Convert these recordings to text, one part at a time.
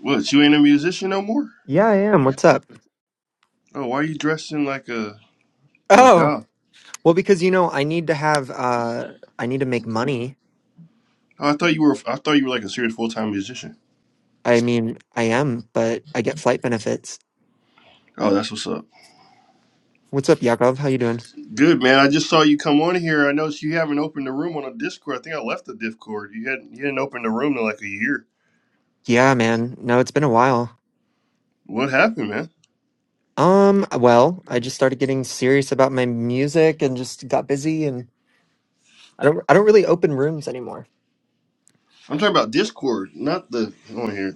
What? You ain't a musician no more? Yeah, I am. What's up? Oh, why are you dressed in like a a Oh, job? well, because you know, I need to have uh I need to make money. Oh, I thought you were. I thought you were like a serious full time musician. I mean, I am, but I get flight benefits. Oh, that's what's up. What's up, Yakov? How you doing? Good man. I just saw you come on here. I noticed you haven't opened the room on a Discord. I think I left the Discord. You hadn't. You hadn't opened the room in like a year. Yeah, man. No, it's been a while. What happened, man? Um, well, I just started getting serious about my music and just got busy and I don't I don't really open rooms anymore. I'm talking about Discord, not the on here.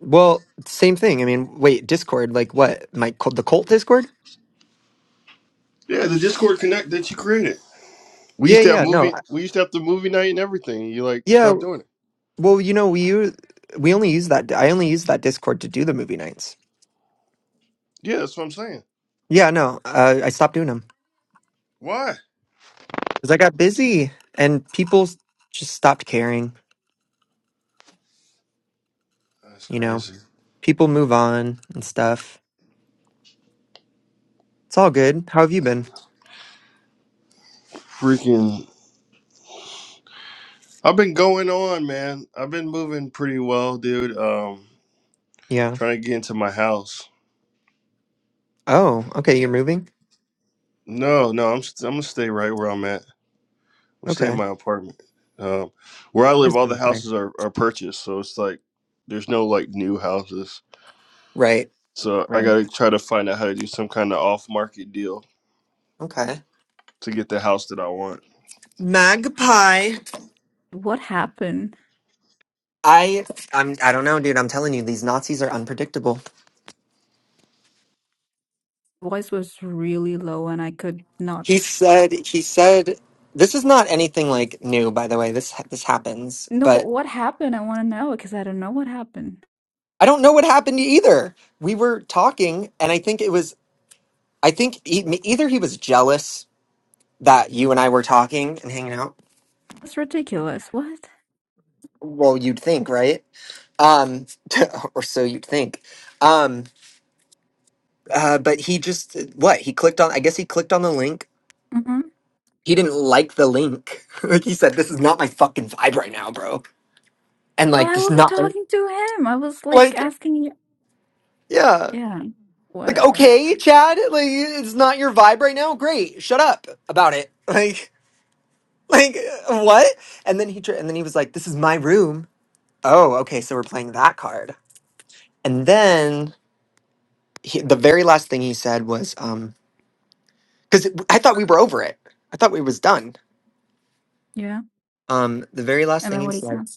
Well, same thing. I mean, wait, Discord, like what? My cult- the cult Discord? Yeah, the Discord connect that you created. We Yeah, used to have yeah, no. movie. I- We used to have the movie night and everything. You like Yeah, stopped doing it. well, you know, we use we only use that I only use that Discord to do the movie nights. Yeah, that's what I'm saying. Yeah, no, uh, I stopped doing them Why? because I got busy and people s- just stopped caring. That's You know, crazy. people move on and stuff. It's all good. How have you been? Freaking. I've been going on, man. I've been moving pretty well, dude. Um, Yeah. trying to get into my house. Oh, okay. You're moving. No, no, I'm st- I'm gonna stay right where I'm at. I'm gonna stay in Okay. my apartment. Um, where I live, There's all the been time. houses are are purchased, so it's like there's no like new houses. Right. So I Right. gotta try to find out how to do some kind of off market deal Okay. to get the house that I want. Magpie. What happened? I. I'm. I don't know, dude. I'm telling you, these Nazis are unpredictable. Voice was really low and I could not. He said. He said. This is not anything like new, by the way. This this happens, No, but but what happened? I want to know because I don't know what happened. I don't know what happened either we were talking and i think it was I think e- either he was jealous that you and I were talking and hanging out. That's ridiculous. What? Well, you'd think, right? Um, or so you'd think. Um, uh, but he just what he clicked on. I guess he clicked on the link. Mm-hmm. He didn't like the link. like he said, "This is not my fucking vibe right now, bro." And But like, I just wasn't not talking to him. I was like like, asking you. yeah, Yeah, like whatever. okay, Chad, like it's not your vibe right now. Great, shut up about it. Like, like what? And then he tr- and then he was like, "This is my room." Oh, okay. So we're playing that card. And then he, the very last thing he said was, um, because I thought we were over it. I thought we was done. Yeah. Um, the very last And thing then he what he's said said.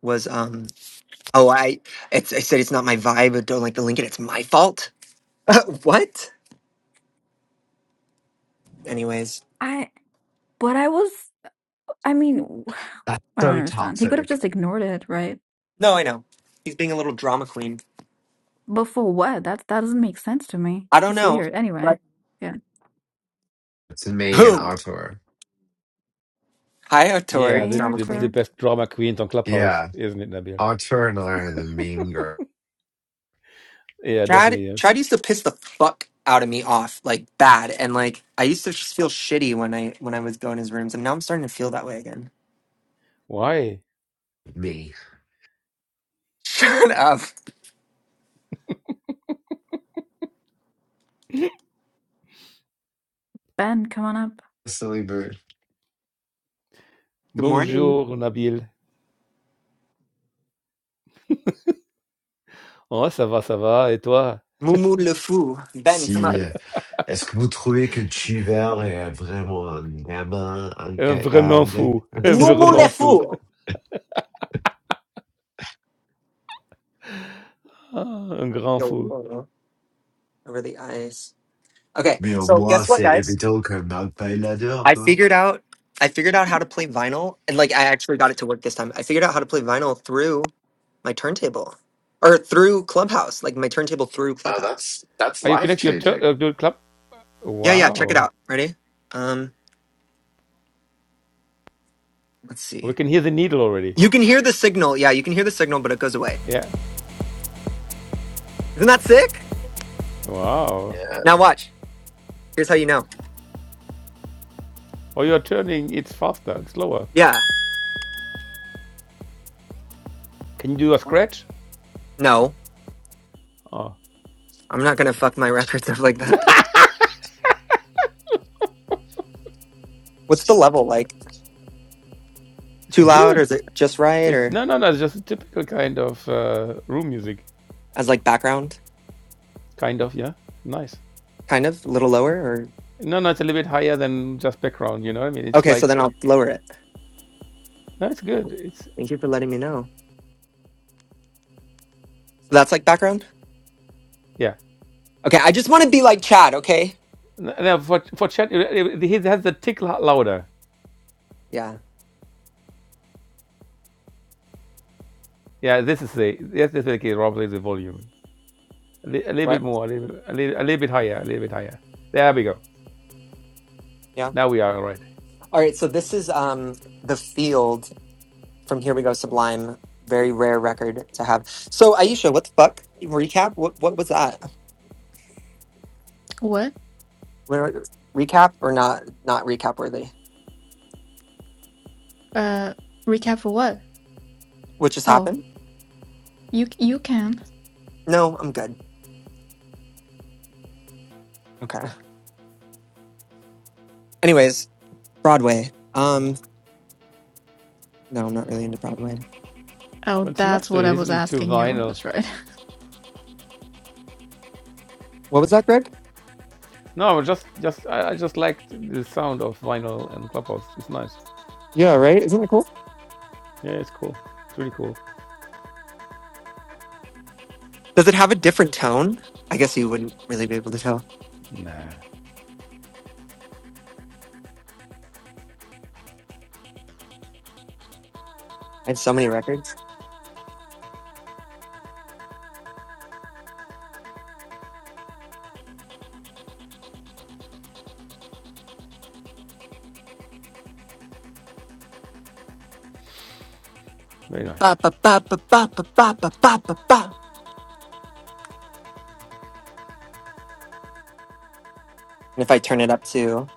was, um, oh, I, it's, I said it's not my vibe. I don't like the Lincoln. It's my fault. what? Anyways, I, but I was, I mean, w- That's I don't so understand. He could have toxic just ignored it, right? no, I know. He's being a little drama queen. But for what? That, that doesn't make sense to me. I don't It's know. weird. Anyway. But Yeah. to me and who? Artur. Hi, Tori, Yeah, Hey, the, drama the the queen. Arthur. best drama queens on Clubhouse, Yeah, isn't it, Nabil? Artur and I are the mean girl. Yeah, Chad definitely is. Chad used to piss the fuck out of me off like bad and like I used to just feel shitty when I when I was going his rooms and now I'm starting to feel that way again. Why? Me. Shut up. Ben, come on up. Silly bird. Good morning. Bonjour, Nabil. Oh, ça va, ça va. Et toi? Mumu Le Fou. Ben, come Si, up. euh, est-ce que vous trouvez que Chiver est vraiment un gamin Un vraiment incapable? fou. Un Mumu Le vraiment fou. Fou. Ah, un grand Yo, fou. whoa, over the eyes. Okay, Mais au so moins, guess what c'est guys? évident que Mark Pyle l'adore, I non? figured out I figured out how to play vinyl and like I actually got it to work this time. I figured out how to play vinyl through my turntable. Or through Clubhouse, like my turntable through Oh, Clubhouse. that's that's Are you life connected to your tur- changing. uh, to your club? Yeah, yeah, check it Wow. out. Ready? Um. Let's We see. can hear the needle already. You can hear the signal. Yeah, you can hear the signal, but it goes away. Yeah. Isn't that sick? Wow. Yeah. Now watch. Here's how you know. Oh, you're turning. It's faster and slower. Yeah. Can you do a scratch? No, Oh. I'm not gonna fuck my records up like that. What's the level like? It's Too loud, or is good. it just right, It or no no no. It's just a typical kind of uh, room music. as like background, Kind of yeah. Nice. kind of a little lower, or No, no, it's a little bit higher than just background. You know, I mean, it's okay? So then like I'll lower it. no, it's good. It's Thank you for letting me know. So that's like background. yeah. Okay, I just want to be like Chad. Okay. N- Now for for chat, he has the tick lo- louder. Yeah. Yeah, this is the yes, this is the key. Rob is the volume a, li- a little bit What? more, a little, a little a little bit higher, a little bit higher. There we go. Yeah. Now we are all right. All right. So this is um the field. from Here We Go Sublime. Very rare record to have. So Aisha, what the fuck? Recap? What what was that? What? Where, recap or not not recap worthy? Uh, recap for what? What just Oh. happened? You you can. No, I'm good. Okay. Anyways, Broadway. Um no, I'm not really into Broadway. But Oh, it's nice that's to what I was listen to asking you. vinyl. That's right. What was that, Greg? No, just just I, I just like the sound of vinyl and clubhouse. It's nice. Yeah, right? Isn't that cool? Yeah, it's cool. It's really cool. I Does it have a different tone? I guess you wouldn't really be able to tell. Nah, I had so many records. very nice. Ba ba ba ba ba ba ba ba ba ba ba. And if I turn it up to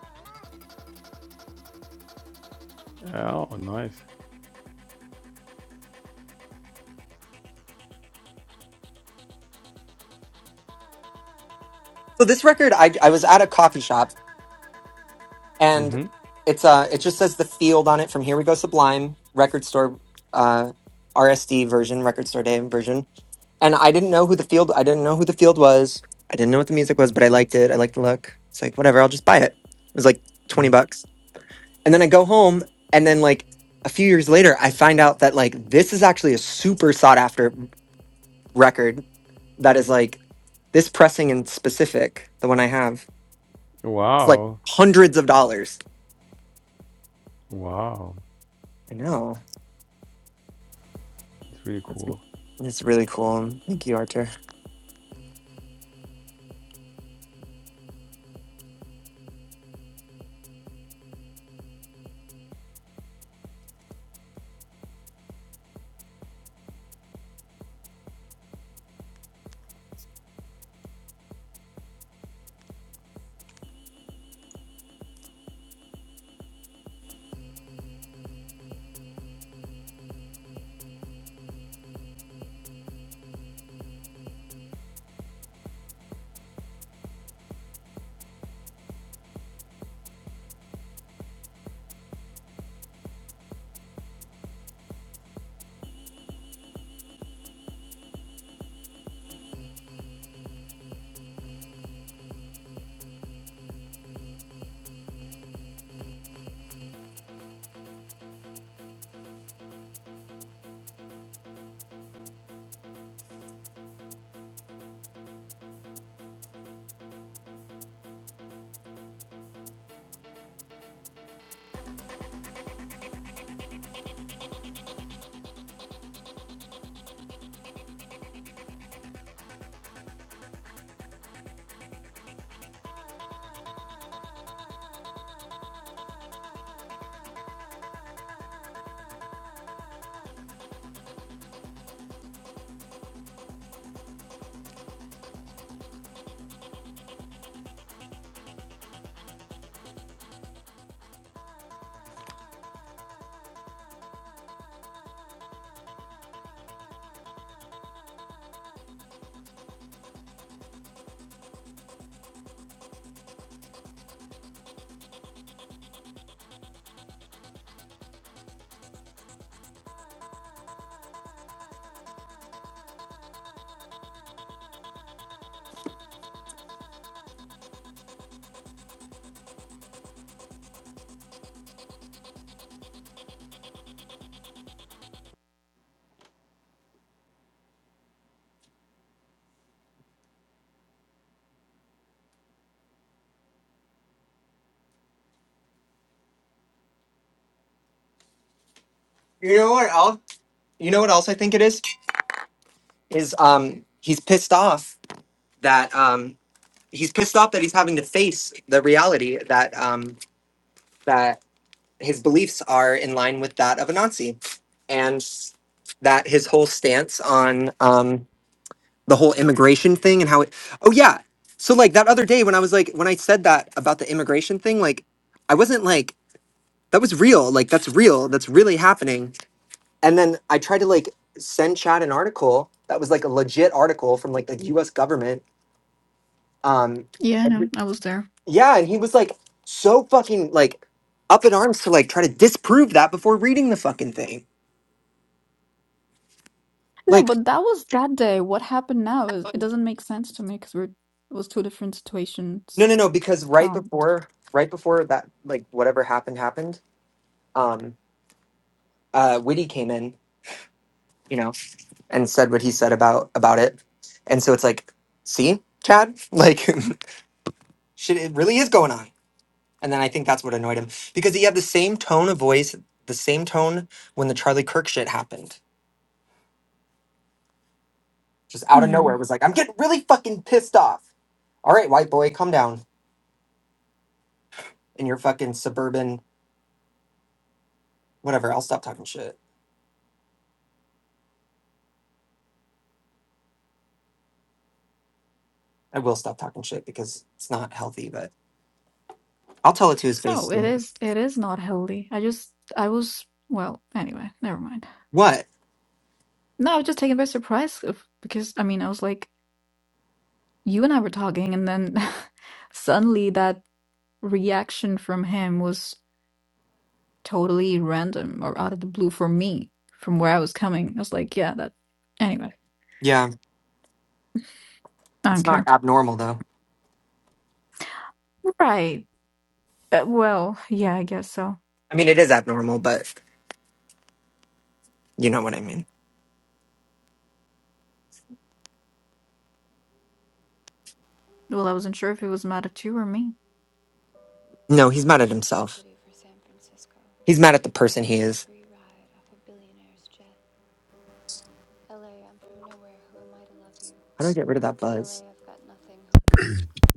Oh, nice. so this record, I I was at a coffee shop and Mm-hmm. it's uh it just says the field on it from here we go sublime record store uh rsd version record store day version and i didn't know who the field i didn't know who the field was i didn't know what the music was Mm-hmm. but i liked it i liked the look it's like whatever i'll just buy it it was like 20 mm-hmm. bucks and then i go home and then like a few years later i find out that like this is actually a super sought after record that is like this pressing in specific the one i have it's like Wow. hundreds of dollars Wow, i know that's really That's, cool. that's really cool. Thank you, Arthur. You know what else? You know what else I think it is? Is um he's pissed off that um he's pissed off that he's having to face the reality that um that his beliefs are in line with that of a Nazi, and that his whole stance on um the whole immigration thing and how it. Oh yeah. So like that other day when I was like when I said that about the immigration thing, like I wasn't like that was real. Like that's real. That's really happening And then I tried to like send Chad an article that was like a legit article from like the US government. Um Yeah, I every- know. I was there. yeah, and he was like so fucking like up in arms to like try to disprove that before reading the fucking thing. No, Like but that was that day. What happened now is it doesn't make sense to me because we're it was two different no situations. no no because right Um, before right before that like whatever happened happened, um uh Witty came in, you know, and said what he said about about it. And so it's like, see, Chad? Like shit it really is going on. And then I think that's what annoyed him because he had the same tone of voice, the same tone when the Charlie Kirk shit happened. Just out of hmm. nowhere, it was like, I'm getting really fucking pissed off. All right, white boy, calm down in your fucking suburban whatever. I'll stop talking shit. I will stop talking shit because it's not healthy, but I'll tell it to his face. No, it too. is it is not healthy. I just I was well, anyway, never mind. What? No, I was just taken by surprise of- because I mean, I was like you and I were talking and then suddenly that reaction from him was totally random or out of the blue for me from where I was coming. I was like, yeah, that. Anyway, Yeah, I don't it's not care. abnormal though. Right. Uh, well, yeah, I guess so. I mean, it is abnormal, but you know what I mean. Well, I wasn't sure if it was mad at you or me. No, he's mad at left my himself. city for San Francisco, He's mad at the person he took a is. free ride off a billionaire's jet. LA, I'm from nowhere, who am I to love you? How do I get rid of that LA, buzz? I've got nothing,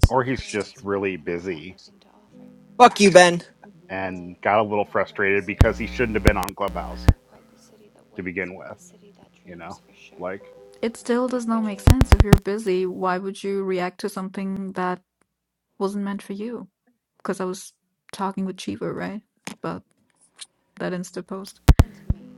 and Or I'm he's feeling just this way, really and I've got busy nothing to offer. Fuck you, Ben. LA, and got a little not quite the frustrated city, because he shouldn't have been on Clubhouse not quite the city that to wakes, begin but with, the city that you dreams know? for sure. Like, It still If does my not make dreams sense. If you're busy, why would you react to something that wasn't meant for you? Because I was talking with Chivo, right? About that Insta post. come to me,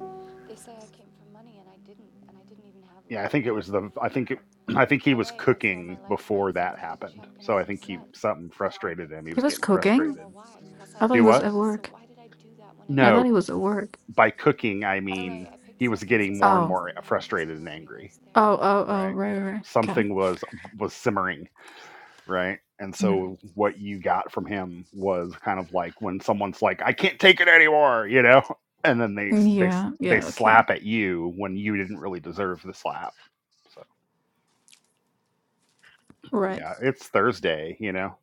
they say I came for money and I didn't, and I didn't even have yeah, I love, think it and was it's the, I unfair. think it, I think he was LA, I sold cooking my life before rights for that a big happened. check and So I'm I think he, upset. something And now I frustrated can't him. He He sleep was was at getting night and I cooking. don't frustrated. know why. Plus, I I thought Do love he was what? at sax, so work. why did I do that when I I know thought it No, he was won't at last? work. by cooking, I LA, mean I picked he San was getting Francisco more and Oh. because more the man who frustrated doesn't and love me angry, lives there. Oh, oh, oh, right? right, right. right. Okay. Something was, was simmering right? And Mm. so what you got from him was kind of like when someone's like, "I can't take it anymore," you know, and then they they Yeah, they yeah, okay. slap at you when you didn't really deserve the slap. So Right. yeah, it's Thursday, you know.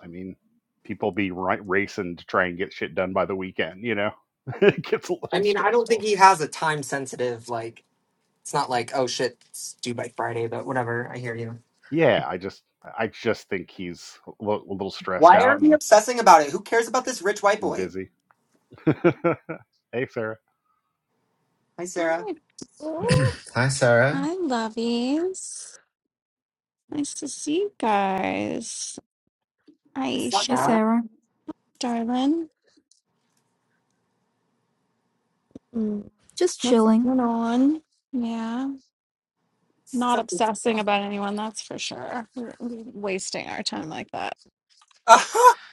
I mean, people be right racing to try and get shit done by the weekend, you know. it gets a I little mean, I don't think stressful. he has a time sensitive, like, it's not like, oh shit, it's due by Friday, but whatever, I hear you. Yeah, I just I just think he's a little, a little stressed Why are out we and obsessing about it? Who cares about this rich white and boy? busy. hey, Sarah. Hi, Sarah. Hi, Paul. Hi, Sarah. Hi, lovies. Nice to see you guys. Suck, Hey Aisha, no? Sarah, darling. Mm, just What's chilling. going on? Yeah, not Suck this dick. obsessing about anyone, that's for sure. W- w- Wasting our time like that. Uh-huh.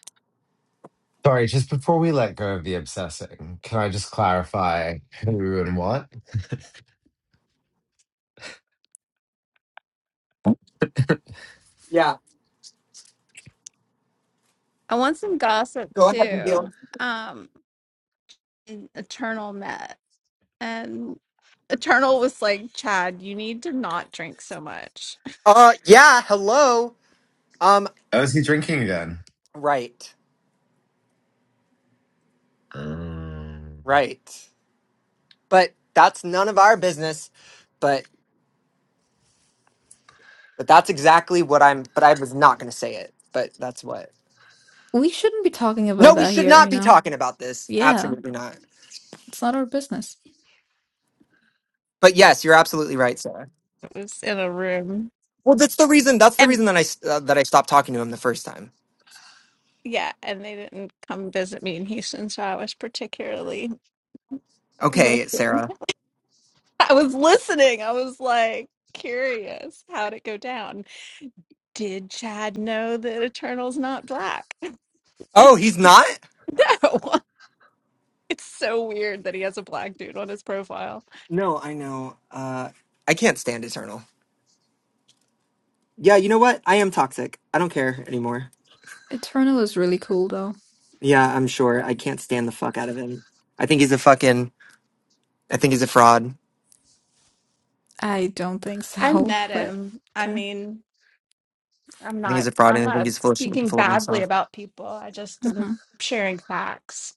Sorry, just before we let go of the obsessing, can I just clarify who and what? Yeah, I want some gossip go ahead, too. Nabil. Um, Eternal met, and Eternal was like, Chad, you need to not drink so much. Uh, yeah, hello. Um, Oh, is he drinking again? right, Um, right. But that's none of our business, but, but that's exactly what I'm, but I was not going to say it, but that's what. We shouldn't be talking about No, we that should here, not you be know? talking about this. Yeah, Absolutely not. it's not our business. But yes, you're absolutely right, Sarah. It was in a room. Well, that's the reason. That's the reason that I s- uh, that I stopped talking to him the first time. yeah, and they didn't come visit me in Houston, so I was particularly Okay, listened. Sarah. I was listening. I was like curious how'd it go down. Did Chad know that Eternal's not black? Oh, he's not. No. It's so weird that he has a black dude on his profile. No, I know. Uh, I can't stand Eternal. Yeah, you know what? I am toxic. I don't care anymore. Eternal is really cool though. Yeah, I'm sure. I can't stand the fuck out of him. I think he's a fucking. I think he's a fraud. I don't think I so, met but him. I okay. mean, I'm I think not he's a fraud, I'm and I think he's not full of shit, and speaking full of badly himself. about people. I just am Mm-mm. sharing facts.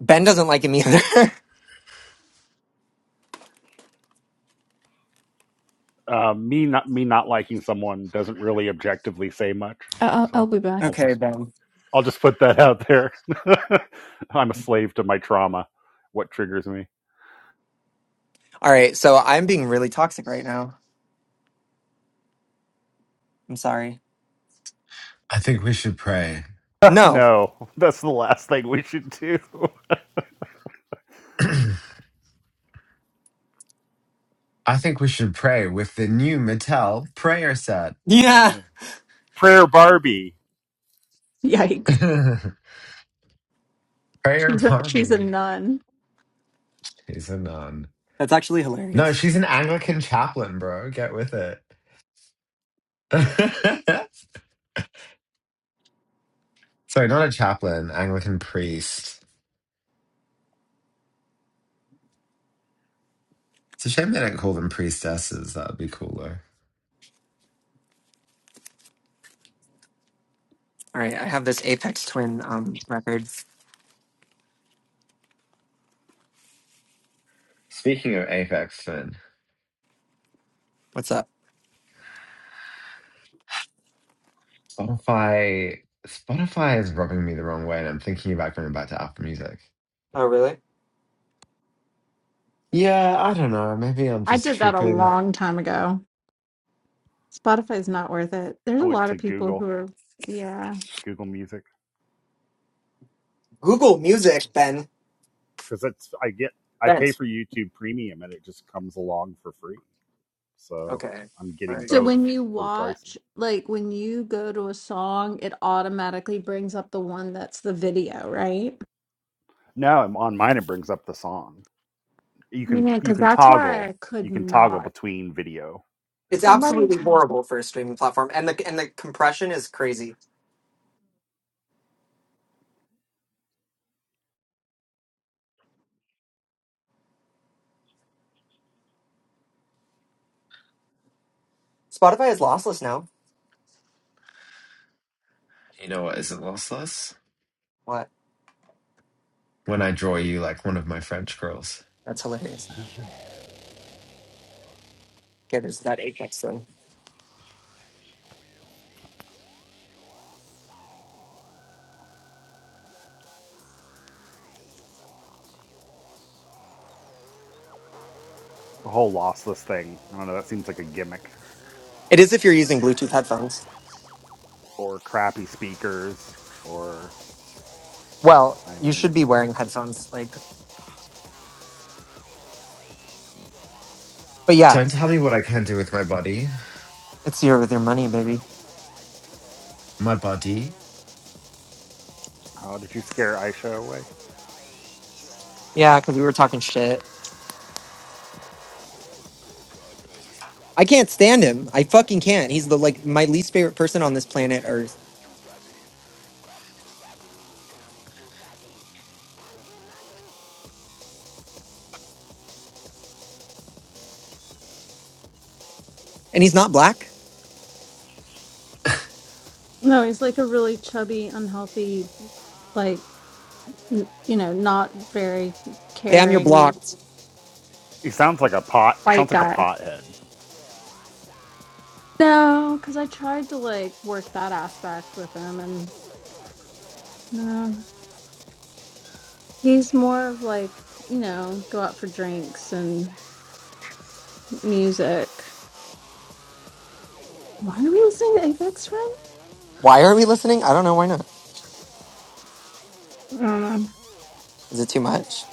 Ben doesn't like him either. uh, me not me not liking someone doesn't really objectively say much. I- I'll I'll So be back. I'll okay, just Ben. I'll just put that out there. I'm a slave to my trauma. What triggers me? All right, so I'm being really toxic right now. I'm sorry. I think we should pray. No. no, that's the last thing we should do. I think we should pray with the new Mattel prayer set. Yeah, Prayer Barbie. Yikes. prayer She's a she's a Barbie. nun. She's a nun. that's actually No, hilarious. she's an Anglican chaplain, bro. Get with it. Sorry, not a chaplain, Anglican priest. It's a shame they don't call them priestesses. That would be cooler. All right, I have this Apex Twin um record. Speaking of Apex Finn, What's up? Spotify Spotify is rubbing me the wrong way, and I'm thinking about going back to Apple Music. Oh, really? Yeah, I don't know. Maybe I'm I just did that a tripping. long time ago. Spotify is not worth it. There's I a went lot of to people who Google are, yeah. Google Music. Google Music, Yeah, Ben. because that's I get I pay Ben's. for YouTube Premium and it just comes along for free. So Okay. I'm All getting So right. both when you for the price. watch, like when you go to a song, it automatically brings up the one that's the video, right? No, I'm on mine. It brings up the song. you can Man, you because can that's why I toggle could you can toggle not. between video It's and song. Somebody, absolutely had- horrible for a streaming platform, and the and the compression is crazy. Spotify is lossless now. You know what isn't lossless? What? When I draw you like one of my French girls. That's hilarious. Okay, There's that Apex thing. The whole lossless thing. I don't know. That seems like a gimmick It is if you're using Bluetooth headphones. or crappy speakers or Well, I you should mean, be wearing headphones, like. But yeah, Don't tell me what I can do with my body. it's your with your money, baby. My body? how did you scare Aisha away? Yeah, because we were talking shit. I can't stand him. I fucking can't. He's the like my least favorite person on this planet Earth, and he's not black. No, he's like a really chubby, unhealthy, like, n- you know, not very Damn, you're caring. blocked. He sounds like a pot. It white sounds like a guy. pothead. No, because I tried to like work that aspect with him and no. He's more of like, you know, go out for drinks and music. Why are we listening to Aphex Twin? Why are we listening? I don't know. Why not? I don't know. Is it too much?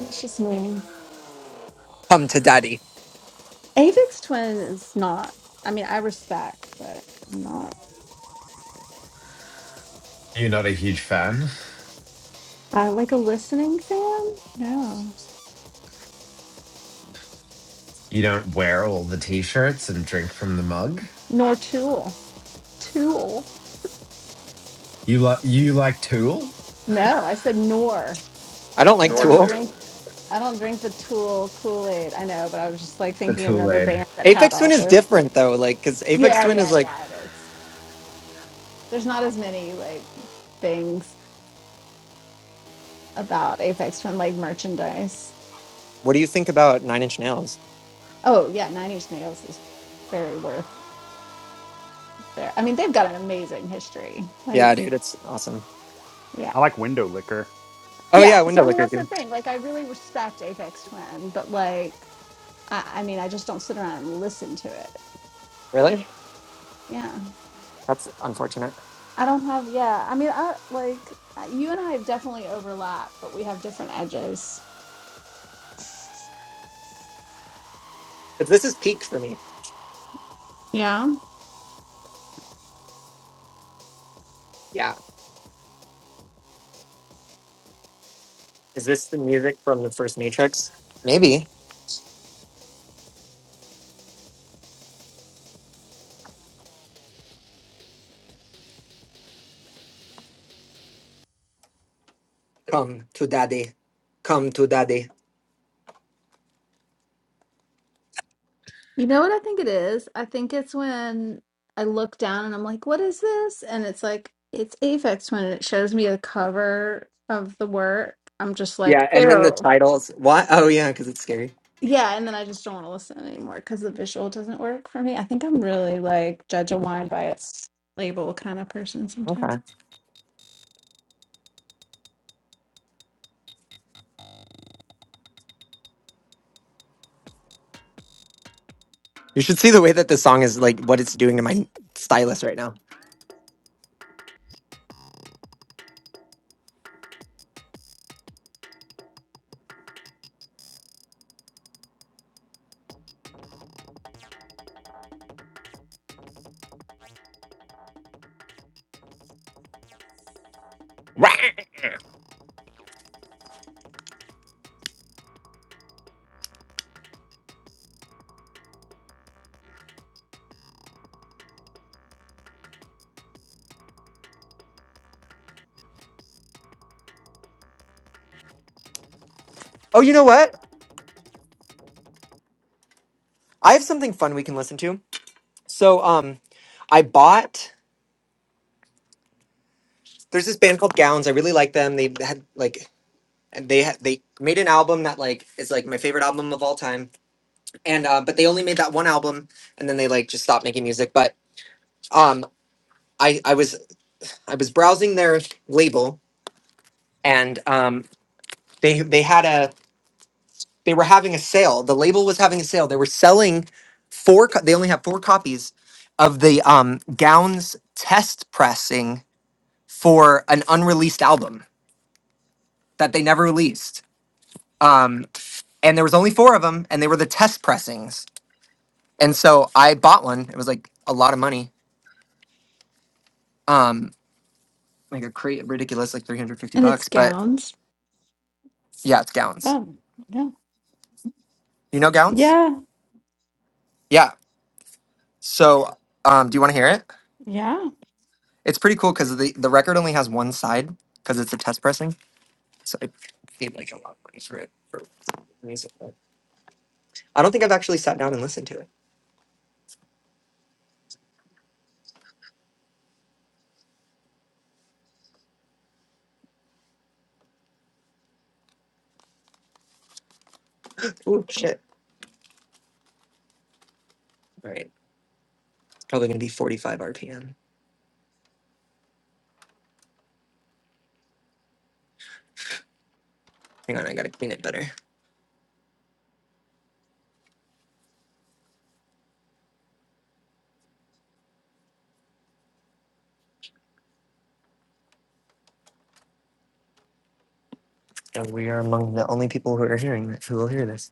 It's just me. Come to daddy. Aphex Twin is not. I mean, I respect, but I'm not. You're not a huge fan. I like a listening fan. No, You don't wear all the t-shirts and drink from the mug. nor Tool. Tool. You like you like Tool? No, I said nor. I don't I like Nor don't Tool. drink. Tool. I don't drink the Tool Kool Aid. I know, but I was just like The thinking of Tool another Aid. band that had Aphex Twin all is the. different though, like because Aphex Yeah, Twin is yeah, like, yeah. It is. There's not as many like things about Apex Twin Leg merchandise. what do you think about Nine Inch Nails? Oh yeah, Nine Inch Nails is very worth there. I mean, they've got an amazing history. Yeah, Like, dude, it's awesome. yeah, I like window liquor. Oh yeah. yeah, So Window I mean, Licker, that's the dude. thing. Like, I really respect Apex Twin, but like, I, I mean, I just don't sit around and listen to it. Really? Yeah, That's unfortunate. I don't have. Yeah, I mean, I like you and I definitely overlap, but we have different edges. Because this is peak for me. Yeah. Yeah. Is this the music from the first Matrix? Maybe. Come to daddy. Come to daddy. You know what I think it is? I think it's when I look down and I'm like, what is this? And it's like, it's Aphex Twin. And it shows me the cover of the work. I'm just like, Yeah, and then the ew. titles. Why? Oh yeah, because it's scary. Yeah. And then I just don't want to listen anymore because the visual doesn't work for me. I think I'm really like judge a wine by its label kind of person sometimes. Okay. You should see the way that the song is like what it's doing to my stylus right now. Oh, you know what? I have something fun we can listen to. So, um, I bought. There's this band called Gowns. I really like them. They had like, and they had they made an album that like is like my favorite album of all time. And uh, but they only made that one album, and then they like just stopped making music. But um, I I was I was browsing their label, and um, they they had a they were having a sale. The label was having a sale. They were selling four. Co- they only have four copies of the um Gowns test pressing for an unreleased album that they never released. Um, and there was only four of them, and they were the test pressings. And so I bought one. It was like a lot of money, um, like a cra ridiculous, like three hundred fifty And it's bucks. But gowns. yeah, it's Gowns. Oh, yeah. You know Gowns? Yeah. Yeah. So um, do you want to hear it? Yeah. It's pretty cool because the the record only has one side because it's a test pressing. So I paid like a lot of money for it for music. I don't think I've actually sat down and listened to it. Ooh, shit. All right. It's probably gonna be forty five RPM. Hang on, I gotta clean it better. And we are among the only people who are hearing this, who will hear this.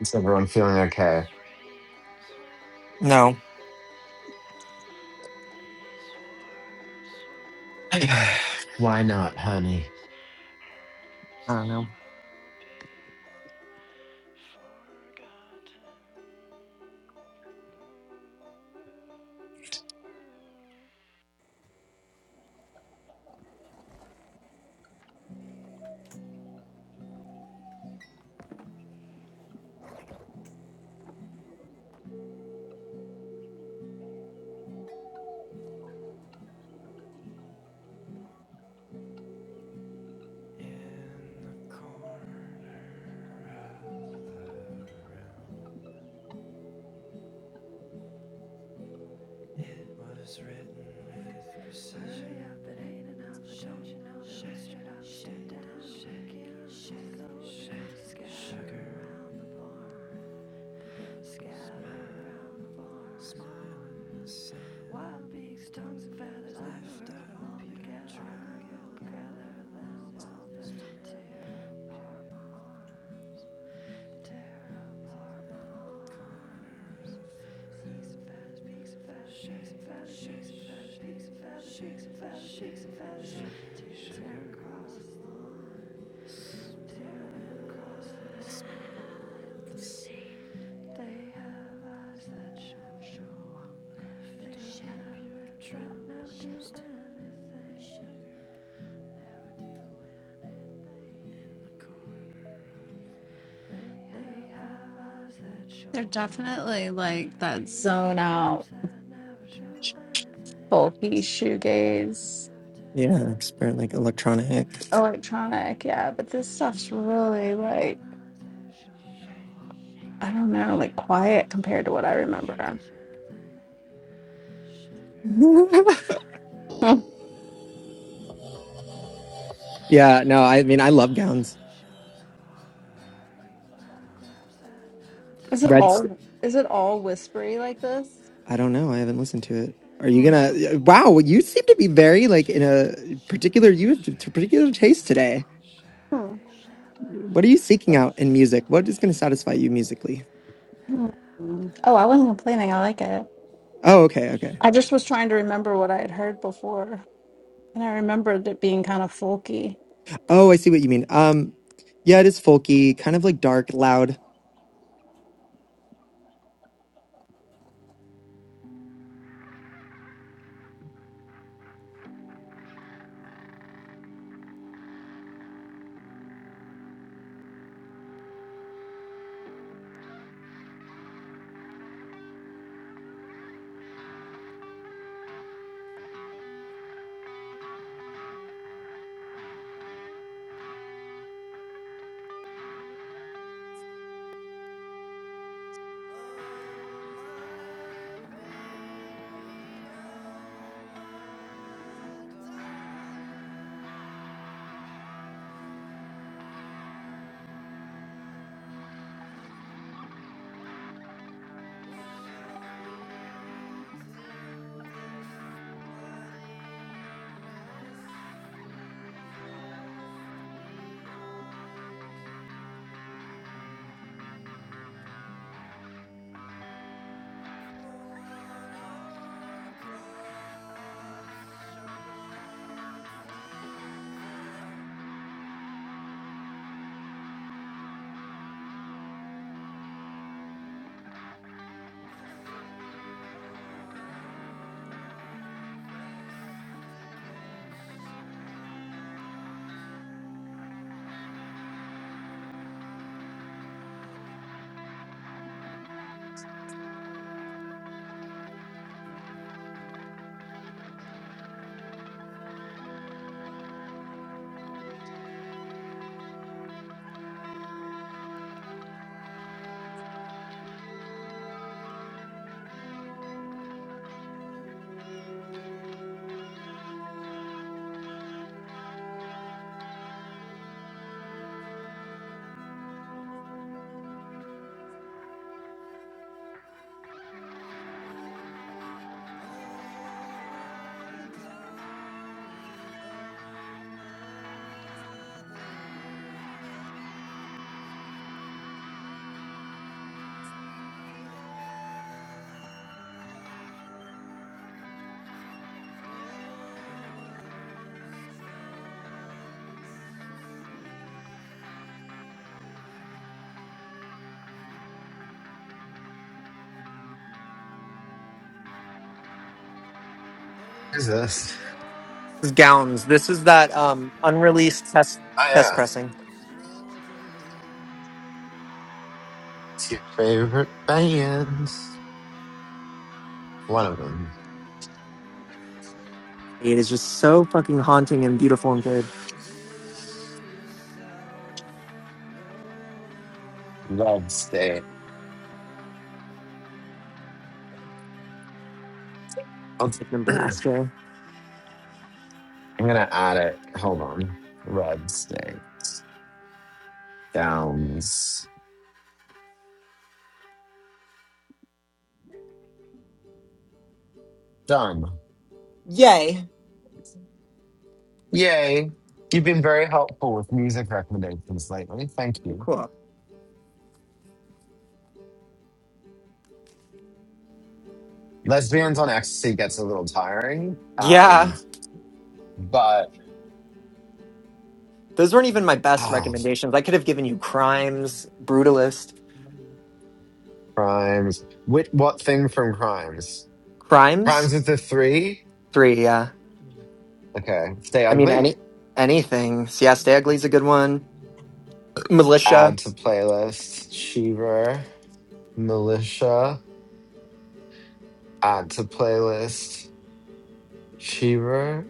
Is everyone feeling okay? No. Why not, honey? I don't know. In the corner of What is written Hurry up, but ain't enough. Don't you know? Shake straight up, shake down, shake it, shake low, shake scatter around the barn, scatter around the barn. Smile, wild beaks, tongues and feathers, lifestyle, all together, gather them all together. Loud, loud, loud, tear apart, my heart, tear apart, my heart. Some feathers, beaks and feathers, shakes and feathers, shakes and feathers, beaks and feathers, shakes and feathers, shakes and feathers, tear across the lawn. They have eyes that shine so long. They never drown anything. They have eyes that show They're no definitely hunger. like that They zone have out, lips that never tell anything. bulky shoegaze. Yeah, it's very like electronic. electronic, yeah, but this stuff's really like I don't know, like quiet compared to what I remember. Hmm. yeah, no, I mean, I love gowns. Is it Red, St- all is it all whispery like this? I don't know. I haven't listened to it. Are you Hmm. gonna? Wow, you seem to be very like in a particular. You have t- particular taste today. Hmm. What are you seeking out in music? What is gonna satisfy you musically? Hmm. Oh, I wasn't complaining. I like it. Oh, okay, okay. I just was trying to remember what I had heard before, and I remembered it being kind of folky. Oh, I see what you mean. Um, yeah, it is folky, kind of like dark, loud. Who's this? gowns. This is that um unreleased test I test am. pressing. It's your favorite band. One of them. It is just so fucking haunting and beautiful and good. Love State. I'll, Like Nebraska. I'm gonna add it. Hold on. Rugs, day, Downs Done. Yay. Yay. You've been very helpful with music recommendations lately. Thank Oh, you. cool. Lesbians on Ecstasy gets a little tiring. Um, Yeah. but Those weren't even my best ah, recommendations. I could have given you Crimes, Brutalist, crimes. What what thing from crimes? Crimes Crimes is the three? three. Yeah, Okay. Stay I mean ugly. any anything. Siesta Ugly's a good one. Add Militia. to playlist. Shiver. Militia, add to playlist, Cheever.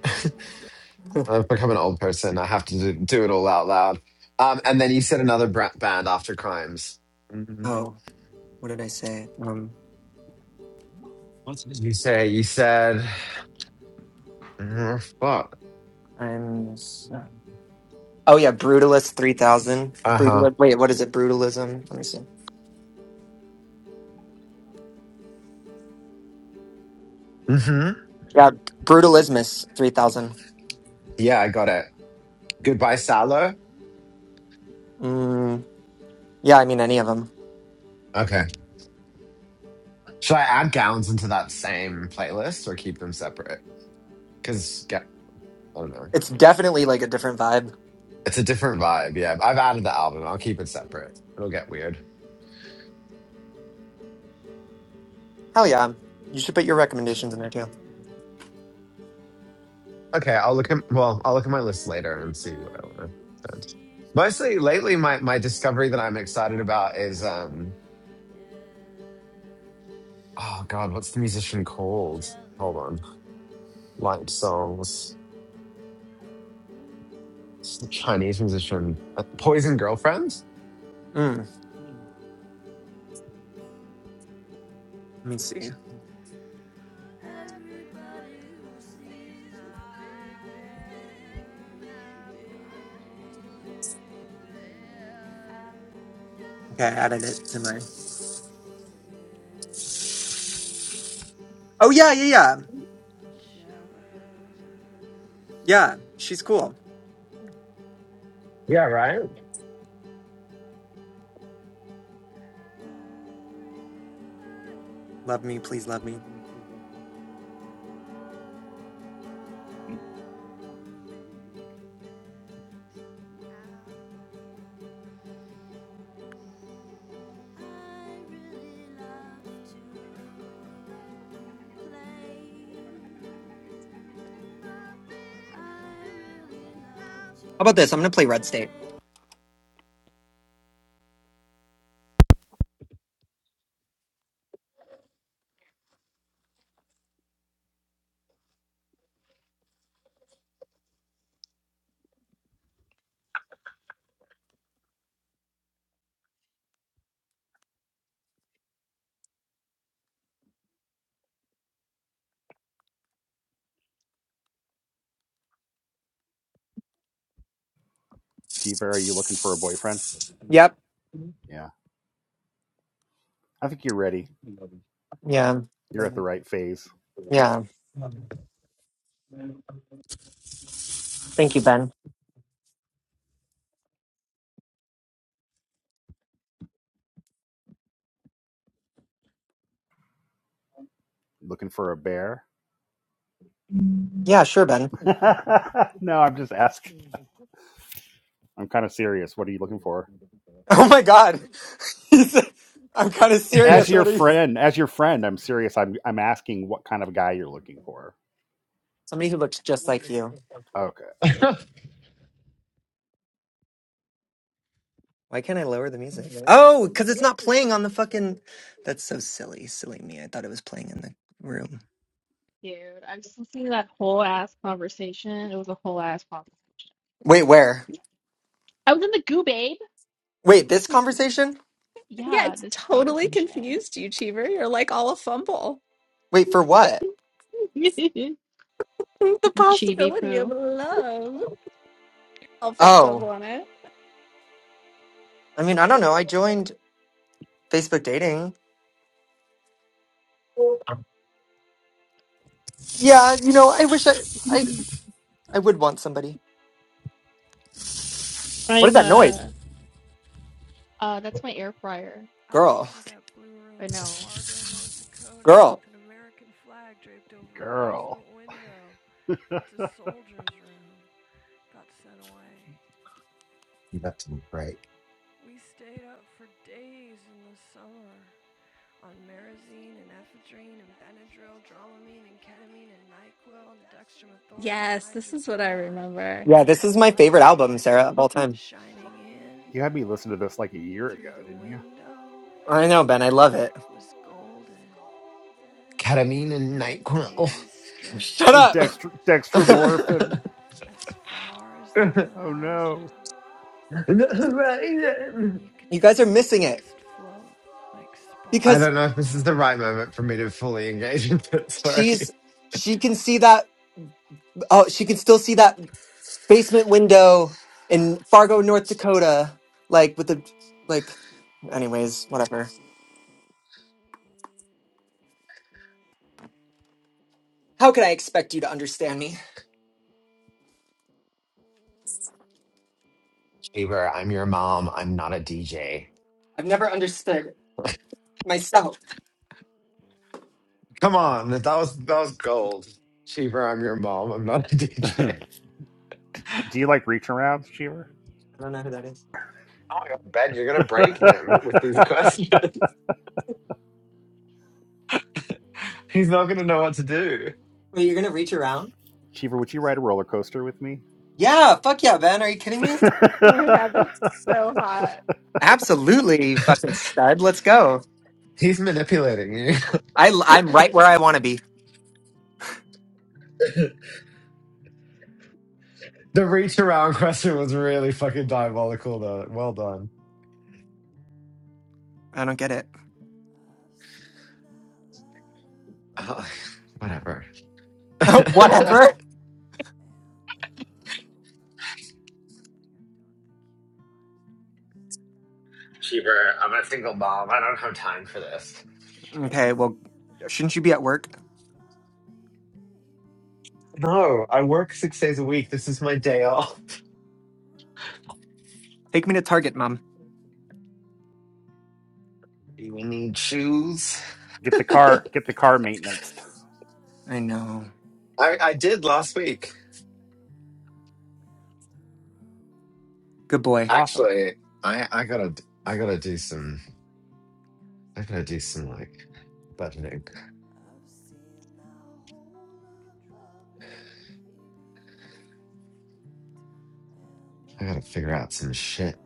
I've become an old person. I have to do, do it all out loud. Um, and then you said another bra- band after Crimes. Mm, Oh, what did I say? Um, What did you say? You said, mm, fuck. Crimes. Oh yeah, Brutalist three thousand. Uh huh. Brutal. Wait, what is it? Brutalism. Let me see. hmm Yeah, Brutalismus three thousand. Yeah, I got it. Goodbye, Sallow. Mm, yeah, I mean any of them. Okay. Should I add gowns into that same playlist or keep them separate? Because, I don't know. It's definitely like a different vibe. It's a different vibe. Yeah, I've added the album. I'll keep it separate. It'll get weird. Hell yeah, you should put your recommendations in there too. Okay, I'll look at well, I'll look at my list later and see what I want Everybody to who send. sees my Mostly lately, my my big discovery that I'm bitten excited about is apple um oh god, what's the musician called? Hold on, Light Songs, it's the Chinese musician, Uh, Poison Girlfriend. Mm, let me see. Okay, I added it to mine. Oh yeah, yeah, yeah, yeah. She's cool. Yeah, Love me, please love me. How really really about this? I'm gonna play Red State. Chief, are you looking for a boyfriend? Yep. Yeah, I think you're ready. Yeah. You're at the right phase. Yeah. Thank you, Ben. Looking for a bear? Yeah, sure, Ben. no, I'm just asking. I'm kind of serious. What are you looking for? Oh my God. I'm kind of As serious. your What are you? friend, as your friend, I'm serious. I'm I'm asking what kind of guy you're looking for. Somebody who looks just like you. Okay, Why can't I lower the music? Oh, because it's not playing on the fucking. That's so silly. Silly me. I thought it was playing in the room. Dude, I was listening to that whole ass conversation. It was a whole ass problem. Wait, where? I was in the goo, babe. Wait, this conversation? Yeah, Yeah, it's this totally conversation. confused you, Cheever. You're like all a fumble. Wait, for what? The Chibi possibility of poo. love. All picked up Oh, on it. I mean, I don't know. I joined Facebook dating. Yeah, you know, I wish I, I, I would want somebody. What is I'm that noise? uh uh that's my air fryer. I can Girl, see that blue I room in know. Fargo, North Dakota, girl. with an American flag draped over a girl, basement window. It's a soldier's room. Got sent away. give that to me. Right, We stayed up for days in the summer. on Marazine and ephedrine and Benadryl, Dramamine and ketamine and NyQuil and dextromethorphan, and Yes, this is what I hydrobromide, remember. Yeah, and this is the my favorite light album, Sarah, of all time. shining in you had me listen to this like a year ago, through the didn't you? window I know, Ben. I love it. was golden, ketamine and and the Nyquil. days stretched Shut And up. out dextr dextromorphin. as far as the Oh no. horizon, and you could You guys are see the missing it dust float like I because don't know sparkles if in this is the right the air. moment for me to fully engage with it. she's, Sorry. she can see that. Oh, she can still see that basement window in Fargo, North Dakota, like with the like anyways, whatever. How could I expect you to understand me? Bieber, I'm your mom. I'm not a DJ. I've never understood myself. Come on, that was that was gold. Cheever, I'm your mom. I'm not a Do DJ. you like reach arounds, Cheever? I don't know who that is. Oh my god, Ben, you're gonna break him with these questions. He's not gonna know what to do. Wait, you're gonna reach around? Cheever, would you ride a roller coaster with me? Yeah, fuck yeah, Ben. Are you kidding me? get Oh my god, that's so hot. Absolutely, you fucking stud. Let's go. He's manipulating you. I I'm right where I want to be. the reach around question was really fucking diabolical, though. Well done. I don't get it. I've seen that light above Oh, me, whatever. baby. whatever. I Cheever, I'm a single mom. I don't have time for this. have seen Okay, well, the shouldn't you be at whole work? above me, baby. And the rope. No, I work six days a week. This is my day off. Take me to Target, Mom. Do we need shoes? the car, I've get the car seen the maintenance. light above I me, know. I, baby. And I did the last week. rope. Good boy. Awesome. Actually, I I gotta I gotta do some especially because I gotta we have do some like budgeting. I've seen the whole above me, baby, and the road. I gotta figure out some shit.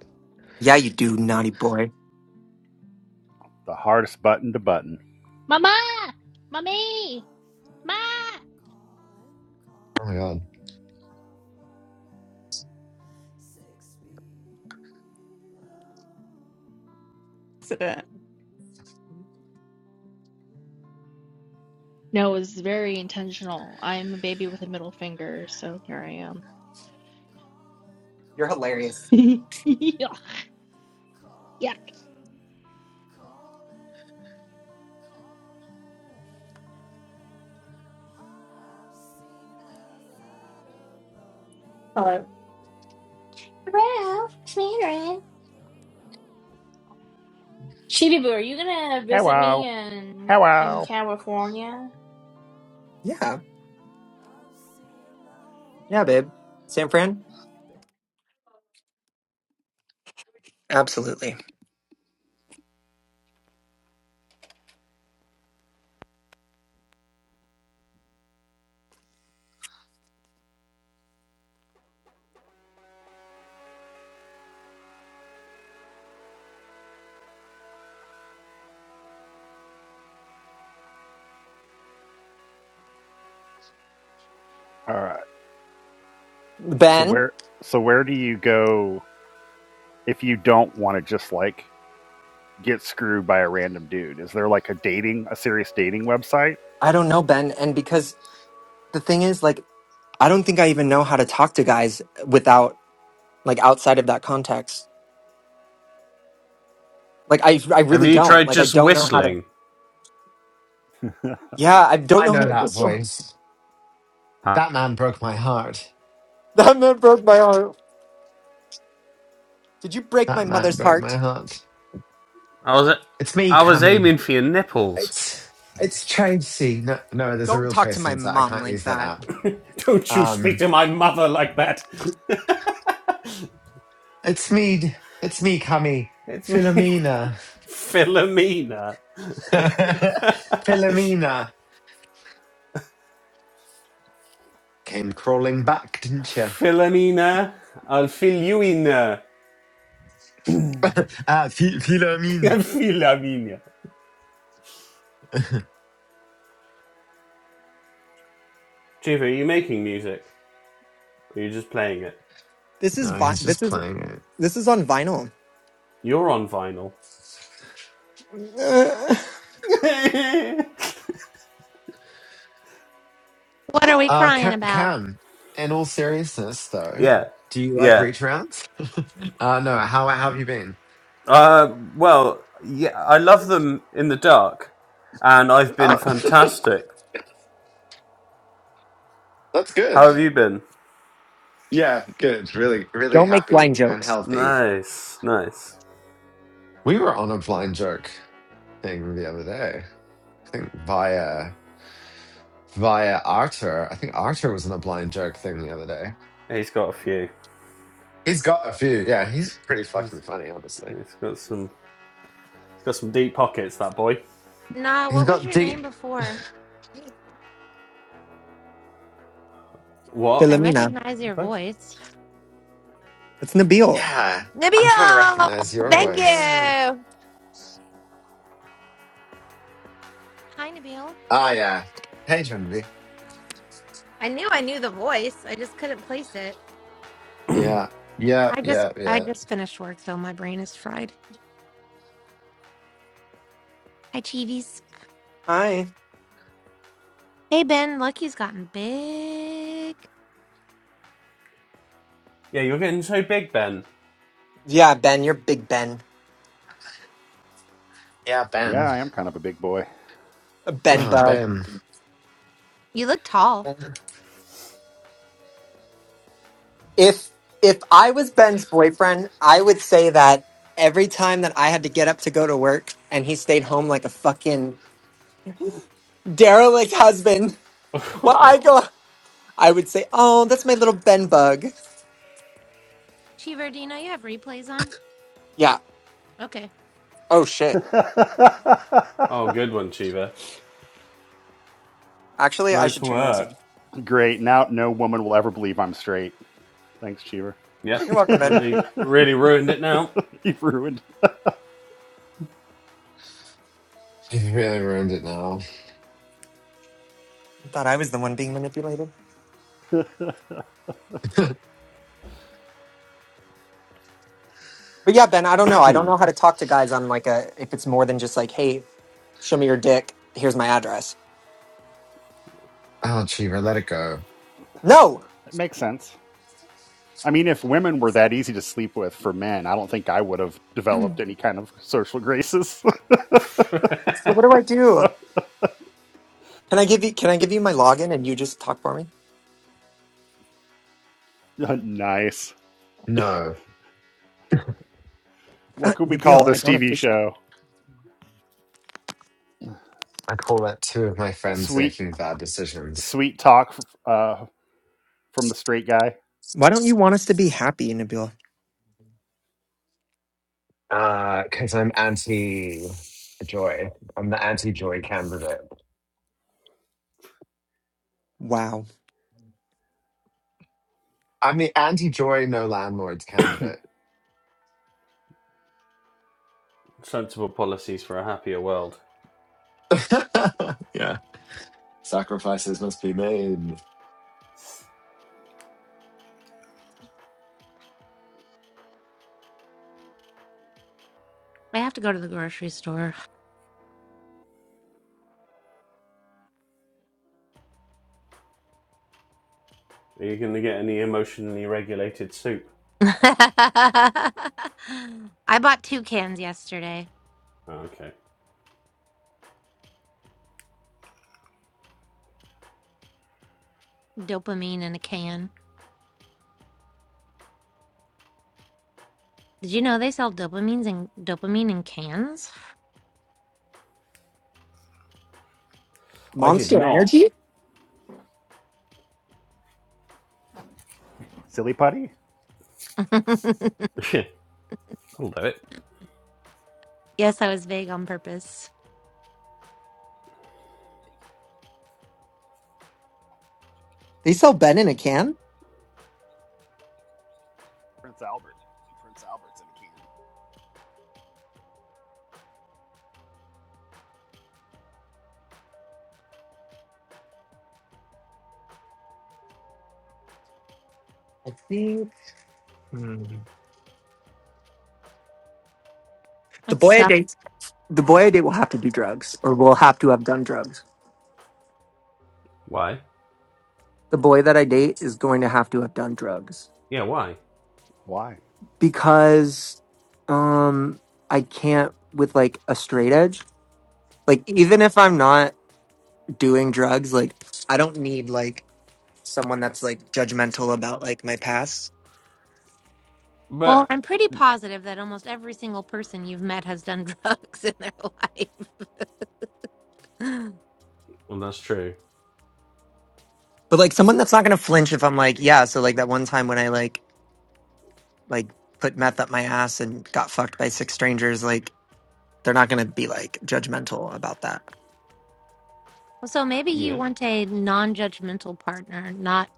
Yeah, you do, naughty boy. The hardest button to button. Mama! Mommy! I've Ma! heard 'em calling, Oh my calling. god. I've heard it. No, it was very intentional. I'm a baby with a middle finger, so here I am. You're hilarious. Yeah. Yeah. Hello. Ralph, Sharon. Shibibu, are you gonna visit me Hello, in in hello. California? Yeah. Yeah, babe. San Fran? Absolutely. All right. So Ben? where, so where do you go? if you don't want to just like get screwed by a random dude? Is there like a dating, a serious dating website? I don't know, Ben. And because the thing is, like, I don't think I even know how to talk to guys without, like, outside of that context. Like, I, I Have really you don't. tried Like, I just don't know how to. whistling? Yeah, I don't I know how know to. that So, voice. Huh? That man broke my heart. that man broke my heart. Did you break my That man mother's broke my heart? heart. I was, It's me, I was Cammy. aiming for your nipples. It's it's Tracy. No, no, there's a Don't real talk to Tracy my on that. I mom can't like use that that. app. Don't you speak Um, to my mother like that. it's me. It's me, Cammy. It's me, Philomena. Philomena. Philomena. Came crawling back, didn't you? Philomena. I'll fill you in. uh, I'll Ah, Phi- Philomene. Philomena. Chief, are you making music? Or are you just playing it? This is No, vi- he's This just is playing it. This is on vinyl. You're on vinyl. What are we Uh, crying Cam, about? Cam, in all seriousness, though, Yeah, do you like yeah. reach rounds? Uh, no, how, how have you been? Uh, well, yeah, I love them in the dark, and I've been Oh, fantastic. that's How good. have you been? Yeah, good. Really, really Don't make blind happy and jokes. healthy. Nice, nice. We were on a blind joke thing the other day. I think via via Arthur. I think Arthur was on a blind joke thing the other day. He's got a few. He's got a few. Yeah, he's pretty fucking He's, funny, honestly. he's got some. He's got some deep pockets. That boy. Nah, He's what was got your deep name before? What? I Philomena. recognize your Rex- voice. It's Nabil. Yeah, I'm trying to Nibio! recognize your Thank you! voice. Yeah, Hi, Nabil. Ah, yeah. Hey, Genevieve. I knew I knew the voice. I just couldn't place it. Yeah, yeah, I just yeah, I yeah. just finished work, so my brain is fried. Hi, Chivis. Hi. Hey, Ben. Lucky's gotten big. you're getting so big, Ben. Yeah, Ben, you're Big Ben. Yeah, Ben. yeah, I am kind of a big boy. A Ben Oh, bug. Ben. You look tall. Ben. If if I was Ben's boyfriend, I would say that every time that I had to get up to go to work and he stayed home like a fucking derelict husband, well I oh, go I would say, Oh, that's my little Ben bug. Cheever, do you know you have replays on? Yeah. Okay. Oh shit. good one, Chiva. Actually I Nice should turn those work. in. Great. Now no woman will ever believe I'm straight. Thanks, Cheever. Yep. You're welcome, Ben. Really, really ruined it now. You've ruined. You really ruined it now. I thought I was the one being manipulated. it But yeah, Ben, I don't know. I don't know how to talk to guys on like a if it's more than just like, hey, show me your dick. Here's my address. oh, Cheever, let it go. No. makes sense. I mean, if women were that easy to sleep with for men, I don't think I would have Mm. developed any kind of social graces. So what do I so do? Can I give you can I give you my login and you just talk for me? uh, nice. No, Uh, What could we Nabil, call I this don't TV appreciate show? I call that two of my friends Sweet, making bad decisions. sweet talk. Uh, from the straight guy? Why don't you want us to be happy, Nabil? Uh, because I'm anti-joy. I'm the anti-joy candidate. Wow. I'm the anti-joy, no landlords candidate. Sensible policies for a happier world. yeah. Sacrifices must be made. I have to go to the grocery store. Are you going to get any emotionally regulated soup? I bought two cans yesterday. Oh, okay. Dopamine in a can. Did you know they sell dopamines and dopamine in cans? I did Monster not. Energy? Silly putty? I'll do it. yes, I was vague on purpose. They sell Ben in a can? Prince Albert. Prince Albert's in a can. I think Hmm. the It boy I date sucks. the boy I date will have to do drugs or will have to have done drugs. Why? The boy that I date is going to have to have done drugs Yeah, why? Why? because um I can't with like a straight edge. Like even if I'm not doing drugs, like I don't need like someone that's like judgmental about like my past. Well, But I'm pretty positive that almost every single person you've met has done drugs in their life. well, that's true. But like someone that's not gonna flinch if I'm like, yeah, so like that one time when I like like put meth up my ass and got fucked by six strangers, like they're not gonna be like judgmental about that. so maybe you Yeah. want a non-judgmental partner, not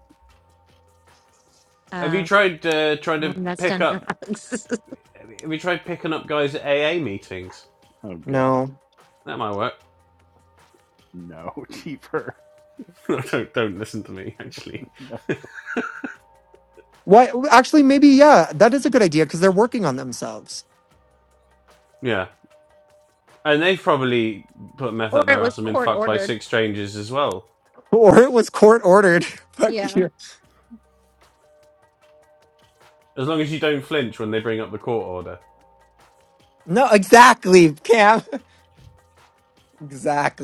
Have you uh, tried uh, trying to one that's pick done up? drugs, Have you tried picking up guys at AA meetings? Oh God, No. That might work. no, cheaper. don't don't listen to me. Actually, No, Why? Actually, maybe yeah, that is a good idea because they're working on themselves. yeah. And they've probably put meth or up their it was ass and been court fucked by ordered. six strangers as well. Or it was court ordered. Fuck Yeah, you. As long as you don't flinch when they bring up the court order, No, exactly, Cam.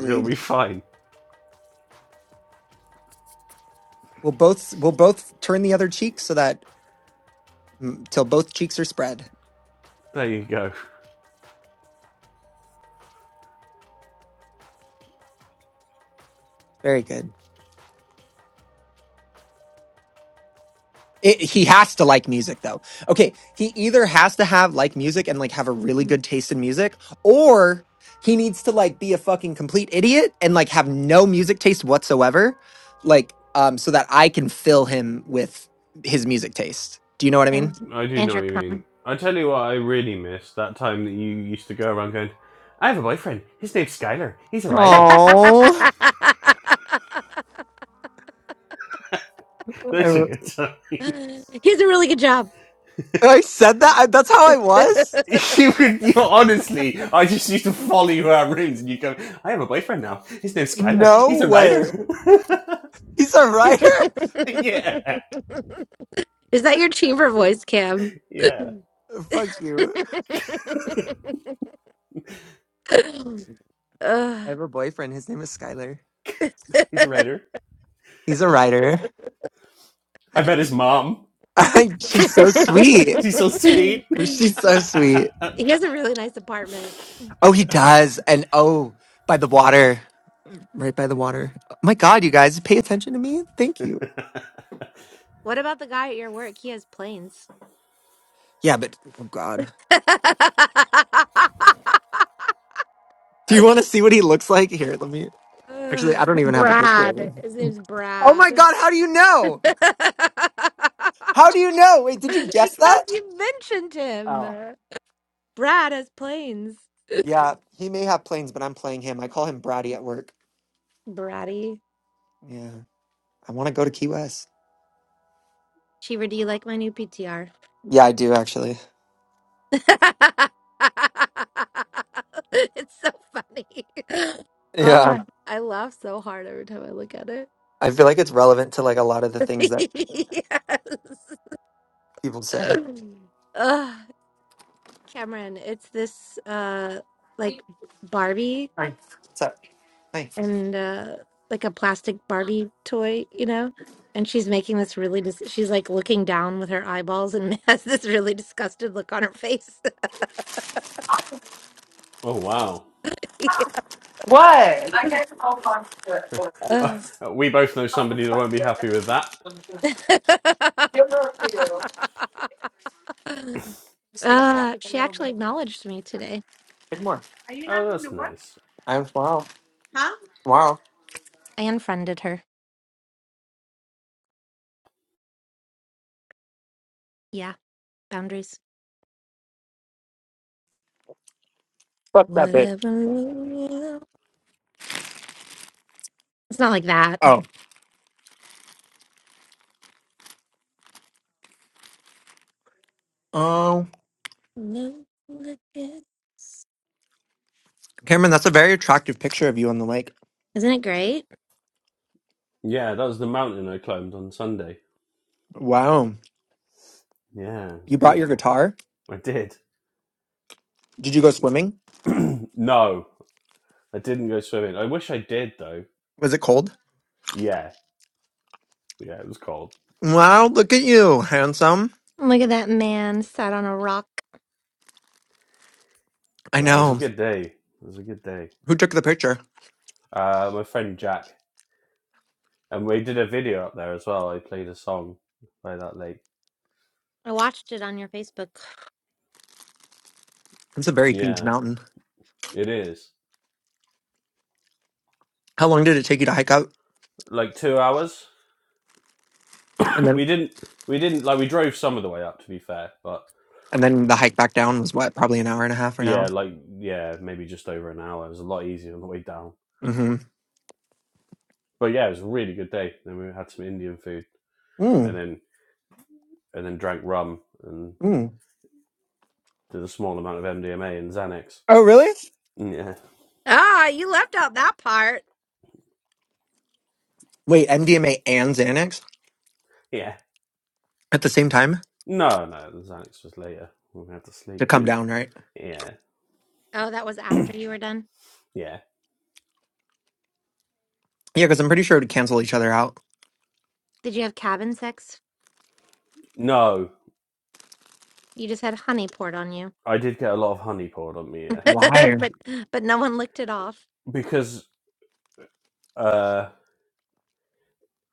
it'll be fine. We'll both we'll both turn the other cheek so that mm, till both cheeks are spread. There you go. Very good. It, he has to like music though. Okay, he either has to have like music and like have a really Mm. good taste in music or he needs to like be a fucking complete idiot and like have no music taste whatsoever like um so that I can fill him with his music taste. Do you know what I mean? and I do and know your what you cum. mean. I tell you what, I really miss that time that you used to go around going, "I have a boyfriend. His name's Skylar. He's a writer." Oh, I, Those are re- good times. he does a really good job. I said that. I, that's how I was. You could, you know, honestly, I just used to follow you around rooms and you go, I have a boyfriend now. His name's Skylar. No He's a way. writer. He's a writer. yeah. Is that your chamber voice, Cam? Yeah. Fuck you. I Ugh. have a boyfriend. His name is Skylar. He's a writer. He's a writer. I met his mom. She's so sweet. She's so sweet. She's so sweet. he has a really nice apartment. Oh, he does. And oh, by the water, right by the water. Oh my God, you guys, pay attention to me. Thank you. What about the guy at your work? He has planes. Yeah, but oh God. Do you want to see what he looks like? Here, let me. Actually, Ugh. I don't even have a picture of Brad. him. His name's Oh my Brad. God, how do you know? because How do you know? Wait, did you guess that? you mentioned Oh, him. Brad has planes. yeah. He may have planes, but I'm playing him. I call him Brady at work. Bratty. Yeah. I want to go to Key West. Cheever, do you like my new PTR? Yeah, I do actually. it's so funny. Yeah. Oh, I laugh so hard every time I look at it. I feel like it's relevant to like a lot of the things that yes. people say. Ugh, Cameron, it's this uh like Barbie Hi. What's up? Hi. and uh like a plastic Barbie toy, you know? And she's making this really dis she's like looking down with her eyeballs and has this really disgusted look on her face. Oh, wow. Uh, Uh. we both know somebody that won't be happy with that. Uh, she actually acknowledged me today. Good morning. Oh, that's nice. I am tomorrow. Tomorrow. I unfriended her. Yeah, boundaries. Have it. Whatever. It's not like that. Oh. Um, Love like this. Cameron, that's a very attractive picture of you on the lake. Isn't it great? Yeah, that was the mountain I climbed on Sunday. Wow. Yeah, it was You brought your beautiful. guitar? I did. Did you go swimming? no, I didn't go swimming. I wish I did, though. Was it cold? Yeah. Yeah, it was cold. Wow, look at you, handsome. Look at that man sat on a rock. I Yeah, it was a know. good day. It was a good day. Who took the picture? Uh, my friend Jack, and we did a video up there as well. I played a song by that lake. I watched it on your Facebook. It's a very huge Yeah, mountain. it is How long did it take you to hike up? like two hours. And then we didn't, we didn't like we drove some of the way up to be fair, but and then the hike back down was what, probably an hour and a half or an hour? yeah, like yeah, maybe just over an hour. It was a lot easier on the way down. Mm-hmm. But yeah, it was a really good day. Then we had some Indian food, Mm. and then and then drank rum and Mm. did a small amount of MDMA and Xanax. Oh really? Yeah, Ah, you left out that part. Wait, MDMA and Xanax yeah. at the same time? No, no, the Xanax was later. We had to To sleep. come down, right? Yeah, Oh, that was after you were done. yeah. Yeah, because I'm pretty sure it would cancel each other out. Did you have cabin sex? No, You just had honey poured on you. I did get a lot of honey poured on me, yeah. Why? but but no one licked it off. Because, uh,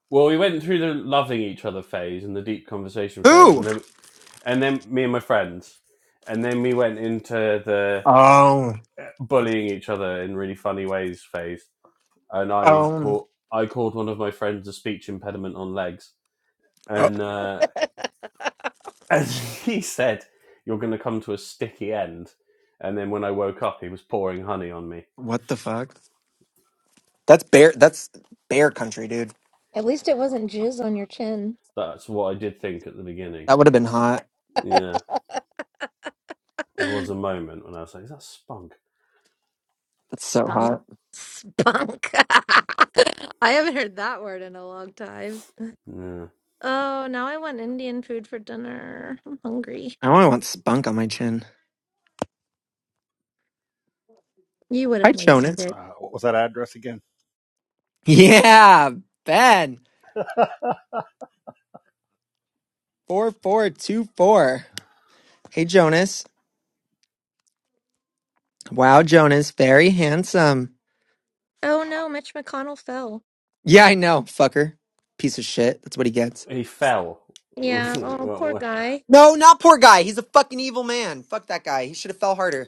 well, we went through the loving each other phase and the deep conversation phase, Who? and then and then me and my friends, and then we went into the Oh, uh, bullying each other in really funny ways phase. And I um, caught I called one of my friends a speech impediment on legs, oh, and uh, and he said, "You're going to come to a sticky end." And then when I woke up, he was pouring honey on me. what the fuck? That's bear. That's bear country, dude. At least it wasn't jizz on your chin. That's what I did think at the beginning. That would have been hot. Yeah. There was a moment when I was like, "Is that Spunk?" That's so Spunk. hot. Spunk. I haven't heard that word in a long time. Yeah. Oh, now I want Indian food for dinner. I'm hungry. I only want spunk on my chin. You Hi, wouldn't waste Jonas. it. Uh, what was that address again? Yeah, Ben. Four four two four. Hey, Jonas. Wow, Jonas, very handsome. Oh no, Mitch McConnell fell. Yeah, I know, fucker. Piece of shit. That's what he gets. He fell. Yeah, oh poor guy. No, not poor guy. He's a fucking evil man. Fuck that guy. He should have fell harder.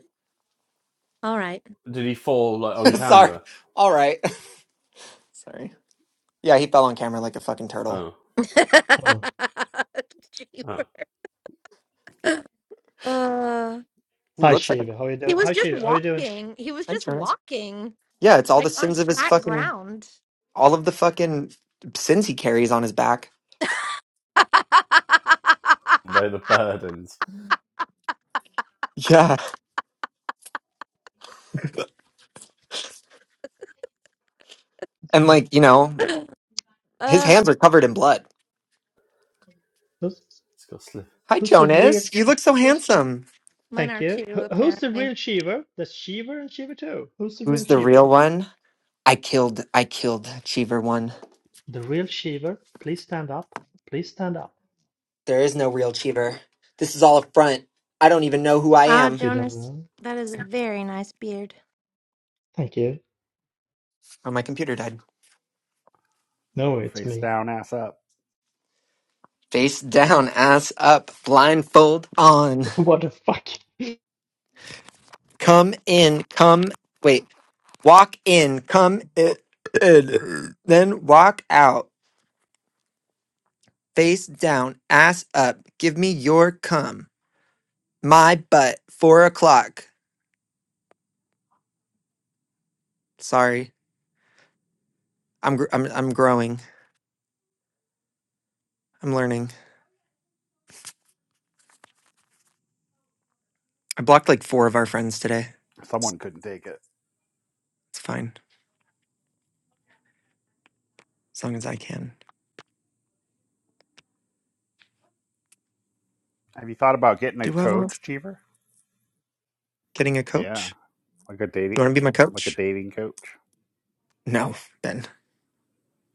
All right. Did he fall like on Sorry. camera? All right. Sorry. Yeah, he fell on camera like a fucking turtle. Oh, Oh, Jeeper. oh. uh He hi looks like a. Shiva. How are you he doing? was Hi just Shiva. How are you doing? walking. He was Hi, just Jonas. walking Yeah, it's all the like on sins of his flat fucking. ground. All of the fucking sins he carries on his back. by the burdens. Yeah. And, like, you know, his uh, hands are covered in blood. Who's It's got slip. Hi, who's the real? Jonas. You look so Who's handsome. mine thank are you. too, Who, who's the apparently. real Shiva? There's Shiva and Shiva too. Who's the Who's real the Shiva? real one? I killed. I killed Cheever one. The real Shiva. Please stand up. Please stand up. There is no real Cheever. This is all a front. I don't even know who I Ah, am. You don't Jonas, know? that is a very nice beard. Thank you. Oh, my computer died. No, it's face me. down, ass up. Face down, ass up, blindfold on. What the fuck? Come in, come. Wait, Walk in, come in, in, then walk out, face down, ass up. Give me your cum, my butt. Four o'clock. Sorry, I'm gr- I'm I'm growing. I'm learning. I blocked like four of our friends today. Someone couldn't take it. It's fine, as long as I can. Have you thought about getting a Do I want coach, Cheever? getting a Yeah, coach? like a dating, You want to be my like a coach? dating coach. No, then it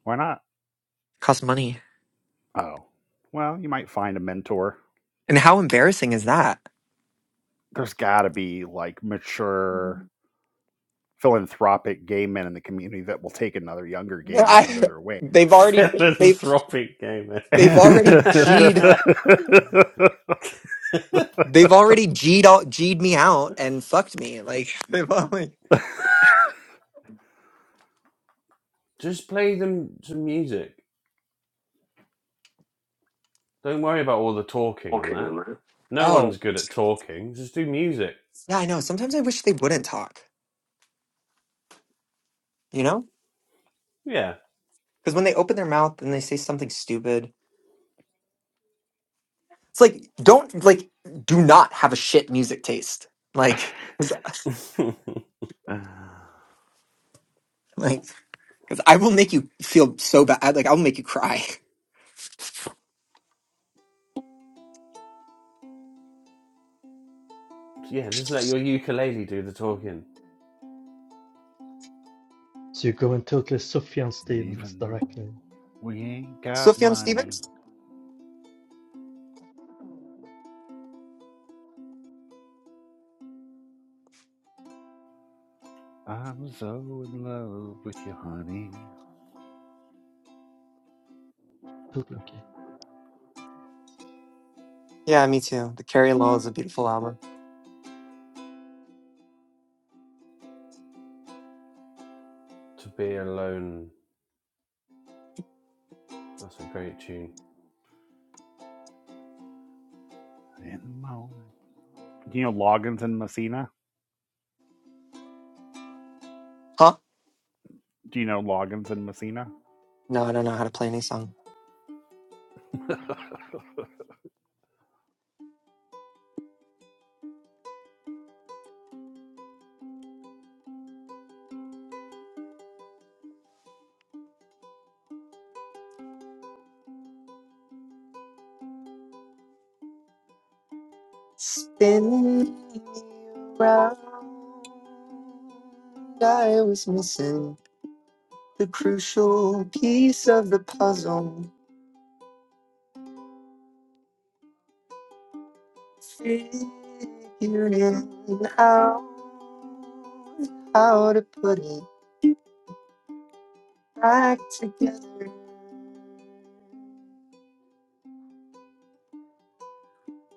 Why not? costs money. Oh, well, you might find a mentor. And how embarrassing is that? There's got to be like mature, philanthropic gay men in the community that will take another younger gay man under I, their wing they've already they Philanthropic gamer. they've already Even G'd. They've already G'd, all, G'd me out and fucked me. Like, they've only. Just play them some music. Don't worry about all the talking and Talking that. in there. No one's Oh, good at talking. Just do music. yeah, I know. Sometimes I wish they wouldn't talk, you know? Yeah. Because when they open their mouth and they say something stupid, it's like, don't, like, do not have a shit music taste. Like, 'cause- like, because I will make you feel so bad. Like, I'll make you cry. yeah, just let your ukulele do the talking. So you're going totally Sufjan Stevens though directly. we ain't got Sufjan money, Stevens? I'm so in love with you, honey. Totally okay. Yeah, me too. The Carrie Law is a beautiful album. To be alone. That's a great tune. In the mo. Do you know Loggins and Messina? Huh? Do you know Loggins and Messina? No, I don't know how to play any song. Spin me around. I was missing the crucial piece of the puzzle. Figuring out how to put it back together.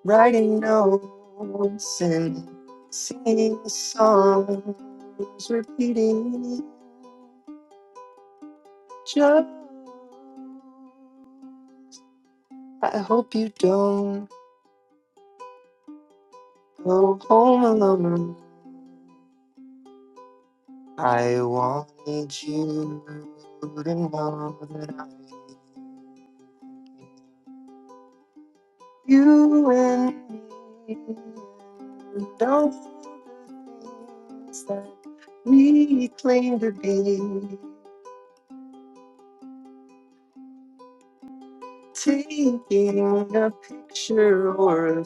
Writing notes and singing songs, repeating each other. I hope you don't go home alone. I want you to know that I you and me and all the things that we claim to be taking a picture or a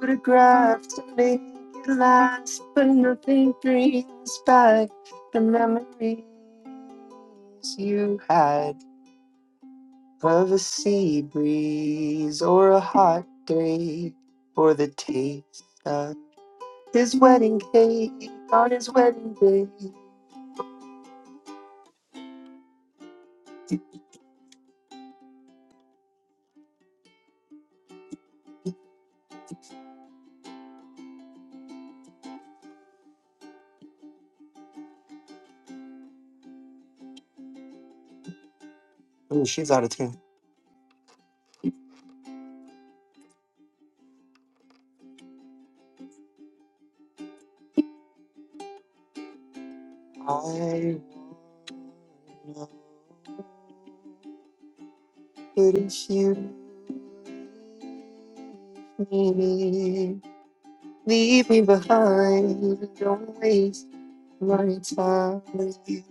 photograph to make it last, but nothing brings back the memories you had. of a sea breeze or a hot day, or the taste of his wedding cake on his wedding day. Ooh, she's out of tune. I know not if you leave me, leave me behind. Don't waste my time with you.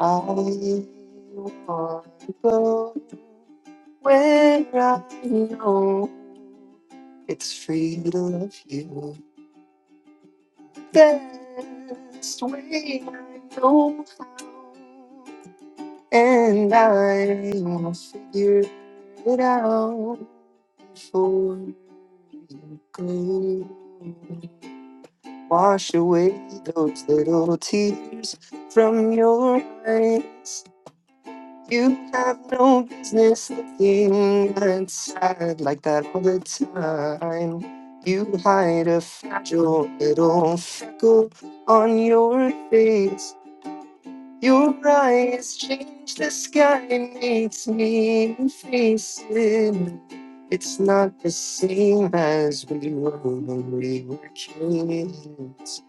I want to go where I know it's free to love you. best way I know how. And I wanna figure it out before you go. Wash away those little tears from your eyes. You have no business looking that sad like that all the time. You hide a fragile little freckle on your face. Your eyes change the sky, makes me face it. It's not the same as we were when we were kids.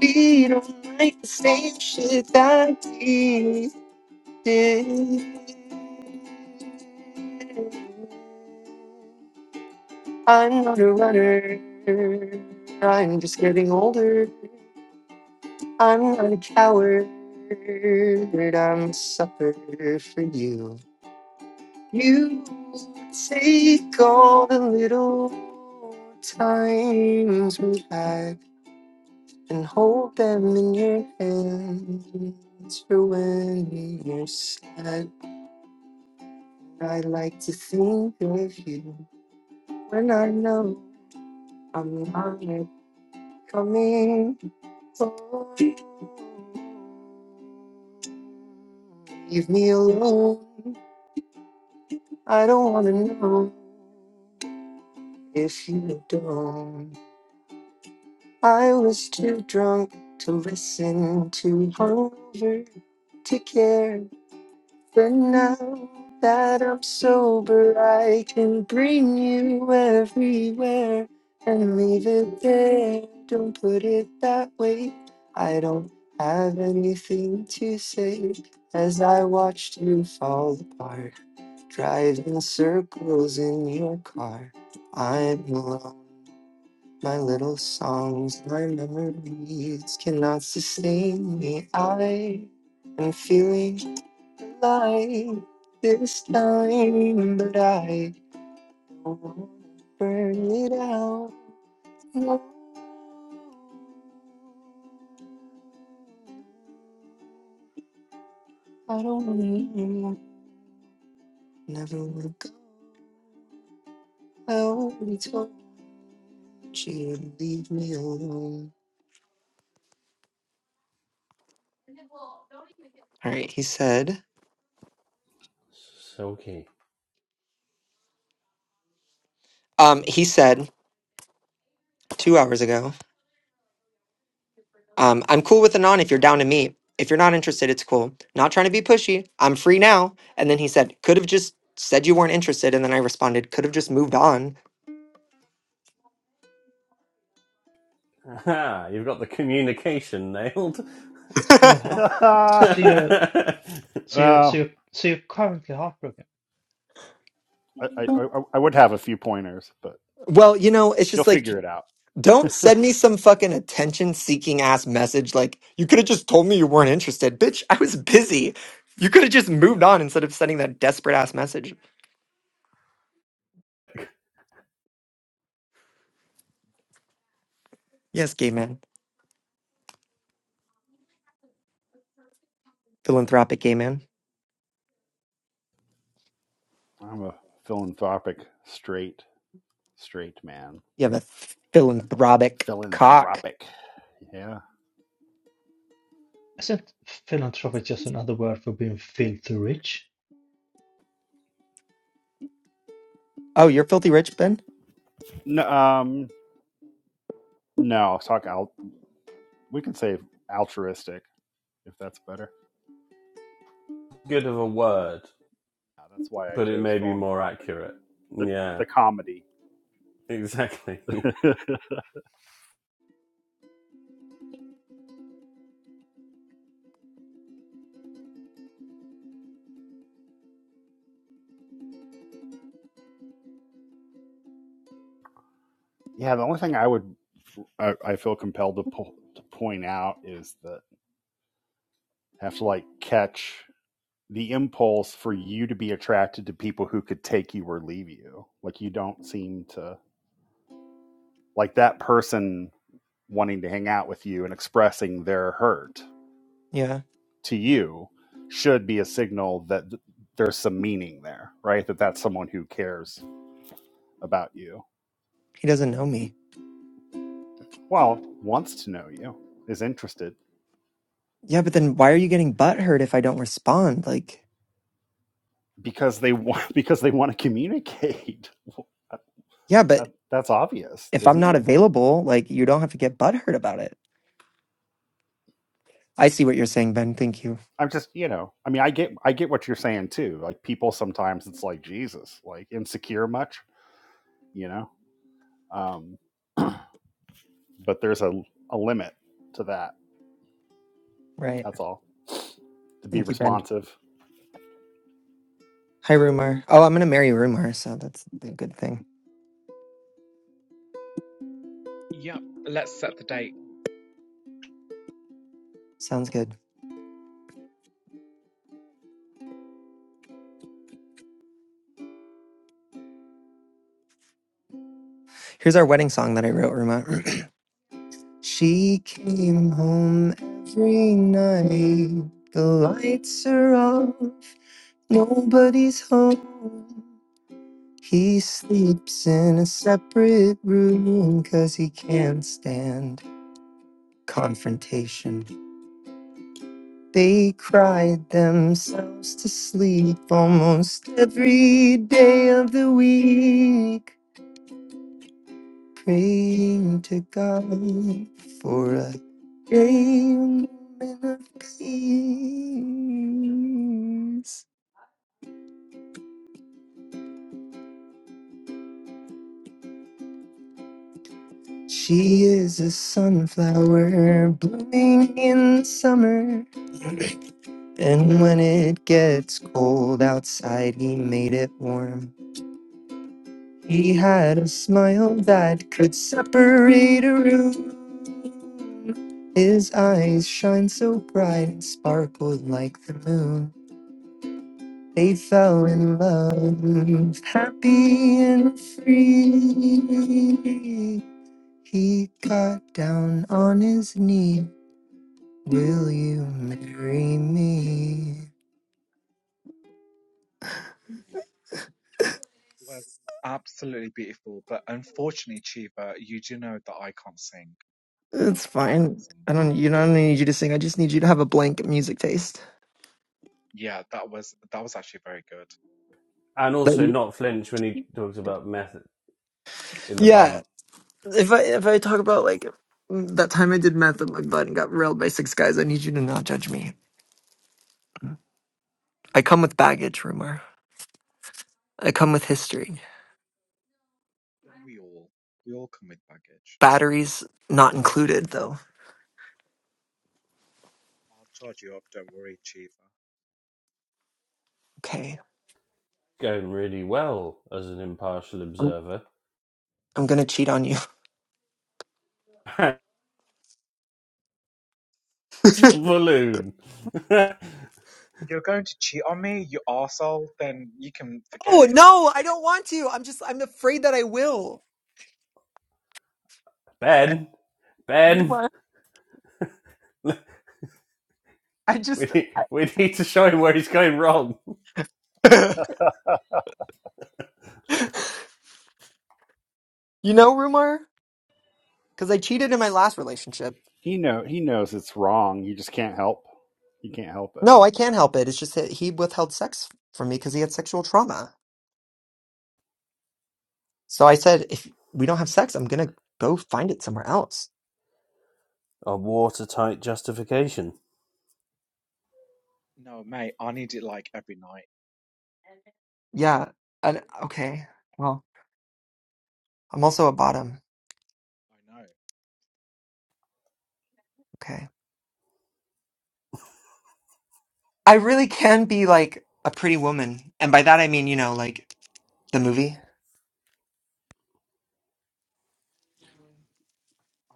We don't like the same shit that we did. I'm not a runner. I'm just getting older. I'm not a coward. I'm a sucker for you. You take all the little times we had and hold them in your hands for when you're sad. I like to think of you when I know I'm not coming home. Leave me alone. I don't want to know. if you don't. I was too drunk to listen, too hungover to care. But now that I'm sober, I can bring you everywhere and leave it there. Don't put it that way. I don't have anything to say as I watched you fall apart, driving circles in your car. I'm alone. My little songs, my memories cannot sustain me. I am feeling light this time, but I don't wanna burn it out. No, I don't want anymore. Never would go out. He told me she would leave me alone. All right, he said. Silky. Um, he said two hours ago. Um, I'm cool with a non if you're down to meet. If you're not interested, it's cool. Not trying to be pushy. I'm free now. And then he said, could have just said you weren't interested. And then I responded, could have just moved on. Aha, you've got the communication nailed. So you're Good heart. well, So you're so you're so you're I, so you're currently heartbroken. I, I I would have a few pointers, but well, you know, it's you'll just like, figure it out. don't send me some fucking attention seeking ass message like, you could have just told me you weren't interested. Bitch, I was busy. You could have just moved on instead of sending that desperate ass message. Yes, gay man. Philanthropic gay man. I'm a philanthropic, straight, straight man. You have a philanthropic cock. Philanthropic. Yeah. Isn't philanthropy just another word for being filthy rich? Oh, you're filthy rich, Ben? No, um, no, I was talking. I'll, we can say altruistic if that's better. of a word, Yeah, that's why I but it chose may be more philanthropic. accurate. The Yeah, the comedy. exactly. yeah, the only thing I would I, I feel compelled to, po- to point out is that I have to like catch the impulse for you to be attracted to people who could take you or leave you. Like you don't seem to like that person wanting to hang out with you and expressing their hurt Yeah. to you should be a signal that th- there's some meaning there, right? That that's someone who cares about you. He doesn't know me. Well, wants to know you, is interested Yeah, but then why are you getting butthurt if I don't respond? Like, because they want because they want to communicate. yeah, but That's obvious, if I'm isn't not it? available, like, you don't have to get butthurt about it. I see what you're saying, Ben. Thank you. I'm just, you know, I mean, I get I get what you're saying too. Like people sometimes it's like Jesus, like insecure much, you know. Um, but there's a a limit to that. Right. That's all. To be Thank you, Ben. responsive. Hi, Rumar. Oh, I'm going to marry Rumar, so that's a good thing. Yep, let's set the date. Sounds good. Here's our wedding song that I wrote, Ruma. she came home every night. The lights are off, nobody's home. He sleeps in a separate room because he can't stand confrontation. They cried themselves to sleep almost every day of the week, praying to God for a Game of peace. She is a sunflower blooming in summer. And when it gets cold outside, he made it warm. He had a smile that could separate a room. His eyes shine so bright and sparkled like the moon. They fell in love, happy and free. He got down on his knee. Will you marry me? Was absolutely beautiful, but unfortunately, Chiva, you do know that I can't sing. It's I can't fine. sing. I don't. You don't need you to sing. I just need you to have a blank music taste. Yeah, that was that was actually very good. And That also you- not flinch when he talks about meth in the bum. Yeah. If I if I talk about like that time I did meth with my bud and got railed by six guys, I need you to not judge me. I come with baggage, rumor. I come with history. Don't we all? We all come with baggage. Batteries not included, though. I'll charge you up. Don't worry, Chiva. Okay. Going really well as an impartial observer. I'm gonna cheat on you. It's the balloon. You're going to cheat on me, you arsehole? Then you can forget Oh it. no! I don't want to. I'm just. I'm afraid that I will. ben, Ben, I we just. need, we need to show him where he's going wrong. You know, Rumar? Because I cheated in my last relationship. He know he knows it's wrong. You just can't help. You can't help it. No, I can't help it. It's just that he withheld sex from me because he had sexual trauma. So I said, if we don't have sex, I'm gonna go find it somewhere else. A watertight justification. No, mate, I need it like every night. Yeah. And okay. Well, I'm also a bottom. I know. Okay. I really can be like a pretty woman, and by that I mean, you know, like the movie.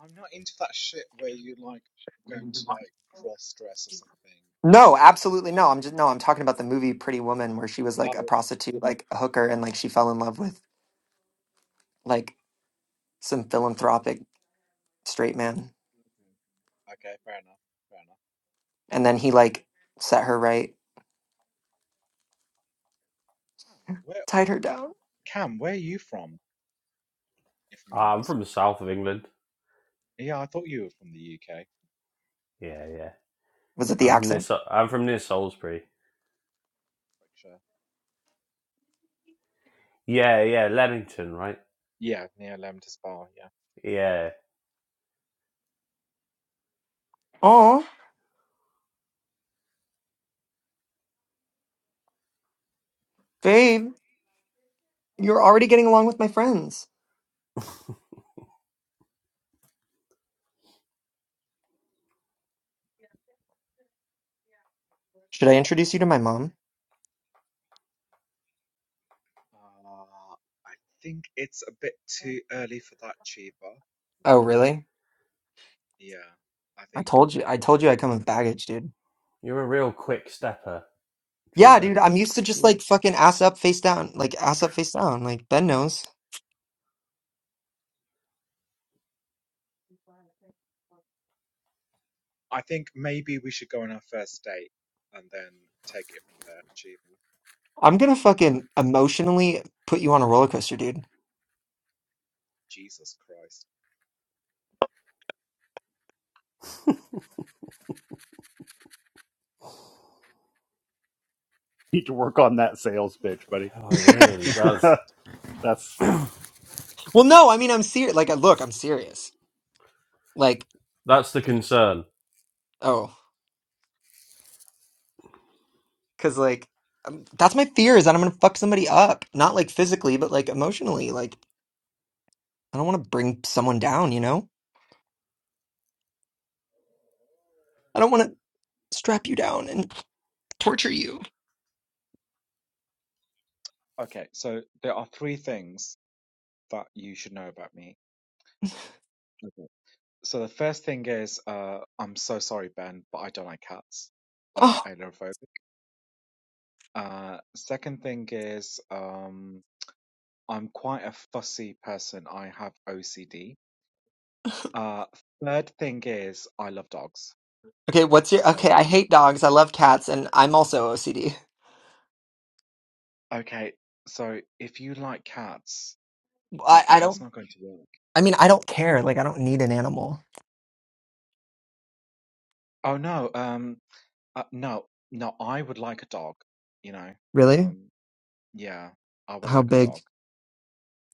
I'm not into that shit where you like going to like cross dress or something. But I'm No, not into that absolutely no. I'm just no. shit. I'm talking about the movie Pretty Woman, where she was Mm. like a Oh, prostitute, like a hooker, and like she fell in love with like some philanthropic straight man. okay. Okay, fair enough. Fair enough. And then he like set her right, Cam, where tied her down. Cam, where are you from? If I'm Ah, I'm from the south of England. Yeah, I thought you were from the UK. Yeah, yeah. Was it the I'm from near. accent? Su- I'm from near Salisbury. Sure. Yeah, yeah, Leamington, right? Yeah, near Lem to Spa, yeah. Yeah, Oh, babe, you're already getting along with my friends. Should I introduce you to my mom? Uh, I think it's a bit too early for that cheaper. Oh, Um, really? yeah, I I think told you. I told you I come with baggage, dude. you're a real quick stepper, Yeah, Cheever. dude, I'm used to just like fucking ass up, face down. Like ass up, face down. Like Ben knows. I think maybe we should go on our first date and then take it from there cheaper. I'm gonna fucking emotionally put you on a roller coaster, dude. Jesus Christ. You need to work on that sales pitch, buddy. Oh, it really does. That's Well, no, I mean I'm serious. Like, I- look, I'm serious. Like, That's the concern, oh, because like um, that's my fear is that I'm gonna fuck somebody up, not like physically, but like emotionally. Like, I don't want to bring someone down. You know, I don't want to strap you down and torture you. Okay, so there are three things that you should know about me. So the first thing is, uh, I'm so sorry, Ben, but I don't like cats. I'm Oh, agoraphobic. Uh, second thing is, um, I'm quite a fussy person. I have OCD. Uh, third thing is, I love dogs. okay. What's your So, okay? I hate dogs. I love cats, and I'm also OCD. okay, so if you like cats, I okay, I that's don't. not going to work. I mean, I don't care. Like, I don't need an animal. Oh no, um, uh, no, no, I would like a dog, you know, Really? um, yeah, I would How like a big? dog.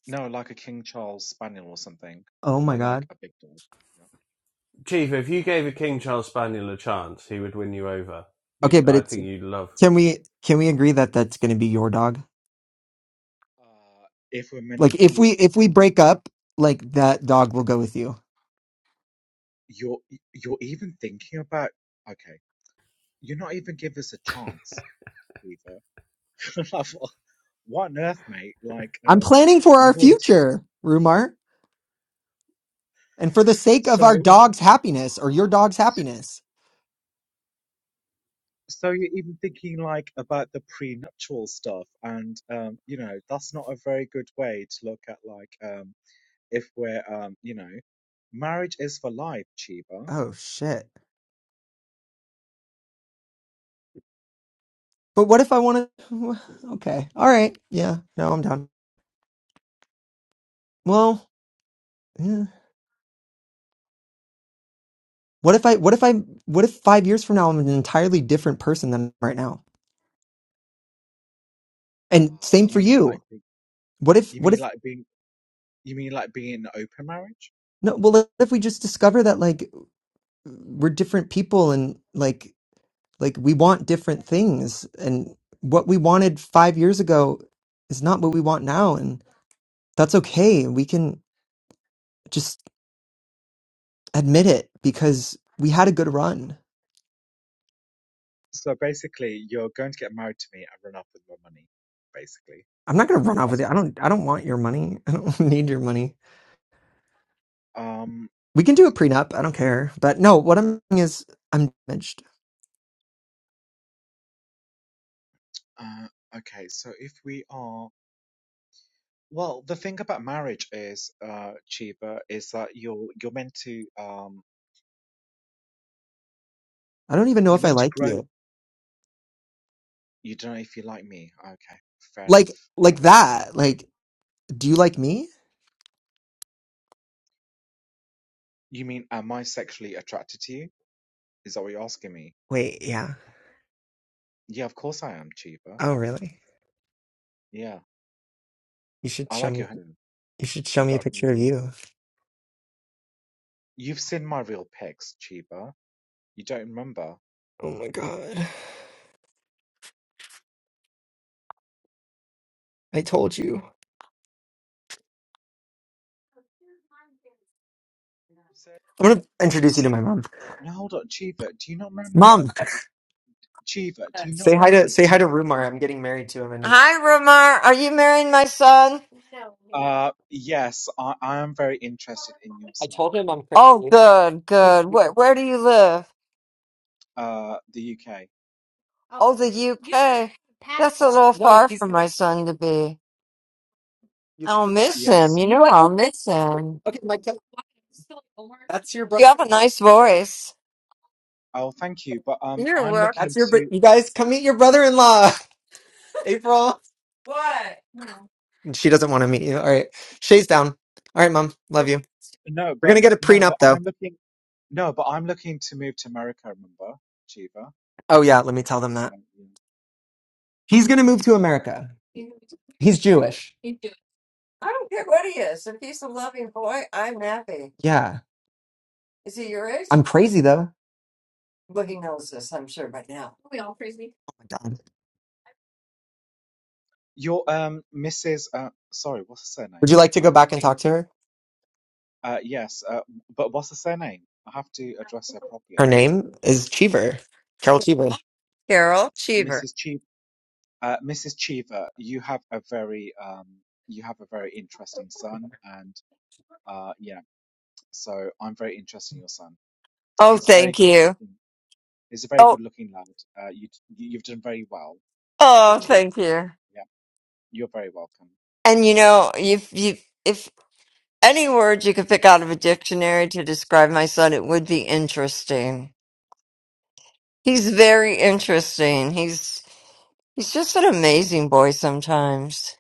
No, like a King Charles Spaniel or something, Oh my not like god. a big dog. Yeah. Chief. If you gave a King Charles Spaniel a chance, he would win you over. You, Okay, but I it's. think you'd love Can we can we agree that that's gonna be your dog? Uh, if we're meant Like to if be, we if we break up, like that dog will go with you. you're you're even thinking about. Okay, you're not even give us a chance either. Like, what what on earth, mate? Like, I'm uh, planning for our you've already future, Rumar, and for the sake of our so dog's happiness or your dog's happiness. so you're even thinking like about the prenuptial stuff, and um, you know that's not a very good way to look at like um if we're um you know marriage is for life, Chiba. Oh shit. But what if I want to Okay. All right. Yeah. No, I'm down. Well, yeah. What if I what if I what if 5 years from now I'm an entirely different person than right now? And Uh, same for you mean like you. What if you what mean if like being You mean like being in an open marriage? no well what if we just discover that like we're different people and like like we want different things and what we wanted 5 years ago is not what we want now and that's okay. We can just admit it because we had a good run. So basically, you're going to get married to me and run off with my money. Basically, I'm not going to run off that's with it. the I reason. don't I don't want your money. I don't need your money. Um. We can do a prenup. I don't care. But no, what I'm saying is I'm damaged. Uh, okay. So if we are, well, the thing about marriage is, uh, Chiba, is that you're you're meant to um I don't even know you're if I meant to like grow. you. You don't know if you like me. Okay, fair Like enough. Um, like that. Like, do you like me? you mean am I sexually attracted to you? Is that what you're asking me? Wait, yeah. Yeah, of course I am, Chiba. Oh really? Yeah, You should I show like me your hair. you should show You me a got picture of nothing. you. You've seen my real pics, Chiba. You don't remember? Oh my god. I told you. He said, I'm gonna introduce you to my mom. No, hold on, Cheever, do you not remember? Mom, Like, Cheever, do you not say hi to remember? say hi to Rumar. I'm getting married to him in Hi, Romar. Are you marrying my son? Uh, yes, I, I am very interested in your son, Oh, good, good. Where, where do you live? uh, the UK. the UK. That's a little No, far he's for my son to be. You, I'll miss him. Yes. You you know like I'll miss him. okay, Mike, that's your brother. You have a nice voice. Oh, thank you. But um, You're I'm welcome. That's looking your. to br- You guys come meet your brother-in-law, April. What? She doesn't want to meet you. All right, Shay's down. All right, mom, love you. no, We're but gonna get a no, but prenup though. I'm looking no, but I'm looking to move to America. Remember, Cheever? Oh yeah, let me tell them So that yeah. he's gonna move to America. He's Jewish. I don't care what he is. If he's a loving boy, I'm happy. Yeah, Is he your age? I'm crazy though. Well, he knows this, I'm sure, by now. Oh my god. your um, Mrs. Uh, sorry, what's her Would surname? you like to I go can't. back and Call talk it. to her? Uh, yes. Uh, but what's her surname? I have to address her Her properly, name is Cheever, Carol Cheever. Carol Cheever. Mrs. Cheever. Uh, Mrs. Cheever, you have a very um, you have a very interesting son, and uh, yeah, so I'm very interested in your son. Oh, He's a very thank good you. looking. He's a very Oh, good looking lad. Uh, you you- you've done very well oh, with Cheever. thank you. Yeah, you're very welcome. And you know, if you if any word you could pick out of a dictionary to describe my son, it would be interesting. He's very interesting. He's he's just an amazing boy sometimes.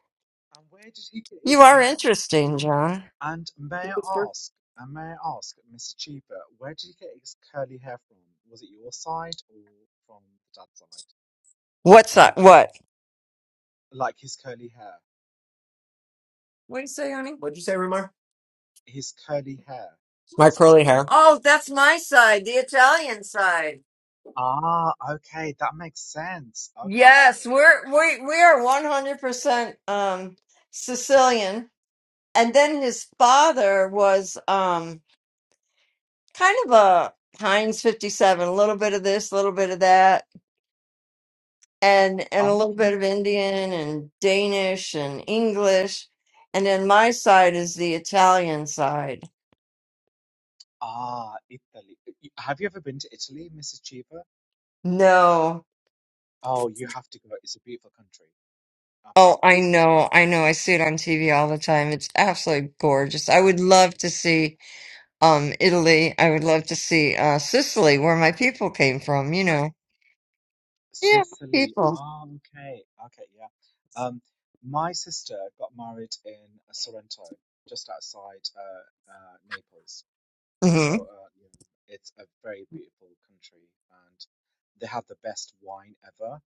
And where did he get You his? are interesting, John. And may I ask? And may I ask, Mrs. Cheever, where did he get his curly hair from? Was it your side or from the dad's side? What's that? What? Like his curly hair. What do you say, honey? What'd you say, Remar? His curly hair. My His curly curly hair. hair. Oh, that's my side, the Italian side. Ah, okay, that makes sense. Okay, Yes, cool. we're we we are one hundred percent um Sicilian. And then his father was um kind of a Heinz fifty seven, a little bit of this, a little bit of that, and and a little bit Okay. of Indian and Danish and English. And then my side is the Italian side. Ah, Italy. Uh, Y- Have you ever been to Italy, Mrs. Cheever? No. Oh, you have to go. It's a beautiful country. Oh, Absolutely I amazing. know, I know. I see it on TV all the time. It's absolutely gorgeous. I would love to see. um Italy. I would love to see uh Sicily, where my people came from, you know. Yeah, Sicily. people. Ah, okay. Okay, yeah. Um, my sister got married in uh, Sorrento, just outside uh, uh, Naples. hmm So, uh, yeah, it's a very beautiful country, and they have the best wine ever.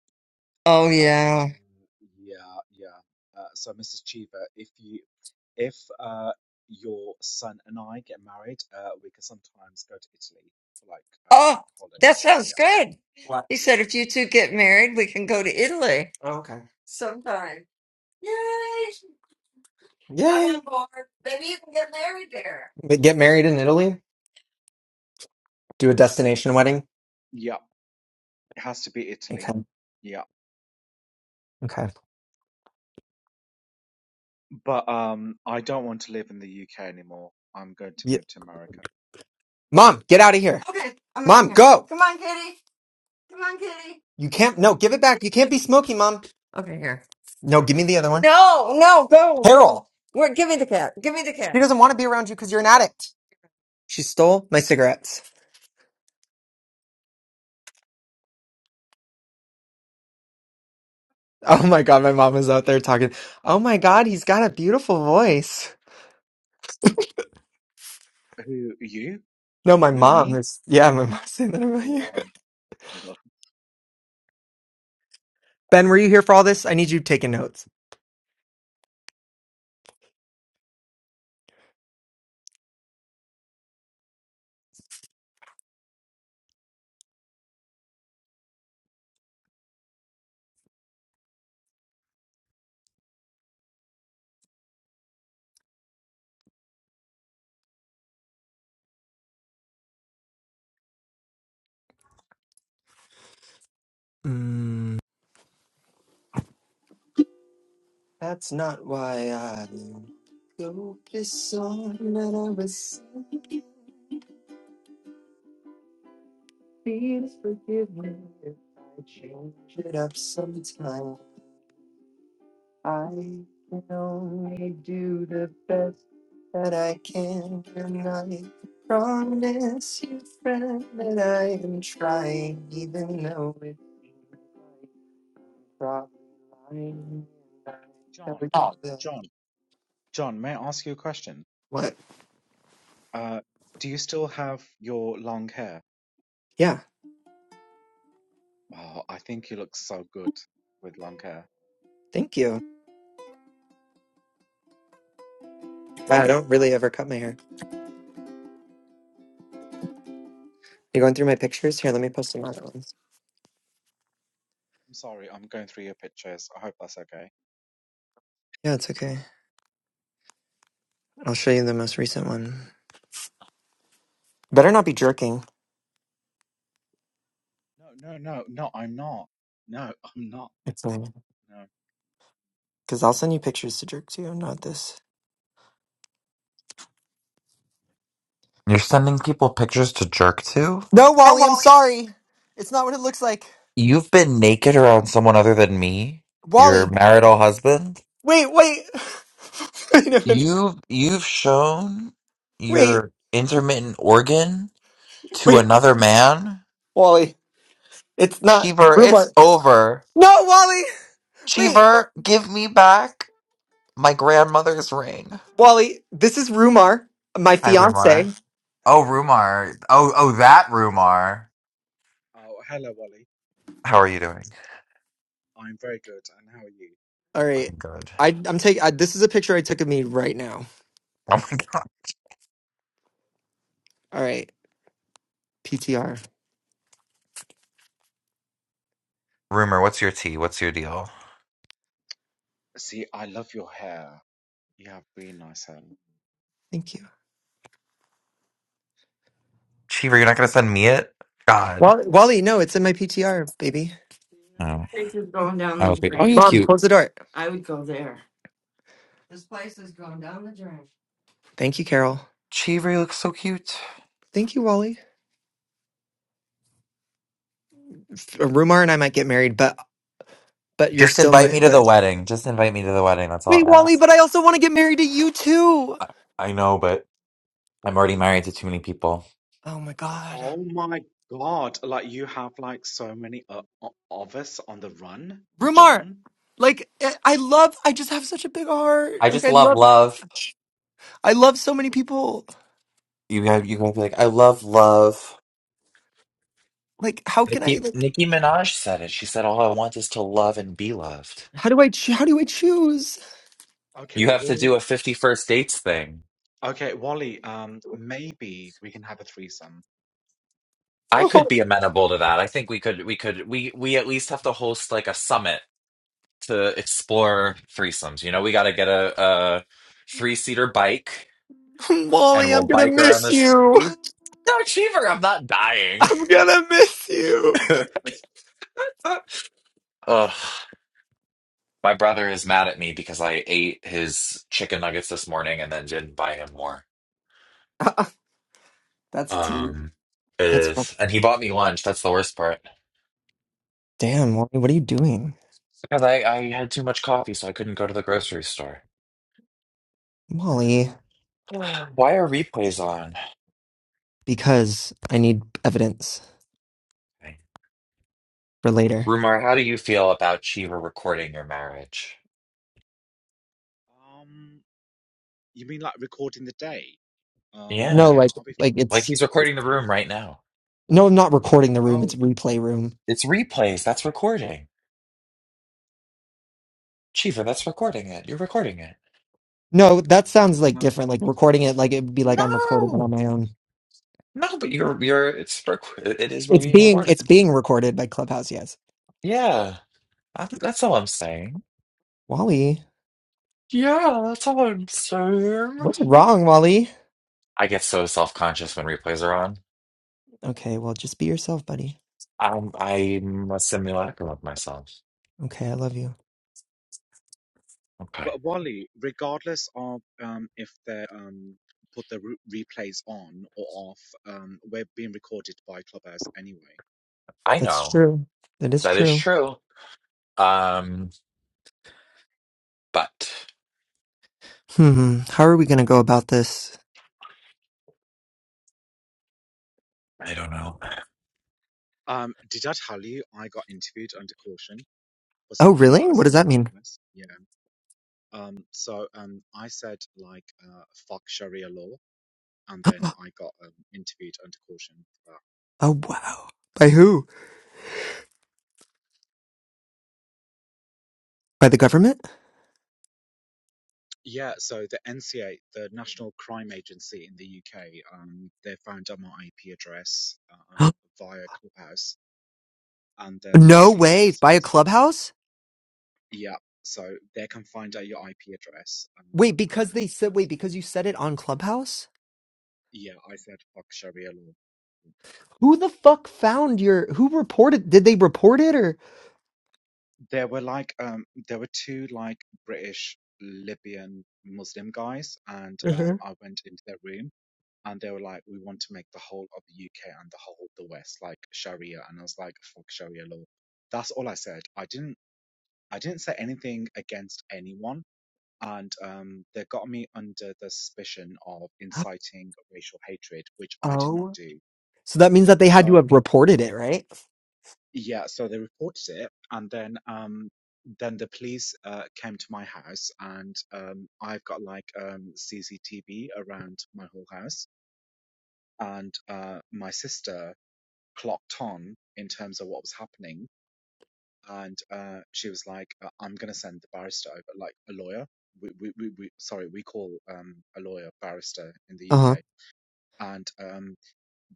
Oh And yeah. uh, yeah, yeah. Uh, so, Mrs. Cheever, if you if uh, your son and I get married, uh, we can sometimes go to Italy for like um, Oh, holiday that trips. sounds Yeah, good. What? He yeah, said if you two get married, we can go to Italy Oh, okay. sometime. Yay! I'm Yay! on board. Maybe you can get married there. But get married in Italy? Do a destination wedding? yeah. It has to be Okay. Italy. Yeah, Okay. but um, I don't want to live in the UK anymore. I'm going to Ye- move to America. Yeah. Mom, get out of here. Okay, I'm out Mom, here. go. Come on, Kitty. Come on, kitty. You can't. No, give it back. You can't be smoky, mom. Okay, here. No, give me the other one. No, no, go. Carol, Where, give me the cat. Give me the cat. she doesn't want to be around you because you're an addict. She stole my cigarettes. Oh my god, my mom is out there talking. Oh my god, he's got a beautiful voice. Who you? No, my Who mom me? is. Yeah, my mom's saying that about Well, you. um, well, Ben, were you here for all this? I need you taking notes. Mm. Please forgive me if I change it up sometime. I can only do the best that I can and I Promise you, friend, that I am trying, even though it probably lying. John. Oh, John. John. May I ask you a question? what? Uh, do you still have your long hair? Yeah, Oh, I think you look so good with long hair. thank you. Wow, I don't really ever cut my hair. You going through my pictures? Here, let me post some other ones. I'm sorry, I'm going through your pictures. I hope that's okay. Yeah, it's okay. I'll show you the most recent one. Better not be jerking. No, no, no, no, I'm not. No, I'm not. It's No. because I'll send you pictures to jerk to, not this. You're sending people pictures to jerk to? No, Oh, Wally, I'm well, sorry. It's not what it looks like. You've been naked around someone other than me? Your Wally, marital husband? wait, wait, wait, a minute. You've you've shown wait, your intermittent organ to wait, another man? Wally. It's not Cheever, Rumar. it's over. No, Wally, wait, Cheever, give me back my grandmother's ring. Wally. This is Rumar, my Hi, fiance. Rumar. Oh, Rumar. Oh, oh, that Rumar. Oh, hello, Wally. How are you doing? I'm very good, and how are you? All right, I'm good. I, I'm taking. This is a picture I took of me right now. Oh my god. All right, PTR. Rumor, what's your tea? What's your deal? See, I love your hair. You have really nice hair. Thank you, Cheever, you're not gonna send me it? God. Wally. Wally, no, it's in my PTR, baby. Oh, okay. Oh, you're cute. Close the door. Thank you, Carol. Cheever, you look so cute. Thank you, Wally. Rumar and I might get married, but but you're Just still invite my me to but the wedding. Just invite me to the wedding. That's all wait, I Wally, ask. but I also want to get married to you too. I, I know, but I'm already married to too many people. Oh my god. Oh my God, like you have like so many uh, o- of us on the run, Rumar, John. like I I love I just have such a big heart. I Like just I love love love. I love so many people. You have you gotta be like, I love love. Like how can I Nicki, like Nicki Minaj said it. She said, "All I want is to love and be loved." how do I cho- how do I choose? Okay, You have to Wally. do a 51st dates thing. Okay, Wally, um, maybe we can have a threesome. I could Oh, be amenable to that. I think we could. We could. We we at least have to host like a summit to explore threesomes. You know, we got to get a, a three seater bike and Wally, we'll I'm going to bike around miss the you. city. No, Cheever, I'm not dying. I'm going to miss you. Ugh. My brother is mad at me because I ate his chicken nuggets this morning and then didn't buy him more. That's tea. Um, it That's fu- is. And he bought me lunch. That's the worst part. damn, Wally, what are you doing? Because I, I had too much coffee, so I couldn't go to the grocery store. Wally, Why are replays on? because I need evidence for later. Rumar, how do you feel about Cheever recording your marriage? Um, you mean like recording the day? Um, Yeah. No, yeah, like I'll be like Like it's he's recording the room right now. No, I'm not recording the fine. room. It's Oh, replay room. It's replays. That's recording. Chiva, that's recording it. You're recording it. No, that sounds like um, different. Like recording it, like it would be like I'm recording it on No, my own. no, but you're you're it's rec- it is It's being being recorded. it's being recorded by Clubhouse. Yes, Yeah, I, that's all I'm saying. Wally, Yeah, that's all I'm saying. what's wrong, Wally? I get so self conscious when replays are on. Okay, well, just be yourself, buddy. I'm I'm a simulacrum of myself. Okay, I love you. Okay, but Wally, regardless of um, if they um, put the re replays on or off, um, we're being recorded by Clubhouse anyway. I That's know true. That is that is true. true. Um, but Hmm. How are we gonna go about this? I don't know. Um, did I tell you I got interviewed under caution for Oh, something that really? I What does said that on mean? Clubhouse? Yeah. Um, so um, I said like uh, fuck Sharia law, and then I got um, interviewed under caution. Oh, wow. By who? By the government? Yeah, so the NCA, the National Crime Agency in the UK, um, they found out my IP address uh, via Clubhouse, and then the no police way. By a officers. Clubhouse? Yeah, so they can find out your IP address. Um, Wait, because and they said wait because you said it on Clubhouse. yeah, I said fuck Sharia law. Who the fuck found your? Who reported? Did they report it or? There were like um, there were two like British Libyan Muslim guys, and hmm um, I went into their room and they were like, we want to make the whole of the UK and the whole of the West like Sharia, and I was like, fuck Sharia law. That's all I said. I didn't. I didn't say anything against anyone, and um, they got me under the suspicion of inciting racial hatred, which I did Oh not do. So that means that they had to So have reported it, right? yeah, so they reported it, and then um, then the police uh, came to my house, and um, I've got like um, CCTV around my whole house, and uh, my sister clocked on in terms of what was happening. And uh, she was like, "Uh, "I'm gonna send the barrister over, like a lawyer. We, we, we, we sorry, we call um, a lawyer barrister in the Uh UK." And um,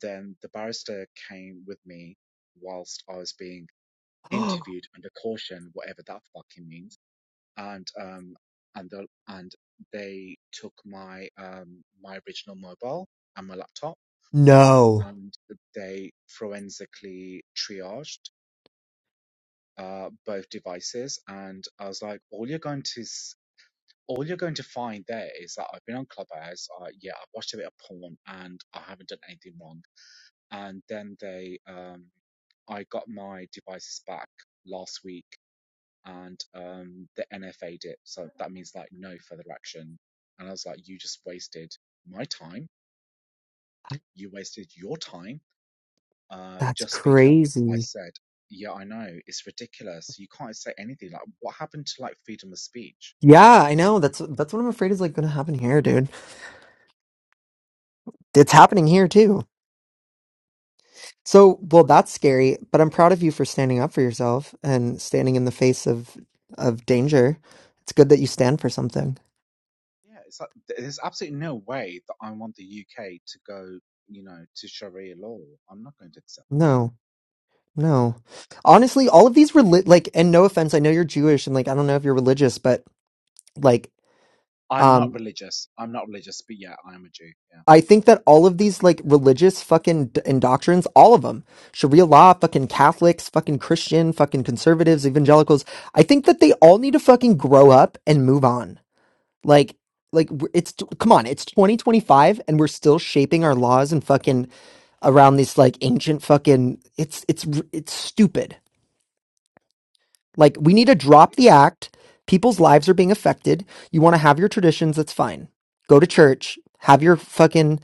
then the barrister came with me whilst I was being huh. interviewed under caution, whatever that fucking means. And um, and the and they took my um, my original mobile and my laptop, no, and they forensically triaged uh, both devices, and I was like, all you're going to s- all you're going to find there is that I've been on Clubhouse. Uh, yeah, I've watched a bit of porn, and I haven't done anything wrong. And then they, um, I got my devices back last week, and um, the NFA'd it. So that means like no further action. And I was like, you just wasted my time. You wasted your time uh, that's just because I crazy. said, yeah, I know, it's ridiculous. You can't say anything. Like, what happened to like freedom of speech? Yeah, I know. That's that's what I'm afraid is like going to happen here, dude. It's happening here too. So, well, that's scary, but I'm proud of you for standing up for yourself and standing in the face of of danger. It's good that you stand for something. Yeah, it's like th- there's absolutely no way that I want the UK to go, you know, to Sharia law. I'm not going to accept that. No. No. Honestly, all of these reli- like and no offense, I know you're Jewish and like I don't know if you're religious, but like I'm um, not religious. I'm not religious, but yeah, I am a Jew. Yeah. I think that all of these like religious fucking d- and doctrines, all of them, Sharia law, fucking Catholics, fucking Christian, fucking conservatives, evangelicals, I think that they all need to fucking grow up and move on. Like, like w- it's t- come on, it's 2025 and we're still shaping our laws and fucking around these like ancient fucking. It's it's r- it's stupid. Like, we need to No, drop the it's. act. People's lives are being affected. You want to have your traditions, that's fine. Go to church, have your fucking,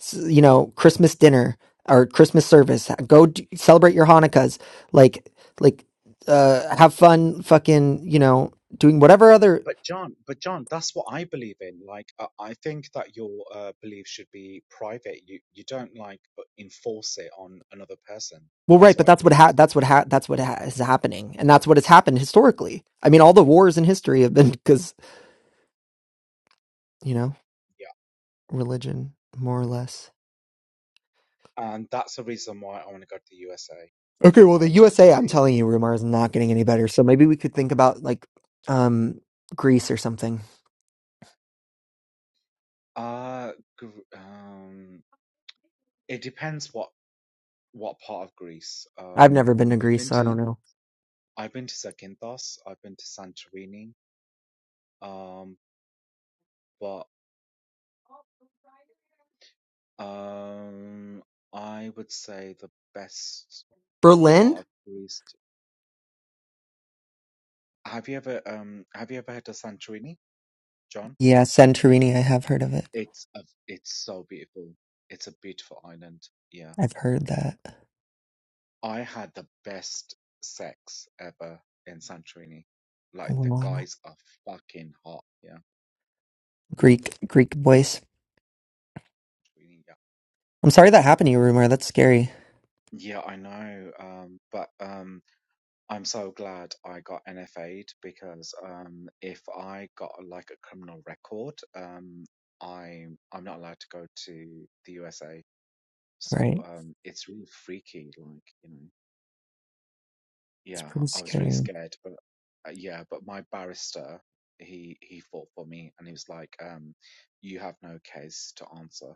s- you know, Christmas dinner or Christmas service. Go d- celebrate your Hanukkahs. Like, like, uh, have fun, fucking, you know, doing whatever other. But John, but John, that's what I believe in. Like, I I think that your uh, belief should be private. You you don't like uh, enforce it on another person. Well, That's right, but what I that's what believe. ha- that's what ha- that's what ha- is happening, and that's what has happened historically. I mean, all the wars in history have been because you know yeah. religion, more or less. and that's the reason why I want to go to the USA. Okay, well, I the want to be USA, I'm free. telling you, Rumar is not getting any better. So maybe we could think about like um Greece or something. Uh, Gr- um, it depends what what part of Greece. I've Um, never been to I've Greece, been so I to don't know. I've been to Zakynthos. I've been to Santorini. Um, but um, I would say the best Berlin? part of Greece. Have you ever um Have you ever heard of Santorini, John? Yeah, Santorini. I have heard of it. It's a, it's so beautiful. It's a beautiful island. Yeah. I've heard that. I had the best sex ever in Santorini. Like the Wow. guys are fucking hot. Yeah. Greek Greek boys. Really, yeah. I'm sorry that happened to you, Rumor. That's scary. Yeah, I know. Um, but um, I'm so glad I got NFA'd because um, if I got like a criminal record, um, I'm I'm not allowed to go to the USA. So Right? um, it's really freaky. Like you know. It's Yeah, pretty I was really scary. scared, but uh, yeah, but my barrister, he he fought for me, and he was like, um, "You have no case to answer."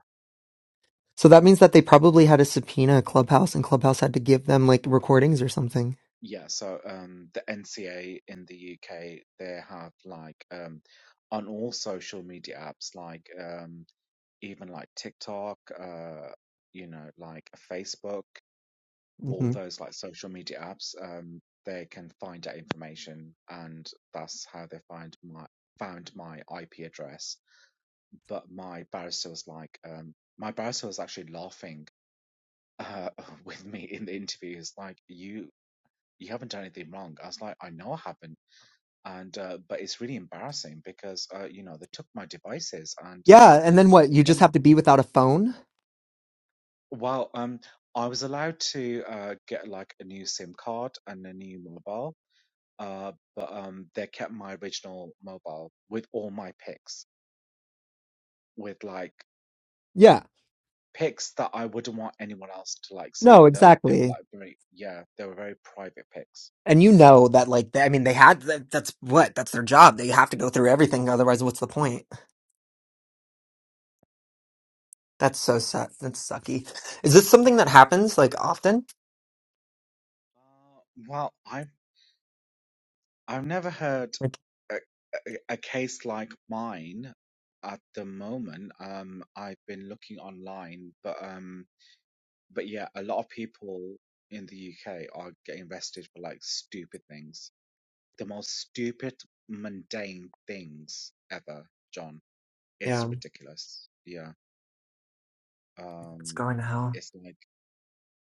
So that means that they probably had a subpoena at Clubhouse, and Clubhouse had to give them like recordings or something. Yeah, so um, the NCA in the UK, they have like um, on all social media apps, like um, even like TikTok, uh, you know, like Facebook, all hmm those like social media apps, um, they can find that information, and that's how they find my found my IP address but my barrister was like, um, my barrister was actually laughing uh, with me in the interview. He's like, you you haven't done anything wrong. I was like, I know I haven't, and uh, but it's really embarrassing because uh, you know they took my devices and um, Yeah, and then what? they're You just gonna. have to be without a phone? Well, um, I was allowed to uh, get like a new SIM card and a new mobile, uh, but um, they kept my original mobile with all my pics, with like Yeah. Picks that I wouldn't want anyone else to like No, see. They they were exactly. like very yeah, they were very private picks. And you know that, like, they, I mean, they had that, that's what that's their job. They have to go through everything, otherwise, what's the point? That's so suck. That's sucky. Is this something that happens like often? Uh, well, I've I've never heard Like, a, a, a case like mine at the moment. Um, I've been looking online, but um, but yeah, a lot of people in the UK are getting arrested for like stupid things, the most stupid, mundane things ever, John. It's yeah, ridiculous. Yeah. it's Um, going to hell. it's like.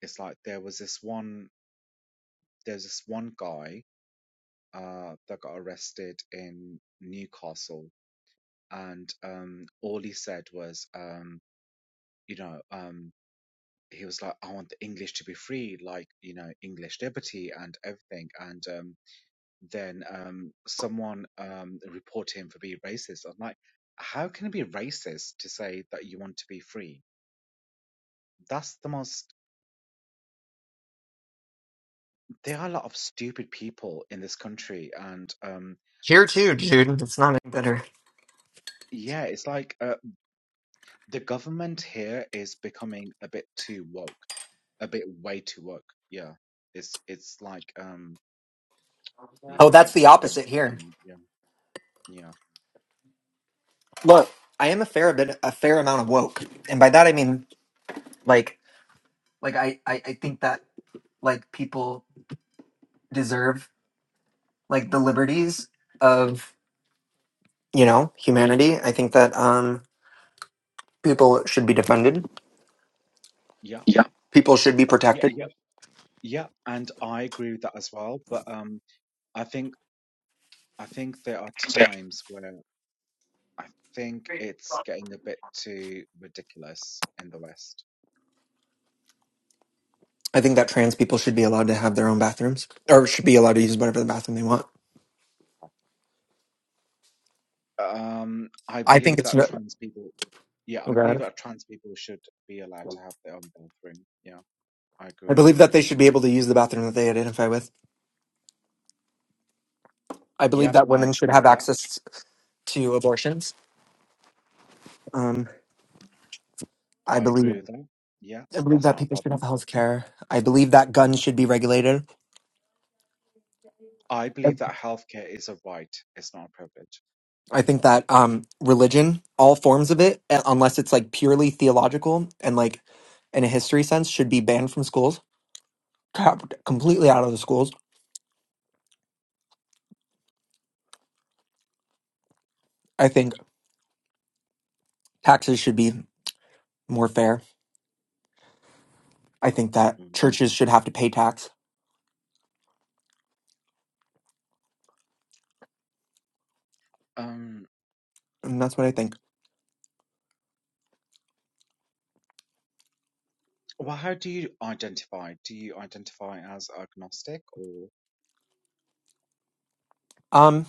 It's like there was this one there's this one guy uh that got arrested in Newcastle and um all he said was um you know um he was like I want the English to be free like you know English liberty and everything and um then um someone um reported him for being racist. I'm like how can it be racist to say that you want to be free? That's the most there are a lot of stupid people in this country and um Here too, dude. It's not any better. yeah it's like uh, The government here is becoming a bit too woke, a bit way too woke. Yeah, it's it's like um Oh, yeah, that's the I don't like opposite it. here. Mm, Yeah, yeah, Look, I am a fair bit, a fair amount of woke, and by that I mean like, like I, I, I think that like people deserve like the liberties of you know humanity. I think that um people should be defended. yeah, People should be yeah, protected. yeah, yeah. And I agree with that as well. But um, I think I think there are times where I think it's getting a bit too ridiculous in the West. I think that trans people should be allowed to have their own bathrooms or should be allowed to use whatever the bathroom they want. Um, I I think believe it's that no. trans people. Yeah, Oh I believe God. that trans people should be allowed to have their own bathroom. Yeah, I agree I with believe that. that they Yeah. should be able to use the bathroom that they identify with. I believe Yep, that I women should agree have with that. access to abortions. Um. I I believe agree with them. Yeah, I believe that's that not a people should have problem. health care. I believe that guns should be regulated. I believe that healthcare is a right, it's not a privilege. I think that um religion, all forms of it, uh, unless it's like purely theological and like in a history sense, should be banned from schools, Capped completely out of the schools. I think taxes should be more fair. I think that Mm. churches should have to pay tax, Um, and that's what I think. well, how do you identify? Do you identify as agnostic or? Um,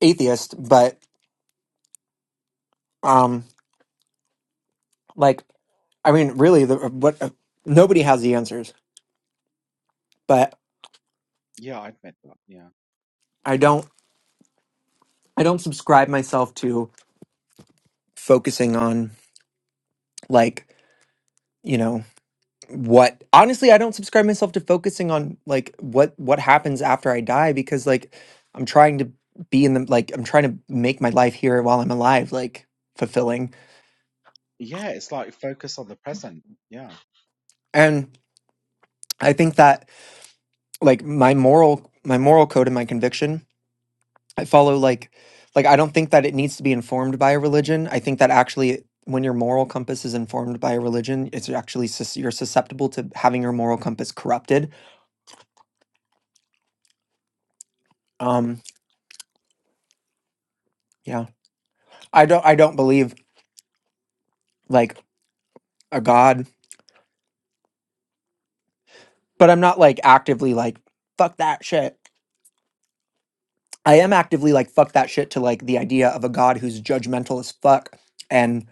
atheist, but um, like I mean, really, the uh, what uh, nobody has the answers, but Yeah, I admit that. Yeah. I don't. I don't subscribe myself to focusing on like, you know, what honestly I don't subscribe myself to focusing on like what what happens after I die because like I'm trying to be in the like I'm trying to make my life here while I'm alive like fulfilling. Yeah, it's like focus on the present. Yeah. And I think that like my moral my moral code and my conviction I follow like like I don't think that it needs to be informed by a religion. I think that actually when your moral compass is informed by a religion, it's actually sus- you're susceptible to having your moral compass corrupted. Um yeah. I don't I don't believe like a god, but I'm not like actively like fuck that shit. I am actively like fuck that shit to like the idea of a god who's judgmental as fuck and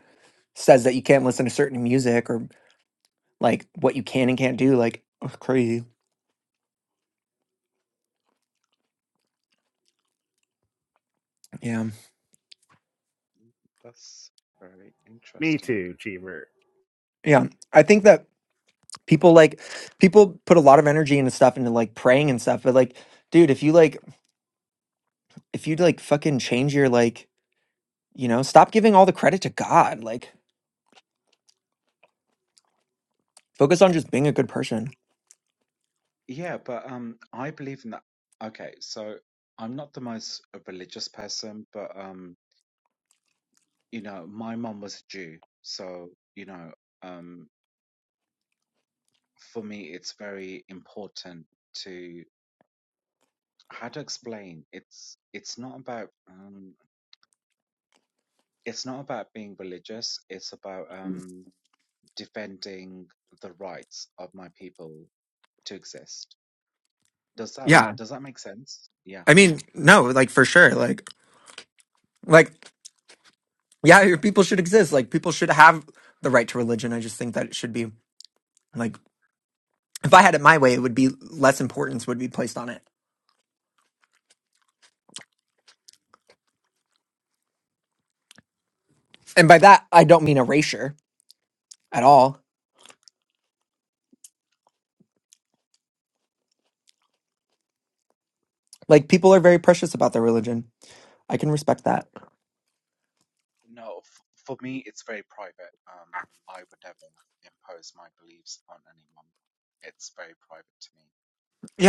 says that you can't listen to certain music or like what you can and can't do like ugh, crazy. Yeah. Mm, That's very me interesting. too, Cheever. Yeah. I think that people like people put a lot of energy into stuff into like praying and stuff but like dude if you like if you like fucking change your like you know stop giving all the credit to god like focus on just being a good person Yeah, but um, I believe in that. Okay, so I'm not the most uh, religious person, but um, you know, my mum was Jew, so you know, um, for me, it's very important to how to explain. It's it's not about um, it's not about being religious. It's about um, defending the rights of my people to exist. Does that yeah does that make sense? Yeah. i mean no like for sure like like yeah your people should exist like people should have the right to religion i just think that it should be like if i had it my way it would be less importance would be placed on it and by that i don't mean erasure at all like people are very precious about their religion i can respect that No, f- for me, it's very private. Um, I would never impose my beliefs on anyone. It's very private to me,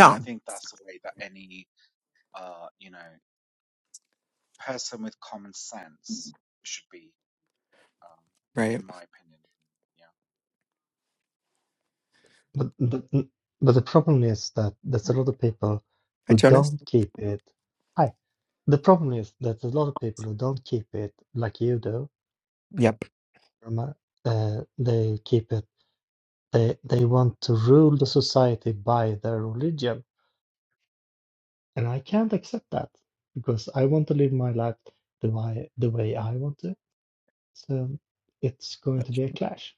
and I think that's the way that any uh, you know, person with common sense should be, um, right in my opinion. Yeah. But but but the problem is that there's a lot of people Hi, who Jonas. don't keep it. Hi. The problem is that there's a lot of people who don't keep it like you do. Yep. Rama. Uh, they keep it. They they want to rule the society by their religion, and I can't accept that because I want to live my life the way the way I want to. So it's going to be a clash.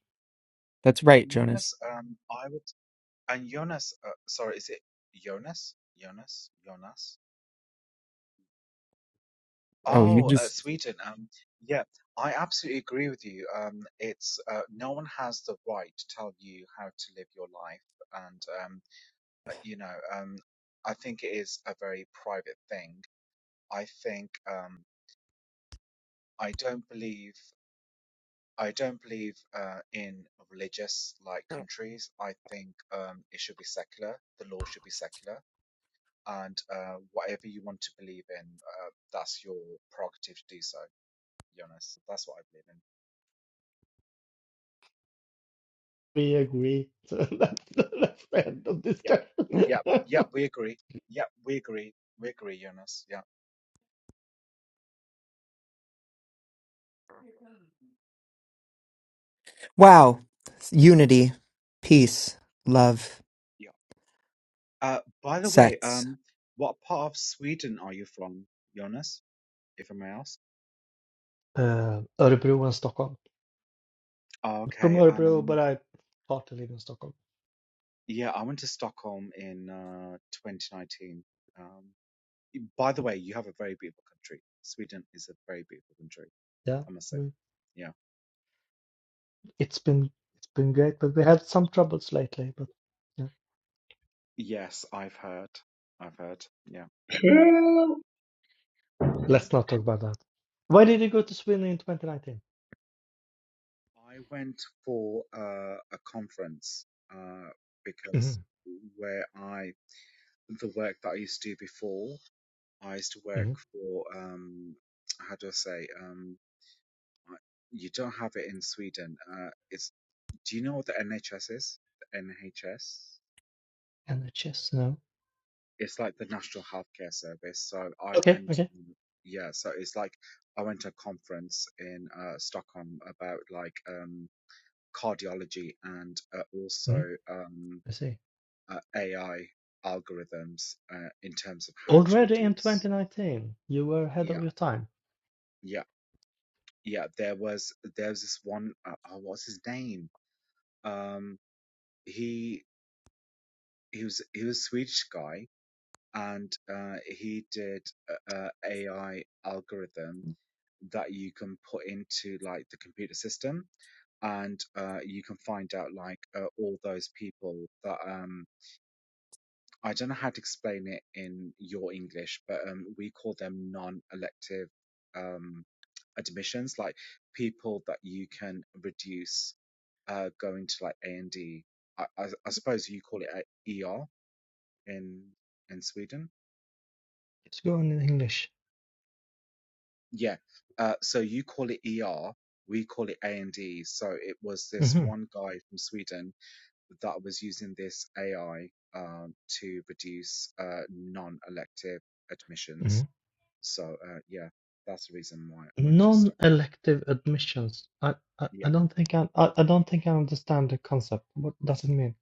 That's right, And Jonas, Jonas. um, I would, and Jonas, uh, sorry, is it Jonas? Jonas? Jonas? Oh, uh, Sweden. Um, yeah, I absolutely agree with you. Um, it's, uh, no one has the right to tell you how to live your life. And, um, uh, you know, um, I think it is a very private thing. I think, um, I don't believe. I don't believe uh, in religious like countries. I think um, it should be secular. The law should be secular, and uh, whatever you want to believe in, uh, that's your prerogative to do so. Jonas, that's what I believe in. We agree. to that. that's the end of Yeah, discussion. yeah, yeah. We agree. Yeah, we agree. We agree, Jonas. Yeah, Wow. Unity, peace, love, yeah. Uh, by the way, sex. um, what part of Sweden are you from, Jonas? If I may ask. Uh, Örebro and Stockholm. Oh, I'm from okay. Örebro, Um, but I partly live in Stockholm. yeah, I went to Stockholm in uh 2019. Um, By the way, you have a very beautiful country. Sweden is a very beautiful country, Yeah, I must say. we- Yeah. it's been it's been great, but we had some troubles lately. But yeah, Yes, I've heard. I've heard. Yeah. hell let's not talk about that. Why did you go to Sweden in 2019? I went for uh, a conference uh, because Mm-hmm. where I, the work that I used to do before, I used to work hmm for, um, how do I say, um, I- you don't have it in Sweden. Uh, it's, do you know what the NHS is? The NHS? NHS, no. it's like the National Healthcare Service. So I Okay, went, okay. on- yeah. So it's like I went to a conference in uh, Stockholm about like um, cardiology and uh, hmm also um, I see. uh, AI algorithms uh, in terms of how to Already in reduce. 2019, you were ahead of Yeah, your time. yeah, yeah. There was there was this one. Uh, oh, what's his name? Um, he he was he was a Swedish guy. And uh, he did uh, uh, AI algorithms that you can put into like the computer system and uh, you can find out like uh, all those people that um I don't know how to explain it in your English, but um, we call them non-elective um, admissions, like people that you can reduce uh, going to like A and D. I, I, I suppose you call it a ER in in Sweden. It's going in English. Yeah. Uh, so you call it ER, we call it A and D. So it was this Mm-hmm. one guy from Sweden that was using this AI um, to reduce uh, non-elective admissions. So uh, yeah, that's the reason why I went to Stockholm. Non-elective admissions. I, I, Yeah, I don't think I, I I don't think I understand the concept. What does it mean?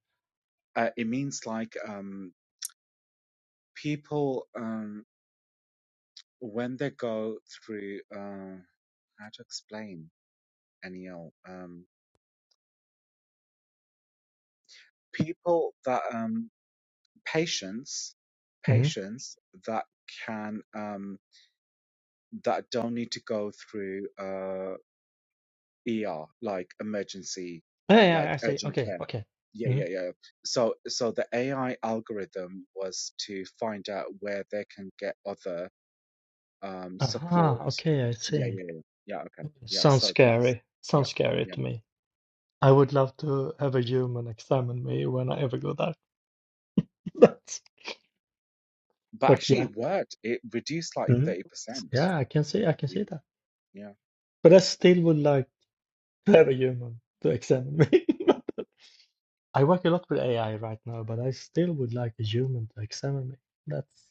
uh, it means like um, people um, when they go through uh, how to explain NEL um, people that um, patients hmm patients that can um, that don't need to go through uh, ER, like emergency, Yeah, yeah, like I see. urgent Okay, care. okay. Yeah, hmm yeah, yeah. So, so the AI algorithm was to find out where they can get other um Aha, support. okay, I Yeah, see. yeah, yeah. Yeah, okay. Yeah, Sounds so that's scary. yeah, Sounds scary yeah. to me. I would love to have a human examine me when I ever go there. but, But but actually, yeah. it worked. It reduced like hmm thirty percent. Yeah, I can see, I can Yeah. see that. Yeah. But I still would like to have a human to examine me. I work a lot with AI right now, but I still would like a human to examine me. That's.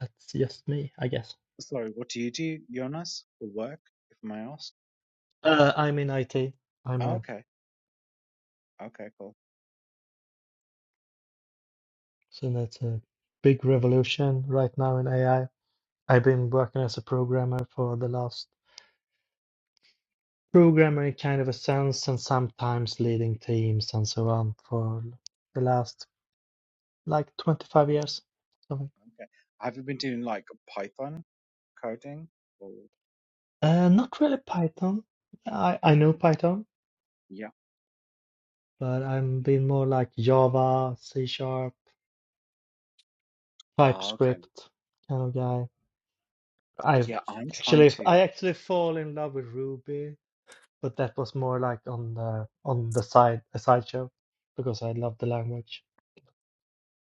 That's just me, I guess. Sorry, what do you do, Jonas, for work, if I may ask? Uh, I'm in IT. I'm Oh, a okay. Okay, cool. so that's a big revolution right now in AI. I've been working as a programmer for the last programmer in kind of a sense, and sometimes leading teams and so on for the last like 25 years. Something. Okay. Have you been doing like Python coding or Uh, not really Python. I I know Python, yeah? but I'm been more like Java, C sharp, Ah, okay. TypeScript kind of guy. I've Yeah, I'm trying actually to. I actually fall in love with Ruby but that was more like on the on the side a sideshow because I love the language.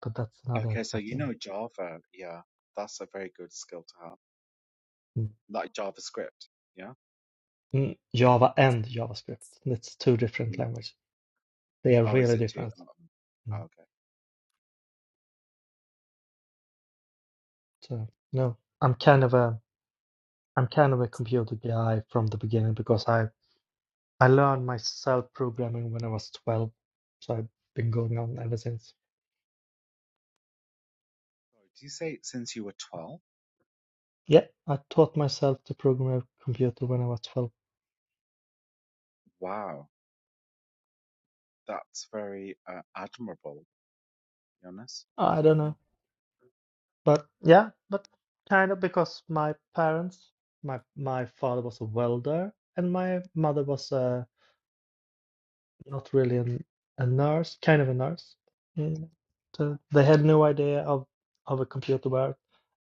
But that's another Okay, so you question. know Java. Yeah, that's a very good skill to have. Mm. Like JavaScript. Yeah? Mm, Java and JavaScript. That's two different No. languages. They are Oh, is really it too? different. oh, Um, oh, Mm. okay. So no, I'm kind of a I'm kind of a computer guy from the beginning because I I learned myself programming when I was 12. So I've been going on ever since. So do you say since you were 12? Yeah, I taught myself to program a computer when I was 12. Wow, that's very uh, admirable, Jonas. I don't know. Yeah. But yeah, but kind of because my parents, my my father was a welder and my mother was uh, not really an, a nurse, kind of a nurse. Mm. So they had no idea of of a computer work,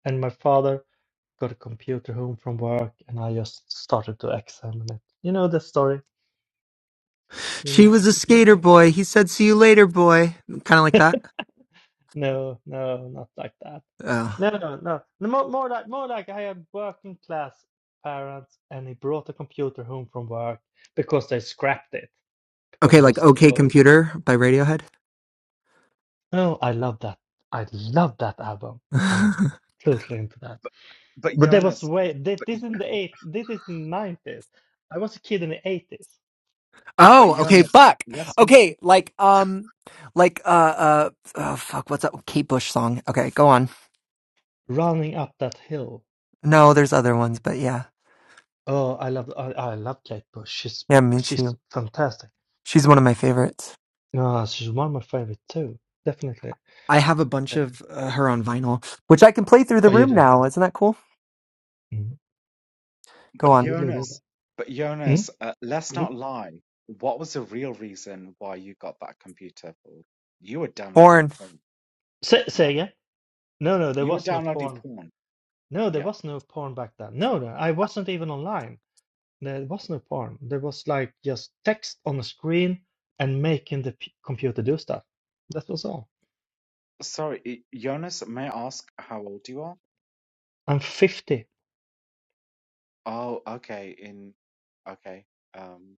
and my father got a computer home from work, and I just started to examine it. You know the story, you She know. was a Yeah. skater boy. He said, "See you later, boy." Kind of like that. No, no, not like that. Oh. No, no, no. No, More, more like more like I had working class parents, and he brought a computer home from work because they scrapped it because Okay, it like was too "Okay old. Computer" by Radiohead. Oh, I love that. I love that album. I'm totally into that. But But that was Jonas, way. This, this in the eight. This is nineties. I was a kid in the eighties, but oh, okay, Jonas, fuck. let's not, Okay, like um, like uh, uh, oh fuck, what's that Kate Bush song? Okay, go on. running up that hill. No, there's other ones, but yeah, Oh, I love. I, I love Kate Bush. She's yeah, me she's too. fantastic. She's one of my favorites. No, she's one of my favorite too. Definitely. I have a bunch of uh, her on vinyl, which I can play through the Oh, you room do. now. Isn't that cool? Mm. Go but on. Cthulhu did that. Jonas, but Mm? Jonas, uh, let's Mm? not lie. What was the real reason why you got that computer for? You were downloading Born. porn. Say, say Yeah. again? No, no, there You were was no downloading porn. porn. No, there Yeah. was no porn back then. No, no, I wasn't even online. There was no porn. There was like just text on a screen and making the p computer do stuff. That was all. Sorry, y- Jonas, may I ask how old you are? I'm 50. Oh, okay, in okay, um,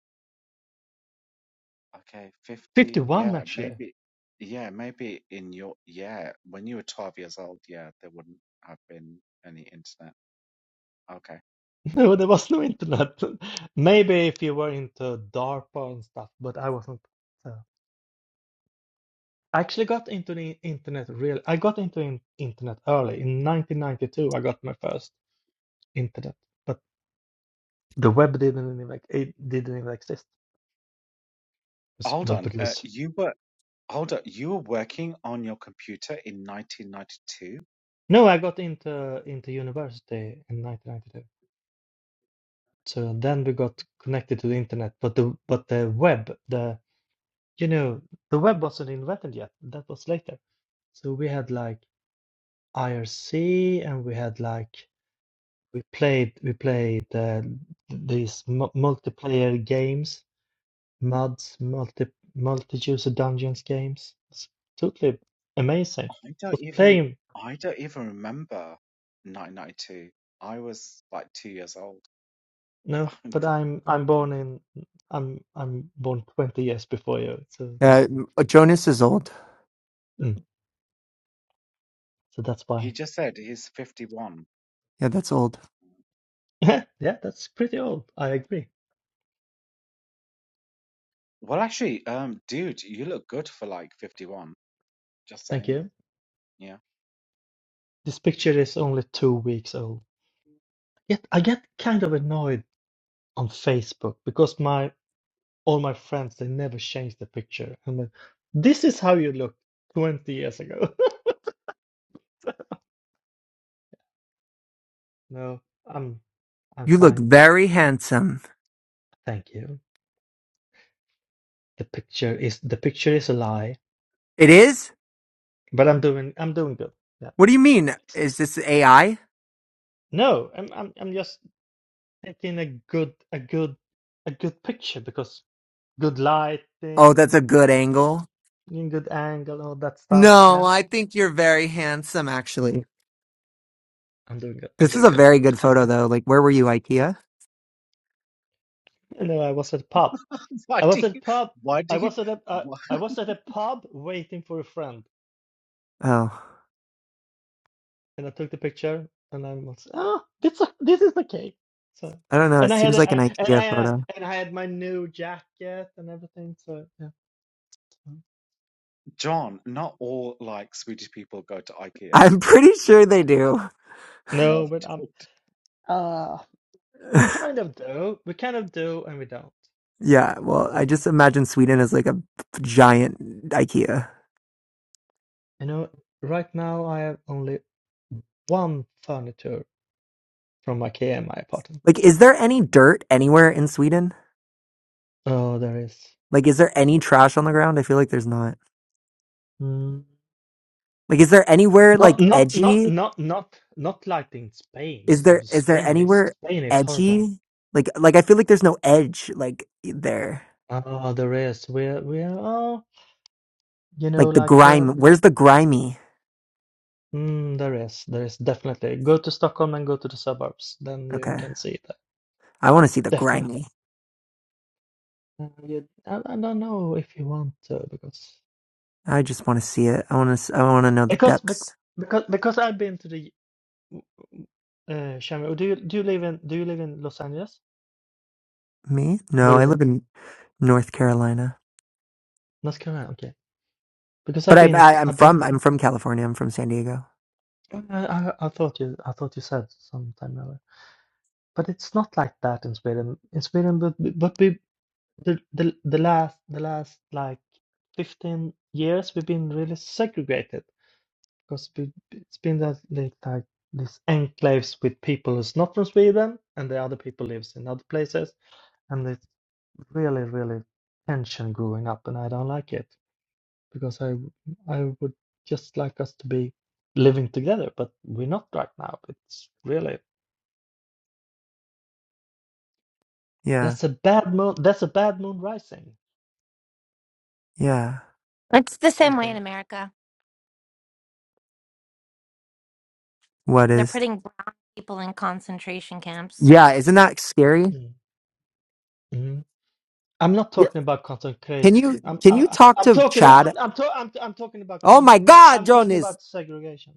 okay, 50. 51, Yeah, actually. maybe, yeah, maybe in your, yeah, when you were 12 years old, yeah, there wouldn't have been any internet. Okay. No, there was no internet. Maybe if you were into DARPA and stuff, but I wasn't. So. I actually got into the internet real. I got into in internet early. In 1992, I got my first. internet, but the web didn't even like it didn't even exist. Yes, Hold But on. Uh, because you were, hold on, you were working on your computer in 1992? No, I got into into university in 1992. So then we got connected to the internet, but the but the web, the you know, the web wasn't invented yet. That was later. So we had like IRC, and we had like we played we played uh, these mu multiplayer games MUDs, multi multi-user dungeons games. It's totally amazing. I don't Was even, playing I don't even remember 1992. I was like two years old. no, but I'm I'm born in I'm I'm born 20 years before you, so that Yeah, uh, Jonas is old. mm, so that's why. He just said he's 51. Yeah, that's old. Yeah, yeah, that's pretty old. I agree. Well, actually, um, dude, you look good for like 51. Just Thank saying. you. Yeah. This picture is only two weeks old. Yet I get kind of annoyed on Facebook because my all my friends they never change the picture. I'm like, this is how you look 20 years ago. No, I'm I'm You look fine. very handsome. Thank you. The picture is the picture is a lie, It is? but I'm doing I'm doing good. Yeah. What do you mean? Is this AI? No, I'm I'm I'm just taking a good a good a good picture because good Oh, that's lighting, a good angle. mm, in good angle, all that stuff. No, Yeah, I think you're very handsome, actually. I'm doing good. This is a Thank very you. good photo, though. Like, where were you, IKEA? No, I was at a pub. Why I do was at a you, pub. why I do you, was at a uh, why? I was at a pub waiting for a friend. Oh, and I took the picture, and I was ah, this this is the cake. So, I don't know. and It I had seems like an I, and I IKEA had photo. and I had my new jacket and everything. So yeah. so- John, not all like Swedish people go to IKEA. I'm pretty sure they do. Not No, but at um, all. uh, we kind of do, we kind of do, and we don't. yeah, But well, yeah. I just imagine Sweden as like a giant IKEA. you know, right now I have only one furniture from IKEA in my apartment. Like, is there any dirt anywhere in Sweden? Oh, there is. Like, is there any trash on the ground? I feel like there's not. Mm. Like, is there anywhere Not like not not edgy? not not not like in Spain. or Is there something. is there Spain is anywhere Spain is horrible. edgy? Like like I feel like there's no edge like e, there. Oh, there is. We are we are. Oh, You know, Like the like well, grime. Where's the grimy? mm, there is, there is definitely. Go to Stockholm and go to the suburbs, then you Okay, can see that. I want to see the Definitely. grimy. Uh, you, I, I don't know if you want to because I just want to see it. I want to. I want to know the because bec- depths. because because I've been to the uh Shamrock. Do you do you live in do you live in Los Angeles? Me? No, Where do I you live? live in North Carolina, North Carolina. Okay. Because but I've I, been I t- I'm I've been from to. I'm from California. I'm from San Diego. I, I I thought you I thought you said sometime earlier, but it's not like that in Sweden. In Sweden, but but we the the the last the last like 15 years we've been really segregated because we, it's been that like, like these enclaves with people who's not from Sweden and the other people lives in other places and it's really really tension growing up and I don't like it because I I would just like us to be living together but we're not right now it's really Yeah, that's a bad moon that's a bad moon rising yeah. It's the same way in something America. What They're is? putting brown people in concentration camps. Yeah, isn't that scary? Mm. I'm not Yeah. talking about content craze. Can you I'm can I, you I- talk I'm to talking Chad? I'm I'm, to, I'm I'm talking about Oh my cons God, I'm talking Jonas! about segregation.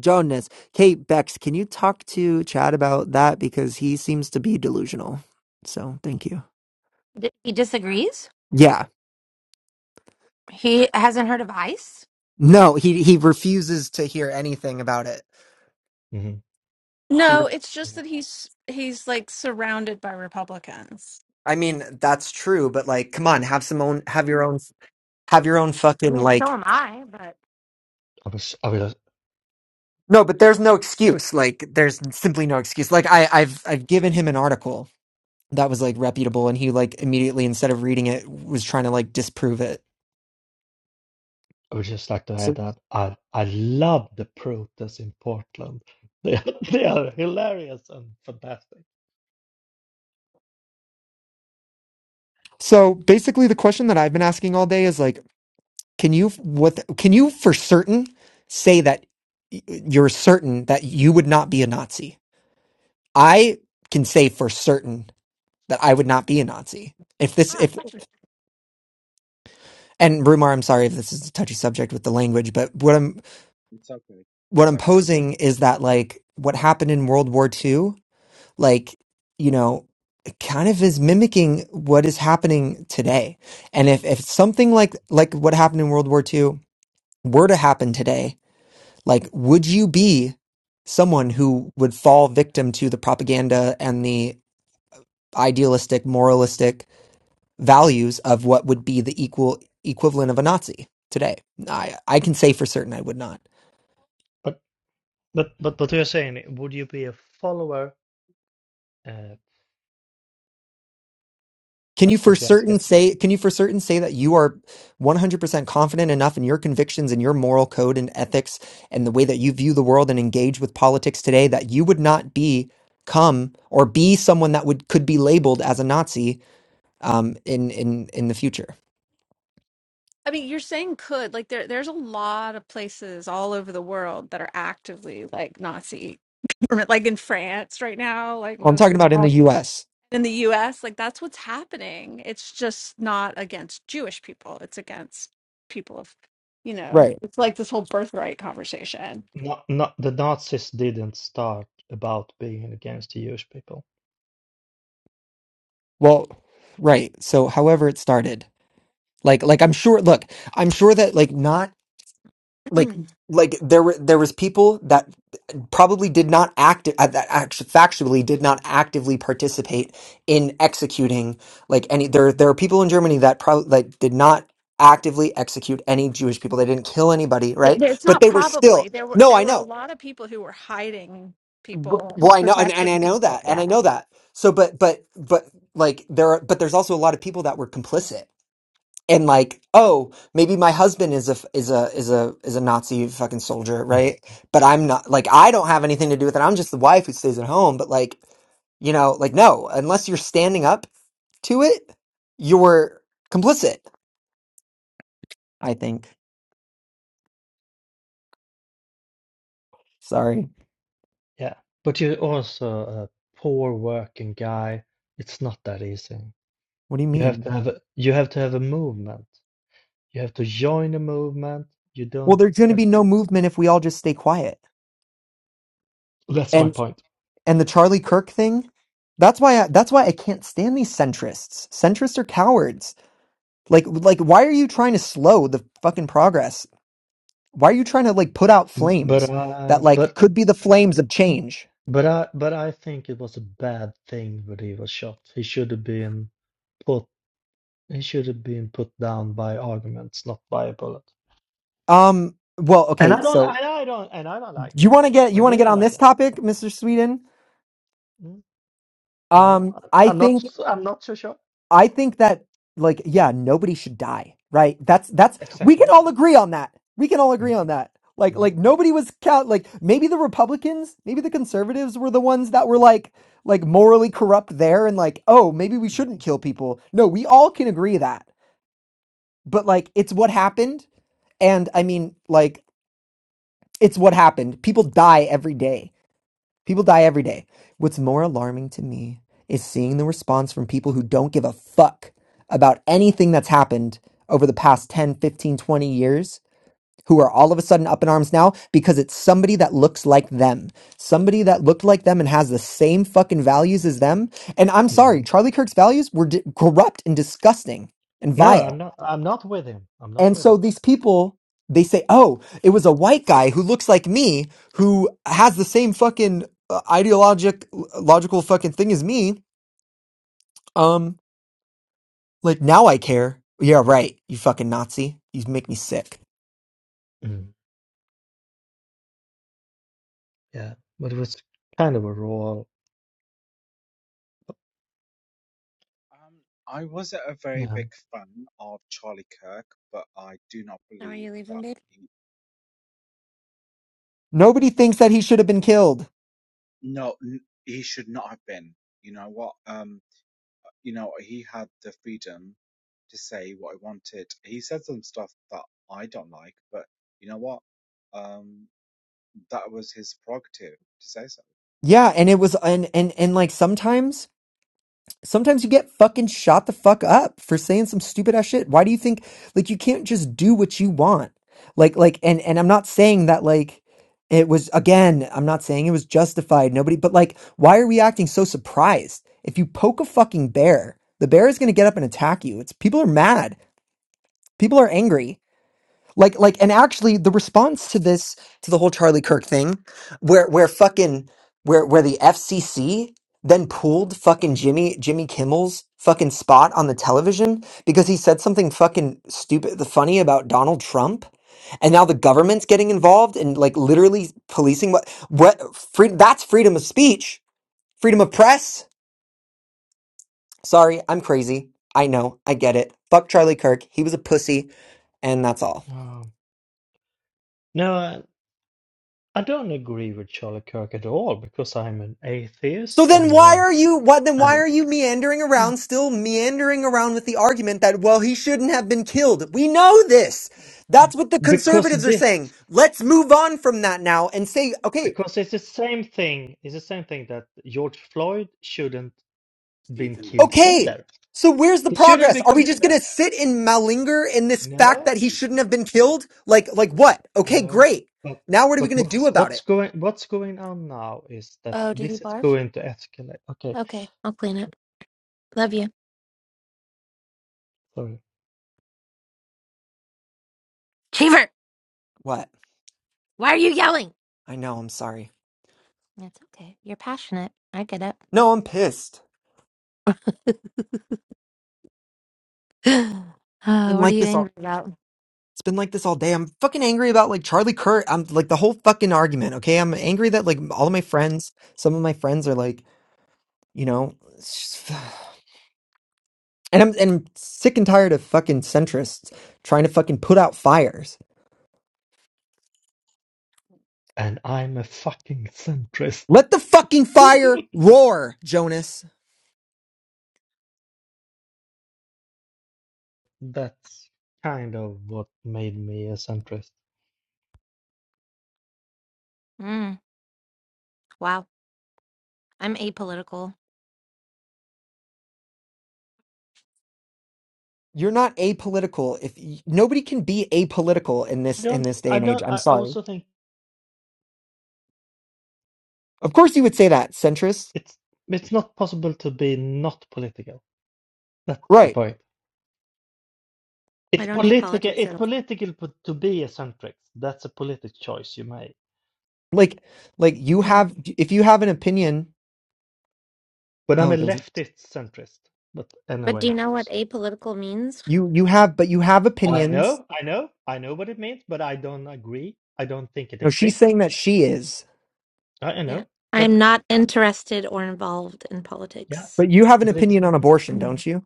Jonas. Kate Bex, can you talk to Chad about that? Because he seems to be delusional. So thank you. D- he disagrees. Yeah. He hasn't heard of ICE. No, he he refuses to hear anything about it. hmm He, re- No, it's just Yeah. that he's he's like surrounded by Republicans. I mean, that's true, but like, come on, have some own, have your own, have your own I fucking mean, so like. am I, but. I was I would No, but there's no excuse. Like, there's simply no excuse. Like, I, I've, I've given him an article that was like reputable, and he like immediately, instead of reading it, was trying to like disprove it. I would just like to add So, that I I love the protests in Portland. They are, they are hilarious and fantastic. so basically, the question that I've been asking all day is like Can you what can you for certain say that y- you're certain that you would not be a Nazi? I can say for certain that I would not be a Nazi. If this Ah, if fuck you. and Rumar, I'm sorry if this is a touchy subject with the language, but what I'm It's okay. what It's I'm okay. posing is that like what happened in World War II, like, you know, it kind of is mimicking what is happening today. And if if something like like what happened in World War II were to happen today, Like, would you be someone who would fall victim to the propaganda and the idealistic, moralistic values of what would be the equal equivalent of a Nazi today? I, I can say for certain I would not. But but but what you're saying, would you be a follower? Uh, Can you that's for what you're certain asking. say can you for certain say that you are 100% confident enough in your convictions and your moral code and ethics and the way that you view the world and engage with politics today that you would not be come or be someone that would could be labeled as a Nazi um, in in in the future. I mean, you're saying could like there there's a lot of places all over the world that are actively like Nazi government, like in France right now, like Well, I'm most talking of about in the the U.S. in the U.S. Like that's what's happening. It's just not against Jewish people. It's against people of, you know, Right. it's like this whole birthright conversation. Not not the Nazis didn't start about being against the Jewish people. Well, right. So, however it started, like, like I'm sure. Look, I'm sure that like not like Mm. like there were there was people that probably did not act uh, that act- factually did not actively participate in executing like any there there are people in Germany that probably like did not actively execute any Jewish people they didn't kill anybody Th- right th- It's but not they were still probably. There were no there I were a know lot of people who were hiding B- people, well and I know and, and I protecting know people. that and I Yeah. know that so but but but like there are but there's also a lot of people that were complicit and like oh maybe my husband is a is a is a is a nazi fucking soldier Mhm. right but i'm not like i don't have anything to do with it i'm just the wife who stays at home but like you know like no unless you're standing up to it you're complicit i think sorry Yeah, but you're also a poor working guy. It's not that easy. what do you You have mean to have a, you have to have a movement. You have to join a movement. You well don't there's going to have be no to. movement if we all just stay quiet That's my and point. and the charlie kirk thing that's why I, that's why i can't stand these centrists centrists are cowards like like why are you trying to slow the fucking progress Why are you trying to like put out B- But flames uh, that like but could be the flames of change? but I but I think it was a bad thing that he was shot. He should have been put. He should have been put down by arguments, not by a bullet. Um, well, And okay, I don't. so And I don't. And I don't like you him. want to get you I want to get didn't on like this him. topic, Mr. Sweden? Mm, No, Um, I I, I'm think not. I'm not so sure. I think that like yeah, nobody should die, right? That's that's we can Exactly. all agree on that. We can all agree on that. Like Mhm, like nobody was count like maybe the Republicans, maybe the conservatives were the ones that were mhm, like like morally corrupt there and like, "Oh, maybe we mhm, shouldn't kill people." No, we all can agree that. But like it's what happened and I mean like it's what happened. People die every day. People die every day. What's more alarming to me is seeing the response from people But who don't give a fuck about anything that's happened over the past 10, 15, 20 years, who are all of a sudden up in arms now because it's somebody that looks like them. Somebody that looked like them and has the same fucking values as them. And I'm sorry, mhm. Charlie Kirk's values were di- corrupt and disgusting and no, vile. I'm not. I'm not with him. I'm not And with so him. these people, they say, oh, it was a white guy who looks like me, who has the same fucking uh, ideologic, logical fucking thing as me. Um, like now I care. Yeah, right. You fucking Nazi. You make me sick. Mm, Yeah, but it was kind of a role. Um, I wasn't a very Yeah. big fan of Charlie Kirk, but I do not How are believe you leaving, that babe? he, Nobody thinks that he should have been killed. no, n- he should not have been. You know what? Um, you know, he had the freedom to say what I wanted. He said some stuff that I don't like, but you know what? Um, that was his prerogative to say so. Yeah. And it was, and, and, and like sometimes Sometimes you get fucking shot the fuck up for saying some stupid ass shit. Why do you think like you can't just do what you want? Like like and and I'm not saying that like it was again, I'm not saying it was justified. Nobody but like why are we acting so surprised? If you poke a fucking bear, the bear is going to get up and attack you. It's people are mad. People are angry. Like, like, and actually, the response to this, to the whole Charlie Kirk thing, where, where fucking, where, where the FCC then pulled fucking Jimmy, Jimmy Kimmel's fucking spot on the television because he said something fucking stupid, the funny about Donald Trump, and now the government's getting involved and like literally policing what, what, free, that's freedom of speech, freedom of press. Sorry, I'm crazy. I know, I get it. Fuck Charlie Kirk. He was a pussy, and that's all. Um, no, I, I don't agree with Charlie Kirk at all because I'm an So atheist then and why uh, are you what then why and are you meandering Mm. around still meandering around with the argument that well he shouldn't have been killed. We know this. That's what the because conservatives are this saying. Let's move on from that now and say okay, because it's the same thing. It's the same thing that George Floyd shouldn't been killed okay. either. So where's the He shouldn't progress? be Are we killed just going to either. sit and malinger in this fact No. that he shouldn't have been killed? Like like what? Okay, No, great. but Now what are we but going to do what's about what's it? going what's going on now is that Oh, did he this is barf? going to escalate. Okay, Okay, I'll clean it. Love you. sorry. Cheever, What? why are you yelling? I know, I'm sorry. It's okay. You're passionate. I get No, I'm pissed. it. I Uh, didn't what are like you this. angry about? It's been like this all day. I'm fucking angry about like Charlie Kirk. I'm like the whole fucking argument. Okay, I'm angry that like all of my friends, some of my friends are like, you know, it's just- and I'm and I'm sick and tired of fucking centrists trying to fucking put out fires. And I'm a fucking centrist. Let the fucking fire roar, Jonas. That's kind of what made me a centrist. Mm, wow. I'm apolitical. You're not apolitical. If y- nobody can be apolitical in I this in don't this day I and age, don't I'm I I sorry. also think Of course you would say that, centrist, it's it's not possible to be not political. That's my right? point. I It's don't do political politics it's at all. political p- to be a centrist. That's a politic choice you make. Like, like you Mm. have if you have an opinion. But I'm Oh, a there's leftist centrist. But But do anyway, you know what apolitical means? You you have but you have I opinions. know, I know, I know what it means, but I don't agree. I don't think it No, she's exists. saying that she is. I, I Yeah. know, but I'm not interested or involved in yeah, politics. But you have an but it's opinion on abortion, Mm. don't you?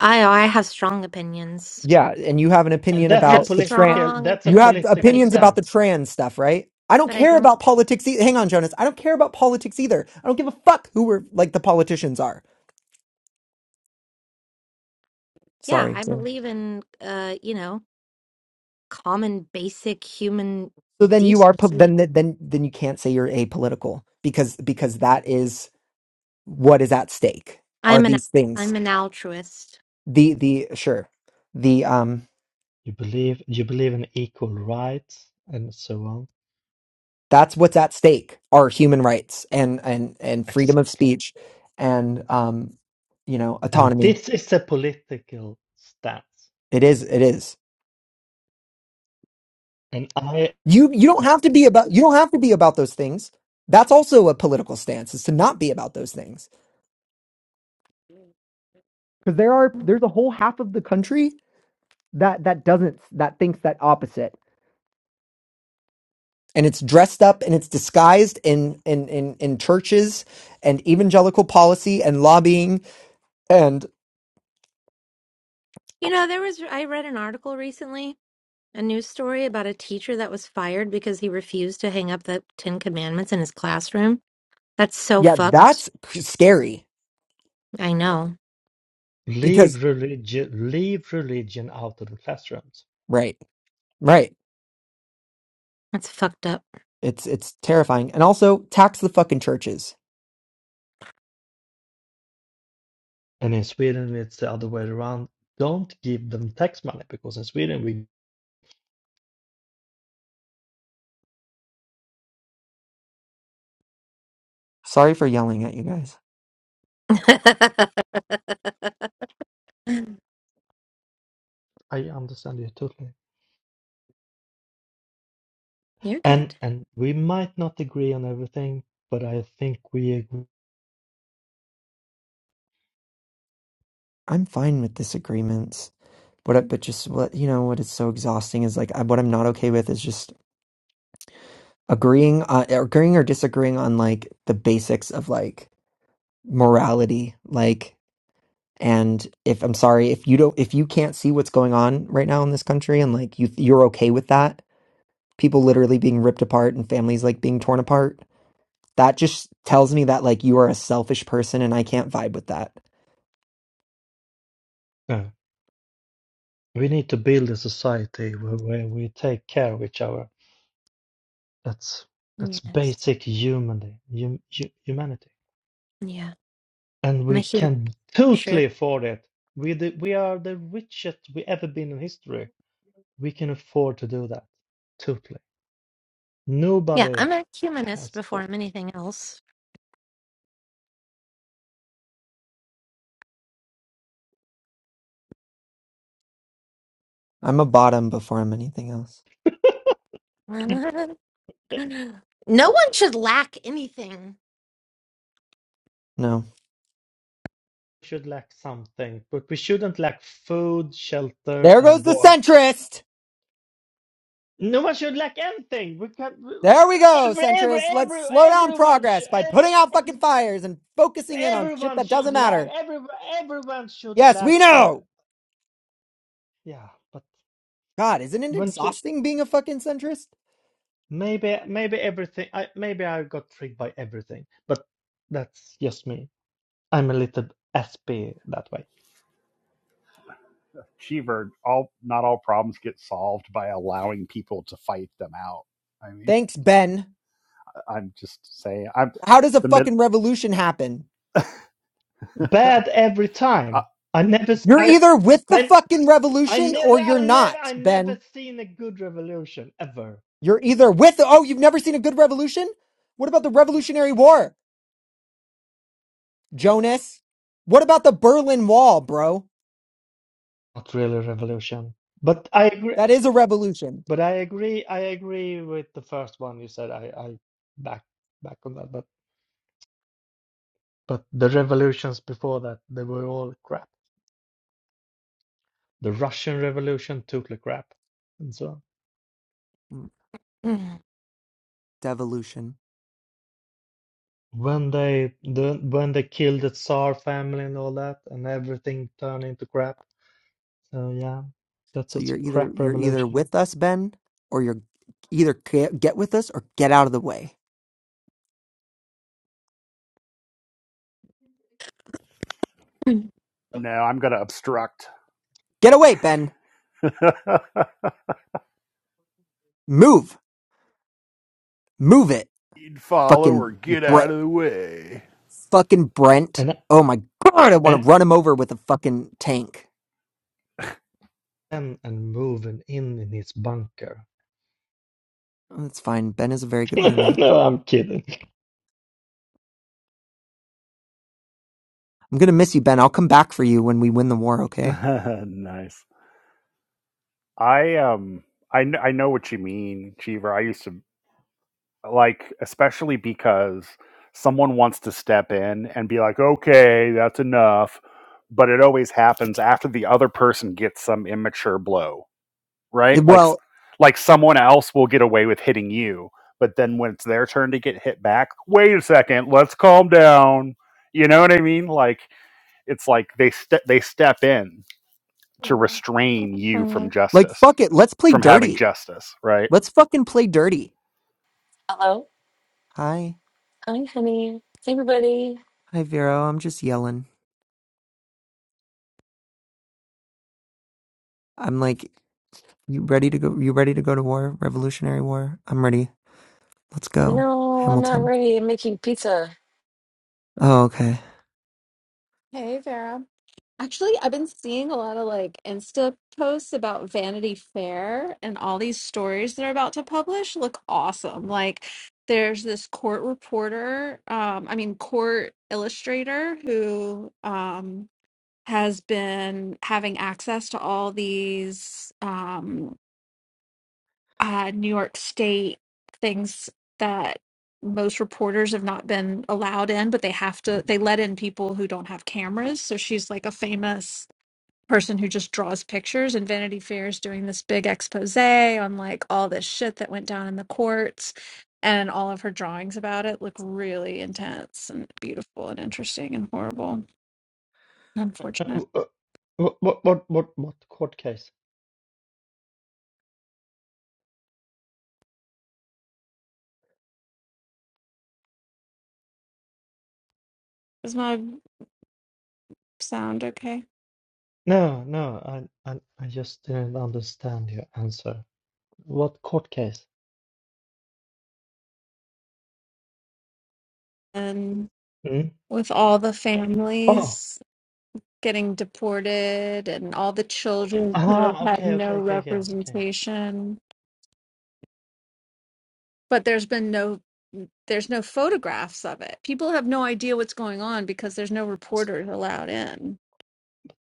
I I have strong opinions. Yeah, and you have an and opinion I that's a have about the trans political strong that's a you have opinions, but political I opinions about don't the stance. trans stuff, right? I don't but I care don't about politics. E- Hang on, Jonas. I don't care about politics either. I don't give a fuck who we're like the politicians are. yeah, Sorry. I Yeah. believe in uh, you know, common basic human So then you are po- decency. then th- then then you can't say you're apolitical because because that is what is at stake. Are I'm an these things I'm an altruist. the the sure the um You believe you believe in equal rights and so on. That's what's at stake are human rights and and and freedom of Exactly. speech and um you know And autonomy. this is a political stance. It is it is. And I You you don't have to be about you don't have to be about those things. That's also a political stance is to not be about those things. Because there are there's a whole half of the country that that doesn't that thinks that opposite. And it's dressed up and it's disguised in in in, in churches and evangelical policy and lobbying and You know, there was I read an article recently A news story about a teacher that was fired because he refused to hang up the Ten Commandments in his classroom. That's so yeah, fucked. that's c- scary I know. because leave religion leave religion out of the classrooms. right Right. That's fucked up. It's it's terrifying. And also tax the fucking churches. And in Sweden, it's the other way around. Don't give them tax money because in Sweden, we Sorry for yelling at you guys. I understand you totally. You're And good. and we might not agree on everything, but I think we agree. I'm fine with disagreements. But I, but just what you know what is so exhausting is like I, what I'm not okay with is just agreeing uh, agreeing or disagreeing on like the basics of like morality. Like And if I'm sorry, if you don't, if you can't see what's going on right now in this country, and like you, you're okay with that, people literally being ripped apart and families like being torn apart, that just tells me that like you are a selfish person, and I can't vibe with that. No, we need to build a society where, where we take care of each other. That's that's Yes. basic humanly, hum, hu- humanity. Yeah. And I'm a we human can for sure. totally afford it. We the, we are the richest we ever been in history. We can afford to do that. Totally. Yeah, Nobody I'm a humanist has before to. I'm anything else. I'm a bottom before I'm anything else. no one should lack anything. No. We should lack something, but we shouldn't lack food, shelter, There goes and the warmth. centrist! No one should lack anything. We can. we- we- There we go, Every, every, centrist. Let's every, slow down everyone progress should. by Every, putting out every, fucking fires and focusing in on shit everyone that doesn't should lack. matter. Every, everyone should Yes, we lack. Uh, know! yeah, but God, isn't it when she, exhausting being a fucking centrist? Maybe maybe everything I maybe I got tricked by everything, but that's just me. I'm a little sp that way. Cheever, all not all problems get solved by allowing people to fight them out. I mean Thanks, Ben. I'm just saying, I'm How does a the mid. fucking revolution happen? uh, Bad every time. I never s- You're I either with the I fucking I revolution never or you're I not, never I never Ben. seen a good revolution ever. You're either with the- oh, you've never seen a good revolution? What about the Revolutionary War, Jonas? What about the Berlin Wall, bro? Not really a revolution. But I agree That is a revolution. But I agree, I agree with the first one you said. I, I back back on that. But but the revolutions before that, they were all crap. The Russian Revolution, totally crap, and so on. Mm, Mm. Devolution. When they the when they killed the Tsar family and all that, and everything turned into crap. So yeah, that's So a you're either crap you're either revolution. with us, Ben, or you're either ca- get with us or get out of the way. no, I'm going to obstruct. Get away, Ben. Move, move it. You'd follow, Fucking or get Brent. out of the way. Fucking Brent. And Oh my god, I want and to run him over with a fucking tank. and and moving in in his bunker. Oh, That's fine. Ben is a very good roommate. No, I'm kidding. I'm gonna miss you, Ben. I'll come back for you when we win the war, okay? nice. I um, I kn- I know what you mean, Cheever. I used to like, especially because someone wants to step in and be like, "Okay, that's enough," but it always happens after the other person gets some immature blow. Eh, right? Like Well, like someone else will get away with hitting you, but then when it's their turn to get hit back, wait a second, let's calm down. You know what I mean? Like it's like they ste- they step in to restrain you Uh, from like justice, fuck it. Let's play from having dirty. justice, right? Let's fucking play dirty. Hello. Hi. Hi, honey. Hey, everybody. Hi Vero, I'm just yelling. I'm like, you ready to go you ready to go to war? Revolutionary war? I'm ready. Let's go. No, I'm not Hamilton. ready. I'm making pizza. Oh, okay. Hey, Vera. Actually, I've been seeing a lot of like Insta posts about Vanity Fair and all these stories they're about to publish look awesome. Like there's this court reporter, um, I mean court illustrator who um has been having access to all these um, uh, New York State things that most reporters have not been allowed in, but they have to, they let in people who don't have cameras. So she's like a famous person who just draws pictures, and Vanity Fair is doing this big expose on like all this shit that went down in the courts. And all of her drawings about it look really intense and beautiful and interesting and horrible. and Unfortunate. What what what what what court case? Is my sound okay? No, no, I, I, I just didn't understand your answer. What court case? And Hmm? with all the Oh, families. getting deported and all the children who have ah, had okay, no okay, okay, okay, okay. representation but there's been no there's no photographs of it people have no idea what's going on because there's no reporters allowed in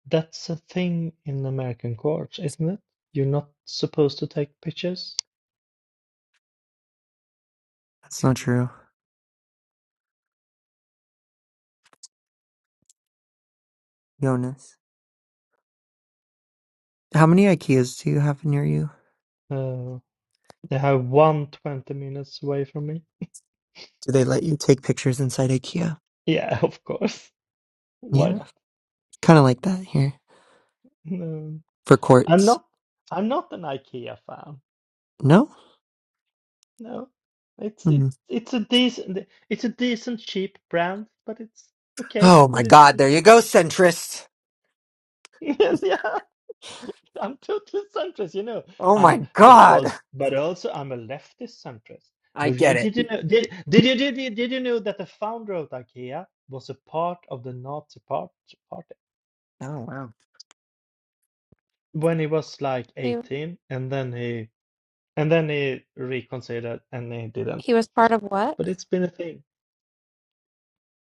That's a thing in American courts, isn't it? You're not supposed to take pictures. That's not true. Jonas. How many IKEAs do you have near you? Uh, they have one 20 minutes away from me. Do they let you take pictures inside IKEA? Yeah, of course. Why Yeah. not? Kinda like that here. No, For I'm courts. not. I'm not an IKEA fan. No? No, it's it, Hmm. it's a decent it's a decent cheap brand, but it's okay. Oh my But it's god, there you go, centrist. Yeah, I'm totally centrist, you know. Oh I'm my but god. also but also I'm a leftist centrist. I But you- get it. did you know did did you did you, did you know that the founder of IKEA was a part of the Nazi part, party Oh wow. when he was like He 18 and then he and then he reconsidered and he didn't. he was part of what? But it's been a thing.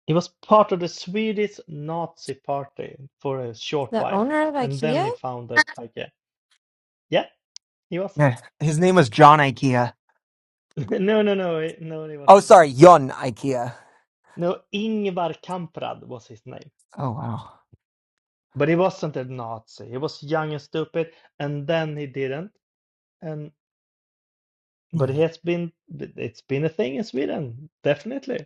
He was part of the Swedish Nazi party for a short The while owner of and then he IKEA? founded IKEA. Yeah, he was. Yeah, his name was John IKEA. No, no, no, he- no, he Oh wasn't. sorry, Yon IKEA. No, Ingvar Kamprad was his name. Oh wow. But he wasn't a Nazi. He was young and stupid, and then he didn't. And but he Mhm. has been it's been a thing in Sweden, definitely.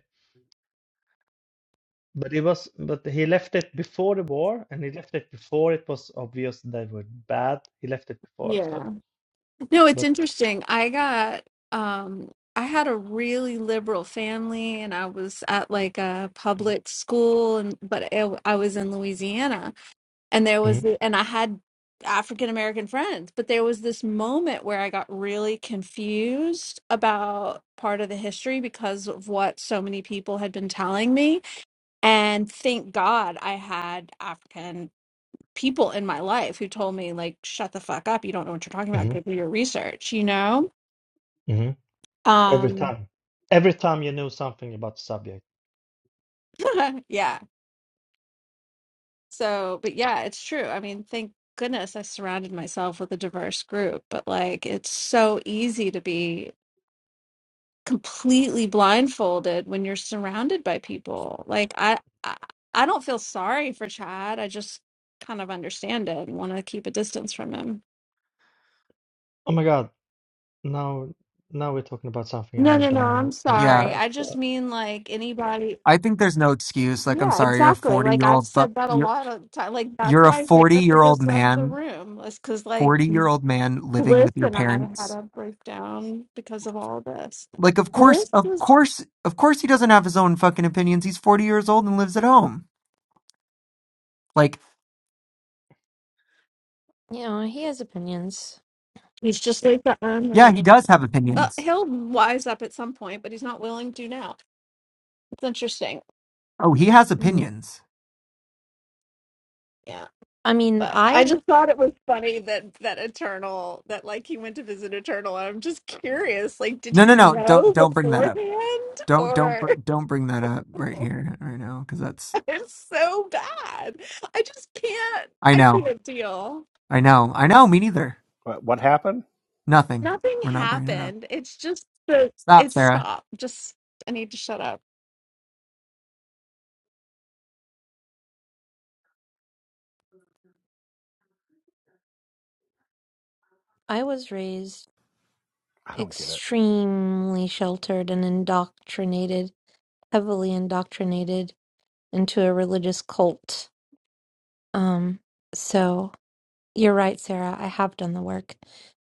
But it was but he left it before the war, and he left it before it was obvious they were bad. He left it before, so yeah no it's but interesting i got um i had a really liberal family and i was at like a Mhm, public school and but i, I was in louisiana and there was mhm, the, and i had african american friends but there was this moment where i got really confused about part of the history because of what so many people had been telling me and thank god i had african people in my life who told me like shut the fuck up you don't know what you're talking about go mhm. do your research you know mhm. Every um time. Every time you knew something about the subject. yeah so but yeah it's true i mean thank goodness i surrounded myself with a diverse group but like it's so easy to be completely blindfolded when you're surrounded by people. Like I, I, I don't feel sorry for Chad. I just kind of understand it and want to keep a distance from him. Oh my God. Now, now we're talking about something No, I no, no. don't I'm know anything Yeah, sorry. about. I just So, mean like anybody. I think there's no excuse. Like, I'm Yeah, sorry, you're a exactly. 40 Like year I've old. Fu- said that a you're lot of time. Like that's you're a why Vera 40 year old just left the man, room. It's because like 40 year old man living Bliss with your and I had parents. a breakdown because of all this. Like, of course, Bliss of was. course, of course, he doesn't have his own fucking opinions. He's 40 years old and lives at home. Like, You know, he has opinions. He's just like the yeah, he owner. does have Uh, opinions. he'll wise up at some point, but he's not willing to now. It's interesting. Oh, he has Mm. opinions. Yeah. I mean, But I I just thought it was funny that that Eternal that like he went to visit Eternal. I'm just curious, like, did No, no, he no. Don't know don't bring that up. beforehand, Don't don't or br- don't bring that up right here right now because that's it's so bad? I just can't. I I know can't deal. I know I know me neither. But what happened? Nothing. Nothing We're not bringing it up. happened. It's just the Stop, it Sarah. stopped. Just I need to shut up. I was raised I don't get it. extremely sheltered and indoctrinated, heavily indoctrinated into a religious cult. Um, so you're right, Sarah. I have done the work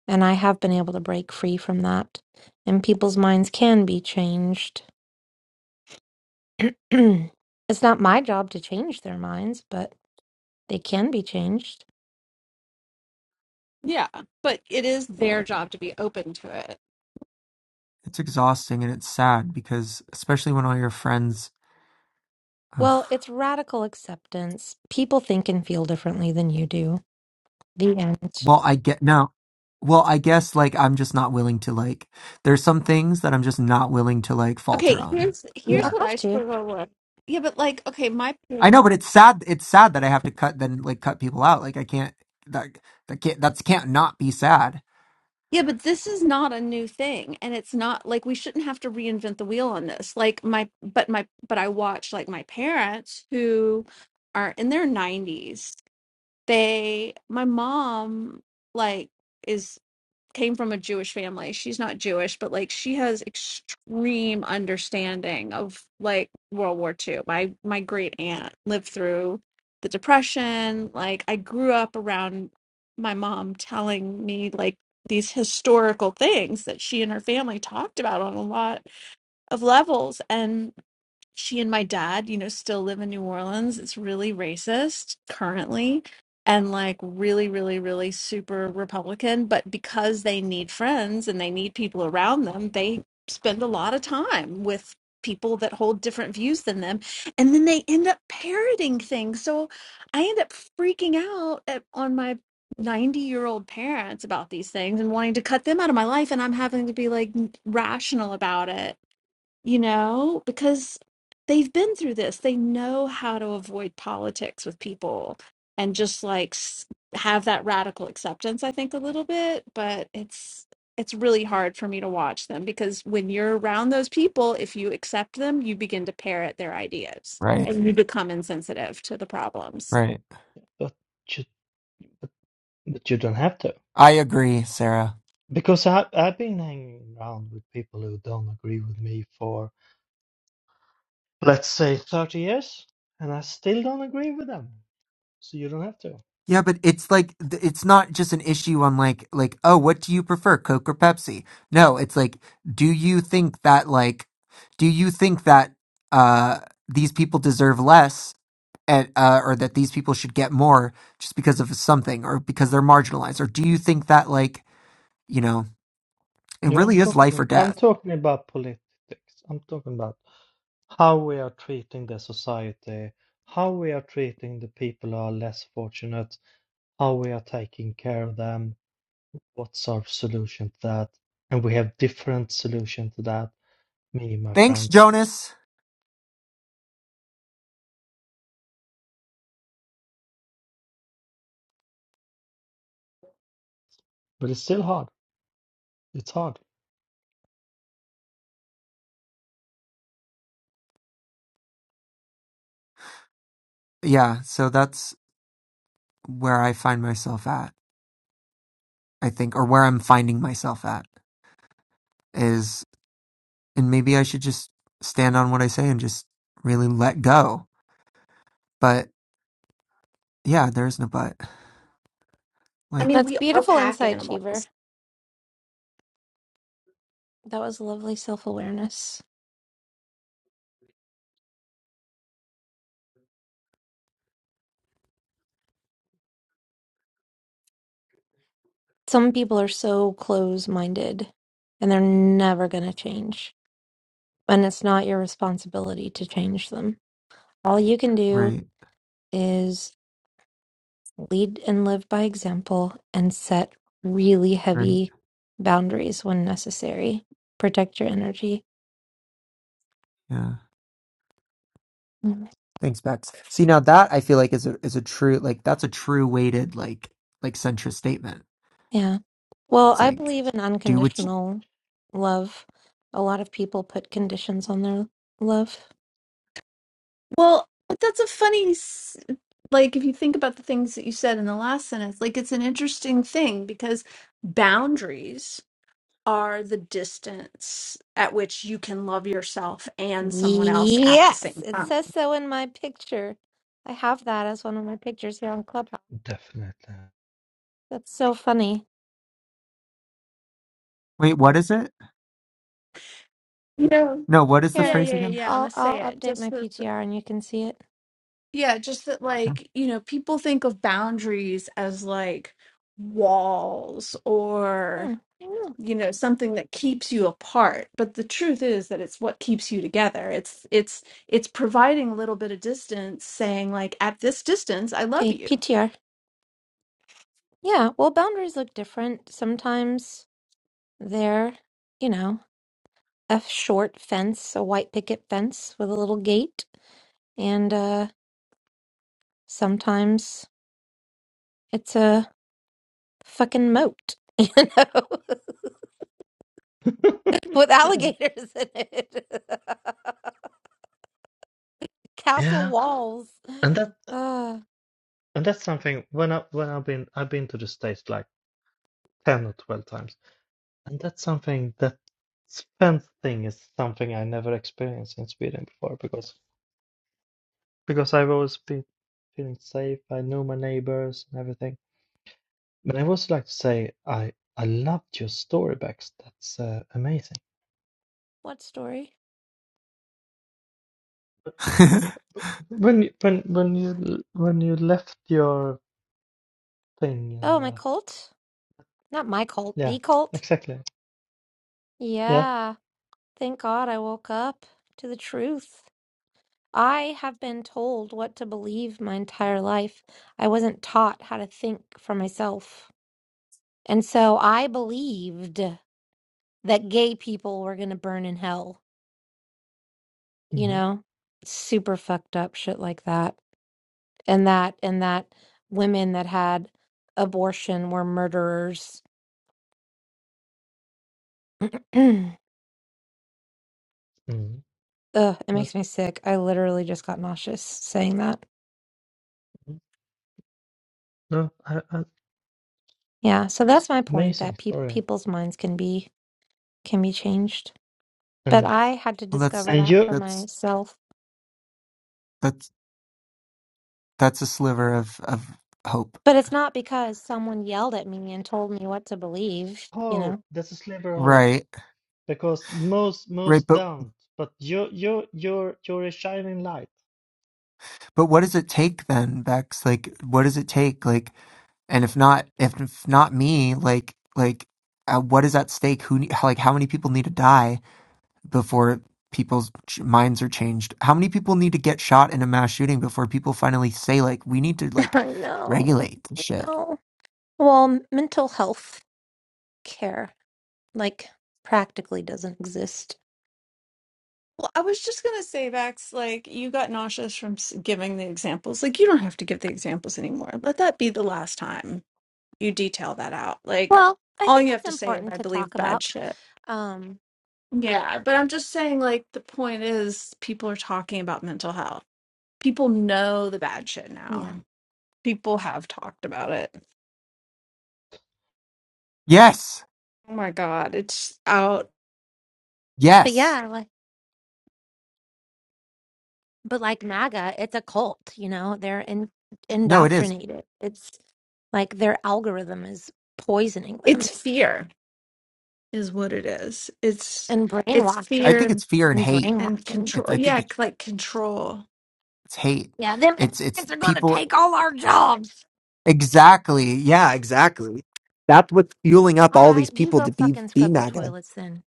and I have been able to break free from that. And people's minds can be changed. it's not my job to change their minds, but they can be changed. Yeah, but it is their job to be open to it. It's exhausting and it's sad because especially when all your friends. Ugh. Well, it's radical acceptance. People think and feel differently than you do. The end. Well, I get no. Well, I guess like I'm just not willing to like. There's some things that I'm just not willing to like falter Okay, on. here's You here's No. don't what have I to. struggle with. Yeah, but like, okay, my I parents know, but it's sad. It's sad that I have to cut then like cut people out. Like I can't. That that can't. That's can't not be sad. Yeah, but this is not a new thing, and it's not like we shouldn't have to reinvent the wheel on this. Like my, but my, but I watch like my parents who are in their 90s. They, my mom, like is came from a Jewish family. She's not Jewish, but like she has extreme understanding of like World War II. My my great aunt lived through the Depression. Like I grew up around my mom telling me like these historical things that she and her family talked about on a lot of levels and she and my dad, you know, still live in New Orleans. It's really racist currently and like really, really, really super Republican. But because they need friends and they need people around them, they spend a lot of time with people that hold different views than them. And then they end up parroting things. So I end up freaking out at, on my 90 year old parents about these things and wanting to cut them out of my life. And I'm having to be like rational about it you know, because they've been through this. They know how to avoid politics with people and just like s- have that radical acceptance, I think, a little bit. But it's, it's really hard for me to watch them because when you're around those people, if you accept them, you begin to parrot their ideas Right. and you become insensitive to the problems. Right. but you, but, but you don't have to, I agree, Sarah. because I I've been hanging around with people who don't agree with me for let's say 30 years, and I still don't agree with them. So you don't have to. Yeah, but it's like th- it's not just an issue on like like oh, what do you prefer, Coke or Pepsi? No, it's like do you think that like do you think that uh these people deserve less and uh or that these people should get more just because of something or because they're marginalized or do you think that like you know it You know, I'm really is life or talking I'm death. talking about politics. I'm talking about how we are treating the society, how we are treating the people who are less fortunate, how we are taking care of them what's our solution to that? And we have different solution to that, me and my Thanks, friends. Jonas. But it's still hard. It's hard. Yeah, so that's where I find myself at, I think, or where I'm finding myself at is, and maybe I should just stand on what I say and just really let go. But yeah, there is no but. I Like, mean, That's we are beautiful pack insight, animals. Cheever. That was lovely self awareness. Some people are so close minded and they're never going to change. And it's not your responsibility to change them. All you can do right, is lead and live by example and set really right. heavy boundaries when necessary. Protect your energy. Yeah. Mhm. Thanks, Bex. See, now that I feel like is a is a true like that's a true weighted like like centrist statement. Yeah. Well, It's I like believe in do what you, unconditional love. A lot of people put conditions on their love Well, but that's a funny, s- like, if you think about the things that you said in the last sentence, like, it's an interesting thing because boundaries are the distance at which you can love yourself and someone else at the Yes, same it time. says so in my picture. I have that as one of my pictures here on Clubhouse. Definitely. That's so funny. wait, what is it? You know? No, what is the Here, Yeah, phrase yeah, yeah. again? yeah, I'm gonna I'll say I'll it. update Just my that, th- PTR and you can see it. yeah, just that, Okay. like, you know, people think of boundaries as like walls or. Hmm. yeah. you know something that keeps you apart but the truth is that it's what keeps you together it's it's it's providing a little bit of distance saying like at this distance i love Okay, you PTR. Yeah, well, boundaries look different. Sometimes they're, you know, a short fence, a white picket fence with a little gate, and uh sometimes it's a fucking moat, you know, with yeah. alligators in it. Castle Yeah. walls. And that Uh, and that's something when I when I've been I've been to the States like ten or twelve times. And that's something that fence thing is something I never experienced in Sweden before because because I've always been feeling safe. I know my neighbors and everything. But I also like to say I I loved your story, Bex. That's uh, amazing. what story? When you- when when you when you left your thing and Oh, my uh, cult? Not my cult, the yeah, cult? exactly. Yeah. Yeah. Thank God I woke up to the truth. I have been told what to believe my entire life. I wasn't taught how to think for myself. And so I believed that gay people were going to burn in hell, you hmm know? Super fucked up shit like that. And that, and that women that had abortion were murderers Ugh, hmm it makes me That's sick. I literally just got nauseous saying that. mhm. no, I, I, Yeah, so that's my point amazing that pe- story. people's minds can be can be changed. But And I had to well, that's discover and that you for that's myself. that's that's a sliver of of hope, But it's not because someone yelled at me and told me what to believe, you hope know. that's a sliver of hope right? because most Right, most but don't. But you you you're you're a shining light. But what does it take then, Bex? Like, what does it take? Like, and if not, if, if not me, like, like, uh, what is at stake? Who, ne- like, how many people need to die before people's ch- minds are changed? How many people need to get shot in a mass shooting before people finally say, like, we need to like I know. regulate this I shit? know. Well, m- mental health care like practically doesn't exist. well i was just going to say vax like you got nauseous from s- giving the examples like you don't have to give the examples anymore let that be the last time you detail that out like Well, I all think you have it's to say is important i to talk believe bad about. shit Um, yeah but i'm just saying like the point is people are talking about mental health people know the bad shit now yeah. People have talked about it. Yes, Oh my God, it's out. But yes. yeah, like. But like MAGA, it's a cult, you know, they're in, No, it is. indoctrinated. It's like their algorithm is poisoning It's them fear is what it is. It's and it's I brainwashing think fear it's fear and and hate. and brainwashing. It, control. I think Yeah, c- it's, like control. it's hate. Yeah, them It's it's immigrants are going to people. take all our jobs. Exactly. Yeah, exactly. That's what's fueling up All all right, these you people go to be fucking be scrub the MAGA. toilets then.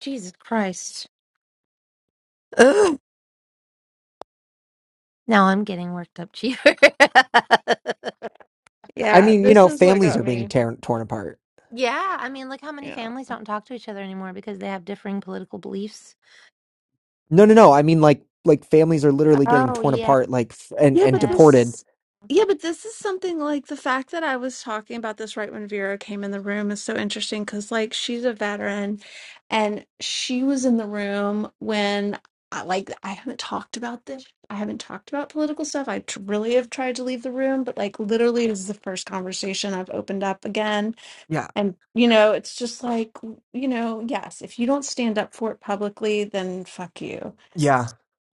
Jesus Christ. Ugh. Now I'm getting worked up, Chief. I Yeah, mean, you this know, is what families got are being me. tear- torn apart. yeah, I mean, look how many Yeah. families don't talk to each other anymore because they have differing political beliefs. No, no, no. I mean, like, like families are literally getting Oh, torn yes. apart, like, f- and Yeah, and but this deported is yeah, but this is something like the fact that I was talking about this right when Vera came in the room is so interesting because like she's a veteran and she was in the room when I like I haven't talked about this. I haven't talked about political stuff. I tr- really have tried to leave the room, but like literally this is the first conversation I've opened up again. Yeah. And you know, it's just like, you know, yes, if you don't stand up for it publicly, then fuck you Yeah.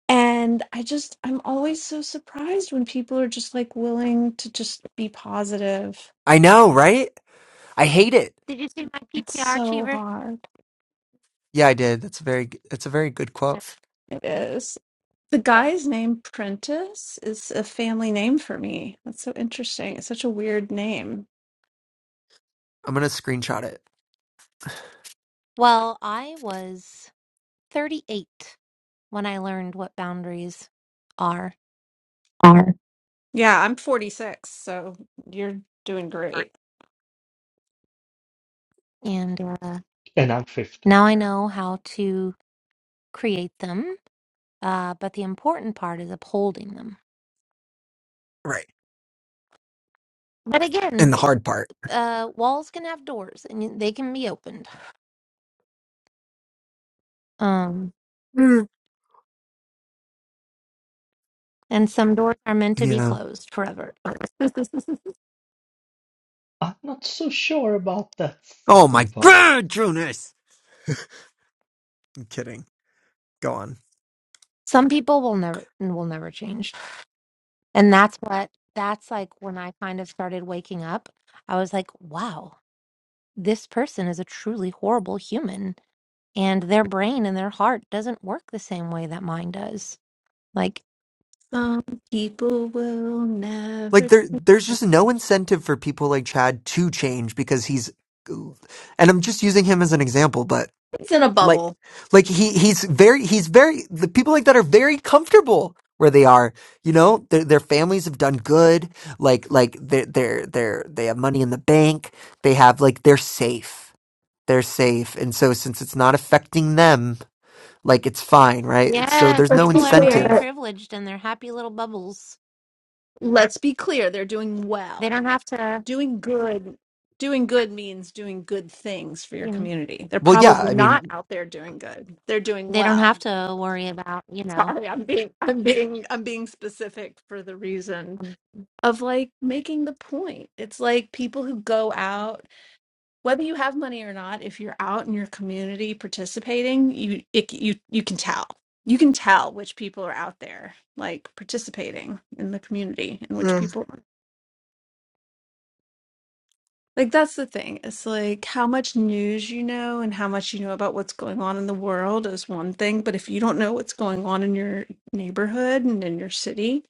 and I just, I'm always so surprised when people are just like willing to just be positive. I know, right? I hate it. Did you see my It's PTR, so Cheever? hard. Yeah, I did. That's a very g- it's a very good Yeah. quote. It Okay. is. The guy's name Prentice is a family name for me. That's so interesting. It's such a weird name. I'm gonna screenshot it. Well, I was 38 when I learned what boundaries are, Yeah, I'm 46, so you're doing great. and uh, And I'm fifty. now I know how to create them. Uh, but the important part is upholding them. Right. But And again, the hard part. uh, walls can have doors, and you- they can be opened. Um, Mm. and some doors are meant to be Yeah. closed forever. I'm not so sure about that Oh my second part. god, Jonas. I'm kidding. Go on. some people will never will never change, and that's what that's like. When I kind of started waking up, I was like, "Wow." this person is a truly horrible human and their brain and their heart doesn't work the same way that mine does. Like, Some people will Like never. there there's just no incentive for people like Chad to change because he's and I'm just using him as an example, but It's in a like bubble. like he he's very he's very the people like that are very comfortable where they are, you know, their their families have done good, like like they are they're they're they're they have money in the bank, they have like they're safe. They're safe. And so since it's not affecting them, Like it's fine, right? It's- So yes, there's no Let's people be are clear very incentive. that. privileged in their happy little bubbles. Let's be clear, they're doing They well. don't have to, doing good doing good means doing good things for your you know, community they're Well, yeah, probably I not mean, out there doing good they're doing they don't have well to worry about, you know, sorry i'm being i'm being i'm being specific for the reason um, mm, of like making the point it's like people who go out whether you have money or not if you're out in your community participating you it, you you can tell you can tell which people are out there like participating in the community and Mm-hmm. which people Like that's the thing. It's like how much news you know and how much you know about what's going on in the world is one thing, but if you don't know what's going on in your neighborhood and in your city,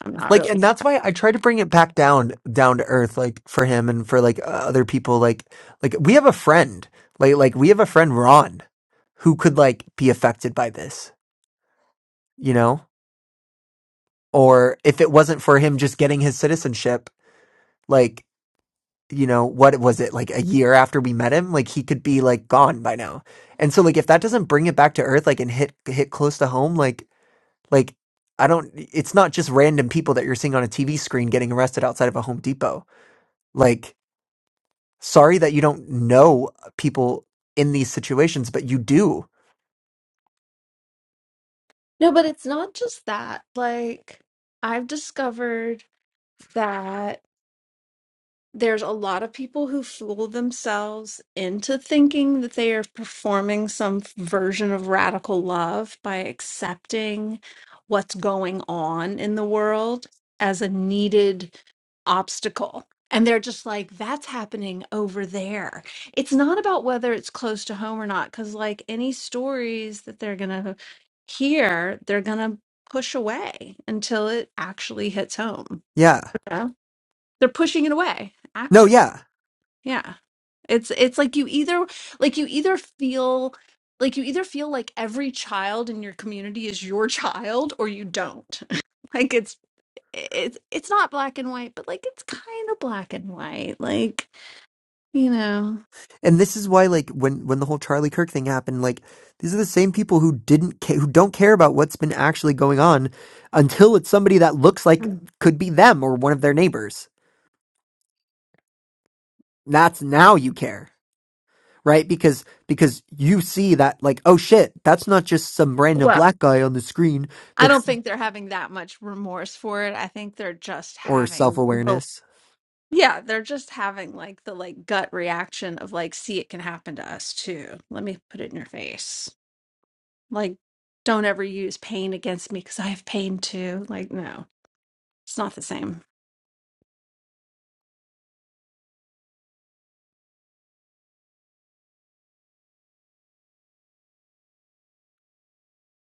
I'm not like really. and that's why i try to bring it back down down to earth like for him and for like uh, other people like like we have a friend like like we have a friend ron who could like be affected by this you know or if it wasn't for him just getting his citizenship like you know what was it like a year after we met him like he could be like gone by now and so like if that doesn't bring it back to earth like and hit hit close to home like like i don't it's not just random people that you're seeing on a tv screen getting arrested outside of a home depot like Sorry that you don't know people in these situations, but you do. No, but it's not just that. Like I've discovered that there's a lot of people who fool themselves into thinking that they are performing some f- version of radical love by accepting what's going on in the world as a needed obstacle. And they're just like, that's happening over there. It's not about whether it's close to home or not, because like any stories that they're going to hear, they're going to push away until it actually hits home. Yeah. you know? They're pushing it away No, actively. yeah. Yeah. It's it's like you either like you either feel like you either feel like every child in your community is your child or you don't. Like it's it's it's not black and white, but like it's kind of black and white. Like, you know. And this is why like when when the whole Charlie Kirk thing happened, like these are the same people who didn't ca- who don't care about what's been actually going on until it's somebody that looks like mm. could be them or one of their neighbors. That's now you care, right? Because because you see that like oh shit, that's not just some random Well, black guy on the screen I don't that's think they're having that much remorse for it. I think they're just or having the self-awareness. yeah, they're just having like the like gut reaction of like, see, it can happen to us too. Let me put it in your face. Like, don't ever use pain against me because I have pain too. Like, no, it's not the same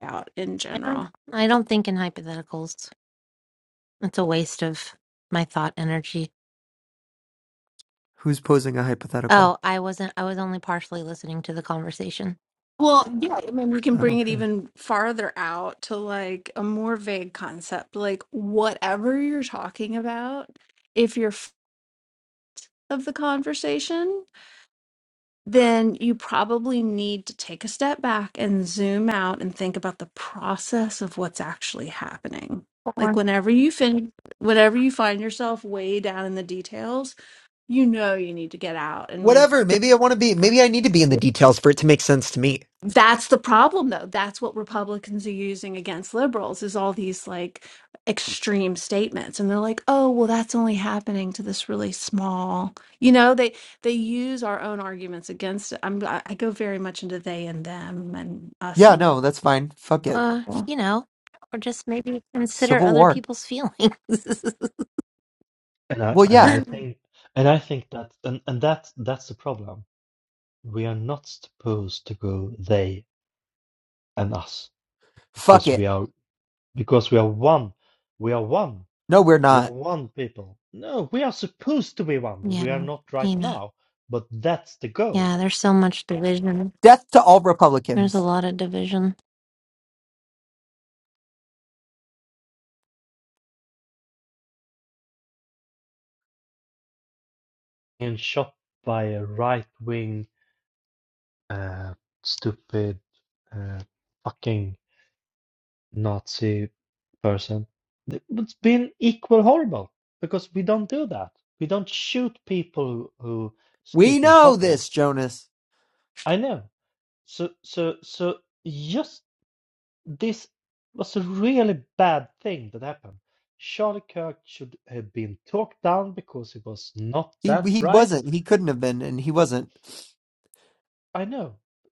out in I don't, general. I don't think in hypotheticals. It's a waste of my thought energy. Who's posing a Oh, hypothetical? I wasn't, I was only partially listening to the conversation. Well, yeah, I mean, we can I don't bring it care. even farther out to like a more vague concept, like whatever you're talking about, if you're f- of the conversation, then you probably need to take a step back and zoom out and think about the process of what's actually happening. Like Or, whenever you fin whenever you find yourself way down in the details, you know you need to get out and like whatever. get- Maybe I want to be, maybe I need to be in the details for it to make sense to me. that's the problem though that's what republicans are using against liberals is all these like extreme statements and they're like oh well that's only happening to this really small you know they they use our own arguments against it i'm i I go very much into they and them and us Yeah, and no, that's fine. Fuck it. uh, people. you know, or just maybe consider Civil other War. people's feelings. And I Well, and I yeah. Yeah, think and I think that and, and that's that's the problem. We are not supposed to go they and us Fuck because it. we are because we are one. We are one. No, we're We are not. one people. No, we are supposed to be one, but we are not right you know, now. But that's the goal. yeah, there's so much division. Death to all There's a Republicans. lot of division. And shot by a right wing uh stupid uh fucking Nazi person. Th- It's been equal horrible because we don't do that. We don't shoot people who, who We speak in know public. this, Jonas. I know. So so so just this was a really bad thing that happened. Charlie Kirk should have been talked down because he was not He that he bright. wasn't. He couldn't have been, and he wasn't. I know.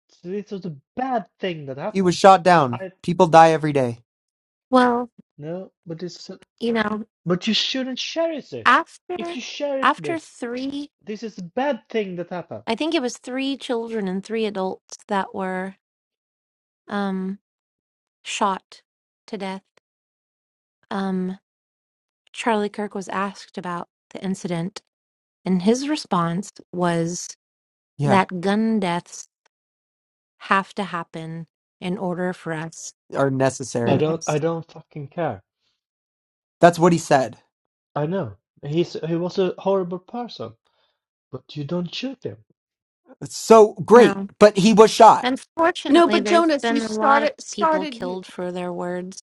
So This was a bad thing that He was happened. shot down. I People die every day. Well, know, but it's you know, but you shouldn't cherish it. after If you cherish after this, three, This is a bad thing that happened. I think it was three children and three adults that were um shot to death. Um, Charlie Kirk was asked about the incident, and his response was Yeah, that gun deaths have to happen in order for us. are I necessary. don't Yes. I don't fucking care. That's what he said. I know. He's he was a horrible person, but you don't shoot him. It's so No. great, but he was shot. no Unfortunately, but there's jonas you been a lot of started people started killed for their words.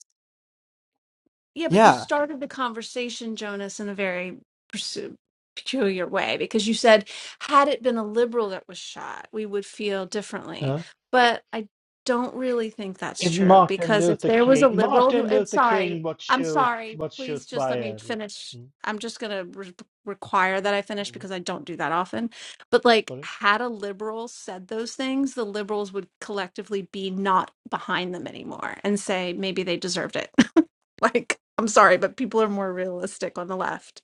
Yeah, but you Yeah. started the conversation, Jonas, in a very persu- peculiar way because you said, had it been a liberal that was shot, we would feel differently. Huh? But I don't really think that's If true Martin because if Luther there was a King liberal who, Martin I'm Luther sorry, King was I'm shoot sorry, was shoot please just by let me a finish. Mm, I'm just going to re- require that I finish mm, because I don't do that often. But like, sorry. had a liberal said those things, the liberals would collectively be not behind them anymore and say maybe they deserved it. Like, I'm sorry, but people are more realistic on the left.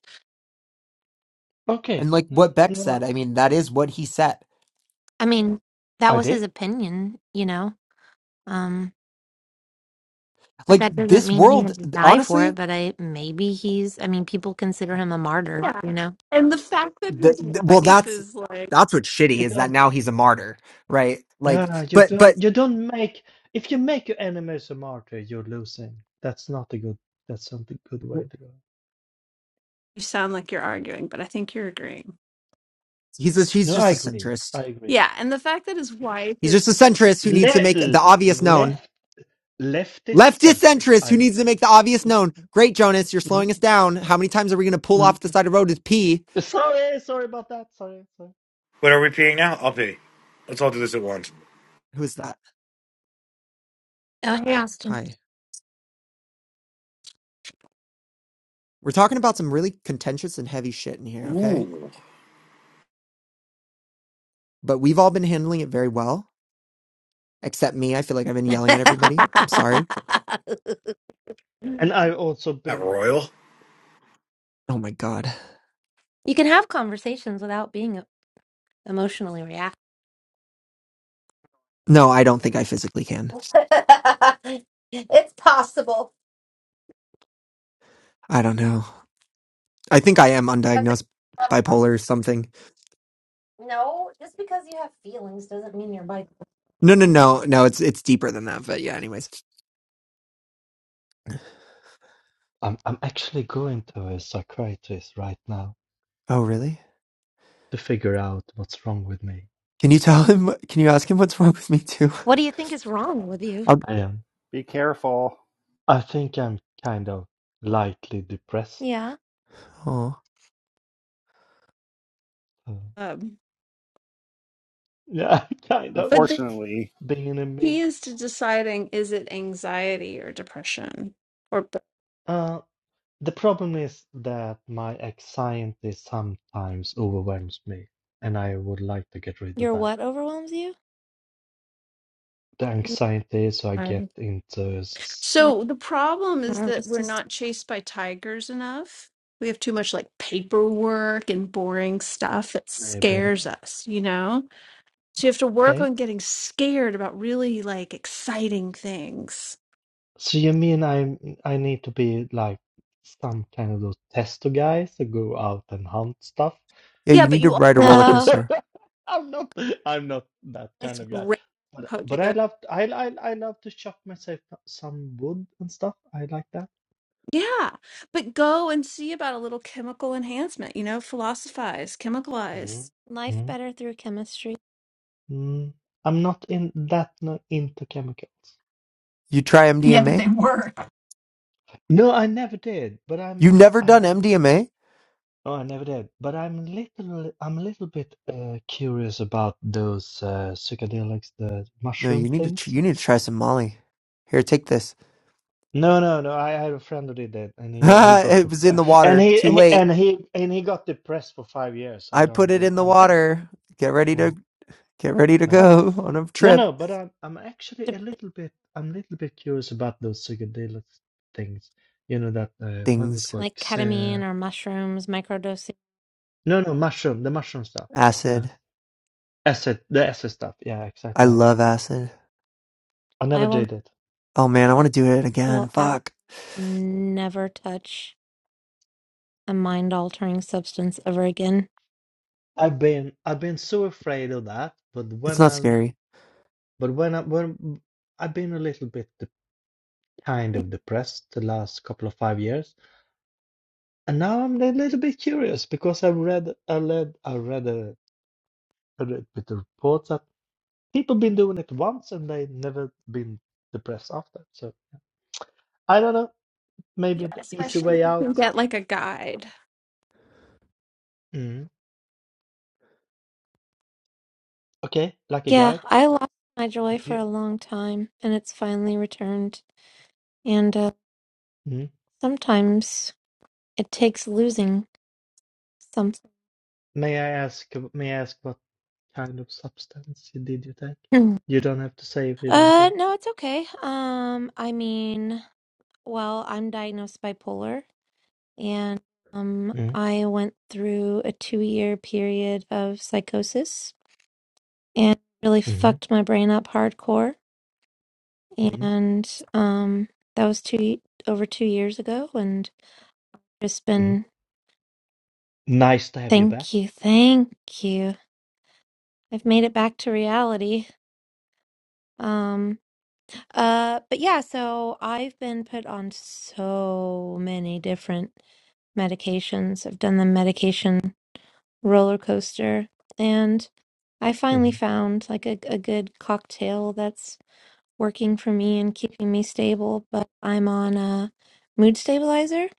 And Okay. like Uh, what Beck said, No I mean, that is what he said. I mean, that I was his did. opinion, you know. Um, but Like that doesn't this mean he had world, to die for it. honestly, But I maybe he's. I mean, people consider him a martyr, Yeah. you know. And the fact that his the, th- well, wife that's is like, that's what's shitty You is that don't now he's a martyr, right? Like, no, you but but don't you don't make if you make your enemies a martyr, you're losing. That's not a good that's not a good way to go. you sound like you're arguing, but I think you're agreeing. he's a, he's No, I just a agree. centrist. I agree. Yeah. And the fact that his wife He's is, just a centrist who needs to make Little the obvious known. left leftist Leftist centric. centrist who I needs to make the obvious mm, known. Great, Jonas, you're mm, slowing us down. How many times are we going to pull mm. off the side of the road with P? sorry, sorry about that. Sorry, sorry. What are we peeing now? I'll pee. Let's all do this at once. Who is that? Oh, hey, Austin. Hi. We're talking about some really contentious and heavy shit in here, okay? Ooh. but we've all been handling it very well, except me. I feel like I've been yelling at everybody. I'm sorry. you And I've also Not been. royal. Oh my God. can have conversations without being emotionally reactive. No, I don't think I physically can. it's possible, I don't know. I think I am but undiagnosed there's bipolar or something. no, just because you have feelings doesn't mean you're bipolar. No, no, no, no. It's it's deeper than that. But yeah, anyways. I'm I'm actually going to a psychiatrist right now Oh, really? to figure out what's wrong with me. Can you tell him? Can you ask him what's wrong with me too? What do you think is wrong with you? I'll, I am. Be careful. I think I'm kind of lightly depressed. Yeah. oh, Uh, um, yeah, kind of but the Unfortunately, being a key meme. is to deciding is it anxiety or depression or both. Uh, the problem is that my anxiety sometimes overwhelms me, and I would like to get rid of Your that. what overwhelms you? the Mm, anxiety so I get Um, into s- Yeah. So the problem is that Nervous we're not system. chased by tigers enough. We have too much like paperwork and boring stuff. It maybe scares us, you know? So you have to work okay. on getting scared about really like exciting things. So you mean I I need to be like some kind of those tester guys to go out and hunt stuff? yeah. Yeah, You but need to you, al- ride a roller No. coaster. I'm not I'm not that it's Let's kind do of guy. great But co- to but go. I love I I I love to chop myself some wood and stuff. I like that. Yeah, but go and see about a little chemical enhancement, you know, philosophize, Mm. chemicalize. Life Mm. better through chemistry. Mm. I'm not in that no, into chemicals. You try Yeah, but they MDMA. work. No, I never did, but I'm You've never I'm done MDMA. Oh, I never did. But I'm little, I'm a little bit uh, curious about those uh, psychedelics, the No, mushroom you need to. tr- things. You need to try some Molly. Here, take this. No, no, no. I had a friend who did that, and he he got it the was in the and water. he Too he- late. and he and he got depressed for five years. I I put don't. it do- in the I'm not. Better water. Get ready to mm, get ready to go on a No, no, trip. no. But I'm I'm actually to- a little bit. I'm a little bit curious about those psychedelic things. You know that uh, what was it Things. called? Like ketamine Xe- or mushrooms, microdosing. No, no, mushroom. The mushroom stuff. Yeah, Acid. acid. The acid stuff. Yeah, I exactly. love acid. I I never will. did it. Oh man, I want to do it I again. will absolutely Fuck. never touch a mind-altering substance ever again. I've been I've been so afraid of that, but It's when not I scary. but when I when I've been a little bit de- kind of depressed the last couple of five years, and now I'm a little bit curious because I read I read I read a, a re- bit of reports that people been doing it once and they never been depressed after. So I don't know, maybe Yeah, the easy especially. if way You can out. get like a guide. Mm. Okay, like a Yeah, guide. I lost my joy Did for you? a long time, and it's finally returned. And uh, mm? sometimes it takes losing something. May I ask, uh, may I ask what kind of substance you- did you take? uh, You don't have to say if you don't have. no, it's okay. Um, I mean. Well, I'm diagnosed bipolar, and um, Mm, I went through a two year period of psychosis and really mm, fucked my brain up hardcore. mm, And um, that was two y- over two years ago, and just mm. been Nice to have you back. thank you, thank you. I've made it back to reality. Um, uh, but yeah, so I've been put on so many different medications. I've done the medication. roller coaster. And I finally Mm, found like a, a good cocktail that's working for me and keeping me stable, but I'm on a mood stabilizer.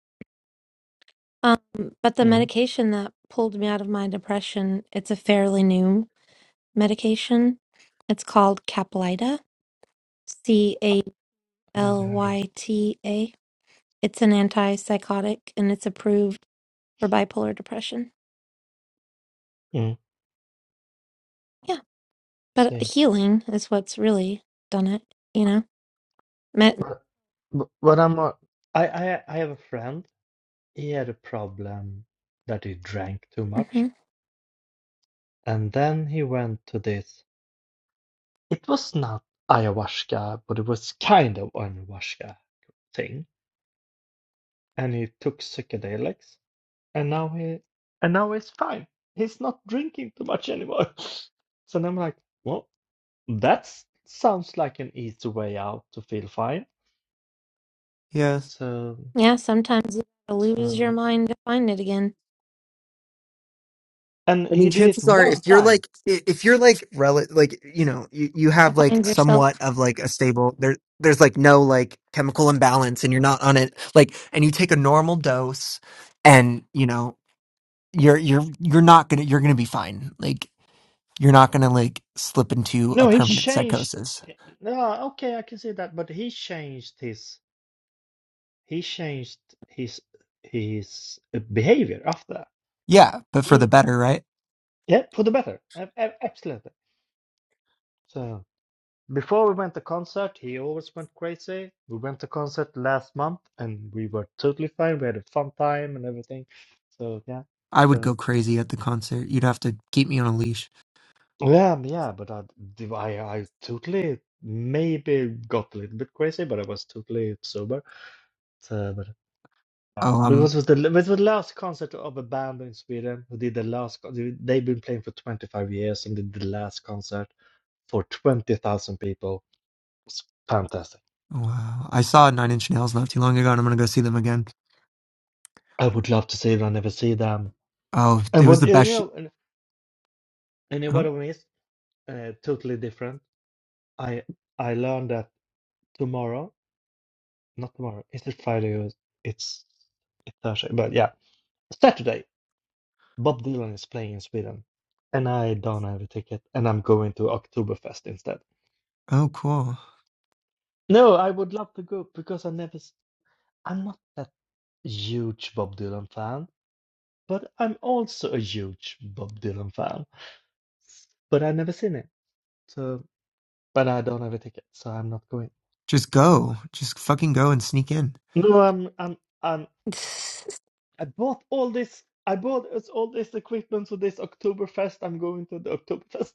Um, but the mm. medication that pulled me out of my depression, it's a fairly new medication. It's called Caplyta, C A Never L heard of it. Y T A. It's an antipsychotic and it's approved for bipolar depression. Mm. Yeah, but See. healing is what's really done it, you know? But, but, but I'm a, I, I, I have a friend. He had a problem that he drank too hmm much. And then he went to this. It was not ayahuasca, but it was kind of ayahuasca thing. And he took psychedelics. and now he and now he's fine. He's not drinking too much anymore. So then I'm like, well, that sounds like an easy way out to feel fine. Yeah. So, Yeah, sometimes you gotta lose your so, mind to find it again, and I mean, he did it chances are, one if you're time. like, i- if you're like, rel- like, you know, you, you to have like find yourself. somewhat of like a stable, there, there's like no like chemical imbalance and you're not on it, like, and you take a normal dose, and you know you're you're you're not gonna you're gonna be fine. Like you're not gonna like slip into a No, he permanent changed. psychosis. eh, No, okay, I can see that, but he changed his he changed his his uh, behavior after that. Yeah, but He, for the w- better, right? yeah, for the better. Ab- ab- Absolutely. So Before we went to concert, he always went crazy. We went to concert last month and we were totally fine. We had a fun time and everything. So yeah, I would go so crazy at the concert. You'd have to keep me on a leash. yeah, um, yeah. But I, I I totally maybe got a little bit crazy, but I was totally sober. So, but yeah. Oh, um, because it was the it was the last concert of a band in Sweden who did the last. co- they- They've been playing for 25 years and did the last concert for 20,000 people. It was fantastic. wow. I saw Nine Inch Nails not too long ago, and I'm gonna go see them again. I would love to see them. I never see them. Oh, And it was what the you best. Sh- know, and, and you know what oh, I miss? Uh, totally different. I I learned that tomorrow, not tomorrow. Is it Friday or it's it's Thursday? But yeah, Saturday. Bob Dylan is playing in Sweden, and I don't have a ticket, and I'm going to Oktoberfest instead. oh, cool. No, I would love to go because I never. s- I'm not that huge Bob Dylan fan, but I'm also a huge Bob Dylan fan. But I've never seen it, so but I don't have a ticket, so I'm not going. Just go. Just fucking go and sneak in. No, I'm I'm I'm I bought all this I bought us all this equipment for this Oktoberfest. I'm going to the Oktoberfest.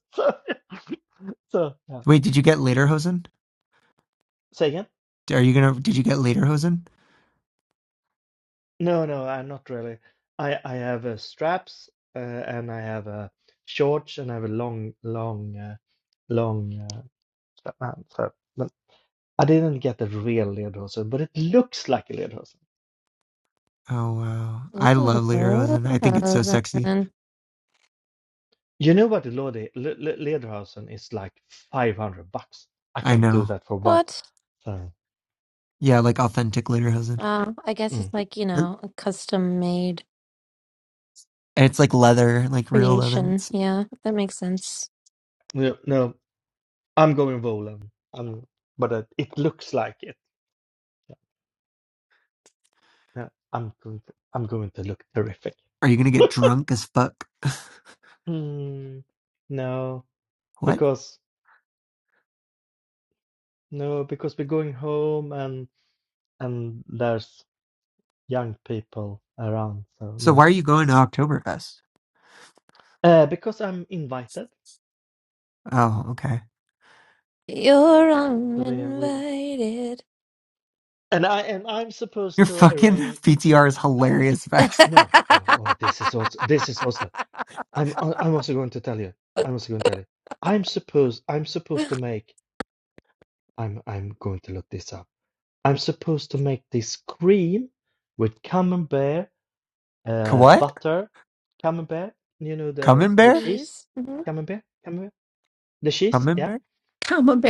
So, so yeah. Wait, did you get Lederhosen? Say again? Are you gonna? Did you get Lederhosen? No, no, I'm not really. I I have uh, straps uh, and I have uh, shorts and I have a long long uh, long uh, strap- uh, so- but I didn't get the real lederhosen, but it looks like a lederhosen. Oh wow. I love Ooh, lederhosen. I think it's so sexy. Then You know what the Lodi- Le- Le- lederhosen is like 500 bucks. I I can't do know. that for one. what? So. Yeah, like authentic lederhosen. Uh, I guess mm. it's like, you know, a custom made And it's like leather, like real leather. creation. It's, Yeah, that makes sense. Yeah, no, I'm going Volan. I'm, but uh, it looks like it. No, I'm going to, I'm going to look terrific. are you gonna get drunk as fuck? Mm, no, What? because no, because we're going home and and there's young people around, so So no. why are you going to Oktoberfest? Uh, because I'm invited, Oh, okay. You're so we're we uninvited. and I and I'm Your supposed to fucking arrange. PTR is Uh, hilarious, Vex. no, oh, oh, this is also this is also. I'm I'm also going to tell you. I'm also going to tell you. I'm supposed I'm supposed to make. I'm I'm going to look this up. I'm supposed to make this cream with camembert, K- uh, What? butter, camembert. You know the the Camembert? cheese, Bees. hmm camembert, camembert, the cheese. Yeah, Camembert?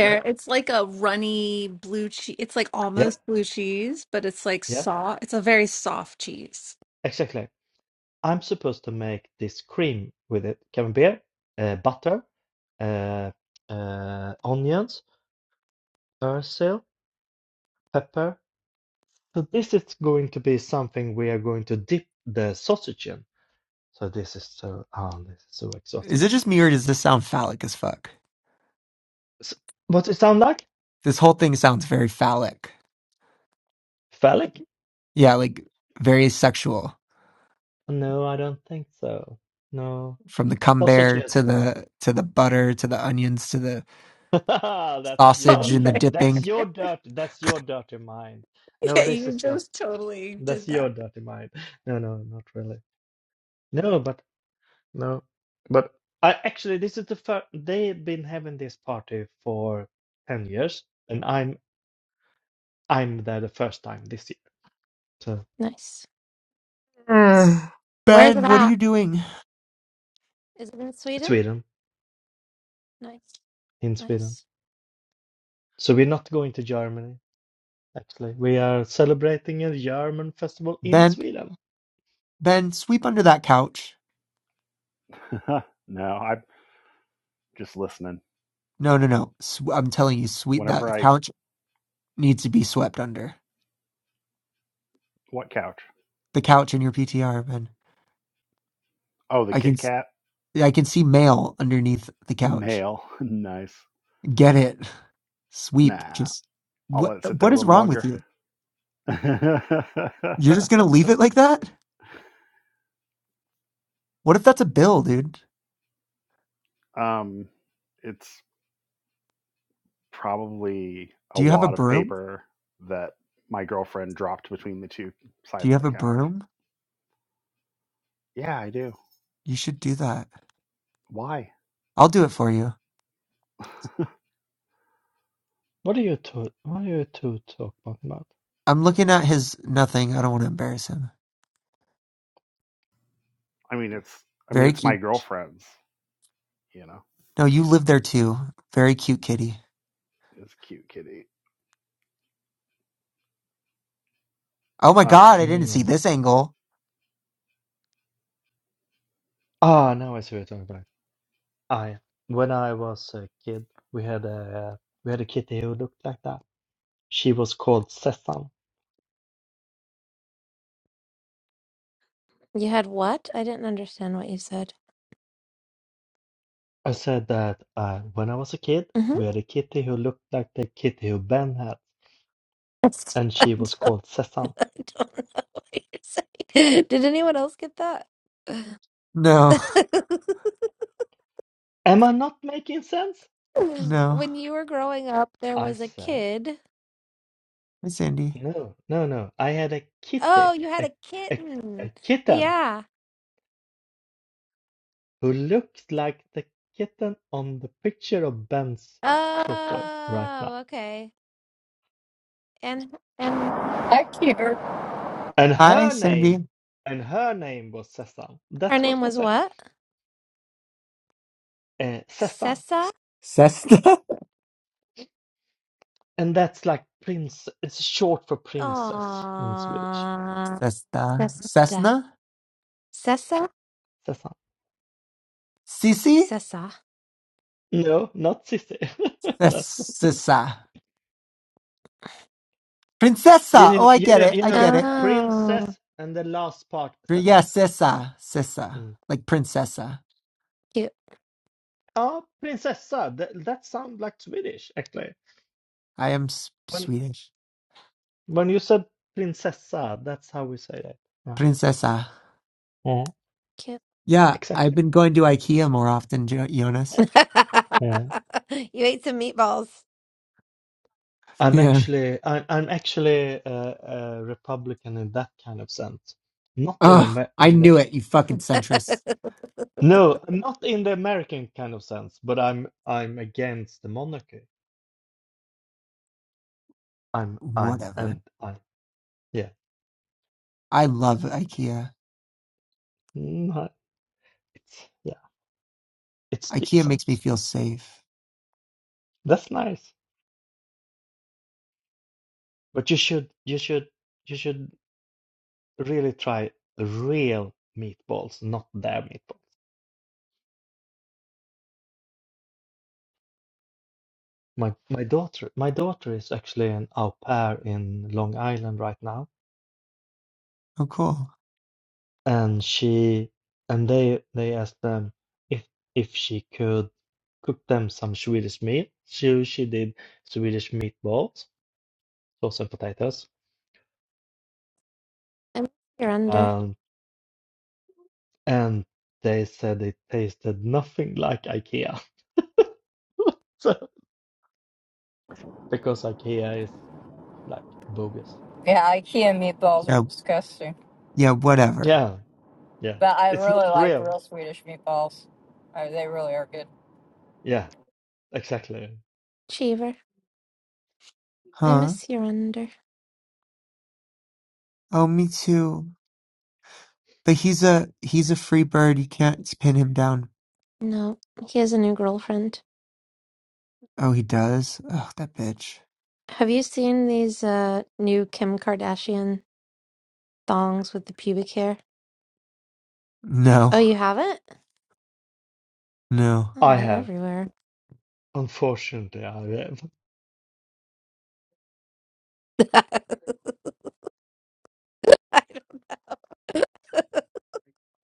yeah, it's like a runny blue cheese. It's like yeah, almost blue cheese, but it's like yeah. soft. It's a very soft cheese. Exactly. I'm supposed to make this cream with it, camembert, uh, butter, uh, uh, onions, basil, pepper. So this is going to be something we are going to dip the sausage in. So this is so, oh, this is so exhausting. Is it just me or does this sound phallic as fuck? S what's it sound like? This whole thing sounds very phallic. Phallic? Yeah, like very sexual. No, I don't think so. No. From the cumber Sausages. to the to the butter to the onions to the That's your sausage in the Camembert. that's dipping. your dirt that's your dirty mind. No, Yeah, this you is just just totally did that's your that. dirty mind. No, no, not really. No, but no. But I actually this is the first they've been having this party for 10 years and I'm I'm there the first time this year. So Nice. Where is it Ben, what are at? you doing? Is it in Sweden? Sweden Nice. in Sweden. Nice. So we're not going to Germany. Actually, we are celebrating a German festival in Ben, Sweden. Ben, sweep under that couch. no, I'm just listening. No, no, no. Sw- I'm telling you, sweep that Whenever I couch needs to be swept under. what couch? The couch in your PTR, Ben. Oh, the I can Kit s- Kat I can see mail underneath the couch. mail. nice. Get it. Sweep. Nah, Just I'll let what it sit there what a is little wrong with longer. you? You're just going to leave it like that? What if that's a bill, dude? um, it's probably a Do you have a wad of broom? paper that my girlfriend dropped between the two Do you sides of have the a couch. broom? Yeah, I do. You should do that. Why? I'll do it for you. I What are you two? What are you two talking about? I'm looking at his nothing. I don't want to embarrass him. mean, it's I mean, Very it's my cute. girlfriend's. You know, No, you live there too. Very cute kitty. it's a cute kitty. Oh my Um, god, I didn't see Mm. this angle. Ah, now I see what you're talking about. I when I was a kid, we had a we had a kitty who looked like that. She was called Sesam. You had what? I didn't understand what you said. I said that uh, when I was a kid, Mm-hmm. we had a kitty who looked like the kitty who Ben had, That's- and I she was don't called Sesam. I don't know what you're saying. Did anyone else get that? No, Am I not making sense? no. When you were growing up, there I was a said. kid. Hi, Cindy. No, no, no. I had a Oh, kitty, you had a, a a, kitten. a kitten Yeah. who looked like the kitten on the picture of Ben's photo right now. Oh, okay. And and IKEA. And Hi, her Cindy. name, and her name was Sesam. her That's what name I was said. what? Uh, Sesam. Sessa? Cesta? And that's like prince, it's short for princess in Swedish. Aww. Cesta. Sessa. Cessna? Sessa? Sesam. Sissy? Sessa. No, not Sissi. That's not. Cessa. You Princessa. Oh, know, I you get know, it. you I know, get it. princess Oh, and the last part, Pri- Yeah, Sesam. Sessa, Mm. Sessa, like princessa. cute, Ah, prinsessa. That, that sounds like Swedish, actually. I am s- When Swedish. when you said prinsessa, that's how we say it. Yeah. Prinsessa. Yeah. cute. Yeah, I've Exactly. been going to IKEA more often, jo- Jonas. Yeah. Yeah. You ate some meatballs. I'm Yeah. actually I'm, I'm actually a, a Republican in that kind of sense. Not in Oh, Amer- I in the, knew it, you fucking centrist. no, not in the American kind of sense, but I'm I'm against the monarchy. I'm I'm Whatever. and I yeah. I love IKEA. No, it's yeah, it's IKEA decent. makes me feel safe. That's nice. But you should you should you should. really try real meatballs, not their meatballs. My my daughter my daughter is actually an au pair in Long Island right now, Oh, cool. and she and they they asked them if if she could cook them some Swedish meal. So she did Swedish meatballs, sauce and potatoes, I miss your under. um, and they said it tasted nothing like IKEA. So, because IKEA is like bogus. Yeah, IKEA meatballs are Yeah, disgusting. yeah, whatever. Yeah, yeah. But I It's not really like real. real Swedish meatballs. Uh, they really are good. Yeah, exactly. Cheever. I Huh? miss your under. Oh, me too. But he's a he's a free bird. You can't pin him down. No, he has a new girlfriend. Oh, he does. Oh, that bitch. Have you seen these uh new Kim Kardashian thongs with the pubic hair? No, Oh, you haven't? no. Oh, I they're have. everywhere. Unfortunately, I have.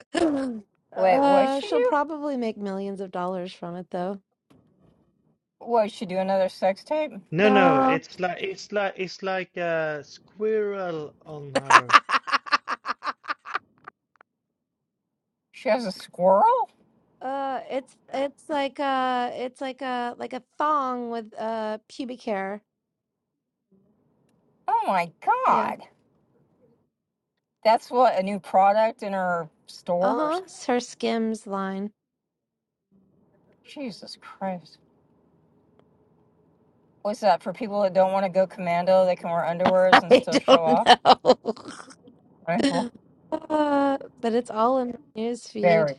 Wait, what'd uh, she she'll do? probably make millions of dollars from it though. What, she do another sex tape? No, no, No. it's like it's like it's like a squirrel on her. She has a squirrel? Uh, it's it's like uh it's like a like a thong with uh pubic hair. Oh my Yeah. god. That's what, a new product in her store or Uh-huh. something? It's her Skims line. Jesus Christ. What's that, for people that don't want to go commando, they can wear underwears and I still show don't off? know. Right. Well, Uh, but it's all in my news feed. Very.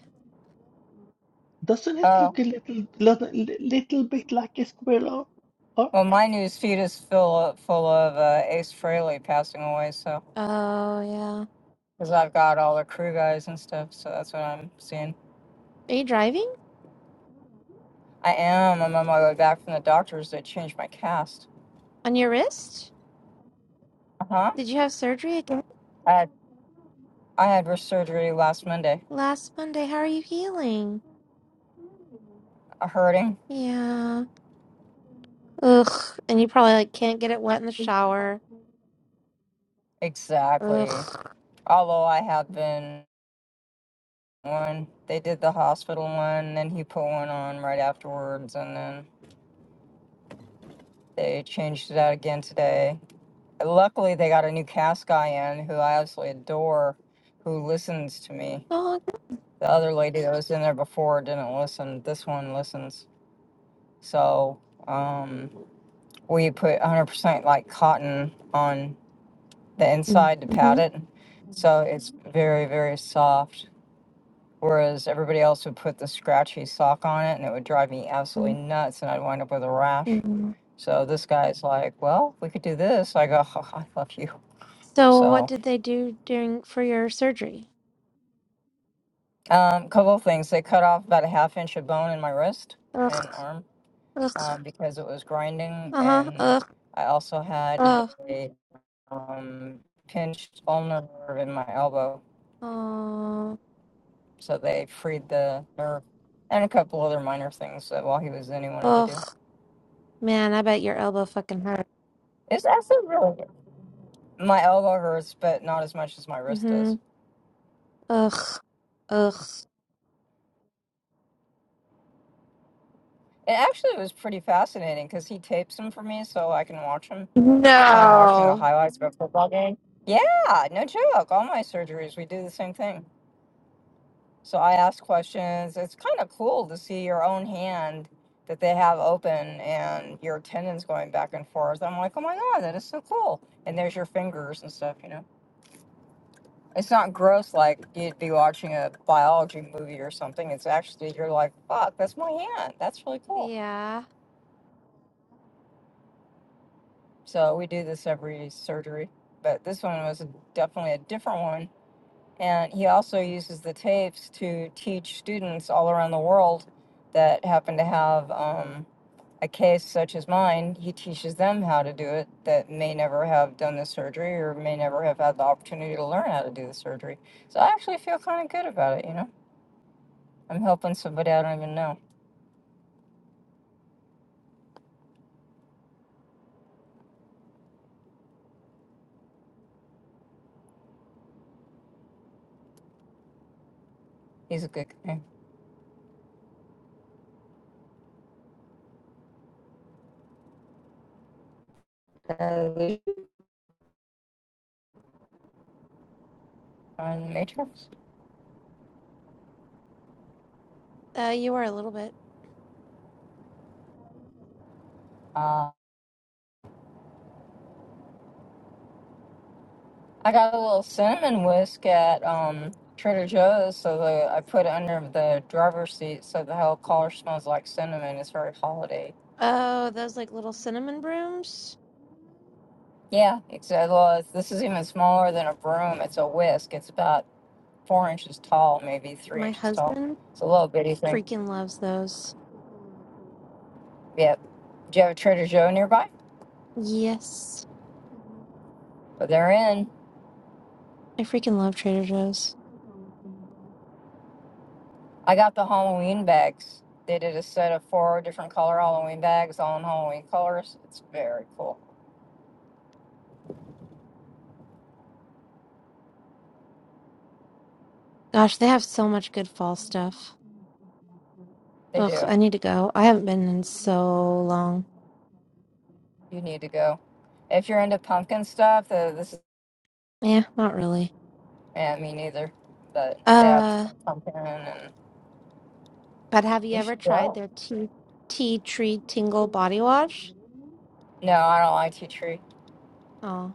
Doesn't it Oh. look a little, little, little bit like a squirrel? Or Well, my news feed is full of, full of uh, Ace Frehley passing away, so. Oh, yeah. because I've got all the crew guys and stuff. So that's what I'm seeing. Are you driving I am. I'm on my way back from the doctors. They changed my cast. on your wrist? Uh huh. Did you have surgery again I had I had wrist surgery last Monday. last Monday? How are you healing? A hurting. Yeah. Ugh. And you probably like can't get it wet in the shower. Exactly. Ugh. Although I have been one. They did the hospital one, and then he put one on right afterwards, and then they changed it out again today. Luckily, they got a new cast guy in who I absolutely adore, who listens to me. Oh. The other lady that was in there before didn't listen. This one listens. So um, we put 100% like cotton on the inside to Mm-hmm. pat it. So it's very, very soft. Whereas everybody else would put the scratchy sock on it and it would drive me absolutely nuts and I'd wind up with a rash. hmm So this guy's like, well, we could do this. I go, oh, I love you. So what So did they do during for your surgery? a um, couple of things. They cut off about a half inch of bone in my wrist and Ugh. arm Ugh. uh, because it was grinding. Uh-huh. And Ugh. I also had Ugh. a. um, pinched ulnar nerve in my elbow. Oh. So they freed the nerve and a couple other minor things that while he was in, he wanted to Ugh, do. man, I bet your elbow fucking hurt. It's actually really My elbow hurts, but not as much as my wrist Mm-hmm. does. Ugh. Ugh. It actually was pretty fascinating because he tapes them for me so I can watch them. It's kind of watching the No. highlights of a football game. Yeah, no joke. All my surgeries, we do the same thing. So I asked questions. It's kind of cool to see your own hand that they have open and your tendons going back and forth. I'm like, oh my God, that is so cool. And there's your fingers and stuff, you know? It's not gross like you'd be watching a biology movie or something. It's actually, you're like, fuck, that's my hand. That's really cool. Yeah. So we do this every surgery, but this one was a- definitely a different one. And he also uses the tapes to teach students all around the world that happen to have. Um, a case such as mine, he teaches them how to do it that may never have done the surgery or may never have had the opportunity to learn how to do the surgery. So I actually feel kind of good about it, you know? I'm helping somebody I don't even know. He's a good guy. Uh, we on the Matrix. Uh, you were a little bit. Uh, I got a little cinnamon whisk at um, Trader Joe's, so the, I put it under the driver's seat so the whole car smells like cinnamon. It's very holiday. Oh, those like little cinnamon brooms. Yeah, exactly. Well, it's, this is even smaller than a broom. It's a whisk. It's about four inches tall, maybe three My inches tall. husband It's a little bitty thing. freaking loves those. Yep. Do you have a Trader Joe nearby? Yes. But they're in. I freaking love Trader Joe's. I got the Halloween bags. They did a set of four different color Halloween bags, all in Halloween colors. It's very cool. Gosh, they have so much good fall stuff. They Ugh, do. I need to go. I haven't been in so long. You need to go. If you're into pumpkin stuff, uh, this is Yeah, not really. yeah, me neither. But they have some Uh, pumpkin, and but have you you ever should tried go. their tea tea tree tingle body wash? No, I don't like tea tree. Oh.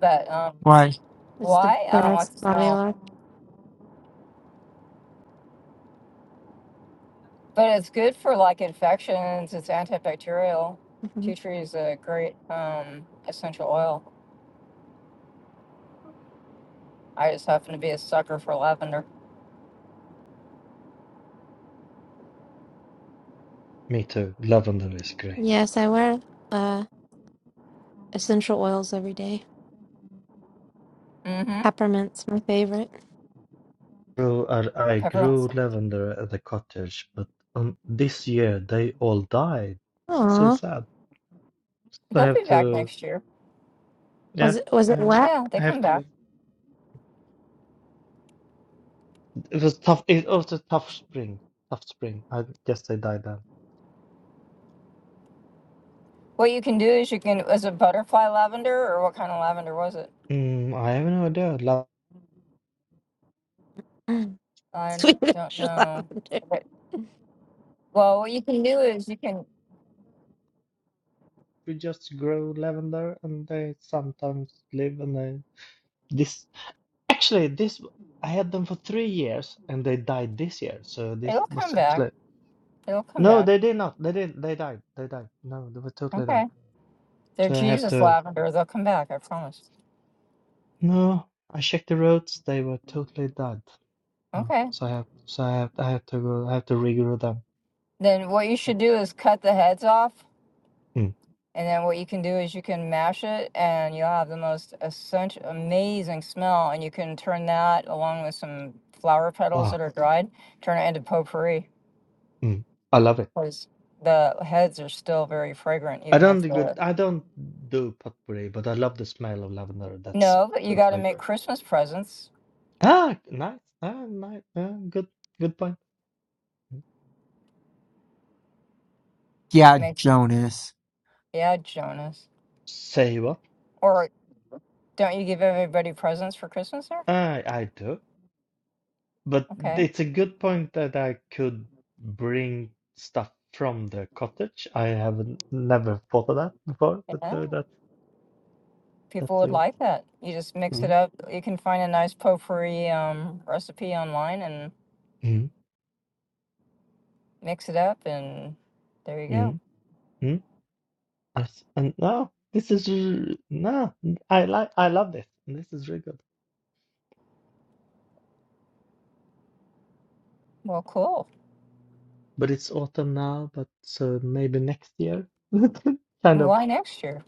But um, Why? It's the why? I don't like best the body smell. lotion. But it's good for like infections. It's antibacterial. hmm Tea tree is a great um, essential oil. I just happen to be a sucker for lavender. me too. Lavender is great. Yes, I wear uh essential oils every day. Mm-hmm. Peppermint's my favorite. grew I, I Peppermint. grew scents. lavender at the cottage, but um, this year they all died. So Aw. sad. So I They'll have be back to, next year. Was yeah, it was it I'm, wet? Yeah, they I have come back. to. It was tough. It was a tough spring. Tough spring. I guess they died then. What you can do is you can was it butterfly lavender or what kind of lavender was it? Mm, I have no idea. La- Mm. I don't Swedish know. lavender. But well, what you can do is you can. we just grow lavender, and they sometimes live. And they this actually this I had them for three years, and they died this year. So this It'll come was back. actually It'll come no, back. they did not. They didn't. They died. They died. No, they were totally died. Okay. They're So I have Jesus to lavender. They'll come back. I promise. no. I checked the roads; they were totally dead. Oh, Okay. so I have so I have I have to go. I have to regrow them. Then what you should do is cut the heads off Mm. And then what you can do is you can mash it and you'll have the most essential, amazing smell. And you can turn that along with some flower petals Wow. that are dried, turn it into potpourri Mm. I love it. because the heads are still very fragrant, I even don't if do good. the. I don't do potpourri, but I love the smell of lavender. That's No, but you got to totally make great. Christmas presents. Ah, nice. Ah, nice. Ah, good. Good point. Yeah, Makes, Jonas. yeah, Jonas. Say what? Or don't you give everybody presents for Christmas there? I I do, but Okay. it's a good point that I could bring stuff from the cottage. I haven't never thought of that before, but Yeah, so that people would Tatsuya. good. like that. You just mix it Mhm. up. You can find a nice potpourri um, recipe online and mix it up, and there you go. Mhm. Mhm. As- And now this is r- no, I like I love this. This is really good. Well, cool. But it's autumn now, but so maybe next year. Kind of. Why next year?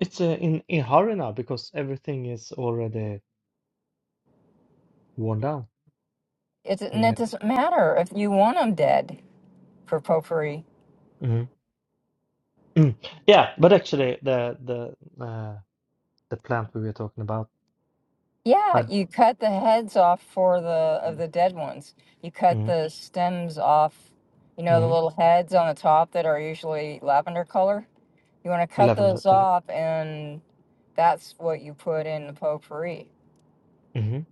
It's uh, in in hurry now because everything is already worn down. It's, We and it have. doesn't matter if you want them dead for potpourri. Mhm. Mm. Yeah, but actually the the uh, the plant we were talking about. Yeah, I. you cut the heads off for the of Mm. the dead ones. You cut Mhm. the stems off. You know the Mhm. little heads on the top that are usually lavender color. You want to cut Lavender. those Uh, off, and that's what you put in the potpourri mhm.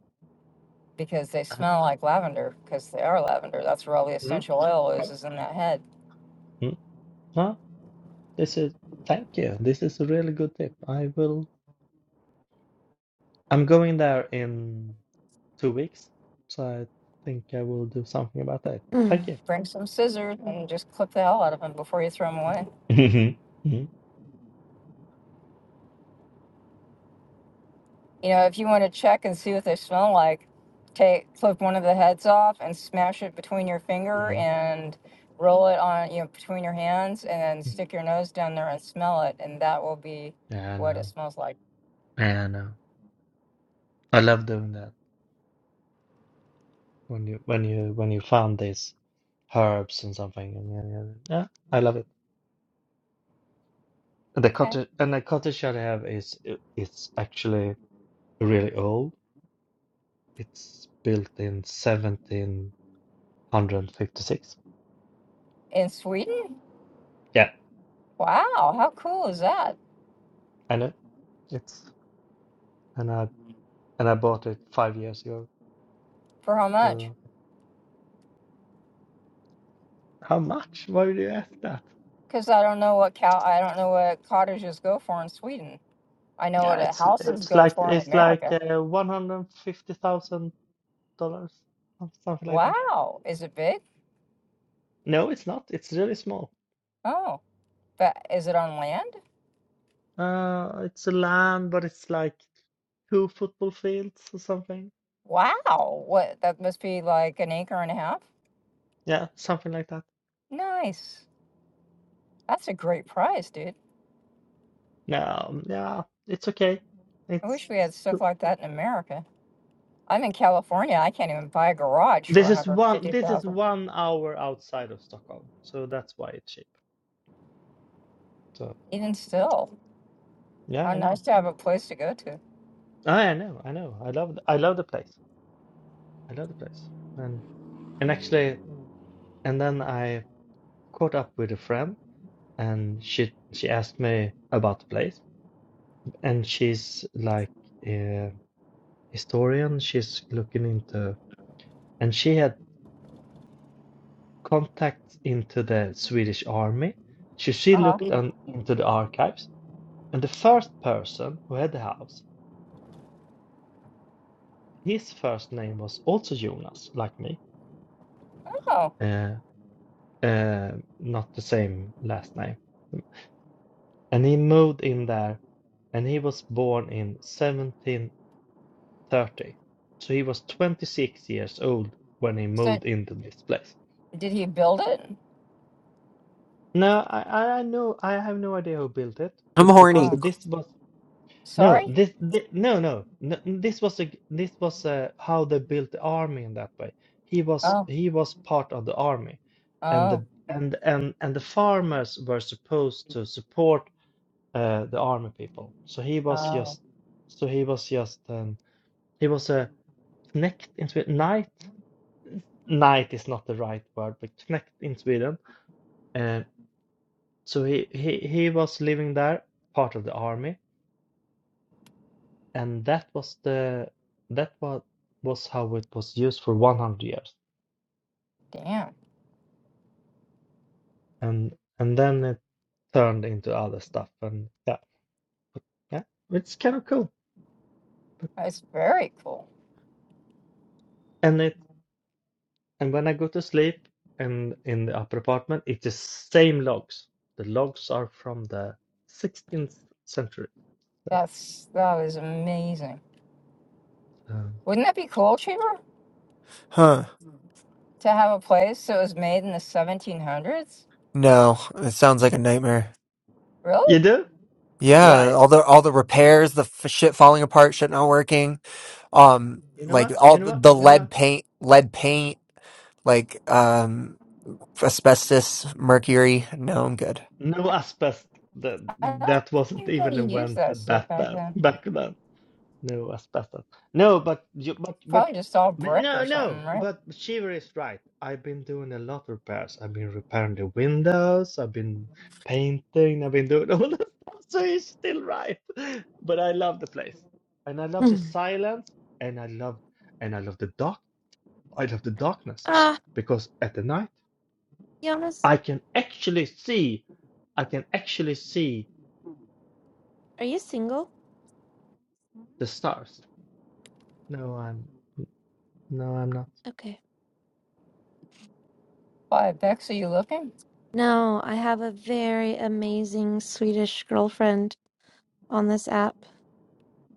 because they Uh, smell like lavender because they are lavender. That's where all the mhm. essential oil is Cool. is in that head. Mm. no, This is thank you. This is a really good tip. I will. I'm going there in two weeks, so I think I will do something about that. Mm, Thank you. bring some scissors and just clip the hell out of them before you throw them away. Mhm. Mhm. You know, if you want to check and see what they smell like, take clip one of the heads off and smash it between your finger and roll it on you know between your hands and then stick your nose down there and smell it and that will be Yeah, I what it know. smells like. Yeah, I know. I love doing that when you when you when you found these herbs and something. And yeah, yeah, yeah, Yeah, I love it. And the Okay. cottage and the cottage that I have is i- it's actually really old. It's built in 1756. In Sweden? Yeah. Wow, how cool is that? And it, it's and I and I bought it five years ago. For how much? So How much? Why would you ask that? Because I don't know what cow I don't know what cottages go for in Sweden. I know yeah, what a it's houses it's go like for in it's like America. uh, one hundred fifty thousand dollars, something like that. Wow, is it big? No, it's not. It's really small. Oh, but is it on land? Uh, it's a land, but it's like two football fields or something. Wow, what that must be like an acre and a half? Yeah, something like that. Nice. That's a great price, dude. No, yeah, it's okay. I It's wish we had stuff like that in America. I'm in California. I can't even buy a garage for this is one this is 150,000. one hour outside of Stockholm, so that's why it's cheap. So Even still, yeah, how I know. nice to have a place to go to. I I know, I know. I love th- I love the place. I love the place. And and actually, and then I caught up with a friend, and she she asked me about the place, and she's like a historian. She's looking into, and she had contacts into the Swedish army. So she Uh-huh. looked on, into the archives, and the first person who had the house, his first name was also Jonas, like me. Oh, Uh, uh, not the same last name. And he moved in there, and he was born in 1730. So he was 26 years old when he so moved into this place. did he build it? No, I, I I know I have no idea who built it, I'm but horny. because Oh, this was no sorry. this, thi- no no no this was a this was uh how they built the army in that way. He was Oh, he was part of the army, and oh, the and and and the farmers were supposed to support uh, the army people. So he was oh, just so he was just um, He was a knecht in Sweden. Knight? Knight is not the right word, but knecht in Sweden. Uh, so he, he, he was living there, part of the army, and that was the that was was how it was used for 100 years, damn. and and then it turned into other stuff, and yeah, yeah, it's kind of cool. That's very cool. And it and when I go to sleep and in the upper apartment, it's the same logs. The logs are from the 16th century. So, That's that is amazing. um, Wouldn't that be cool, Cheever? Huh. to have a place that was made in the 1700s? No, it sounds like a nightmare. you Really? do? Yeah, Why? all the all the repairs, the f- shit falling apart, shit not working. Um, You know like what? all You know the what? the You know lead what? paint, lead paint, like um asbestos, mercury. No, I'm good. No asbestos. That I that wasn't don't think they even used that invented stuff back back then. then. Back then, no asbestos. No, but you, but but Probably just all but brick or no, something, no. right? But Shiver is right. I've been doing a lot of repairs. I've been repairing the windows. I've been painting. I've been doing all that stuff. So he's still right. But I love the place, and I love the mm. silence, and I love and I love the dark. I love the darkness Ah, because at the night. Jonas, I can actually see, I can actually see are you single? the stars. No, I'm no, I'm not. Okay. Why, Bex, are you looking? No, I have a very amazing Swedish girlfriend on this app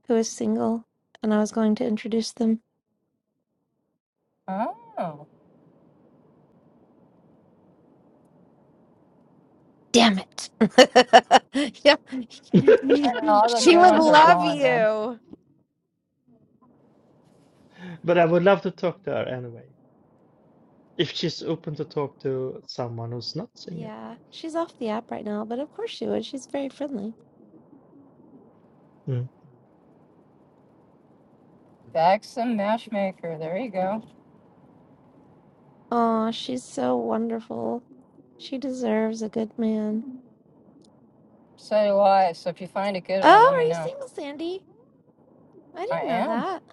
who is single, and I was going to introduce them. Oh, Damn it. yeah. I don't know all the She good would ones are love gone, man. you. But I would love to talk to her anyway. If she's open to talk to someone who's not single. Yeah, she's off the app right now, but of course she would. She's very friendly. Mm. Bex the Matchmaker, there you go. Aw, she's so wonderful. She deserves a good man. So do I. So if you find a good one, Oh, let are me you know. single, Sandy? I I didn't know am. that.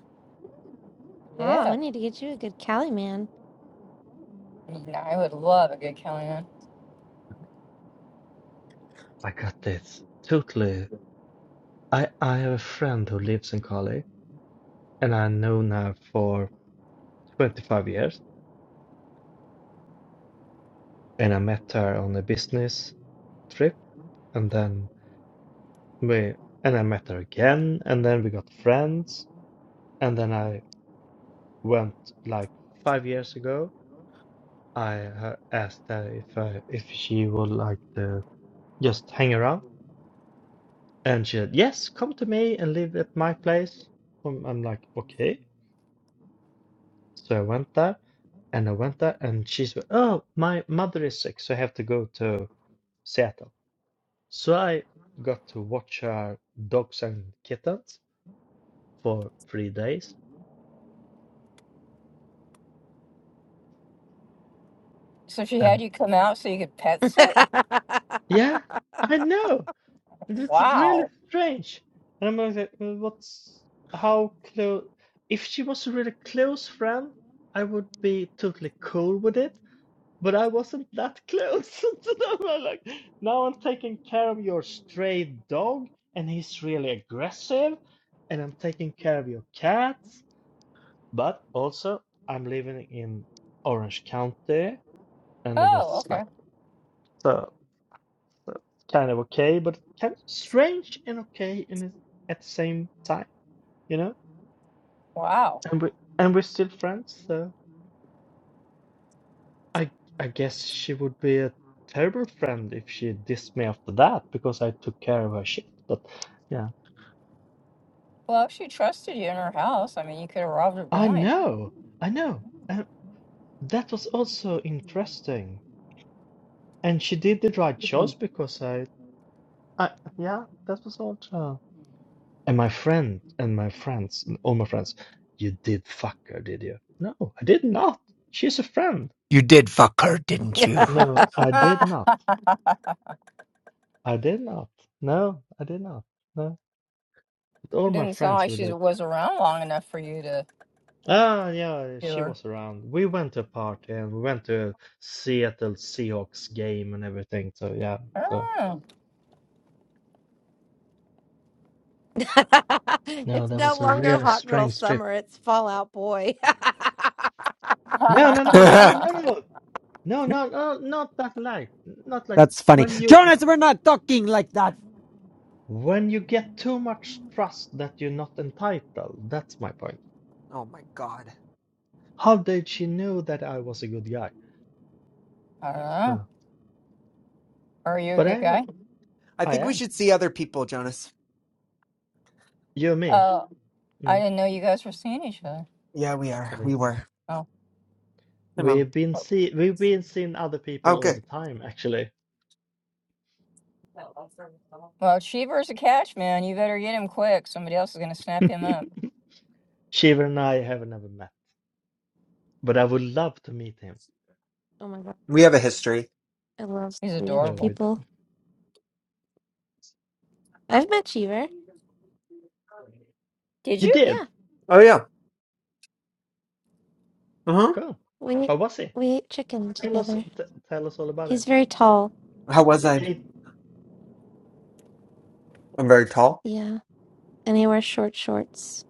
Oh, Yeah. we need to get you a good Cali man. Yeah, I would love a good Kellyanne. I got this. Totally. I, I have a friend who lives in Cali and I've known her for 25 years. And I met her on a business trip and then we, and I met her again and then we got friends. And then I went like five years ago I uh, asked her if uh, if she would like to just hang around, and she said, "Yes, come to me and live at my place." Um, I'm like, "Okay." So I went there, and I went there, and she said, "Oh, my mother is sick, so I have to go to Seattle." So I got to watch her dogs and kittens for three days, So she and had you come out so you could pet sit? yeah, I know. That's really Wow. strange. And I'm like, uh, what's how close? If she was a really close friend, I would be totally cool with it. But I wasn't that close. So now I'm like, now I'm taking care of your stray dog, and he's really aggressive, and I'm taking care of your cats. But also, I'm living in Orange County, and it Oh, was okay. like so. That's kind of okay, but kind of strange and okay in it- at the same time, you know? Wow. And we and we're still friends, so I I guess she would be a terrible friend if she dissed me after that because I took care of her shit. But yeah. Well, if she trusted you in her house, I mean, you could have robbed her I blind. know, I know. And that was also interesting. And she did the right choice because I I yeah, that was all. And my friend and my friends, all my friends, you did fuck her, did you? No, I did not. She's a friend. You did fuck her, didn't you? No, I did Ah, not. I did not. No, I did not. No. But all my didn't sound friends like were she the was around long enough for you to Ah, yeah, do she her. was around. We went to a party and we went to a Seattle Seahawks game and everything. So yeah, so Oh. no, it's that no was a longer really hot girl strange summer, trip. it's fallout boy. No, no, no, no, no, That's I no, no, no, no, no, not that like, not like funny. when you. God. When you get too much trust that you're not entitled, that's my point. Oh my God. How did she know that I was a good guy? don't Huh. know. Are you a But good I'm a, guy? I I think we am. should see other people, Jonas. You're me. Oh, I Mm. didn't know you guys were seeing each other. Yeah, we I are. We don't- were. Oh, Hey, mom. We've been well, see we've been seeing other Oh, people all good. the time, actually. well, Cheever's a catch, man. You better get him quick. Somebody else is gonna snap him up. Shiva and I have never met, but I would love to meet him. oh my god, We have a history. I love He's Swedish No, we adorable. did. people. I've met Cheever. Did You you? did? Yeah, Oh yeah. Cool. we How was he? we ate chicken Tell us together. t tell us all about He's it. very tall. How was You I? ate I'm very tall. Yeah, and he wears short shorts.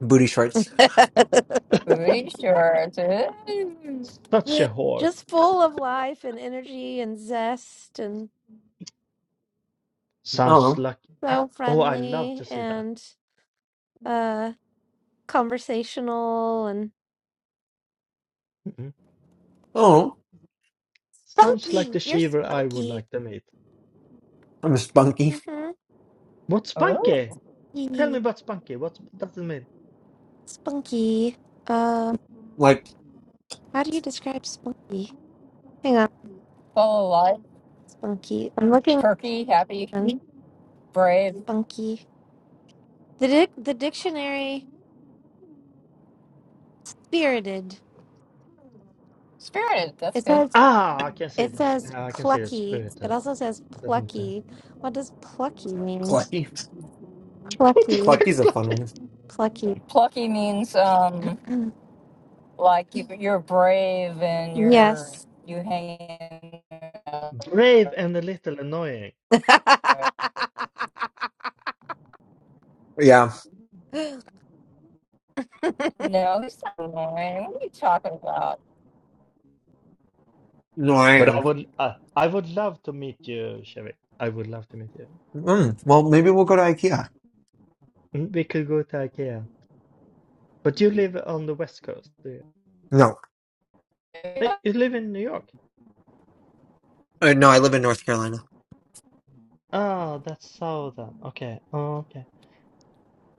Booty shorts. Booty shorts. Ooh. such a whore. Just full of life and energy and zest and Sounds Oh, like so oh, I love friendly to see that. and uh conversational and Mm-hmm. oh, Sounds like spunky. the You're shaver I would spunky. like to meet. I'm spunky. Mm-hmm. What's Spunky? Oh, Tell me Yee. about Spunky. What does it mean? Spunky. Uh, how do you describe spunky? Hang on, full of life, spunky. I'm looking. perky, happy, brave, Spunky. The dic- the dictionary spirited. spirited. That's It good. says Ah, I can see it that. says Yeah, I can see the plucky. spirit It that also says definitely. plucky. What does plucky mean? Clucky. What the fuck? Plucky, Clucky's a Black? fun one. plucky. Plucky means um like you, you're brave and you're Yes. you hang. in there. Brave and a little annoying. Yeah. No, he's not lying. What are you talking No, I But I am. would, uh, I would love to meet you, Chevy. I would love to meet you. Mm, well, maybe we'll go to IKEA. Mm, We could go to IKEA. But you live on the West Coast, do you? No, about? Hey, you live in New York. Uh, no, I live in North Carolina. Ah, that's southern. Okay. Oh, okay.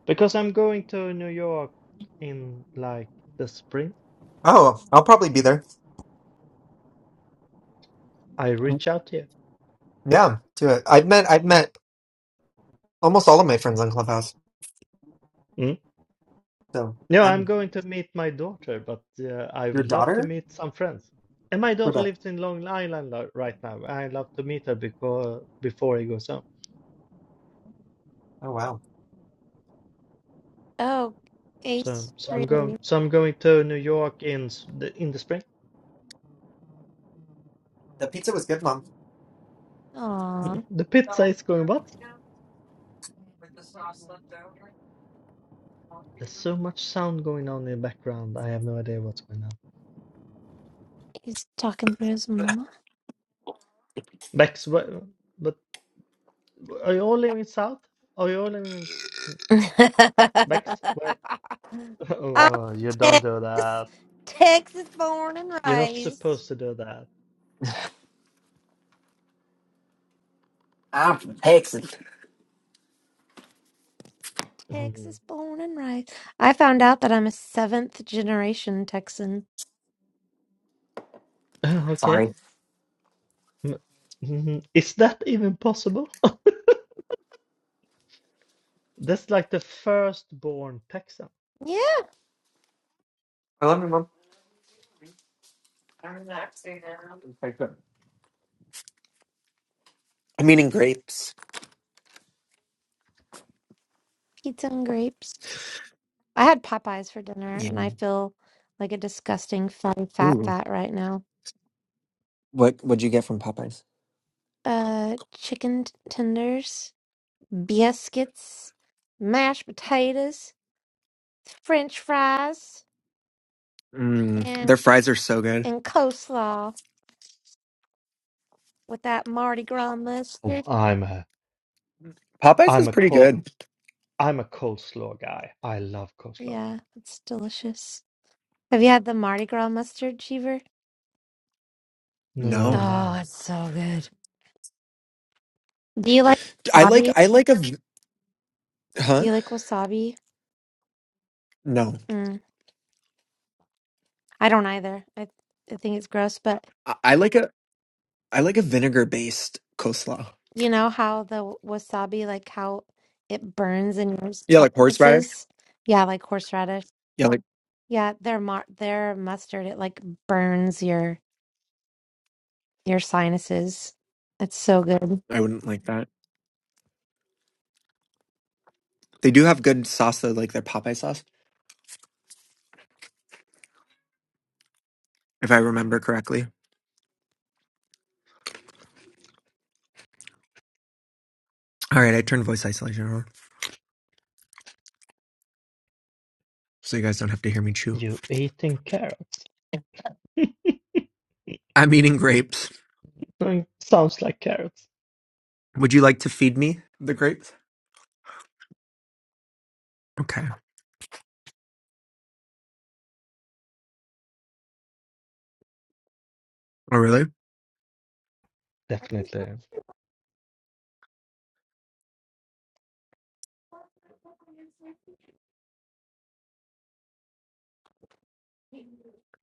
Because I'm going to New York in like the spring. Oh, I'll probably be there. I Mm, reach out to you. Yeah, do it. I've met I've met almost all of my friends on Clubhouse. Mm. So, Yeah, I'm um, going to meet my daughter, but uh, I your would love to daughter? meet some friends. And my What daughter the? lives in Long Island lo- right now. I love to meet her because before I goes home. Oh wow, oh, So, Ace so I'm going. really. So I'm going to New York in s- the in the spring. that pizza was good, mom. Aw, The pizza is going what? There's so much sound going on in the background. I have no idea what's going on. he's talking to his mama. Bex, wh- but are you all living in south? Are you all living in s- Bex? Where? I'm Oh, you don't do Texas, that. Texas born and You're not raised. supposed to do that. Mhm. Texas born and raised. I found out that I'm a seventh generation Texan. Okay. Mm, mhm. Is that even possible? That's like the firstborn Texan. Yeah, I'm eating grapes. pizza and grapes. I had Popeyes for dinner Yeah. and I feel like a disgusting fun fat Ooh, fat right now. what what'd you get from Popeyes? Uh chicken t- tenders, biscuits, mashed potatoes, french fries, Mm, their and fries are so good. and coleslaw with that Mardi Gras Oh, mustard. I'm a Popeyes I'm is a pretty col good. I'm a coleslaw guy. I love coleslaw. Yeah, it's delicious. Have you had the Mardi Gras mustard, Cheever? No, I No. Oh, know. it's so good. Do you like I like wasabi? I like a v- Do huh? you like wasabi? No. Mm, I don't either. I, I think it's gross, but I, I like a I like a vinegar based coleslaw. you know how the wasabi, like how it burns in your Yeah, like horseradish. sinuses? Yeah, like horseradish. Yeah, like Yeah, their mar their mustard, it like burns your your sinuses. It's so good. I wouldn't like that. They do have good sauce though, like their Popeye sauce, if I remember correctly. All right, I turned voice isolation on so you guys don't have to hear me chew. You eating carrots? I'm eating grapes. Mm, Sounds like carrots. Would you like to feed me the grapes? Okay. Oh really? Definitely.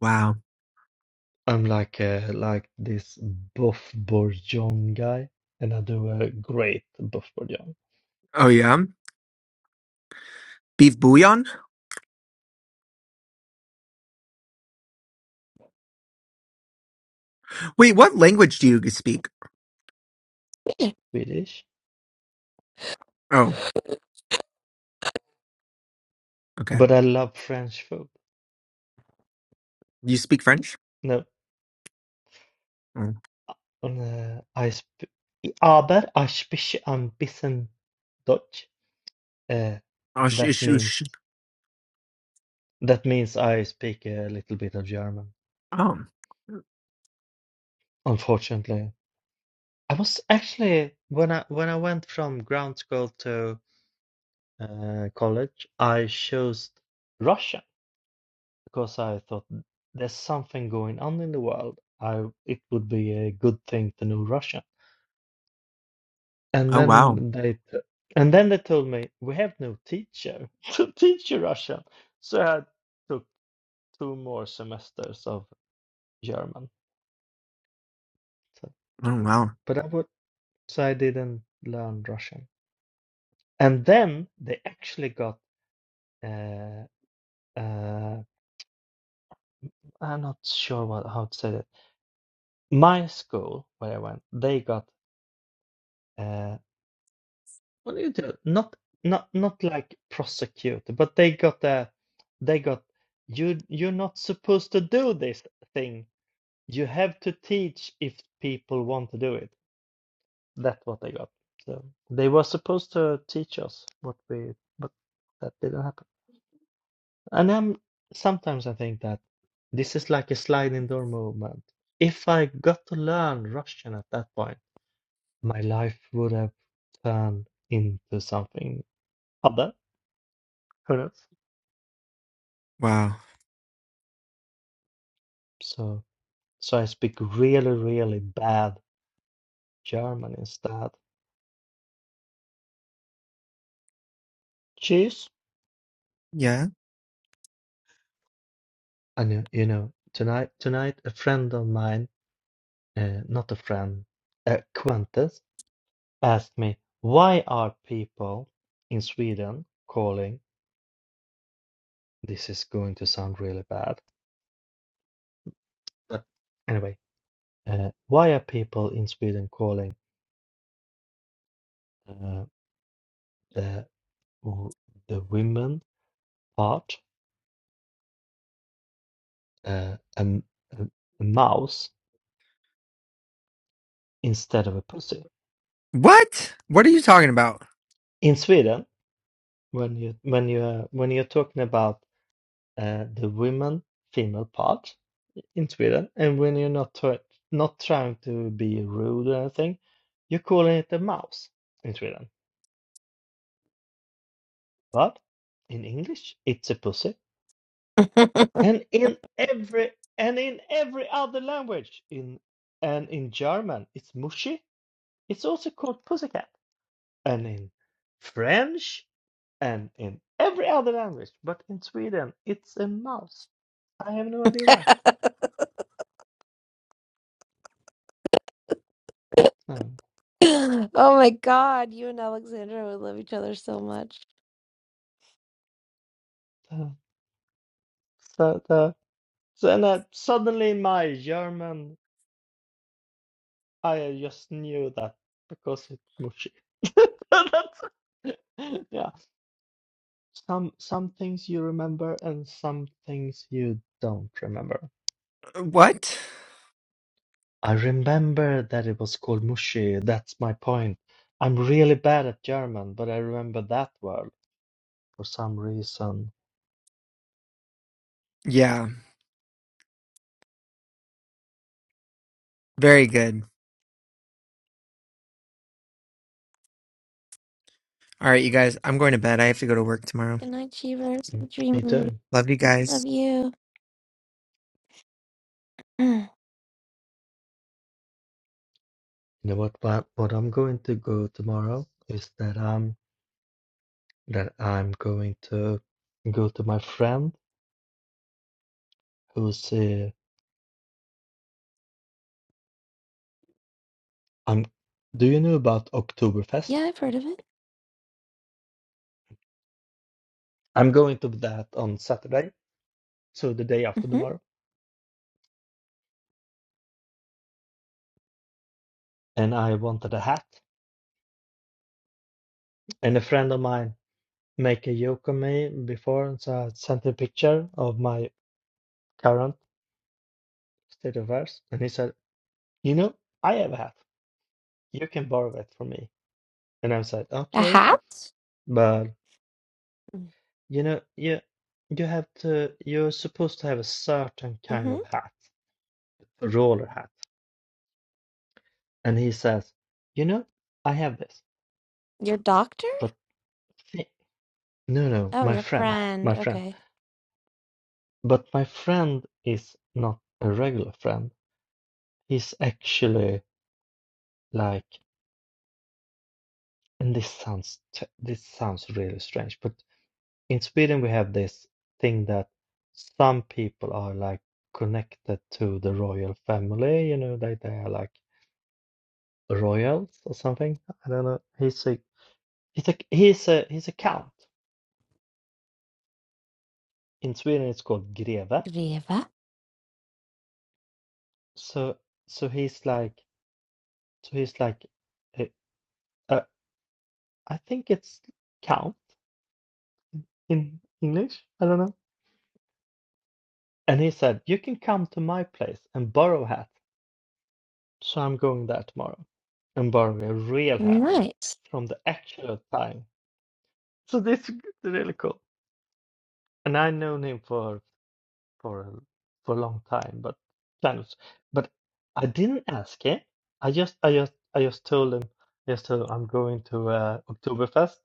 Wow. I'm like uh, like this Buff Bourgeon guy, and I do a great Buff Bourgeon. Oh yeah. Beef bouillon? Wait, what language do you speak? Swedish, Oh, okay. but I love French food. You speak French? No, Oh, on uh, I sp aber ich spreche ein bisschen Deutsch. Uh, oh, sh- that sh- means sh- That means I speak a little bit of German, oh. unfortunately. I was actually when I when I went from ground school to uh, college, I chose Russian because I thought there's something going on in the world. I it would be a good thing to know Russian. And Oh wow. then they t- and then they told me we have no teacher to teach you Russian. So I took two more semesters of German. So, Oh wow. but I would. so I didn't learn Russian. And then they actually got uh, uh, I'm not sure what how to say it. My school where I went, they got uh, what do you do? Not not not like prosecuted, but they got uh, they got you you're not supposed to do this thing. You have to teach if people want to do it. That's what they got. So they were supposed to teach us what we, but that didn't happen. And I'm sometimes I think that this is like a sliding door movement. If I got to learn Russian at that point, my life would have turned into something other. Who knows? Wow. So, so I speak really, really bad German instead. Cheers. Yeah. And you, you know, tonight, tonight, a friend of mine, uh, not a friend, a acquaintance, asked me, why are people in Sweden calling? this is going to sound really bad. But Anyway, uh, why are people in Sweden calling uh, the the women part uh, a, m- a- a mouse instead of a pussy? What? What are you talking about? In Sweden, when you when you uh, when you're talking about uh, the women female part in Sweden, and when you're not try not trying to be rude or anything, you're calling it a mouse in Sweden. But in English, it's a pussy. and in every and in every other language in and in german it's mushy it's also called pussycat and in french and in every other language but in sweden it's a mouse i have no idea why no Oh my God, you and Alexandra would love each other so much. the, so the, so and, uh, suddenly my german i just knew that because it's mushy that's, yeah Some some things you remember and some things you don't remember. Uh, What? I remember that it was called Mushi. That's my point. I'm really bad at German, but I remember that word for some reason. Yeah. Very good. All right, you guys. I'm going to bed. I have to go to work tomorrow. Good night, Cheevers. Mm, me Dream. too. Love you guys. Love you. You know what, what? What I'm going to go tomorrow is that I'm that I'm going to go to my friend who's uh, I'm. Do you know about Oktoberfest? Yeah, I've heard of it. I'm going to that on Saturday, so the day after Mm-hmm. tomorrow, and I wanted a hat and a friend of mine make a joke on me before, and so I sent a picture of my current state of affairs, and he said, "You know, I have a hat. You can borrow it from me." And I said, A "Okay, hat? but you know, you you have to. You're supposed to have a certain kind Mm-hmm. of hat, a roller hat." And he says, "You know, I have this, Your doctor? but thi- no, no, Oh, my your friend, friend. my friend, Okay. but my friend is not a regular friend. He's actually." like." And this sounds t- this sounds really strange, but in Sweden we have this thing that some people are like connected to the royal family, you know, they they are like royals or something. I don't know. He's a he's a he's a he's a count. In Sweden it's called greve. Viva. So so he's like so he's like a- a, I think it's count in English. I don't know. And he said, "You can come to my place and borrow hats." So I'm going there tomorrow and borrowing a real hat Nice. from the actual time. So this is really cool. And I've known him for for a- for a long time, but kind of, but I didn't ask him. I just I just I just told him I just told him I'm going to uh, Oktoberfest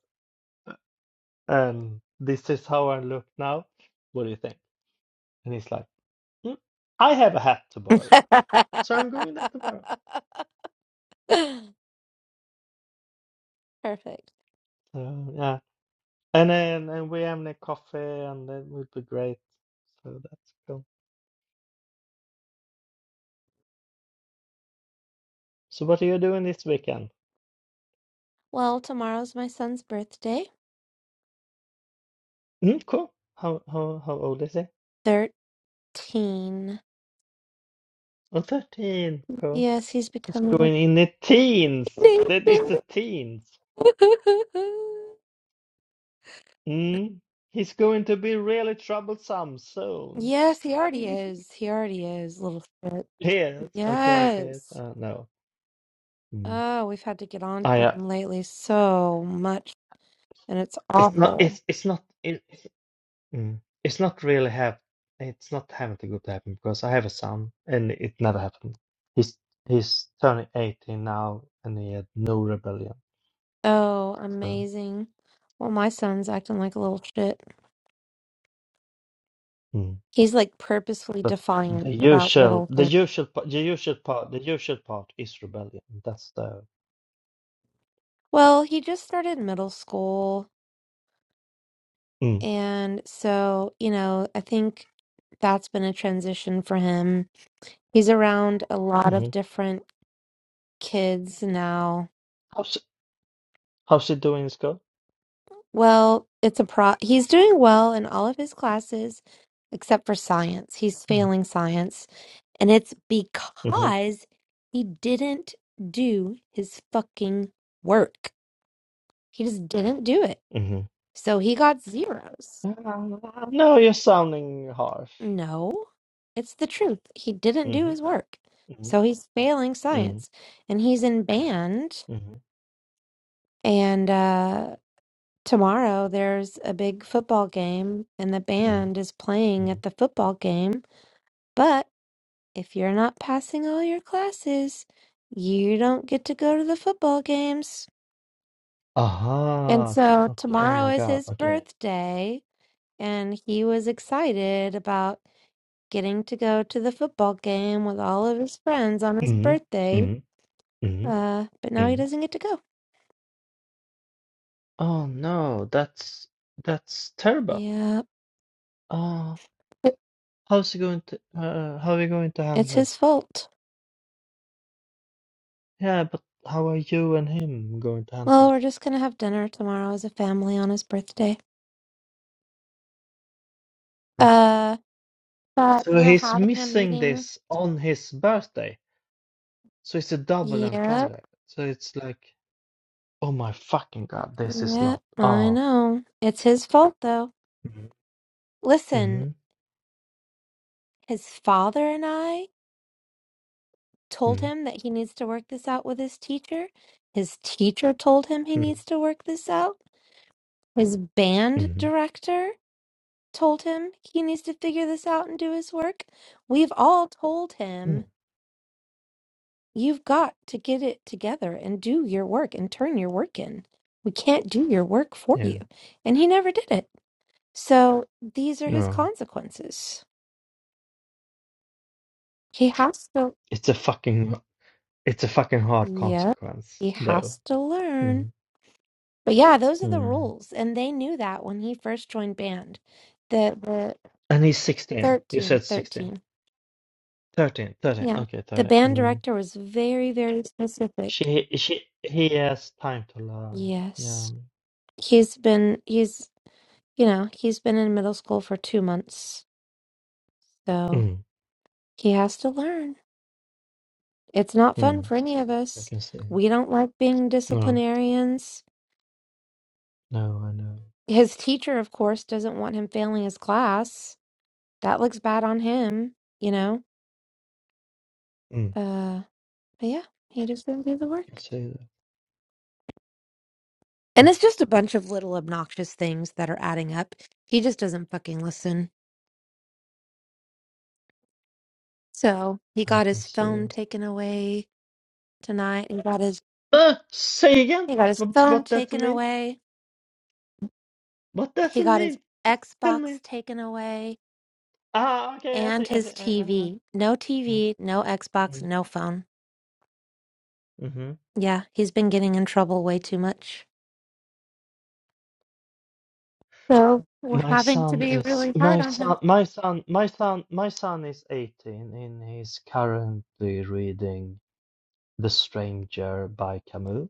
and this is how I look now. What do you think? And he's like, "Mm, I have a hat to borrow you. So I'm going there tomorrow. Perfect. So yeah. And then and we have the coffee, and that would be great. So that's cool. So what are you doing this weekend? Well, tomorrow's my son's birthday. Mm, cool. How how how old is he? 13. Oh, 13. Cool. Yes, he's He's becoming a going in the teens. That it's teenager. a teens. Mm. He's going to be really troublesome soon. Yes, he already is. He already is, little shit. Yes. Okay. Okay. Yes. Uh, no. Mm. Oh, we've had to get on to I. Uh, him lately so much, and it's it's not. awful. It's it's not. It, Mm. It's not really have it's not having a good to happen because I have a son and it never happened. He's he's turning 18 now and he had no rebellion. Oh, So, amazing. Well, my son's acting like a little shit. mm. He's like purposefully but the defiant about usual little the things. usual pa- the usual part the usual part is rebellion. That's the Well, he just started middle school. mm. And so, you know, I think that's been a transition for him. He's around a lot of hmm different kids now. how's how's he doing in school? Well, it's a pro. He's doing well in all of his classes except for science. He's Mm. failing science. And it's hmm because he didn't do his fucking work. He just didn't do it. hmm So he got zeros. no, you're sounding harsh. No, it's the truth. He didn't do hmm his work. hmm So he's failing hmm science and he's in band. And uh, tomorrow there's a big football game and the hmm band is playing at hmm the football game. But if you're not passing all your classes, you don't get to go to the football games. And Aha. so Okay. Oh tomorrow my is God. his Okay. birthday, and he was excited about getting to go to the football game with all of his friends on his Mhm, birthday. mhm, mhm, Uh, but now he mhm. doesn't get to go. Oh no, that's that's terrible. Yeah, Uh, it, how's he going to uh, how are you going to it's handle his this? fault. Yeah, but how are you and him going to handle Well, we're this? just gonna have dinner tomorrow as a family on his birthday. Huh. Uh, but So we're he's having a missing meeting. this on his birthday. So it's a double Yep, entendre. So it's like, oh my fucking God, this is yep, not. I Oh. know. It's his fault though. Mhm, Listen, mhm, his father and I. told mhm, him that he needs to work this out with his teacher. His teacher told him he mhm, needs to work this out. His band mhm, director told him he needs to figure this out and do his work. We've all told him, mhm. you've got to get it together and do your work and turn your work in. We can't do your work for Yeah. you. And he never did it. So these are his No. consequences. He has to, It's a fucking it's a fucking hard yeah, consequence he though. has to learn. But yeah, those are the Mm. rules, and they knew that when he first joined band. The the And he's 16. You 13, said 16. 13, 13, 13. Yeah. Okay, The 13. band Mm. director was very, very specific. She, she, he has time to learn. Yeah. Yes. He's been he's you know, he's been in middle school for two months, so Mm. he has to learn. It's not fun Mm. for any of I us. can see. We don't like being No, disciplinarians. no, I know. His teacher, of course, doesn't want him failing his class. That looks bad on him, you know? Mm. Uh But yeah, he just didn't do the I can work. see that. And Mm. it's just a bunch of little obnoxious things that are adding up. He just doesn't fucking listen. So he I got can his see phone it. taken away tonight. He got his Uh, say again. he got his What, phone what does it taken mean? away. What does He it got his mean? Tell Xbox me. taken away Ah, okay, I and see, I his see. Uh, uh, uh. TV. No Mm, TV, no Xbox, mm. no phone. Mm-hmm. Yeah, he's been getting in trouble way too much. So we're My having to son be is really my hard on him. son my son my son my son is 18 and he's currently reading The Stranger by Camus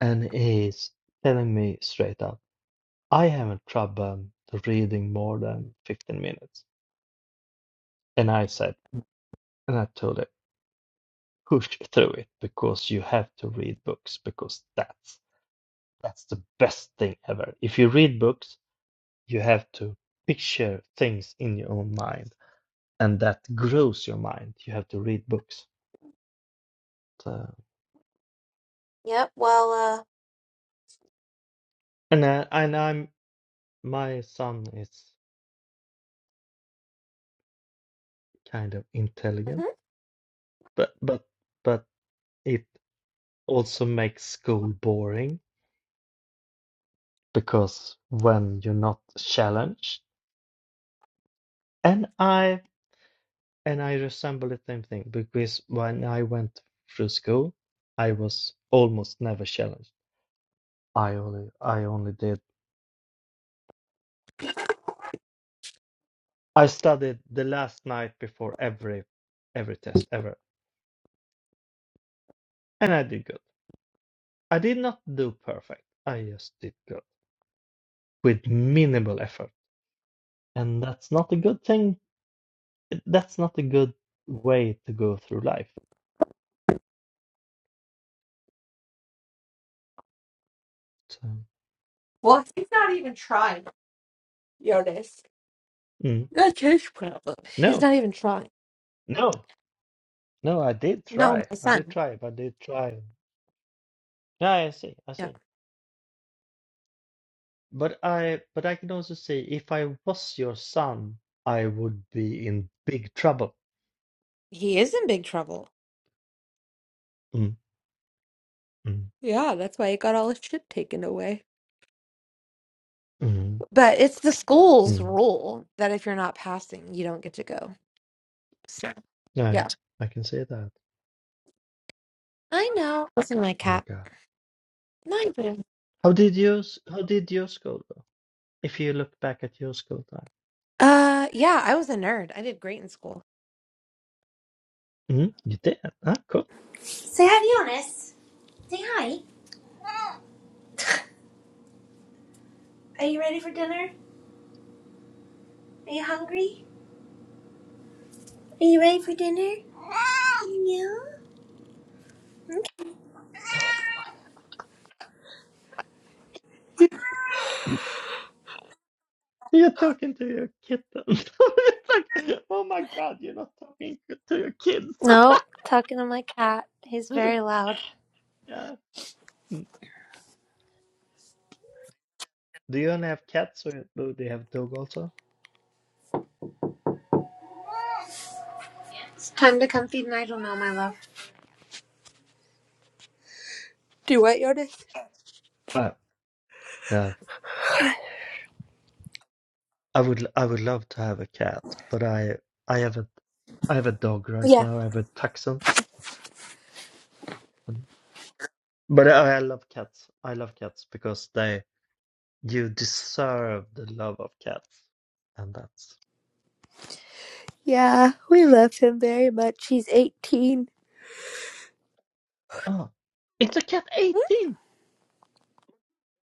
and he's telling me straight up I haven't trouble reading more than 15 minutes and I said and I told him push through it because you have to read books because that's that's the best thing ever if you read books you have to picture things in your own mind and that grows your mind. You have to read books. So, Yep. Well, and uh, and I'm my son is kind of uh, intelligent, mhm. but but but it also makes school boring because when you're not challenged, and I and I resemble the same thing because when I went through school, I was almost never challenged. I only I only did I studied the last night before every every test ever, and I did good I did not do perfect. I just did good with minimal effort. And that's not a good thing. That's not a good way to go through life. So, well, he's not even trying, Jonas. mm, That's his problem. He's no, not even trying. no, no, I did No, try. my I did son. try, but I did try. Yeah, I see, I Yeah. see. But I, but I can also say if I was your son, I would be in big trouble. He is in big trouble. Mm, mm, Yeah, that's why he got all his shit taken away. mm, But it's the school's mm. rule that if you're not passing, you don't get to go. So, Yeah, yeah. I can say that. I know. Listen, my Oh my cat. God. Hi, boo. How did you, s- how did yours go? if you look back at your school time. Uh, yeah, I was a nerd. I did great in school. Mm, you did? Ah, cool. Say hi, Jonas. Say hi. Are you ready for dinner? Are you hungry? Are you ready for dinner? No. You're talking to your kitten. it's like, oh my god, you're not talking to your kids. No. Talking to my cat. He's yeah. very loud. Mm. Do you only have cats, or do you have a dog also? Time to come feed Nigel now, my love. Do what, Jonas? Uh, uh, I would, I would love to have a cat, but I, I have a, I have a dog right Yeah. now. I have a Dachshund. Mm. But I, I love cats. I love cats because they, you deserve the love of cats, and that's. Yeah, we love him very much. He's 18. Oh, it's a cat 18.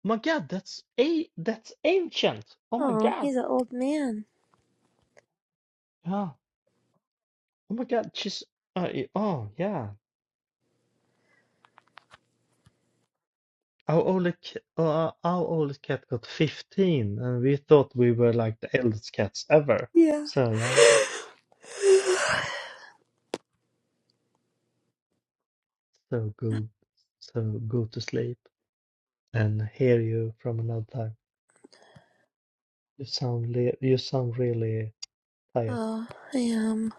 My God, that's a that's ancient. Oh my Oh, God. he's an old man. Yeah. Oh my God, she's uh, y- oh yeah. Our oldest c- uh, our oldest cat got 15, and we thought we were like the eldest cats ever. Yeah. So yeah, so go, So go to sleep and hear you from another time. You sound le you sound really tired. Oh, I am.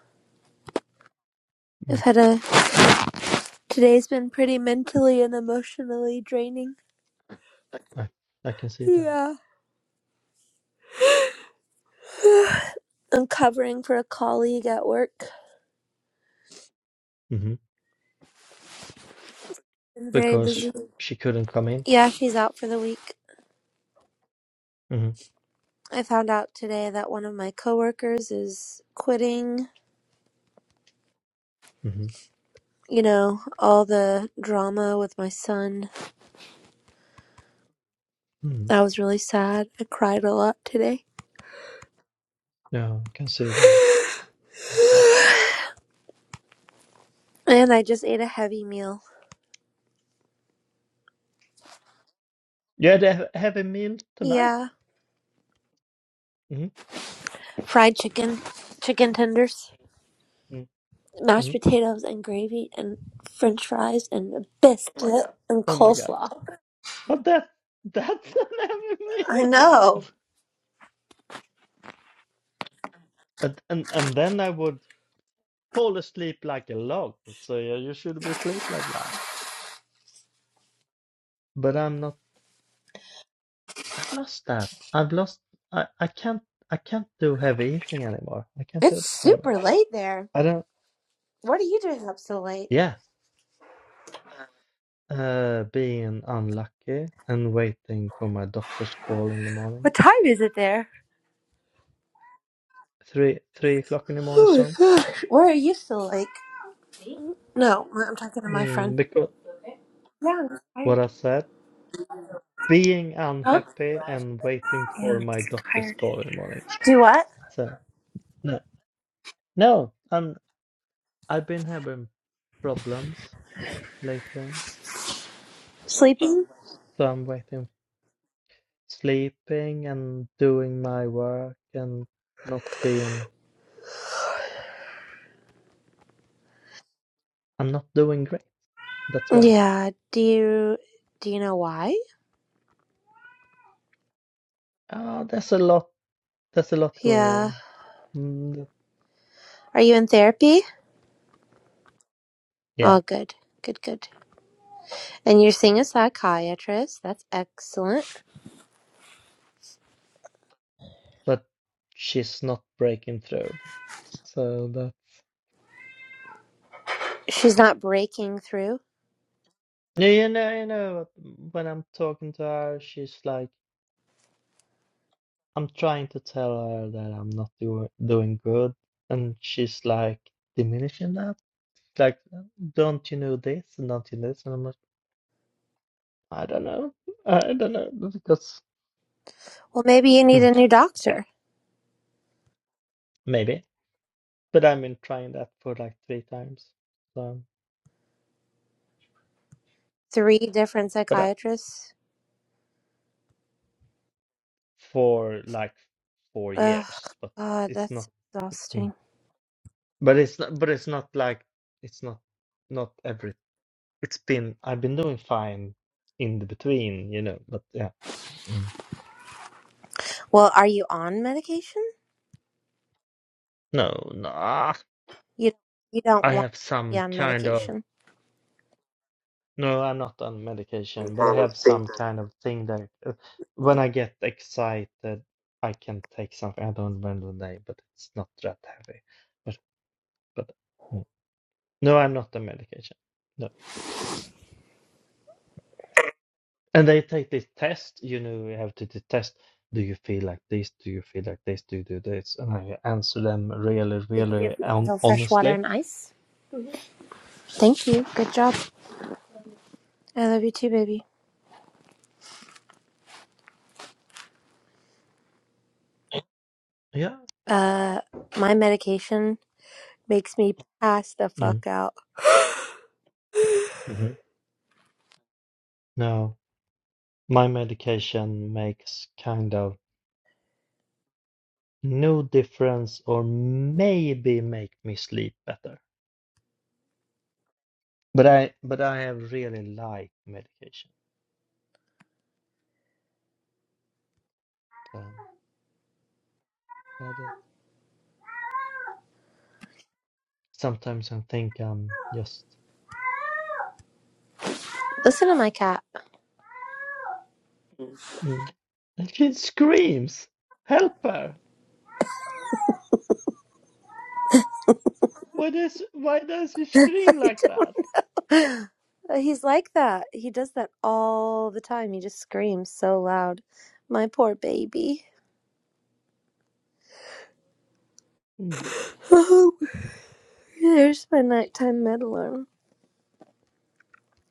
I've Mm, had a. Today's been pretty mentally and emotionally draining. I I can see that. Yeah. I'm covering for a colleague at work. hmm I'm very busy. Because she couldn't come in. Yeah, she's out for the week. hmm I found out today that one of my coworkers is quitting. hmm you know, all the drama with my son. hmm I was really sad. I cried a lot today. Yeah, I can see that. Oh my God. And I just ate a heavy meal. You had a he- heavy meal tonight? Yeah. hmm Fried chicken, chicken tenders, mashed hmm potatoes and gravy and french fries and a biscuit and Oh my God. coleslaw. But that that's an heavy I meal, yeah. know. And, and and then I would fall asleep like a log. So yeah, you should be asleep like that. But I'm not. I've lost that. I've lost. I I can't. I can't do heavy eating anymore. I can't do It's that anymore. super late there. I don't. What are you doing up so late? Yeah. Uh, being unlucky and waiting for my doctor's call in the morning. What time is it there? Three three o'clock in the morning. Oh my so. gosh. Where are you still like? No, I'm talking to my friend. Mm, because Yeah, I'm what tired. I said, being Huh? unhappy and waiting Yeah, for my doctor's tired. call in the morning. Do what? So no, no, I'm I've been having problems lately, Sleeping? so I'm waiting, sleeping and doing my work and not being. I'm not doing great. That's why. Yeah. Do you do you know why? Ah, there's a lot. There's a lot going Yeah. on. Mm, Are you in therapy? yeah, Oh, good, good, good. And you're seeing a psychiatrist. That's excellent. but she's not breaking through. So She's not breaking through. Yeah, you know, you know, when I'm talking to her, she's like, I'm trying to tell her that I'm not do doing good, and she's like diminishing that. Like, don't you know this? And don't you know this? And I'm like, I don't know, I don't know, because Well, maybe you need Hmm, a new yeah, doctor. maybe. But I've been trying that for like three times, so Three different but uh, psychiatrists. for like four Ugh, years. But God, it's that's not, Mm. exhausting. but it's not, but it's not like it's not not every it's been I've been doing fine in the between, you know, but yeah. Mm. Well, are you on medication? No, no. ah, You you don't I want have to be some on kind of medication. no, I'm not on medication, but I have some kind of thing that uh, when I get excited, I can take something. I don't remember the name, but it's not that heavy. But but mm. no, I'm not on medication. No. And they take this test, you know, you have to t- test. Do you feel like this? Do you feel like this? Do you do this? And I answer them really, Did you give really hon- Advil fresh water honestly. and ice? Thank you. Good job. I love you too, baby. Yeah. Uh, my medication makes me pass the Mm. fuck out. hmm No, my medication makes kind of no difference, or maybe make me sleep better. But I, but I have really light medication. Um, Sometimes I think I'm just. Listen to my cat. Mm. And she screams, "Help her! Why does why does she I scream like don't that?" know. He's like that. He does that all the time. He just screams so loud. My poor baby. Mm. There's my nighttime med alarm.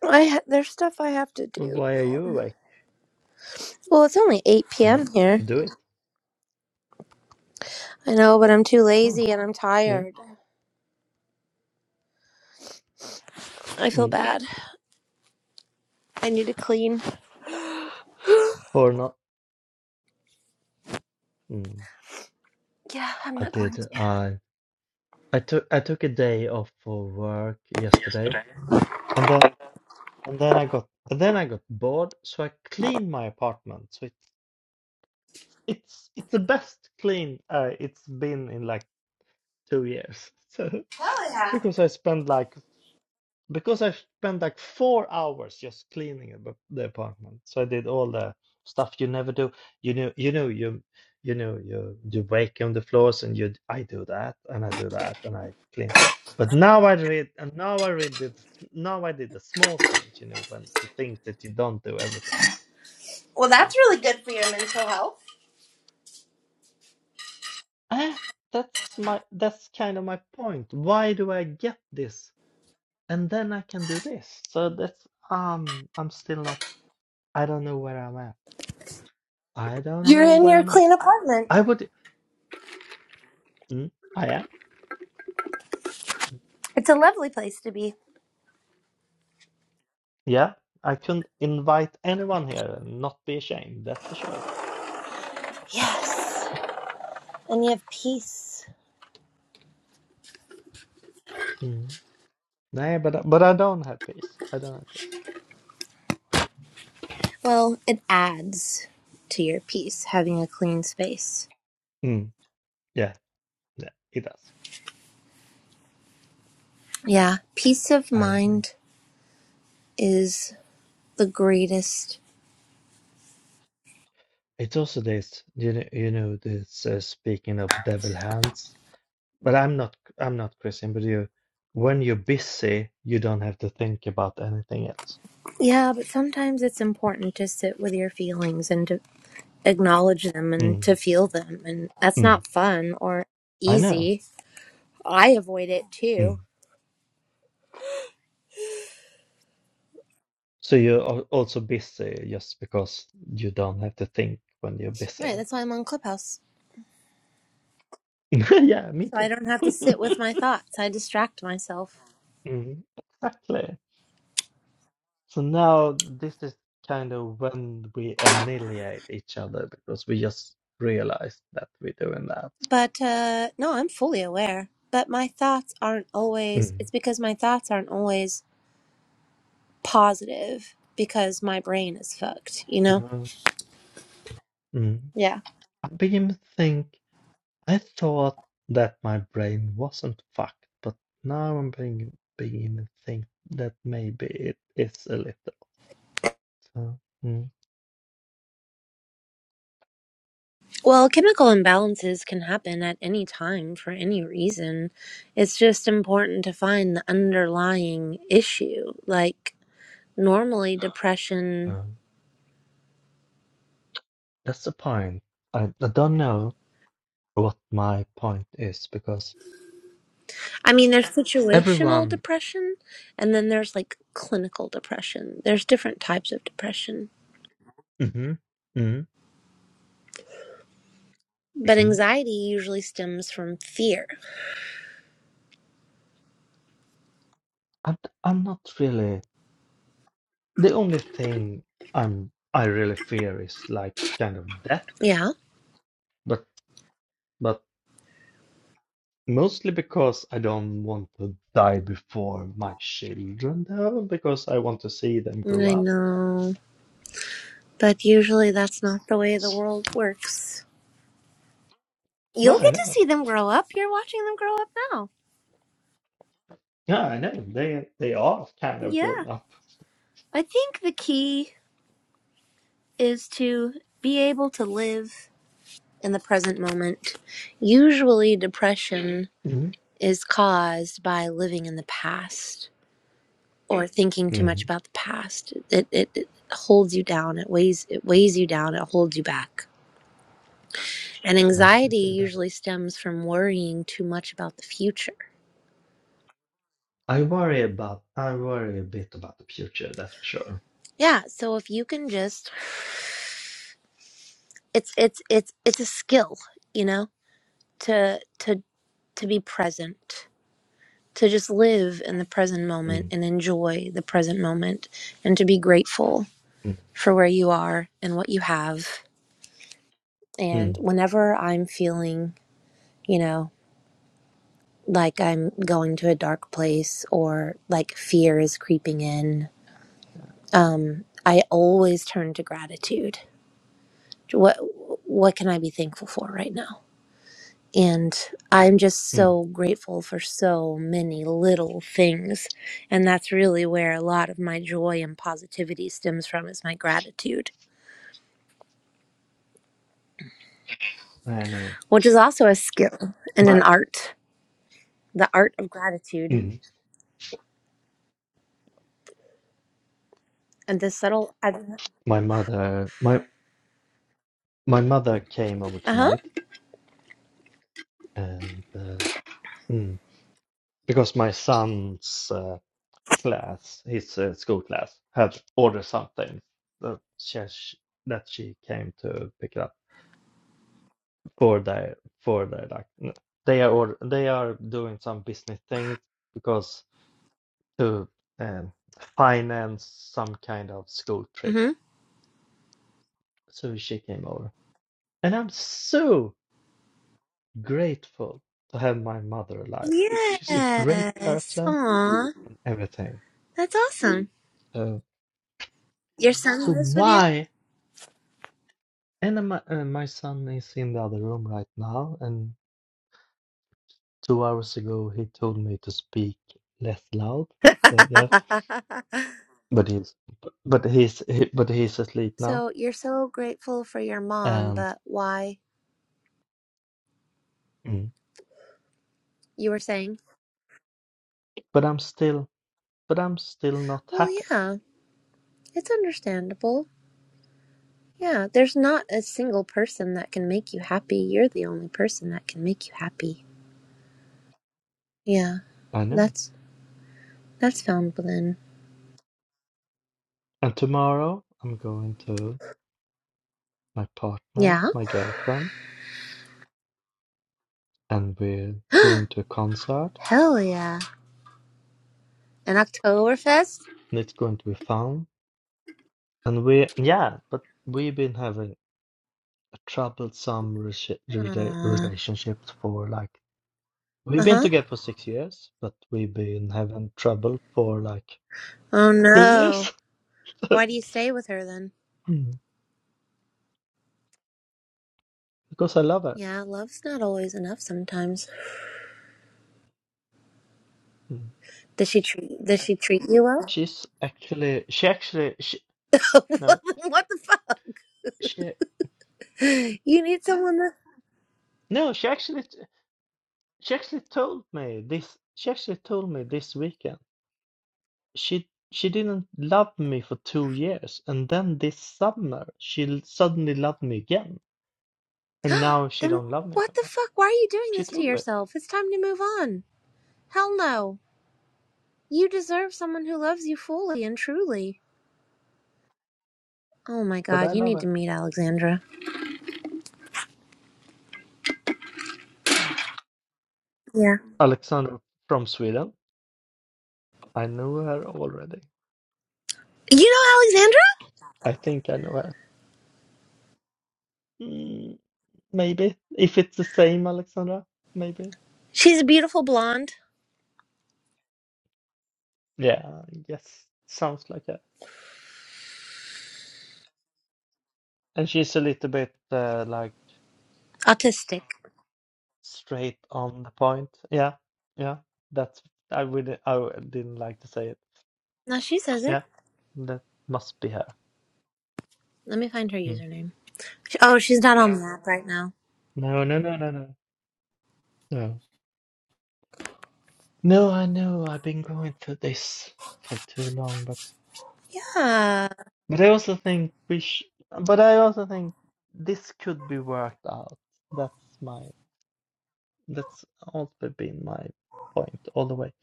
I ha- there's stuff I have to But do. why are you awake? Well, it's only 8 Mm. p.m. here. Do it. I know, but I'm too Oh. lazy and I'm Mm. tired. I feel Mm. bad. I need to clean. yeah, For not. Mm. I'm I not going. did. I I took I took a day off for work yesterday, and then and then I got and then I got bored, so I cleaned my apartment. So it's it's it's it's the best clean uh, it's been in like two years. So. to. Because I spent like because I spent like four hours just cleaning ab- the apartment. So I did all the stuff you never do. You know, you know, you you know, you you wake on the floors and you I do that and I do that and I clean. But now I read and now I read the now I did the small things, you know, when the things that you don't do every time. Well, So, that's really good for your mental health. ah, that's my that's kind of my point. Why do I get this? And then I can do this. So that's um I'm still not I don't know where I'm at. I don't You're know in where your I'm at. clean apartment. I would. Mm, I am. It's a lovely place to be. Yeah. I can invite anyone here and not be ashamed. That's for sure. Yes. And you have peace. Mm. No, but but I don't have peace. I don't have peace. Well, it adds to your peace having a clean space. Mm. Yeah. Yeah. It does. Yeah. Peace of I agree. mind is the greatest. It's also this. You know. You know this. Uh, speaking of devil hands, but I'm not. I'm not Christian. But you, when you're busy, you don't have to think about anything else. Yeah, but sometimes it's important to sit with your feelings and to acknowledge them and Mm. to feel them. And that's Mm. not fun or I know. easy. I avoid it too. So you're also busy just because you don't have to think when you're Right, busy. that's why I'm on Clubhouse. Yeah, me so I too. don't have to sit with my thoughts. I distract myself. Mm, exactly. So now this is kind of when we annihilate each other because we just realize that we're doing that. But uh, no, I'm fully aware. But my thoughts aren't always, Mm. it's because my thoughts aren't always positive because my brain is fucked, you know? No. Mm. Yeah. I begin to think, I thought that my brain wasn't fucked, but now I'm beginning, beginning to think that maybe it is a little. So, Well, chemical imbalances can happen at any time for any reason. It's just important to find the underlying issue. Like, normally, depression mm. That's the point. I, I don't know what my point is because I mean, there's situational everyone. depression, and then there's like clinical depression. There's different types of depression. hmm hmm But hmm anxiety usually stems from fear. I'm, I'm not really. The only thing I'm I really fear is like kind of death, Yeah, but but mostly because I don't want to die before my children though, because I want to see them grow I up. know. But usually that's not the way the S- world works. No, You'll I get to know. see them grow up. You're watching them grow up now. Yeah, I know. They they are kind of Yeah. grown up. I think the key is to be able to live in the present moment. Usually, depression hmm is caused by living in the past or thinking too hmm much about the past. It, it, it holds you down. It weighs it weighs you down. It holds you back. And Yeah, I can anxiety see that. usually stems from worrying too much about the future. I worry about I worry a bit about the future, that's for sure. Yeah. So if you can just, it's it's it's it's a skill, you know, to to to be present, to just live in the present moment Mm, and enjoy the present moment, and to be grateful mm, for where you are and what you have. And mm, whenever I'm feeling, you know, like I'm going to a dark place or like fear is creeping in, um, I always turn to gratitude. What what can I be thankful for right now? And I'm just mm. so grateful for so many little things. And that's really where a lot of my joy and positivity stems from is my gratitude, I know. which is also a skill and an My art, the art of gratitude mm, and the subtle. Uh my mother my my mother came over huh. tonight and uh, mm, because my son's uh, class, his uh, school class, had ordered something that she that she came to pick up for their for their like n- they are order, they are doing some business things because to um, finance some kind of school trip. Mm-hmm. So she came over. And I'm so grateful to have my mother alive. She's a great Yes. person Aw. and everything. That's awesome. So, Your son so lives with you? why? And uh, my, uh, my son is in the other room right now. And two hours ago, he told me to speak less loud. So yeah, but he's but he's he, but he's asleep now. So you're so grateful for your mom, And but why? mm, You were saying, but I'm still but I'm still not well, happy. yeah, it's understandable. Yeah, there's not a single person that can make you happy. You're the only person that can make you happy. Yeah, I know that's that's found within. And tomorrow I'm going to my partner, Yeah. my girlfriend, and we're going to a concert, Hell yeah. An Oktoberfest? and it's going to be fun. And we, yeah, but we've been having a troublesome rela- rela- Aw. relationships for like we've been Uh-huh. together for six years, but we've been having trouble for like Oh two no. years Why do you stay with her then? Mm. because I love her. Yeah, love's not always enough sometimes. Mm. Does she treat does she treat you well? She's actually, she actually, she, no, what the fuck? she, You need someone to no, she actually. She actually told me this. She actually told me this weekend. She she didn't love me for two years, and then this summer she l- suddenly loved me again, and now she then don't love me what the anymore. fuck? Why are you doing She this to told me, yourself? It's time to move on. Hell no. You deserve someone who loves you fully and truly. Oh my but god, I you love need to her. meet Alexandra. Mm. Yeah. Alexandra from Sweden. I know her already. You know Alexandra? I think I know her. Mm, maybe if it's the same Alexandra, maybe. She's a beautiful blonde, Yeah, yes, sounds like her. And she's a little bit uh, like. autistic. Straight on the point. Yeah. Yeah. That's I would I w- didn't like to say it. No, she says it. Yeah. That must be her. Let me find her Mm. username. Sh- Oh, she's not on the app right now. No, no, no, no, no. No. No, I know. I've been going through this for too long, but Yeah. but I also think we sh but I also think this could be worked out. That's my that's also been my point all the way.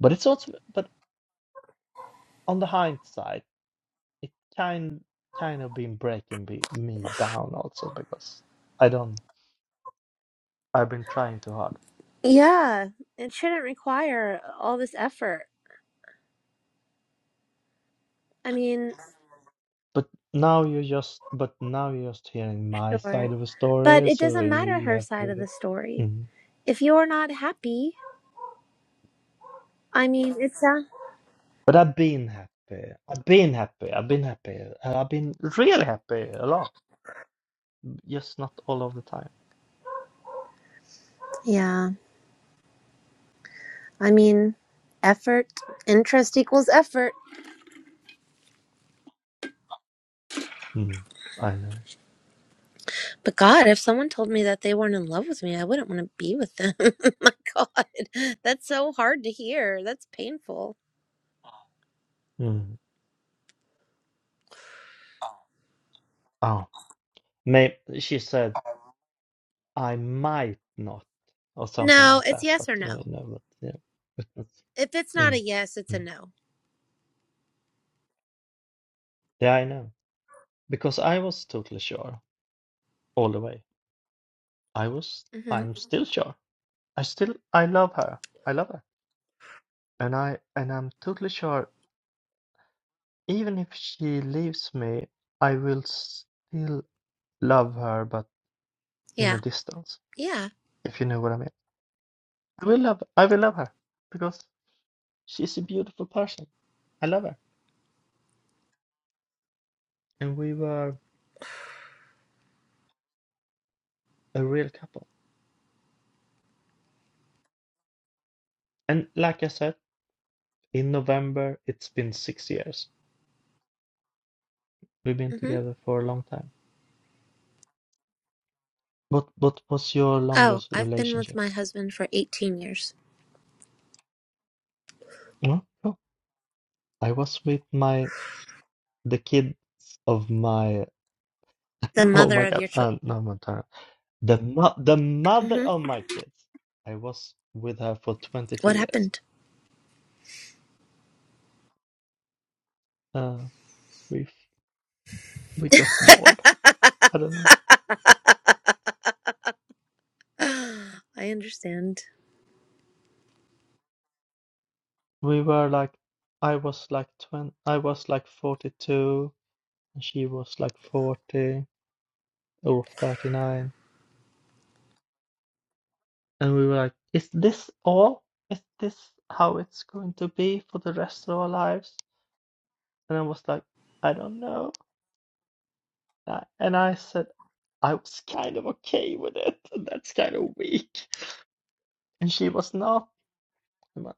But it's also but on the hindsight. it kind kind of been breaking be, me down also because I don't I've been trying too hard. Yeah. It shouldn't require all this effort. I mean, But now you're just but now you're just hearing my Sure. side of a But story, it so doesn't you, matter you her have side of to. the story. Mhm. If you're not happy, I mean, it's a. But I've been happy. I've been happy. I've been happy. and I've been really happy a lot. Just not all of the time. Yeah. I mean, effort, interest equals effort. Mm. I know. But God, if someone told me that they weren't in love with me, I wouldn't want to be with them. My God. That's so hard to hear. That's painful. Mm. Oh, may she said I might not or something No, like it's that, but yes or you no. know, but, yeah. If it's not Mm. a yes, it's a Mm. no. Yeah, I know. Because I was totally sure all the way. I was, hmm I'm still sure. I still, I love her. I love her. And I, and I'm totally sure even if she leaves me, I will still love her, but in a Yeah. distance, Yeah. if you know what I mean. I will love, I will love her because she's a beautiful person. I love her. And we were a real couple. And like I said, in November, it's been six years. We've been hmm together for a long time. What what was your Oh, longest I've been with relationship? my husband for 18 years. No, no. I was with my the kids of my The oh mother my of God, your children. uh, no, my turn. The mo the mother hmm of my kids. I was with her for 22 What years. happened? Uh, we we got bored. I don't know. I understand. We were like, I was like 20, I was like 42, and she was like 40 or 39. And we were like, is this all? Is this how it's going to be for the rest of our lives? And I was like, I don't know. And I said, I was kind of okay with it. And that's kind of weak. And she was not. And I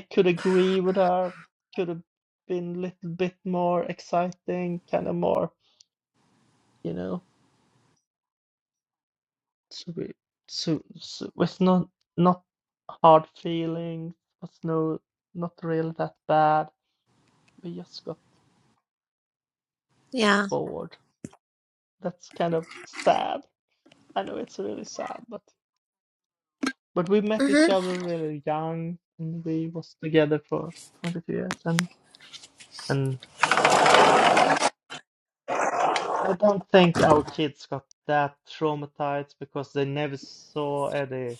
could agree with her. Could have been a little bit more exciting, kind of more, you know. So we, so, so with not not hard feelings, was no not really that bad. We just got Yeah. forward. That's kind of sad. I know it's really sad, but but we met hmm each other really young, and we was together for 22 years, and and and I don't think our kids got that traumatized because they never saw any.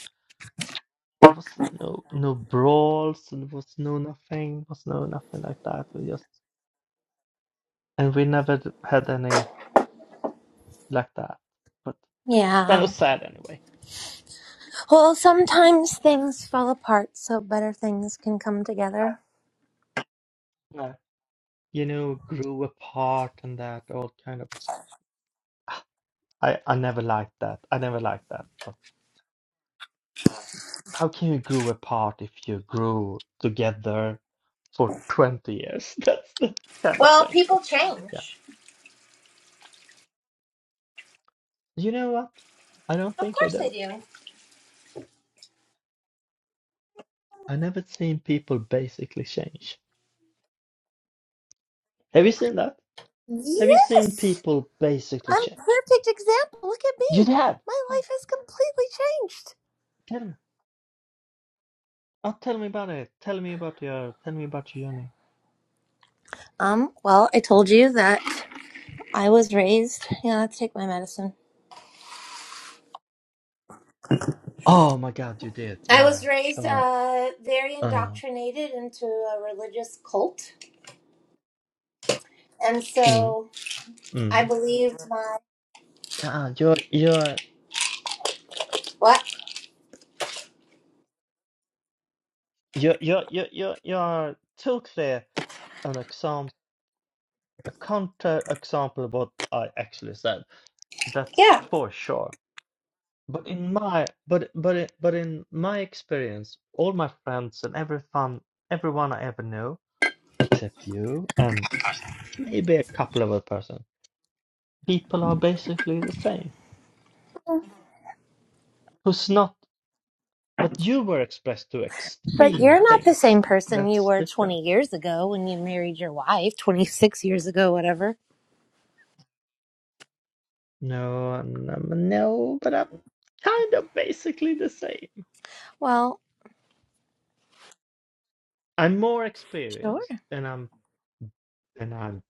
There was no no brawls, and there was no nothing, was no nothing like that. We just and we never d- had any like that. But kind of Yeah. sad anyway. Well, sometimes things fall apart so better things can come together. Yeah. You know, grew apart and that all kind of. I, I never liked that. I never liked that. But how can you grow apart if you grew together for 20 years? That's, that's kind of Well, strange. But people yeah, change. you know what? I don't Of think they course they do. do. I never seen people basically change. Have you seen that? Have you seen Yes! people basically I'm a change? perfect example. Look at You me. have. My Oh, life has completely changed. tell me. Oh, tell me about it. Tell me about your. Tell me about your journey. Um, well, I told you that I was raised. Yeah, let's take my medicine. Oh my God, you did. I Yeah, was raised sure. uh, very Uh, indoctrinated into a religious cult. And mm, so I mm. believed my. Yeah, you're you're What? You you you you you are totally an example, a counter example of what I actually said. That's Yeah, for sure. But in my but but in- but in my experience, all my friends and everyone everyone I ever knew, except you and maybe a couple of other person, people are basically the same. Who's not? But you were expressed to but extreme you're not the things. same person you That's were 20 different. years ago when you married your wife, 26 years ago, whatever. No, I'm, I'm- no, but I'm kind of basically the same. Well, I'm more sure, experienced, and I'm and I'm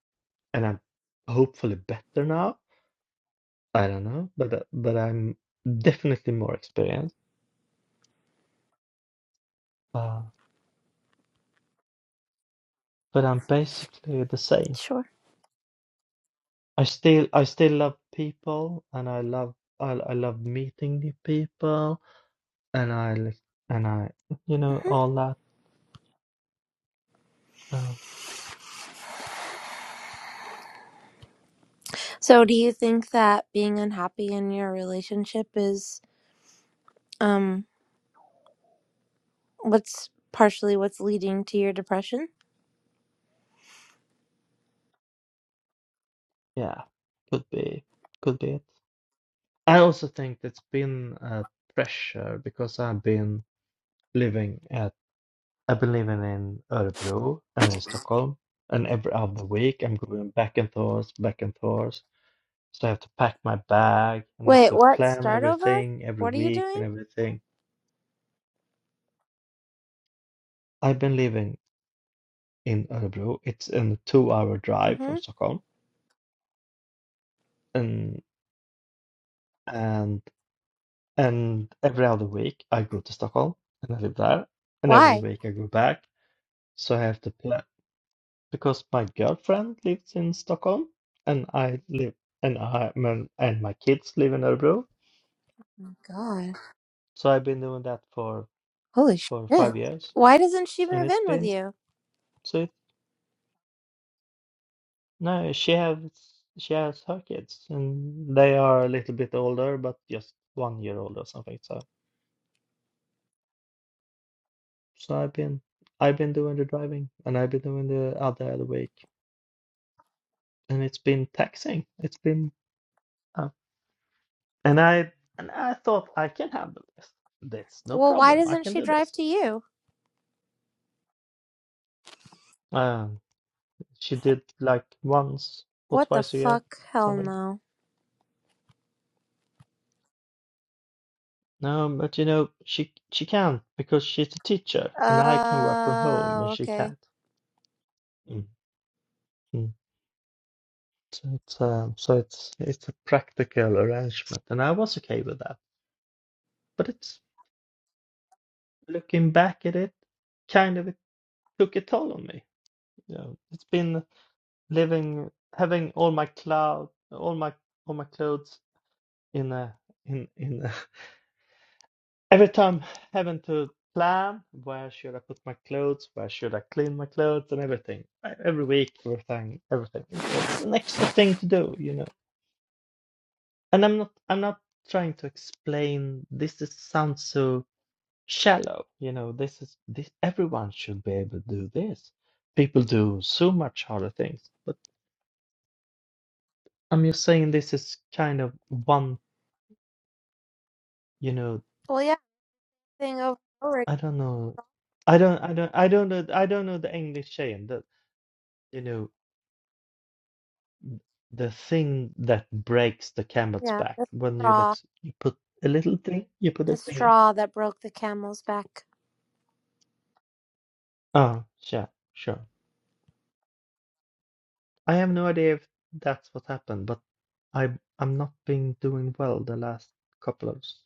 and I'm hopefully better now. I don't know, but uh, but I'm definitely more experienced. Uh, but I'm basically the same. sure. I still I still love people, and I love I I love meeting new people, and I like- and I you know hmm all that. Uh, So, do you think that being unhappy in your relationship is um what's partially what's leading to your depression? yeah, could be could be it. I also think that's been a pressure because I've been living at I've been living in Örebro and in Stockholm, and every other week I'm going back and forth, back and forth. So I have to pack my bag and I have Wait, to what? plan Start over? everything every What are you week and doing? everything. I've been living in Örebro. It's in a two-hour drive Mm-hmm. from Stockholm, and and and every other week I go to Stockholm and I live there, and every Why? week I go back. So I have to plan. because my girlfriend lives in Stockholm and I live and I and and my kids live in Örebro. Oh, God. So I've been doing that for Holy for shit. five years, Why doesn't she and move it's in with been you? so. It, no, she has she has her kids, and they are a little bit older, but just one year old or something. So so I've been I've been doing the driving, and I've been doing the other other week, and it's been taxing. It's been uh, and I and I thought I can handle this. That's no Well, why problem. I doesn't can she do drive this to you? Uh, she did like once or What the twice a year, fuck? Hell something. no. No, but you know, she she can because she's a teacher, and I can work from home, and Oh, she okay. can't. Mm. Mm. So it's um, so it's it's a practical arrangement, and I was okay with that. But it's looking back at it, kind of it took a toll on me. You know, it's been living having all my cloud, all my all my clothes in a in in Every time having to plan where should I put my clothes, where should I clean my clothes, and everything. E- Every week, everything, everything. It's an extra thing to do, you know. And I'm not, I'm not trying to explain. This is sounds so shallow, you know. This is this. Everyone should be able to do this. People do so much harder things, but I'm just saying this is kind of one, you know. Well, yeah, thing over and over again. I don't know. I don't, I don't, I don't know. I don't know the English saying that. you know the thing that breaks the camel's Yeah, back the when you like straw, s- you put a little thing you put the a finger in straw that broke the camel's back. oh sure sure i have no idea if that's what happened but i i'm not been doing well the last couple of s-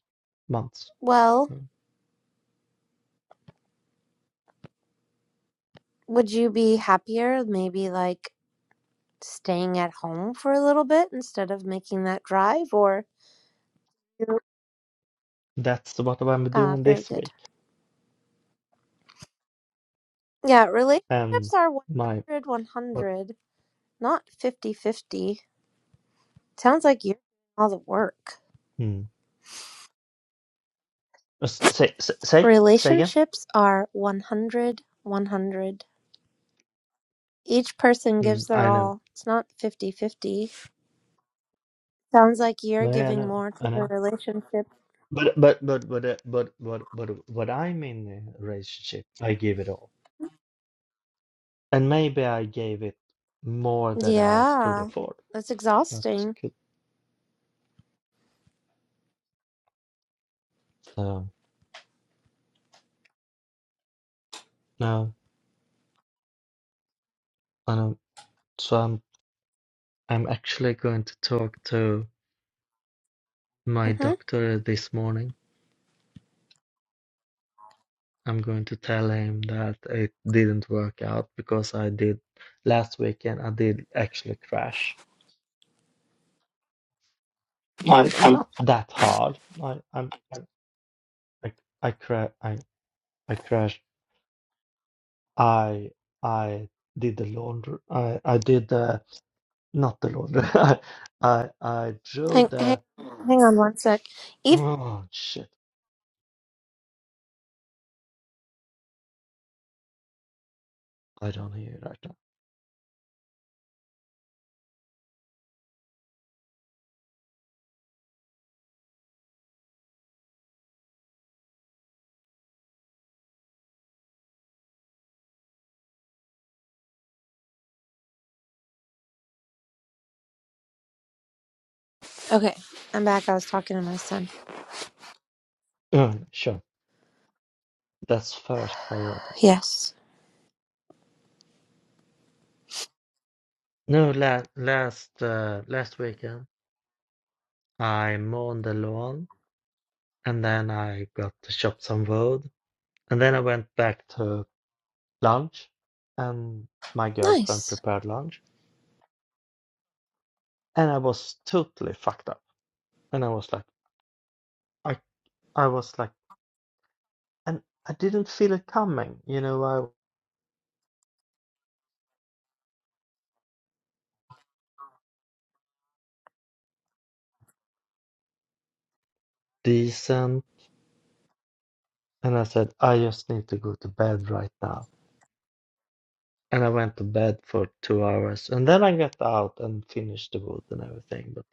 months Well, so would you be happier maybe like staying at home for a little bit instead of making that drive or Yep. that's what i'm ah, doing very this good. week Yeah, um relationships are one my hundred, one hundred, what not fifty-fifty. Sounds like you're doing all the work. mm, Uh, s- say s- say say again Relationships are 100, 100. Each person mm, gives their i know all. It's not fifty-fifty. Sounds like you're no yeah, i giving know more i to the know relationship. but but but but uh, but but but what i mean in a relationship i give it all And maybe I gave it more that I could Yeah. afford. That's That's exhausting. good. So no, I know. So I'm I'm actually going to talk to my Mm-hmm. doctor this morning. I'm going to tell him that it didn't work out because I did last weekend. I did actually crash. Not that hard. I I'm I I cra I I crashed. I I did the laundry. I I did the Not the Lord. I I I drew Hang, hang, the hang on one sec. If oh shit. I don't hear you right now. okay, I'm back. I was talking to my son. Oh, sure. That's first priority. Yes. No, la last uh, last weekend I mowed the lawn and then I got to chop some wood and then I went back to lunch and my girlfriend Nice. prepared lunch and I was totally fucked up and I was like I I was like and I didn't feel it coming. You know, I decent. And I said, I just need to go to bed right now. And I went to bed for two hours. And then I got out and finished the wood and everything. But,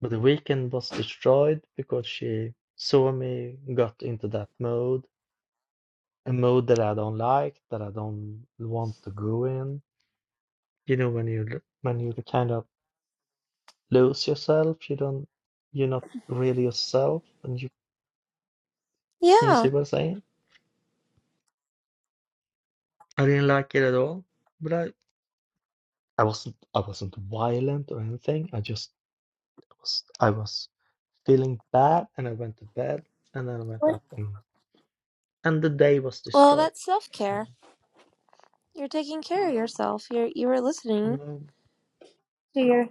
but the weekend was destroyed because she saw me, got into that mode, a mode that I don't like, that I don't want to go in. You know, when you l- when you kind of lose yourself, you don't, you're not really yourself. And you can you Yeah. see what I'm saying? I didn't like it at all. But I, I wasn't I wasn't violent or anything. I just was I was feeling bad, and I went to bed, and then I went Well, up, and and the day was well, destroyed. that's self So, care. You're taking care of yourself. You're you were listening no, to your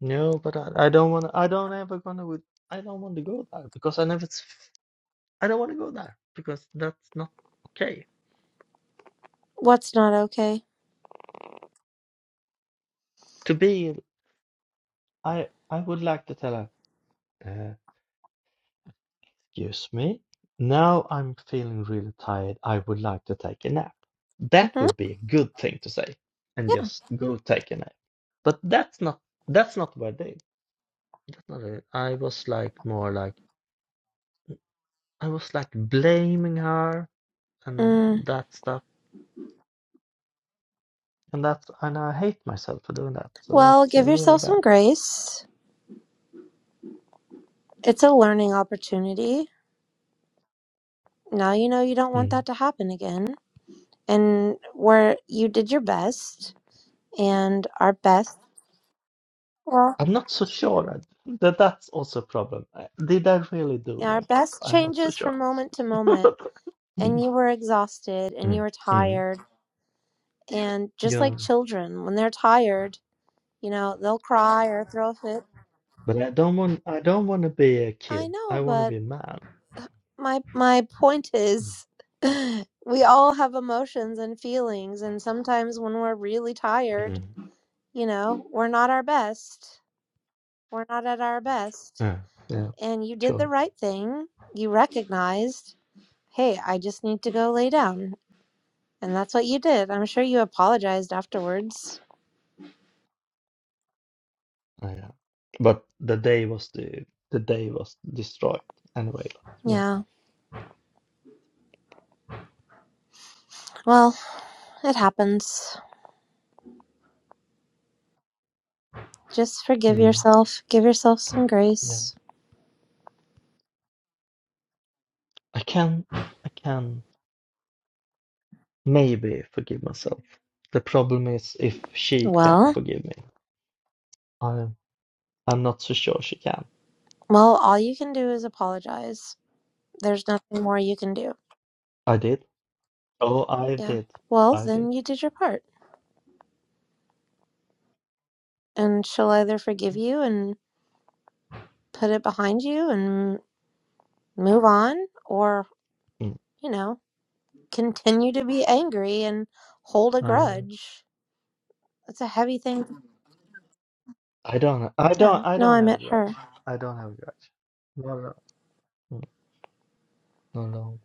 no, but I, I don't want. I don't ever gonna. With, I don't want to go there because I never. s- I don't want to go there because that's not okay. what's not okay. To be, I I would like to tell her. Uh, excuse me. Now I'm feeling really tired. I would like to take a nap. That Mm-hmm. would be a good thing to say, and Yeah. just go take a nap. But that's not that's not what I did. That's not it. I was like more like I was like blaming her and Mm. that stuff, and that's and I hate myself for doing that. So Well, that's give uh, really yourself bad. some grace. It's a learning opportunity. now you know you don't want Mm. that to happen again and where you did your best and our best well I'm not so sure I, that that's also a problem. I, did I really do our my best? best I'm not so changes sure. from moment to moment and Mm, you were exhausted and you mm, were mm. tired Yeah, and just yeah. like children when they're tired you know they'll cry or throw a fit But I don't want. I don't want to be a i kid. I know want to but be a man. my my point Mm. is we all have emotions and feelings and sometimes when we're really tired Mm. you know we're not our best we're not at our best Yeah. Yeah. and you did Sure. the right thing. You recognized, hey, I just need to go lay down. And that's what you did. I'm sure you apologized afterwards. Oh, yeah. But the day was the the day was destroyed anyway. But Yeah. Well, it happens. Just yeah, forgive mm, yourself. Give yourself some yeah. grace. I can I can maybe forgive myself. The problem is if she can't Well, forgive me. I I'm not so sure she can. well, all you can do is apologize. There's nothing more you can do. I did. Oh, I Yeah. did. Well, I did. then you did your part. And she'll either forgive you and put it behind you and move on or, Mm, you know, continue to be angry and hold a I know. grudge. That's a heavy thing. I don't. I Yeah. don't. I No, don't I have a met her. grudge. I don't have a grudge. No, no, Mm, no, no.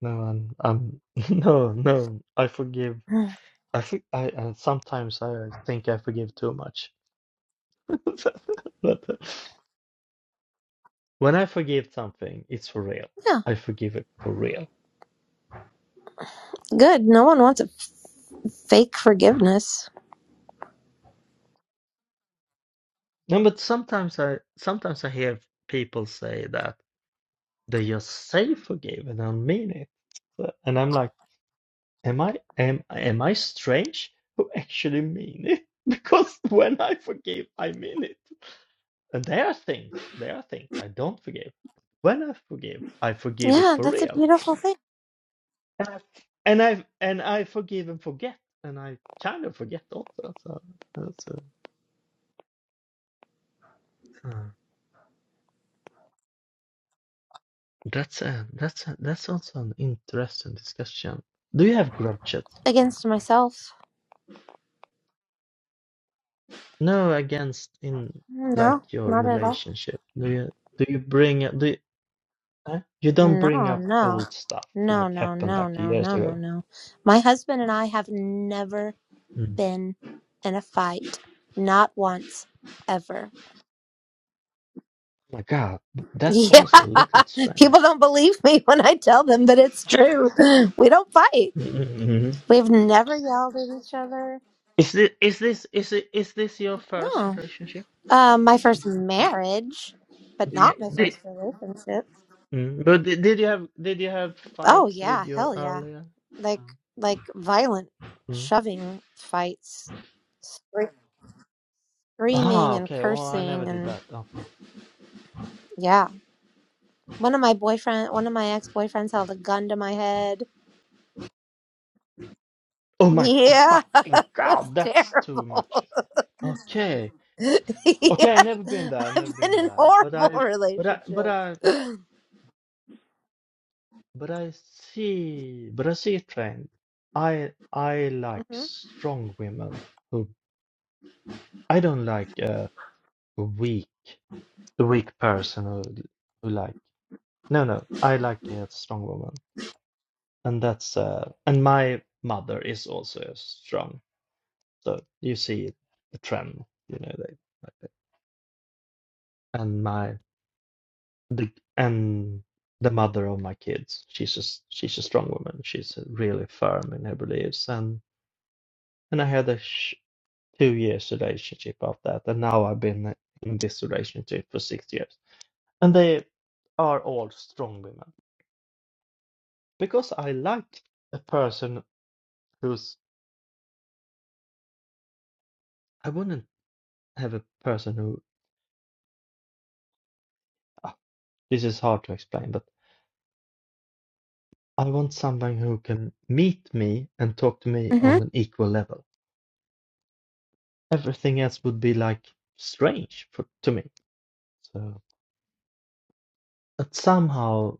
No, I'm, I'm. No, no. I forgive. Mm. I think I uh, sometimes I think I forgive too much. But uh, when I forgive something, it's for real. Yeah. I forgive it for real. Good. No one wants a f- fake forgiveness. No, but sometimes I sometimes I hear people say that they just say forgive and don't mean it. So- And I'm like, am I am am I strange who actually mean it? Because when I forgive, I mean it. And there are things, there are things I don't forgive. When I forgive, I forgive it Yeah, for that's a real beautiful thing. And I and I and I forgive and forget, and I kind of forget also. So that's a, uh, that's a, that's a, that's also an interesting discussion. Do you have grudges? Against myself. No, against in like No, your not at all. relationship. Do you do you bring up- do you, huh? you don't No, bring up no. old stuff No, like no, happened no, no, like years no, no, ago? no. My husband and I have never Mm. been in a fight. Not once, ever. My God, that's Yeah, also a little people strange. don't believe me when I tell them, but it's true. We don't fight. Mm-hmm. We've never yelled at each other. Is this is this is it is this your first No. relationship? Uh, my first marriage, but not my first relationship. Mm. But did, did you have did you have Oh fights with yeah, your hell yeah. earlier? Like like violent Mm. shoving fights, scre- Ah, screaming and okay. Well, I cursing never did and that. Okay. yeah. One of my boyfriend, one of my ex-boyfriends held a gun to my head. Oh my g- Yeah. fucking It was god, that's too terrible. much. Okay. Okay, i yes, never been there. i never I've been been in there. But horrible I, but I, but relationships. I, but I see, but I see a trend. I I like hmm strong women who I don't like a weak, a weak person who who like. No, no, I like a strong woman. and that's uh, and my mother is also strong so you see the trend you know they like that. and my the and the mother of my kids she's just she's a strong woman she's really firm in her beliefs and and i had a sh- two years relationship of that and now i've been in this relationship for six years and they are all strong women because i like a person who's i wouldn't have a person who This is hard to explain, but I want someone who can meet me and talk to me hmm on an equal level. Everything else would be like strange for, to me. So, but somehow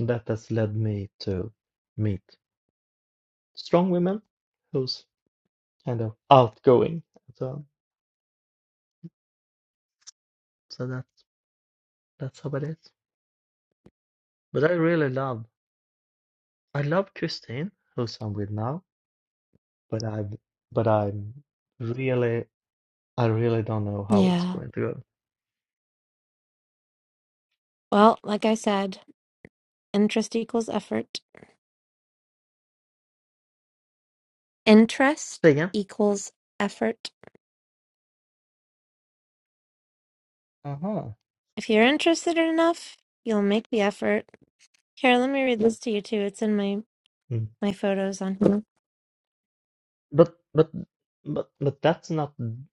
that has led me to meet strong women who's kind of outgoing. So, so that that's how it is. But I really love I love Christine, who's I'm with now. But I but I'm really I really don't know how it's Yeah. going to go. Well, like I said, interest equals effort. Interest Say again. equals effort. Uh huh. If you're interested enough, you'll make the effort. Here, let me read this to you too. It's in my my photos on here. But but but but that's not n-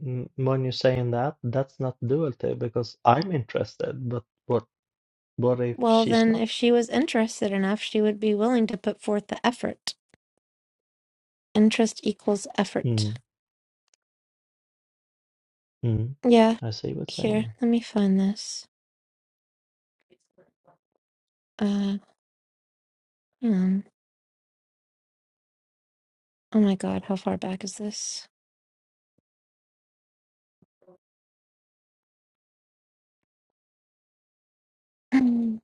n- when you're saying that, that's not duality because I'm interested, but what what if Well, she's then, not? if she was interested enough, she would be willing to put forth the effort. Interest equals effort. Mm, mm. Yeah. I see what you're Here, saying. let me find this. Uh, hmm. Oh my God, how far back is this? Um,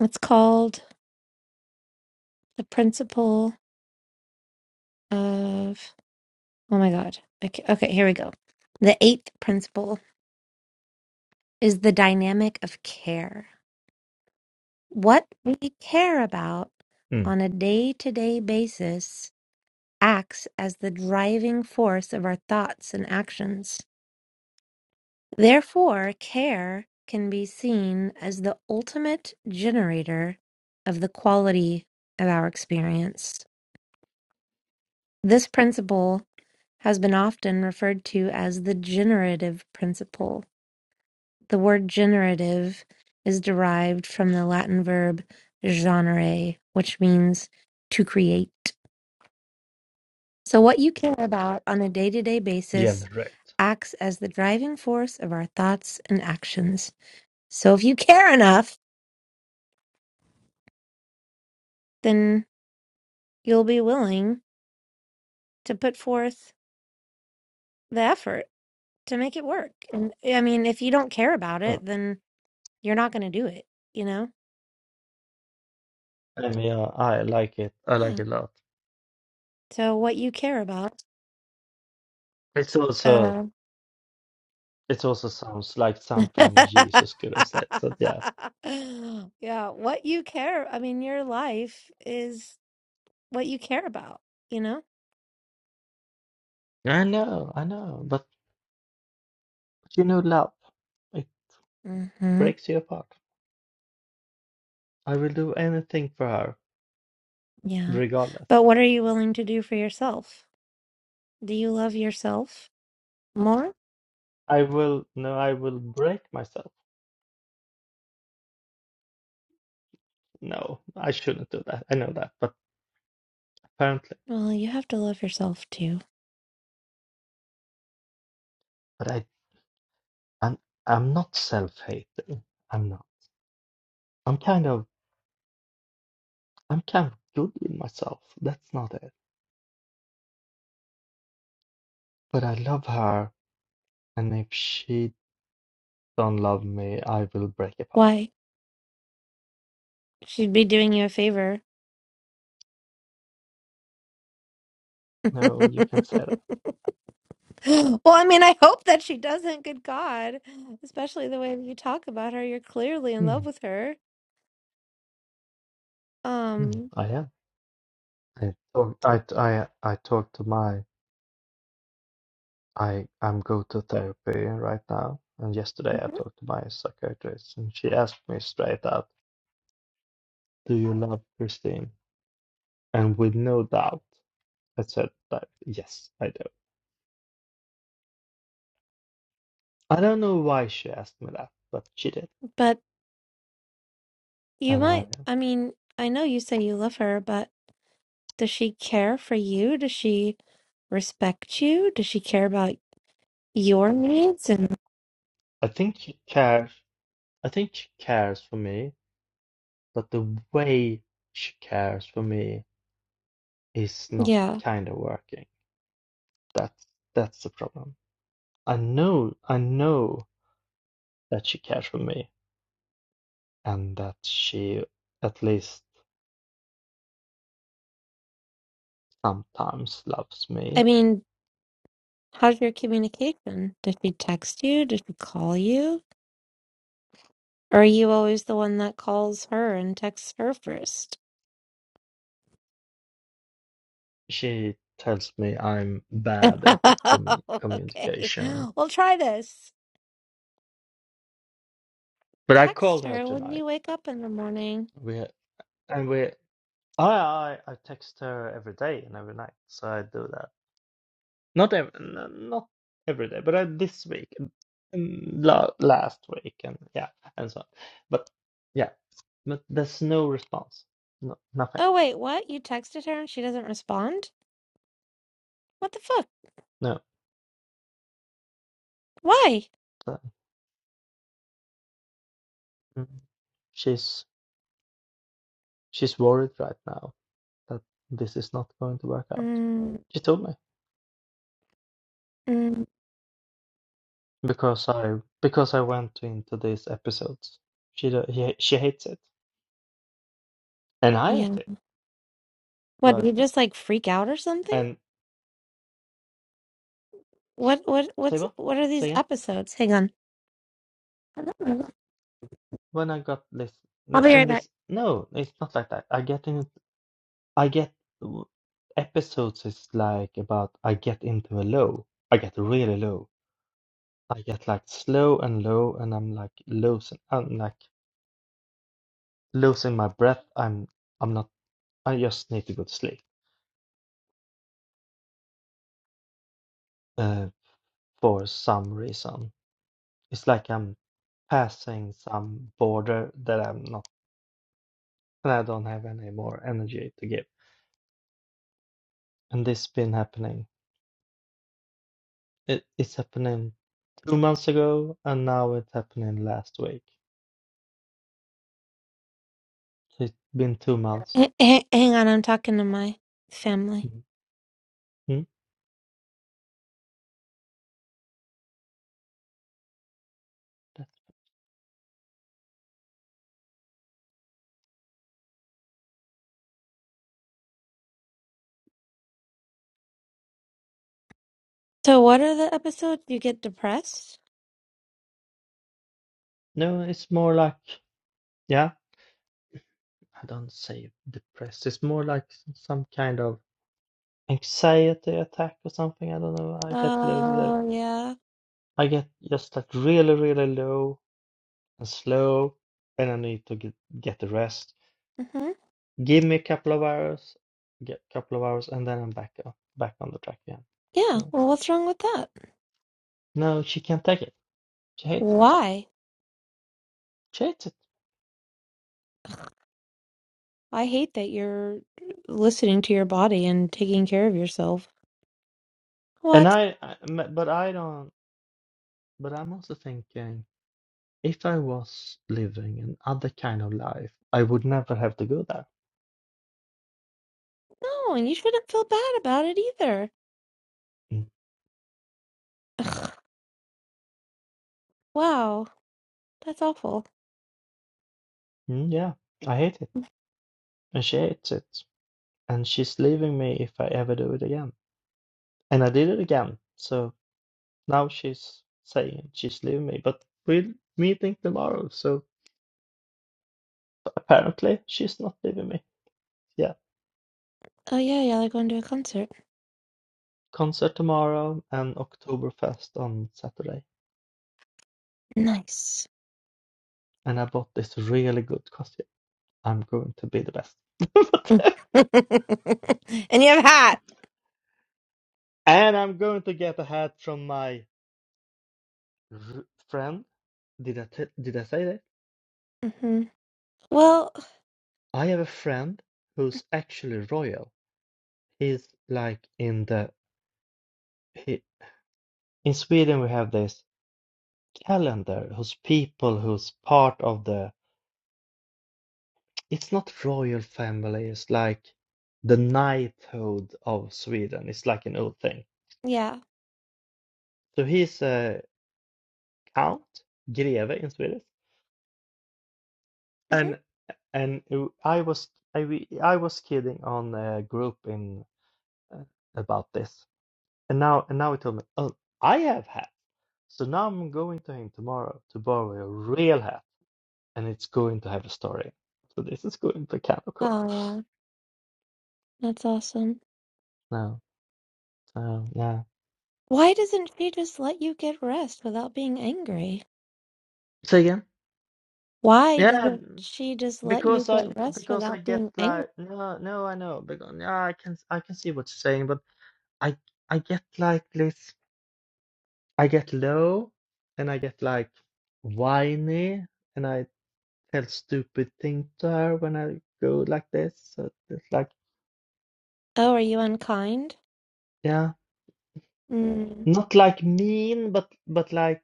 It's called The Principle of. Oh my God. Okay, okay, here we go. The eighth principle is the dynamic of care. What we care about Mm. on a day to day basis acts as the driving force of our thoughts and actions. Therefore, care can be seen as the ultimate generator of the quality of our experience. This principle has been often referred to as the generative principle. The word generative is derived from the Latin verb "generare," which means to create. So, what you care about on a day to day basis Generate. acts as the driving force of our thoughts and actions. So, if you care enough, then you'll be willing to put forth the effort to make it work. And I mean, if you don't care about Oh, it, then you're not going to do it, you know? I mean, yeah, I like it. I like Yeah. it a lot. So what you care about, It's also uh, it also sounds like something Jesus could have said. So yeah, yeah, what you care, I mean, your life is what you care about, you know? I know, I know. But you know, love it hmm breaks you apart. I will do anything for her, Yeah. regardless. But what are you willing to do for yourself? Do you love yourself more? I will, no, I will break myself. No, I shouldn't do that. I know that, but apparently, Well, you have to love yourself too. but I, I'm, I'm not self-hating. I'm not. I'm kind of, I'm kind of good with myself. That's not it. But I love her, and if she don't love me, I will break apart. Why? She'd be doing you a favor. No, you can say that. Well, I mean, I hope that she doesn't. Good God, especially the way that you talk about her, you're clearly in Hmm. love with her. hmm, Um, I am. I talk, I, I, I talk to my, I, I'm go to therapy right now. And yesterday I mhm. talked to my psychiatrist, and she asked me straight out. Do you love Christine? And with no doubt, I said that yes, I do. I don't know why she asked me that, but she did. but you And I, might. I mean, I know you say you love her, but does she care for you? Does she respect you? Does she care about your needs? And I think she cares. I think she cares for me, but the way she cares for me is not yeah, kind of working. That's that's the problem. I know, I know that she cares for me, and that she at least sometimes loves me I mean, how's your communication? Does she text you? Does she call you? Or are you always the one that calls her and texts her first? she tells me I'm bad at commu- Okay. communication. We'll try this. But I Text called her her when tonight. you wake up in the morning. We and we I I I text her every day and every night, so I do that. Not every not every day, but I, this week, and la- last week, and yeah, and so on. But yeah, but there's no response. No, nothing. Oh, wait, what? You texted her and she doesn't respond? What the fuck? No. Why? So, mm, She's she's worried right now that this is not going to work out. Mm, She told me. mm, because I because I went into these episodes. She do- he, she hates it, and I yeah. hate it. What, we But just like freak out or something? and What, what, say what's, what? what are Say these again. episodes? Hang on. I'll When I got this be in right back. this no, it's not like that. I get in. I get w- episodes is like about I get into a low. I get really low. I get like slow and low, and I'm like losing. I'm like losing my breath. I'm I'm not. I just need to go to sleep. Uh, for some reason, it's like I'm passing some border that I'm not, and I don't have any more energy to give. And this has been happening. It, it's happening two months ago, and now it's happening last week. So it's been two months. H- h- hang on, I'm talking to my family. Mm. Hmm? So, what are the episodes? You get depressed? No, it's more like, yeah, I don't say depressed. It's more like s- some kind of anxiety attack or something. I don't know. I get low, low- Oh, yeah. I get just like really, really low and slow, and I need to get get the rest Mm-hmm. Give me a couple of hours, get a couple of hours, and then I'm back on, back on the track again. Yeah. So Well, what's wrong with that? no, she can't take it. She hates it. Why? She hates it. I hate that you're listening to your body and taking care of yourself. And What? I, I, m- but I don't. But I'm also thinking, if I was living an other kind of life, I would never have to go there. No, and you shouldn't feel bad about it either. Mm. Ugh, wow, that's awful. Mm, yeah, I hate it, and she hates it, and she's leaving me if I ever do it again. And I did it again, so now she's saying she's leaving me, but we'll meeting tomorrow, so. Apparently, she's not leaving me. Yeah. Oh yeah, yeah, like going to a concert. Concert tomorrow and Oktoberfest on Saturday. Nice. And I bought this really good costume. I'm going to be the best. and you have a hat. and I'm going to get a hat from my r- friend. Did I t- did I say that? Mm-hmm. Well, I have a friend who's actually royal. He's like in the he, in Sweden we have this calendar whose people who's part of the it's not royal family. It's like the knighthood of Sweden. It's like an old thing. yeah. So he's a count, greve in Swedish, Mm-hmm. and and I was I we- I was kidding on a group in uh, about this, and now and now he told me, oh, I have hat. So now I'm going to him tomorrow to borrow a real hat, and it's going to have a story. So this is going to be kind of cool. Oh yeah, that's awesome. No, so yeah. Why doesn't she just let you get rest without being angry? Say again? Why doesn't Yeah. she just let you Because I get rest because I without get being angry? like no no I know because yeah I can I can see what you're saying but I I get like this I get low and I get like whiny and I tell stupid things to her when I go like this so it's like Oh, are you unkind? yeah Mm. not like mean but but like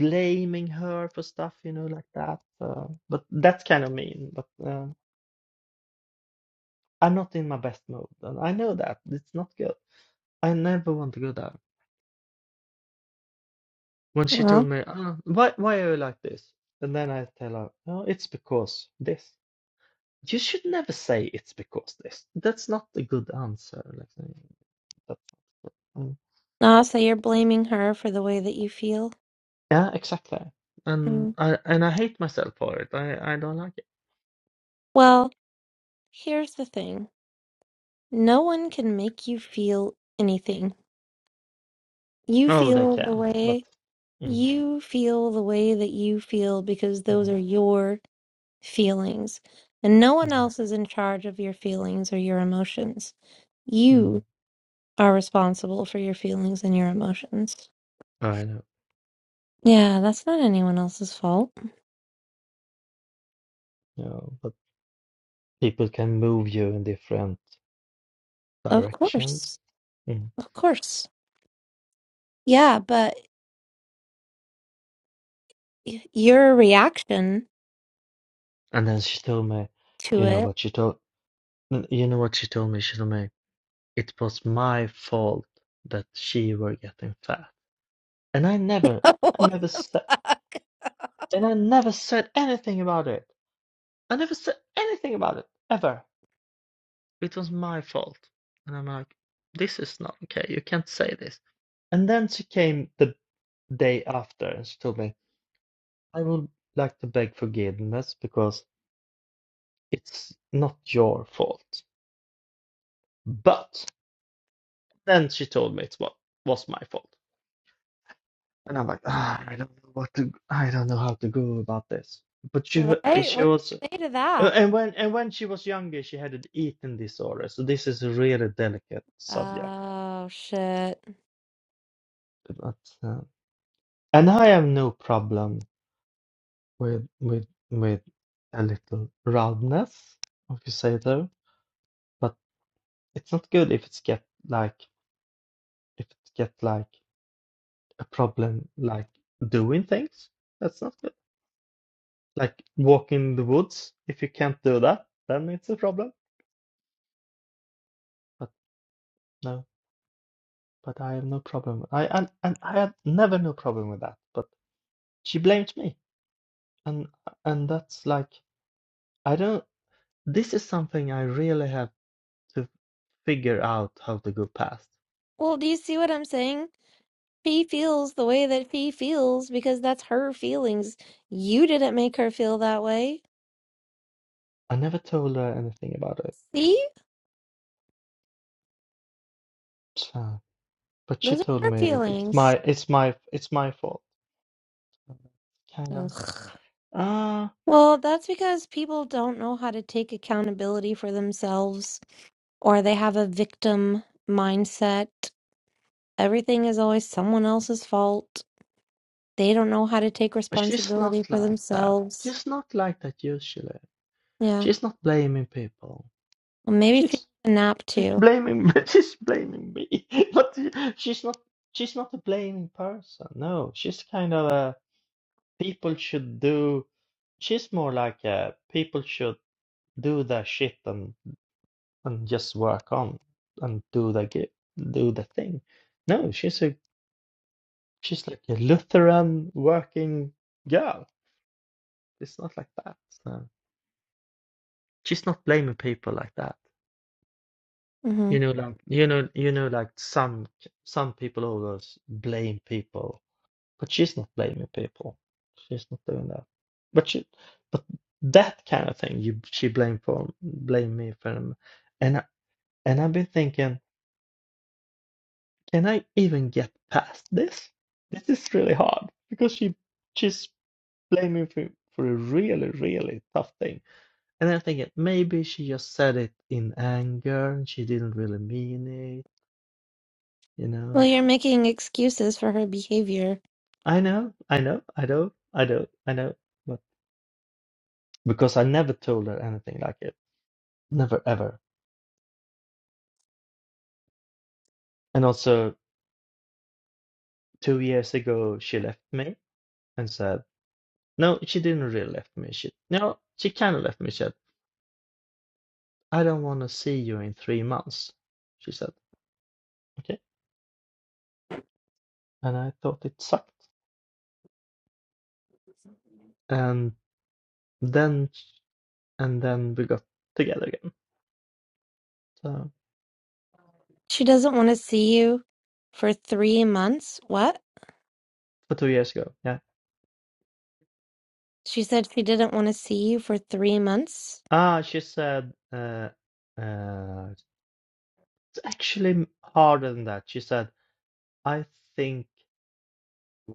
blaming her for stuff you know like that uh, but that's kind of mean but um, I'm not in my best mood and I know that it's not good I never want to go there When she told me, oh, why, why are you like this? And then I tell her, oh, it's because this. You should never say it's because this. That's not a good answer. Like, uh, that, um, Ah, so you're blaming her for the way that you feel? yeah, exactly. And Mm. I and I hate myself for it. I, I don't like it. Well, here's the thing. No one can make you feel anything. You Oh, they feel the can, but way mm, you feel the way that you feel because those mm, are your feelings. And no one mm, else is in charge of your feelings or your emotions. mm. You are responsible for your feelings and your emotions. I know. Yeah, that's not anyone else's fault. No, but people can move you in different Of directions. course. Mm. Of course. Yeah, but y- your reaction And then she told me, to you know it. what she told, you know what she told me. She told me. It was my fault that she were getting fat, and I never, I what never the said, fuck? and I never said anything about it. I never said anything about it ever. It was my fault, and I'm like, this is not okay. You can't say this. And then she came the day after, and she told me, I would like to beg forgiveness because it's not your fault. But then she told me it was was my fault. And I'm like, ah, I don't know what to, I don't know how to go about this. But she, wa- Right? she What was, do you say to uh, that? and when, and when she was younger, she had an eating disorder. So this is a really delicate subject. Oh, shit. But, uh, and I have no problem with, with, with a little roundness, if you say though. But it's not good if it's get like, if it get like a problem, like doing things. That's not good. Like walking in the woods. If you can't do that, then it's a problem. No, but I have no problem. I and, and I had never no problem with that. But she blamed me, and and that's like I don't. This is something I really have to figure out how to go past. Well, do you see what I'm saying? She feels the way that she feels because that's her feelings. You didn't make her feel that way. I never told her anything about it, See? so, but she Those are told her me it's feelings. my it's my it's my fault. Kind of. Ugh. Uh, Well, that's because people don't know how to take accountability for themselves or they have a victim mindset. Everything is always someone else's fault. They don't know how to take but she's not responsibility for like that. themselves. She's not like that usually. Yeah. She's not blaming people. Well, maybe she She's. needs a nap She's too. blaming me. She's blaming me. But she's not. She's not a blaming person. No, she's kind of a people should do. She's more like a people should do their shit and and just work on and do the gi- do the thing. No, she's a she's like a Lutheran working girl. It's not like that. So she's not blaming people like that. hmm You know, like you know, you know, like some some people always blame people But she's not blaming people. She's not doing that. But she, but that kind of thing, you she blame for blame me for, them. and I, and I've been thinking, can I even get past this? This is really hard because she she's blaming for for a really really tough thing. And I'm thinking maybe she just said it in anger and she didn't really mean it. You Well, know, you're making excuses for her behavior. I know, I know, I know, I know, I know, but because I never told her anything like it. Never ever. And also, two years ago, she left me and said, no, she didn't really left me. She, no, she kind of left me. She said, I don't want to see you in three months. She said, okay. And I thought it sucked. And then, and then we got together again. So, She doesn't want to see you for three months. What? for two years ago, yeah. She said she didn't want to see you for three months. Ah, she said, uh, uh, it's actually harder than that. She said, I think.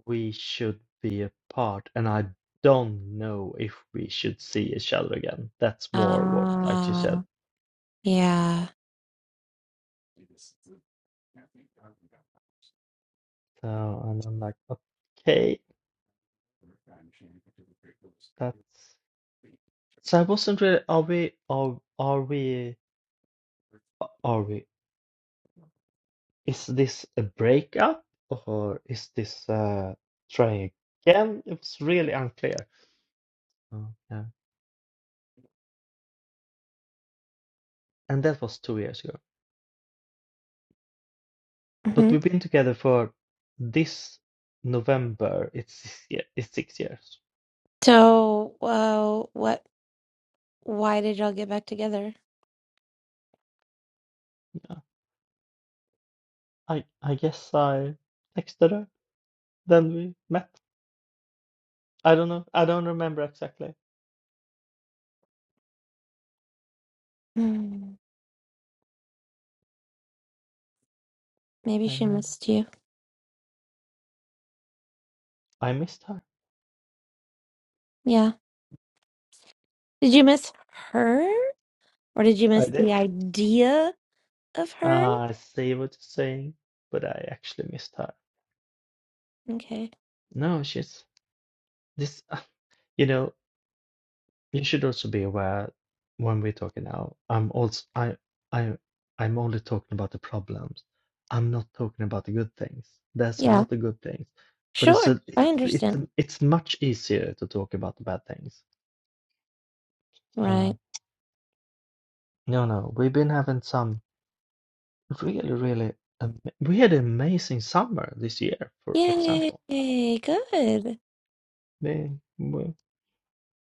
We should be apart, and I don't know if we should see each other again. That's more what, like you said. Ah, yeah. So, and I'm like, okay, that's. So I wasn't really. Are we? Are are we? Are we? Is this a breakup or is this uh trying again? It was really unclear. Oh, yeah, and that was two years ago. But hmm we've been together for this November. It's yeah, it's six years. So, uh, what? Why did y'all get back together? I I guess I texted her. Then we met. I don't know. I don't remember exactly. Hmm, Maybe I have she no idea. missed you. I missed her. Yeah. Did you miss her? Or did you I miss the did. idea of her? Ah, I see what you're saying, but I actually missed her. Okay. No, she's this. uh, You know, you should also be aware when we're talking now. I'm also I I I'm only talking about the problems. I'm not talking about the good things. There's a Yeah. lot of good things, but it's Sure. a I it's it's understand. it's much easier to talk about the bad things. Uh, Right. No, no, we've been having some really, really, am- we had an amazing summer this year, for Yay. example. Good. We, we,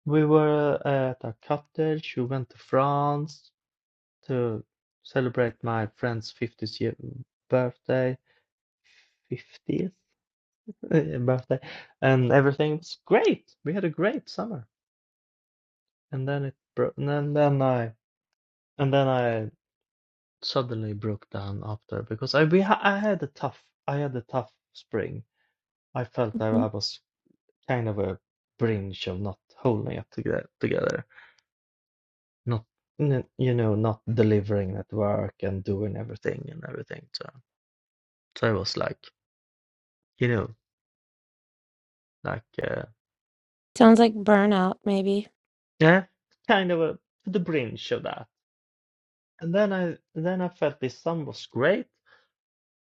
we were uh, at a cottage, we went to France to celebrate my friend's 50th year birthday, 50th uh, birthday, and everything was great. We had a great summer. And then it broke, and then, then I, and then I suddenly broke down after because I, we, ha- I had a tough, I had a tough spring I felt that hmm I was kind of a brinch of not holding it toge- together, not n- you know, not delivering at work and doing everything and everything. So, so I was like, you know, like uh, Sounds like burnout, maybe. yeah, kind of a the brinch of that. And then I then I felt this sun was great,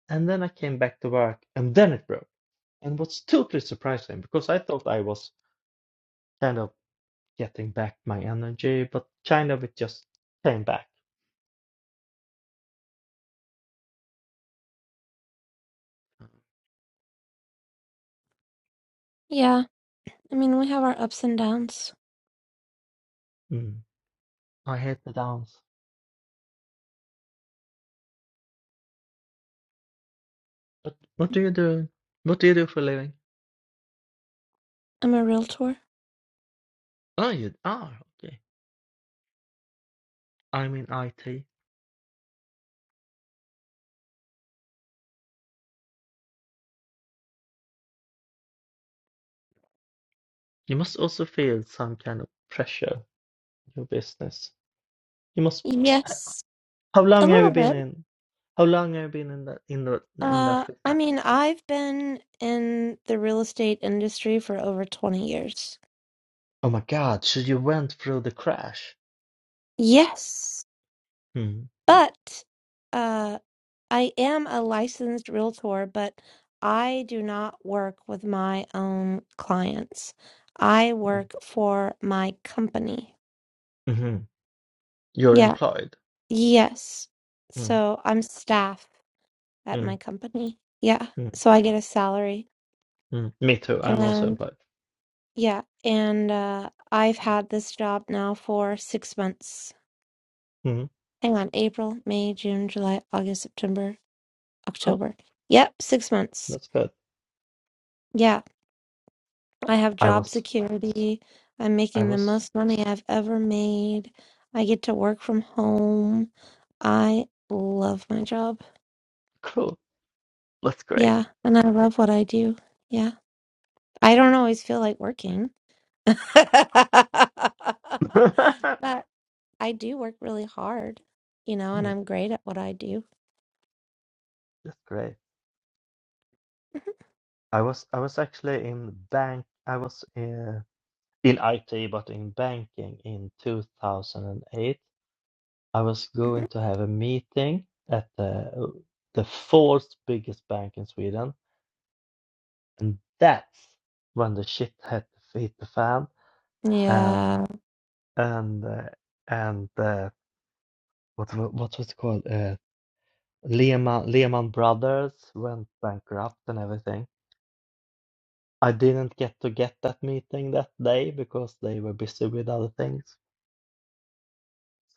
and then I came back to work, and then it broke. And what's totally surprising because I thought I was kind of getting back my energy, but kind of it just came back. Yeah. I mean, we have our ups and downs. Mm. I hate the dance. But what do you do? What do you do for a living? I'm a realtor. Oh, you are. Okay. I'm in IT. You must also feel some kind of pressure in your business. You must. h- Yes, How a long have little you been bit. in? How long have you been in that in the in that Uh, I business? mean, I've been in the real estate industry for over 20 years. Oh my God! So you went through the crash. Yes, Mm, but uh, I am a licensed realtor, but I do not work with my own clients. I mm, work for my company. hmm You're Yeah, employed. yes. Mm, So I'm staff at my mm, company. Yeah, mm, so I get a salary. mm. Me too. I'm also And employed. yeah, and uh, I've had this job now for six months. Mm, Hang on, April, May, June, July, August, September, cool. October. Yep, six months. That's good. Yeah, I have I job was. security. I'm I making the was. most money I've ever made. I get to work from home. I love my job. Cool. That's great. Yeah, and I love what I do. Yeah. I don't always feel like working. but I do work really hard, you know, and Mm, I'm great at what I do. that's great. I was I was actually in bank. I was uh, in IT, but in banking in 2008. I was going Mhm. to have a meeting at the uh, the fourth biggest bank in Sweden, and that's when the shit had to hit the fan. Mhm. And yeah. and uh, and uh, what wa- what was it called? Uh, Lehman Lehman Brothers went bankrupt and everything. I didn't get to get that meeting that day because they were busy with other things.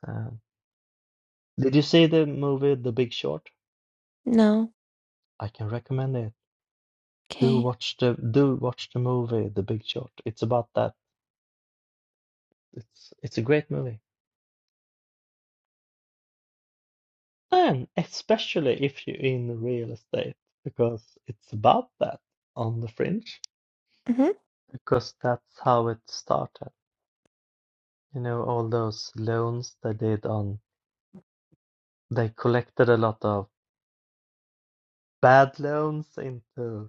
So- Did you see the movie The Big Short? No. I can recommend it. Do Okay. watch the do watch the movie The Big Short. It's about that. It's it's a great movie. And especially if you're in real estate because it's about that on the fringe hmm because that's how it started. You know, all those loans they did on they collected a lot of bad loans into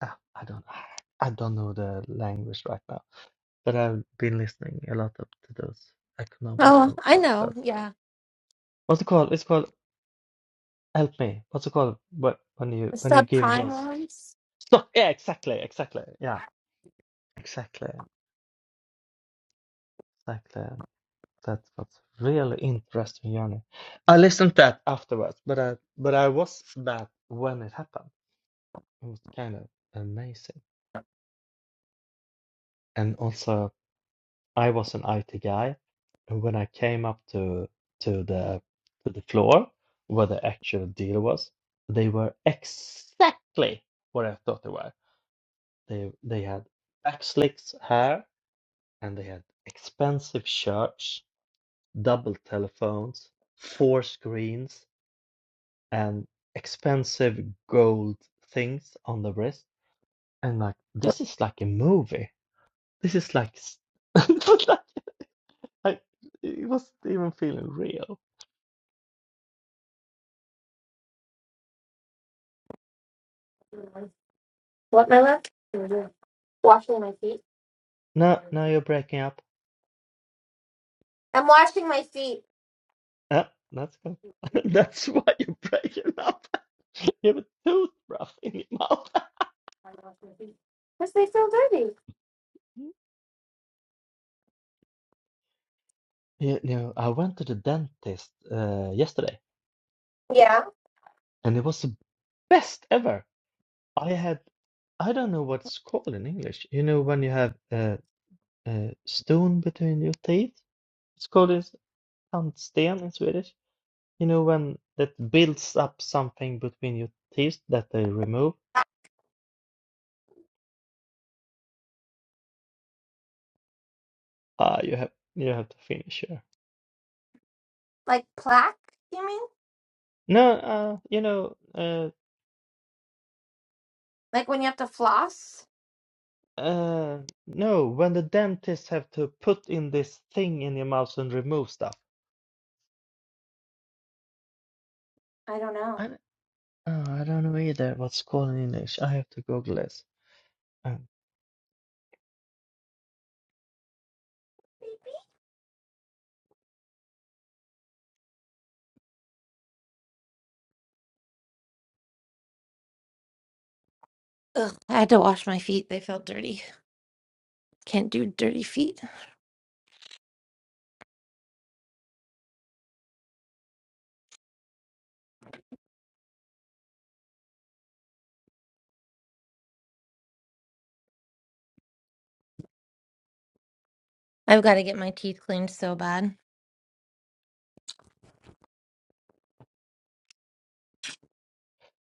Ah, I don't I don't know the language right now, but I've been listening a lot of to those Oh, economical I know. podcasts. Yeah. What's it called? It's called Help Me. What's it called? What when you The when you give subprime those ones. stock? Yeah, exactly, exactly. Yeah, exactly, exactly. That's what's really interesting, Johnny. I listened to that afterwards, but I but I was that when it happened. It was kind of amazing, and also. I was an IT guy, and when I came up to to the to the floor where the actual deal was, they were exactly what I thought they were. They they had backslicks hair, and they had expensive shirts, double telephones, four screens, and expensive gold things on the wrist. And like this is like a movie. This is like s- like I, it wasn't even feeling real. What, my love? Washing my feet. No, no, you're breaking up. I'm washing my feet. Oh, that's good. That's why you're breaking up. You have a toothbrush in your mouth. Because they feel dirty. You know, I went to the dentist uh, yesterday, Yeah. and it was the best ever. I had, I don't know what's called in English. You know, when you have a, a stone between your teeth, it's called in tandsten in Swedish. You know, when that builds up something between your teeth that they remove. Ah, you have you have to finish here. Like plaque, you mean? No, uh, you know, uh, Like when you have to floss? uh, no, when the dentists have to put in this thing in your mouth and remove stuff. I don't know. I, d- oh, I don't know either what's called in English. I have to Google this. Um, Ugh, I had to wash my feet. They felt dirty. Can't do dirty feet. I've got to get my teeth cleaned so bad.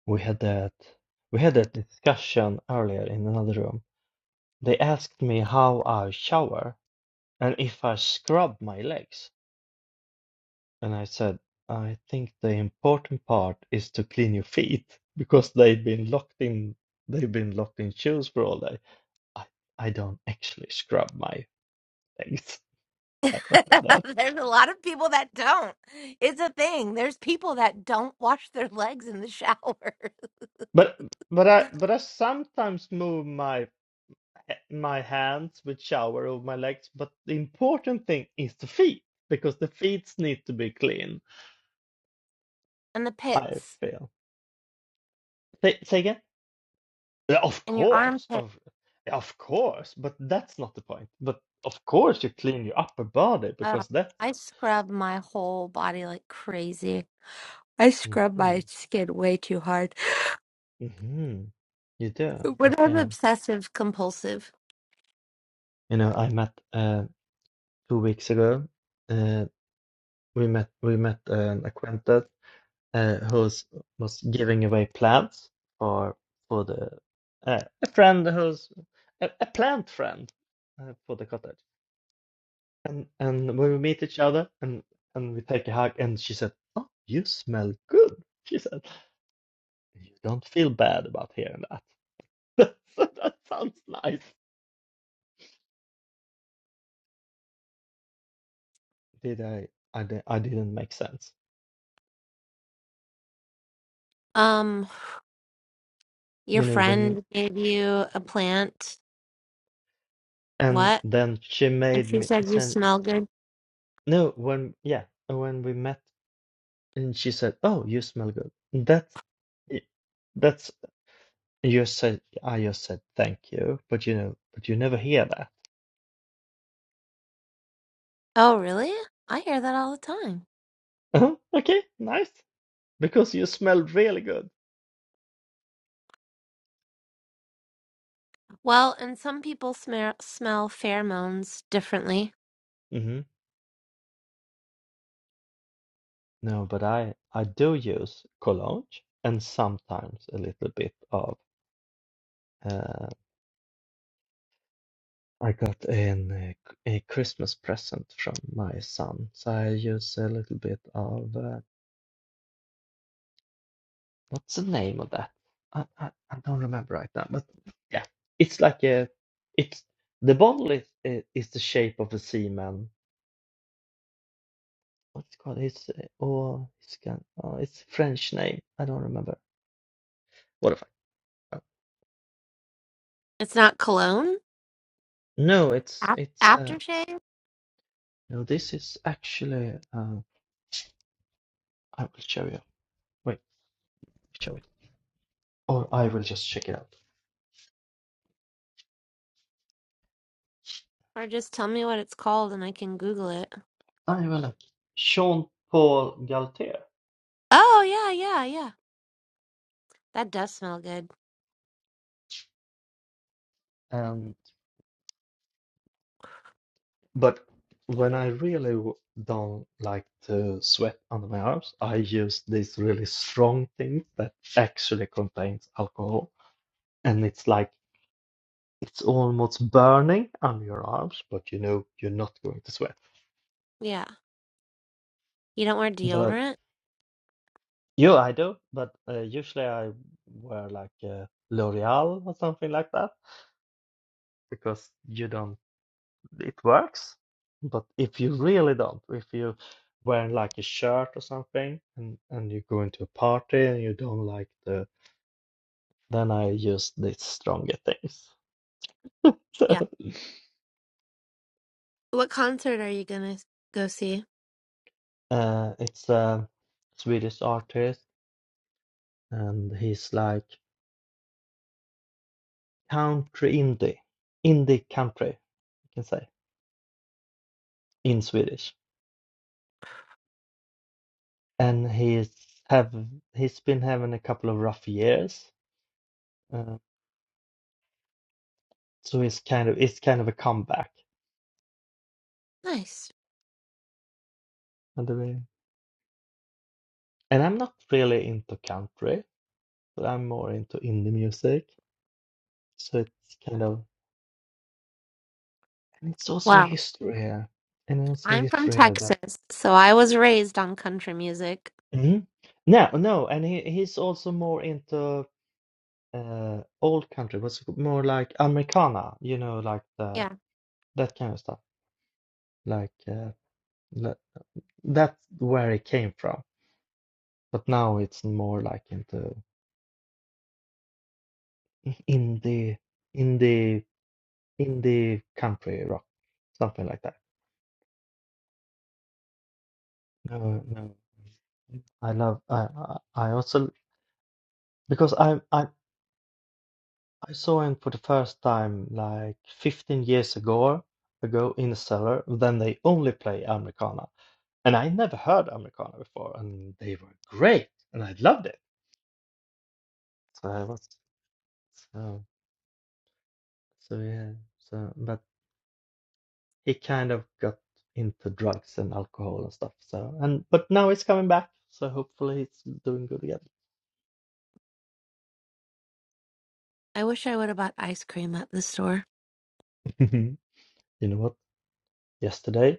we had that, we had that discussion earlier in another room. They asked me how I shower and if I scrub my legs. And I said, I think the important part is to clean your feet because they've been locked in they've been locked in shoes for all day. I, I don't actually scrub my legs. I don't know that. There's a lot of people that don't. It's a thing. There's people that don't wash their legs in the shower. But but I but I sometimes move my my hands with shower over my legs, but the important thing is the feet because the feet need to be clean, And the I pits feel. Say, say again? Yeah, of and your course, armpit. of yeah, of course, but that's not the point. But of course, you clean your upper body Oh, because I that's scrub my whole body like crazy. I scrub hmm my skin way too hard. hmm you do. When I'm Okay, obsessive compulsive, you know, I met uh, two weeks ago. Uh, we met we met an acquaintance uh, who's was giving away plants for for the uh, a friend who's a, a plant friend uh, for the cottage. And and when we meet each other and and we take a hug, and she said, "Oh, you smell good." She said, "You don't feel bad about hearing that." So that sounds nice. Did I? I di- I didn't make sense. um, your You know when you friend gave you a plant. and What? then she And made she me said you send smell good. no when yeah when we met and she said, "Oh, you smell good." That i- that's you said. I just said thank you, but you know, but you never hear that. Oh, really? I hear that all the time. okay, nice because you smell really good. Well, and some people smell smell pheromones differently. hmm No, but I I do use cologne and sometimes a little bit of uh, I got an uh, c- a Christmas present from my son, so I use a little bit of uh, what's the name of that? I, I I don't remember right now, but yeah, it's like a it's the bottle is i- is the shape of a seaman. What's it called? It's uh, oh, it's got- oh, it's French name. I don't remember. What if I? uh, It's not cologne, No, it's Ap- it's. uh, aftershave, Now this is actually, uh, I will show you. Wait, show it. Or I will just check it out. or just tell me what it's called and I can Google it. I will. uh, Sean Paul Galtier. Oh, yeah, yeah, yeah. That does smell good. And but when I really don't like to sweat under my arms, I use these really strong things that actually contains alcohol, and it's like it's almost burning under your arms, but you know you're not going to sweat. Yeah. You don't wear But deodorant? Yeah, I do, but uh, usually I wear like uh, L'Oreal or something like that because you don't, it works. But if you really don't, if you wear like a shirt or something and, and you go into a party and you don't like the, then I use these stronger things. Yeah. So, What concert are you gonna go see? uh, it's a Swedish artist and he's like country indie, indie country, you can say in Swedish and he's have he's been having a couple of rough years, uh, so it's kind of it's kind of a comeback. Nice. And, the- and I'm not really into country, but I'm more into indie music. So it's kind of and it's also Wow. history here, and also I'm from history here that. Texas, so I was raised on country music. Mhm. No, no, and he he's also more into uh old country, what's it called? more like Americana, you know, like the Yeah. that kind of stuff, like uh, that, that's where it came from. But now it's more like into indie, indie, indie country rock, something like that. No, no, I love. I I I also because I I I saw him for the first time like 15 years ago ago in a cellar. Then they only play Americana, and I never heard Americana before, and they were great, and I loved it. So I was so so yeah. So but. he kind of got into drugs and alcohol and stuff. So and but now he's coming back. So hopefully he's doing good I wish I would have bought ice cream at the store. again. You know what? Yesterday,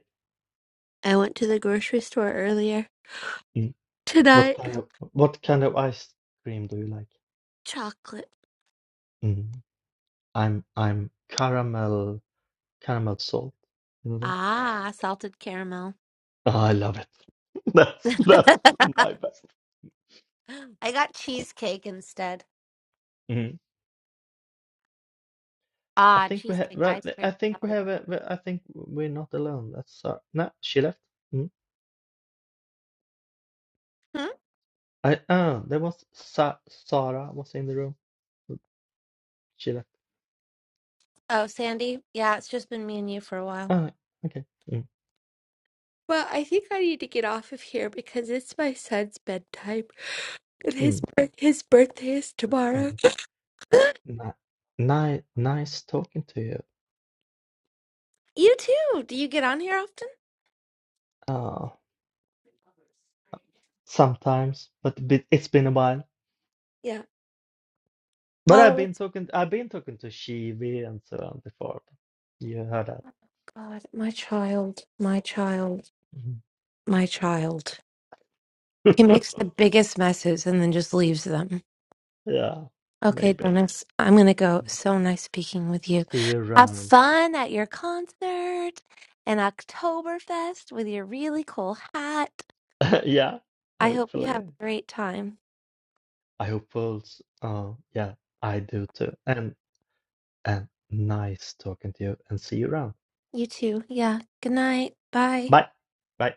I went to the grocery store earlier mm, what tonight. kind of what kind of ice cream do you like? Chocolate. Mm, I'm I'm caramel caramel salt. You know that? Ah, salted caramel. Oh, I love it. That's that's I my best. got cheesecake instead. Mm. I Ah, think we have. cheesecake ice cream. I think Hell we have. A, well, I think we're not alone. That's Sarah. No, she left. Mm. yeah. Hmm? I oh, there was Sa- Sarah was in the room. She left. Oh, Sandy. Yeah, it's just been me and you for a while. Ah, okay. Mm, Well, I think I need to get off of here because it's my son's bedtime. And his mm, bir- his birthday is good tomorrow. point. Ni ni nice talking to you. You too. Do you get on here often? Uh, sometimes, but a bit, it's been a while. Yeah. But I've Well, been it's talking, I've been talking to Shivi and so on before. You heard that. God, my child, my child, Mhm. my child. He makes the biggest messes and then just leaves them. Yeah, Okay, maybe. Dennis, I'm gonna go. Mm. So nice speaking with you. See you Have around. fun at your concert and Oktoberfest with your really cool hat. Yeah, I hope you have hopefully. a great time. I hope Pulse. Uh, yeah, I do too. And and nice talking to you and see you around. You too. Yeah. Good night. Bye. Bye. Bye.